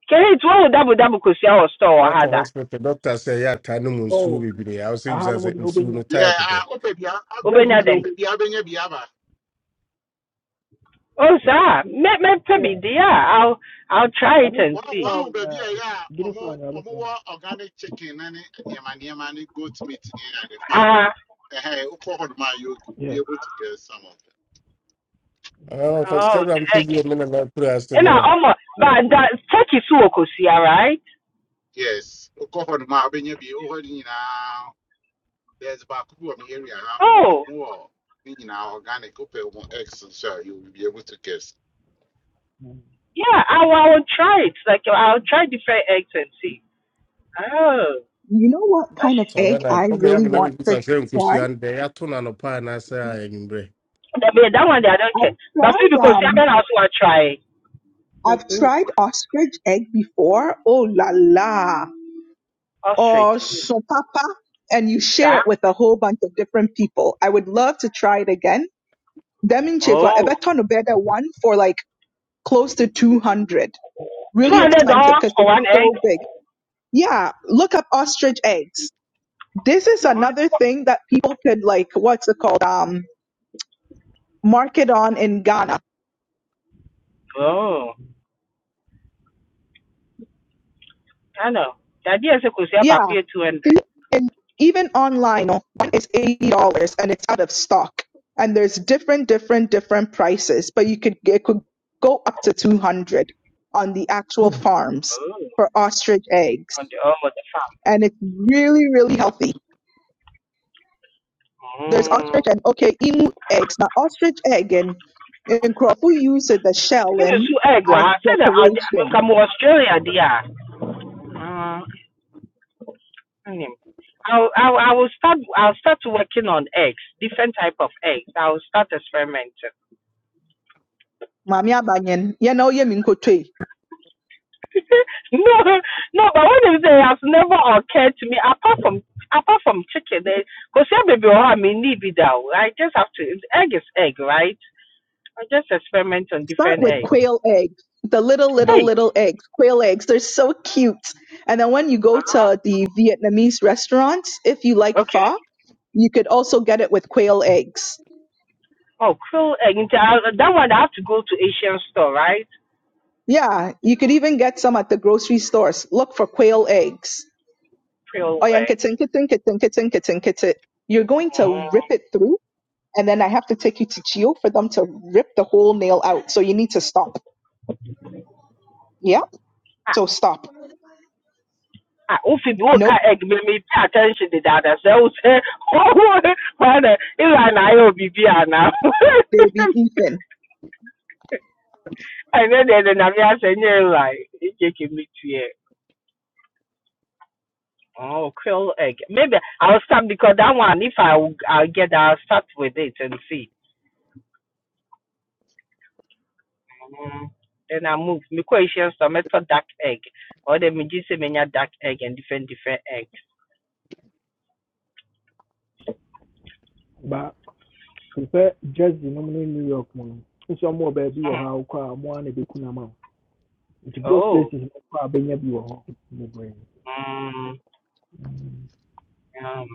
J: can it wo double double kosua or store or ha
B: Wakɔ
J: da
B: hospital doctor sɛ ɛyɛ ataa no mu nsuo
A: Oh.
B: bebree a wosɛ bisa
A: Ahana mo
B: sɛ
A: di
B: nsuo
A: obenya.
B: no
K: yeah,
B: type
K: I
B: bɛ
K: hope it be a- I
A: Just
K: hope-
J: wobɛnya
K: I
A: di
K: hope
J: dɛn
K: it
A: obenya.
K: be a benye
J: oh sir. me me,
A: Yeah.
J: bi deɛ i will I'll I'll try
A: I
J: it
A: need
J: and
A: to
K: One
J: see
K: one
A: found
K: baby,
A: uh
K: yeah,
A: getting
K: omo
A: found yeah.
K: omo
A: listen.
K: wa organic chicken and yama yama goat meat yeah, at the farm.
J: ah uh,
K: Hey, Ukohod ma you'll be
A: Yeah.
K: able to get some of them.
B: fa sika
J: oh
B: bra mpe
J: thank you.
B: bi me nana kura ase
J: And I
B: mmerɛ
J: almost. but that turkey so wɔ right
K: Yes, Ukohod ma Oklahoma, benye be already now. There's Bakubu area, alcohol
J: oh
K: more, you know, organic, open eggs, and so you will be able to guess.
J: yeah I will, I will try it like I'll try different eggs and see oh
D: You know what kind of
B: sabɛ
D: egg
B: na
D: I
B: ɔbɛyɛ
D: really
B: me na
D: want
B: mebisa
D: to
B: sɛ
D: try?
B: nkosua no dɛ yɛato no anɔpa anaasɛ a anwummerɛ
J: That be- that one day I don't
D: I've
J: care. But feel
D: tried
J: because see, I
D: um
J: can also want to try
D: I've
A: Mm.
D: tried ostrich egg before. Oh la la.
J: ostrich.
D: Or son papa. And you share
J: Sir?
D: it with a whole bunch of different people. I would love to try it again. Demin chefa, I
J: Oh.
D: bet on a better one for like close to 200.
J: Two
D: Really
J: hundred
D: expensive
J: dollars
D: because
J: for
D: it's
J: one egg?
D: so big. Yeah. Look up ostrich eggs. This is
J: Good.
D: another thing that people could like, what's it called? Um, market on in Ghana.
J: Oh. I know. The idea is because you have
D: Yeah.
J: two hundred.
D: And even online, no, one is eighty dollars and it's out of stock. And there's different, different, different prices, but you could it could go up to two hundred on the actual farms
J: Oh.
D: for ostrich eggs,
J: On the arm of the farm.
D: and it's really, really healthy. There's
J: Mm.
D: ostrich and okay, emu eggs. Now ostrich egg in in Crawford uses the shell
J: You know,
D: in
J: so egg
D: as
J: I said that I'll
D: decoration.
J: come to Australia dear. Mm. hmm. I'll, I'll, I will start. I'll start working on eggs, different type of eggs. I'll start experimenting.
D: maame abanyen yɛn na ɔyɛ mi nkotoe
J: no, no, but what if they have never occurred to me apart from apart from chicken? Because baby, oh, I mean, need be down. I just have to. Egg is egg, right? I just experiment on
D: start
J: different
D: with
J: eggs.
D: quail eggs the little little
J: Hey,
D: little eggs quail eggs they're so cute and then when you go
J: uh-huh.
D: to the vietnamese restaurants if you like
J: okay.
D: pho you could also get it with quail eggs
J: Oh, krill egg. Nti, I- That one I have to go to Asian store, right?
D: yeah you could even get some at the grocery stores look for quail eggs
J: Krill
D: oh yeah,
J: egg.
D: nkitty, nkitty, nkitty, nkitty, nkitty, nkitty. You're going
J: Mm.
D: to rip it through, and then I have to take you to Chio for them to rip the whole nail out. So you need to stop. Yeah.
J: Ah,
D: So stop.
J: ah, oh, Phoebe, what
D: Nope,
J: kind of egg make me pay attention to that? I say, oh, say, oh, why the- Ilan, I will be now.
D: baby Ethan.
J: ɛnyɛ then ɛde nyame ahyɛ nyɛ like ekeke me to here. oh quail egg maybe i'll start because that one if i will- i'll get that, i'll start with it and see mm. then i move me question so metal dark egg or the me just say me nya dark egg and different different eggs
A: Ah, te sɛ di nom New York mo. no. Nso mo baabi wɔ hɔ a wokɔ mo ana beku na be kuna ma wo. Nti those
J: oh
A: places no kɔ a benya bi wɔ hɔ. Bebree.
J: mm um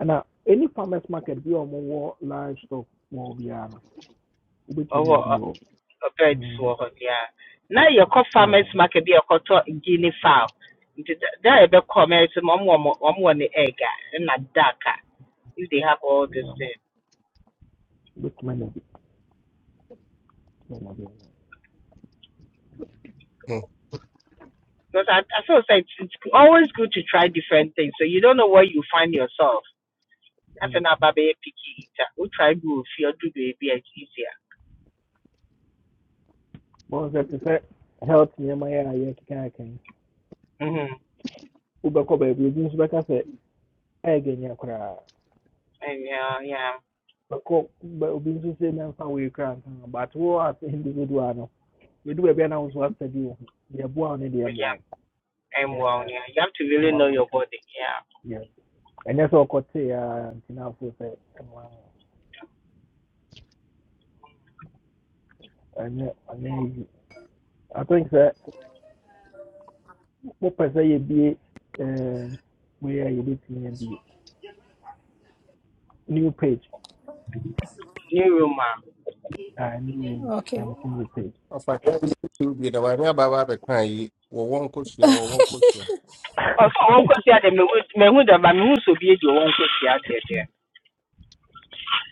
A: Ana any farmers market bi a ɔmo wɔ livestock mo biara no. Wobɛtumi
J: oh
A: anya bi
J: uh,
A: wɔ.
J: birds
A: Mm.
J: wɔ hɔ yeah na yɛkɔ
A: Yeah.
J: farmers market be a yɛkɔtɔ guinea fowl nti da da a yɛbɛkɔ mɛ sɛ ɔmo egg. mo- a ɛna duck if they have all these
A: Yeah.
J: things
A: Wobɛtumi anya bi wɔ hɔ.
J: Because I, I feel like it's always good to try different things. So you don't know where you find yourself. That's
A: Mm.
J: an ababe picky eater. We try good feel, do baby, it's easier.
A: Bɔn health te sɛ health nneɛma yɛ a yɛkeka yɛkɛn.
J: hmm
A: Wobɛkɔ baabi ebi nso ɛyɛ nyɛ koraa
J: And yeah, yeah,
A: but but we just say mɛmfa wei koraa nka but what? as individual no do baabi a na wo nso asɛbi wo ho deɛ ɛboa wo ne deɛ
J: but
A: ɛmmoa
J: yeah, am well,
A: Yeah,
J: yeah, you have to
A: no
J: really know
A: one
J: your
A: akyi wɔ
J: body. Yeah.
A: Yeah. ɛnyɛ sɛ ɔkɔtee a nti na afo sɛ ɛmmoa wo ɛnyɛ ɛnyɛ easy i think sɛ wopɛ sɛ be. um, wei a yɛbɛtumi abie new page
J: New room, ma.
A: Ah, new na
I: Okay.
A: mete new page
B: ɔfa nsuo bi na wame ababa bɛka yi wɔwɔ nkosua wɔwɔ nkosua
J: Also, one question, the me would me who the me who so be the one question out there there.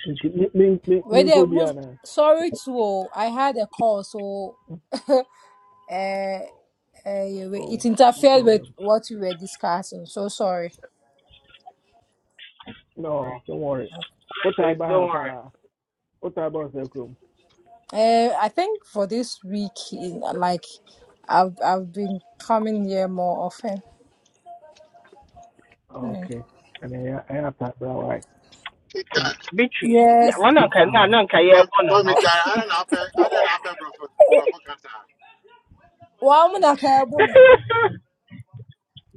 A: nti me- me- me-
I: Well, there,
A: menkɔ
I: most, sorry to all. I had a call, so uh, uh, it
A: oh no
I: interfered with
A: problem
I: what we were discussing. So sorry.
A: no
J: Mm.
A: don't worry what I
J: So
A: buy
J: don't worry,
A: her? What about the room?
I: Uh, I think for this week, in- like I've I've been coming here more often. Yeah.
A: Ok. and then I have to waayɛ. Na
J: Beatrice. the-
I: Yes.
J: One can
A: ah,
J: na na can you born or
K: Tommy Tara,
J: not?
K: I don't know, I don't know, Brother
I: Oh,
K: Brother Kata.
I: wa mu na ka ebu me.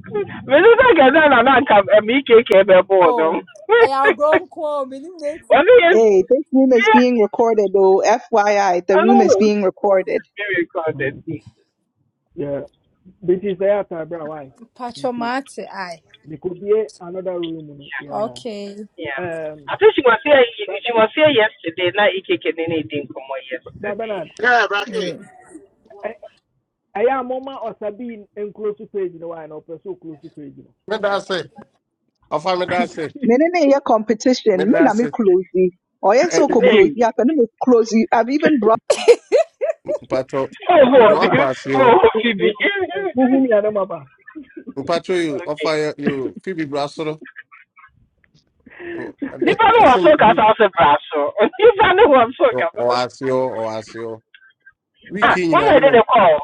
J: Me no can na na na can me keke be
I: Oh,
J: born.
I: I have grown cool. My name
J: One
I: is
J: is
D: Hey, this room is being recorded. Oh, FYI, the room is
J: oh
D: being recorded.
J: very recorded.
A: mm, yɛ beti sɛ ɛyɛ ataabere a waayɛ nti
I: Patchomate. I.
A: mekɔbie another room no yɛ
I: Okay.
J: Yeah.
A: um,
J: I think she was here
A: Bra
J: she
A: Bernard
J: was here yesterday, Now, Ike Kenene didn't come
A: Bra
J: yesterday.
A: Bernard
K: Yeah, Bracky.
A: ɛ- ɛyɛ a moma ɔsa bii nkuro so page no waayɛ na ɔpɛ sɛ ɔkuro so page no.
B: meda
A: Nti-
B: ase ɔfa meda
A: nti,
B: ase
D: Mene ne ye competition. Me
B: meda
D: na me
B: ase
D: close. Oh yes,
B: Ɛ,
D: so close.
J: Hey.
D: Yeah, me close. I've even brought
B: mpatɔ
J: Oh
B: mede
A: Baba,
J: Phoebe.
B: wakɔ ase hɔ
J: oh
A: mo-
J: Phoebe.
A: mo- mo- eh, mohu mia no maba.
B: mpatɔ yi ɔfa
J: okay.
B: yi fibi bra soro
J: Nipa no
B: ɛsɛ
J: was so cast out of brasso. Nipa no was so
B: O-
J: cast.
B: Oasio, Oasio.
J: Ah,
B: Wiki
J: one
B: nyina
J: I did
B: mina
J: a call.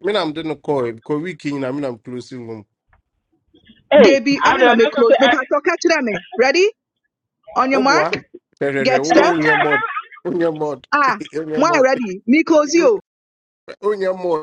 B: mina mde no koi ko wiki nyina mina mklusi mum.
J: Hey,
D: Debbie. I
J: I
D: mean,
J: don't
D: me close. Me pato catch them. eh. Ready? On your
B: Obwa
D: mark,
B: terere
D: get
B: wo
D: set.
B: unye
J: know.
B: mod. Unye mod.
D: Ah,
B: Unye
D: my
B: mod.
D: ready. Miko's
B: Unye mod.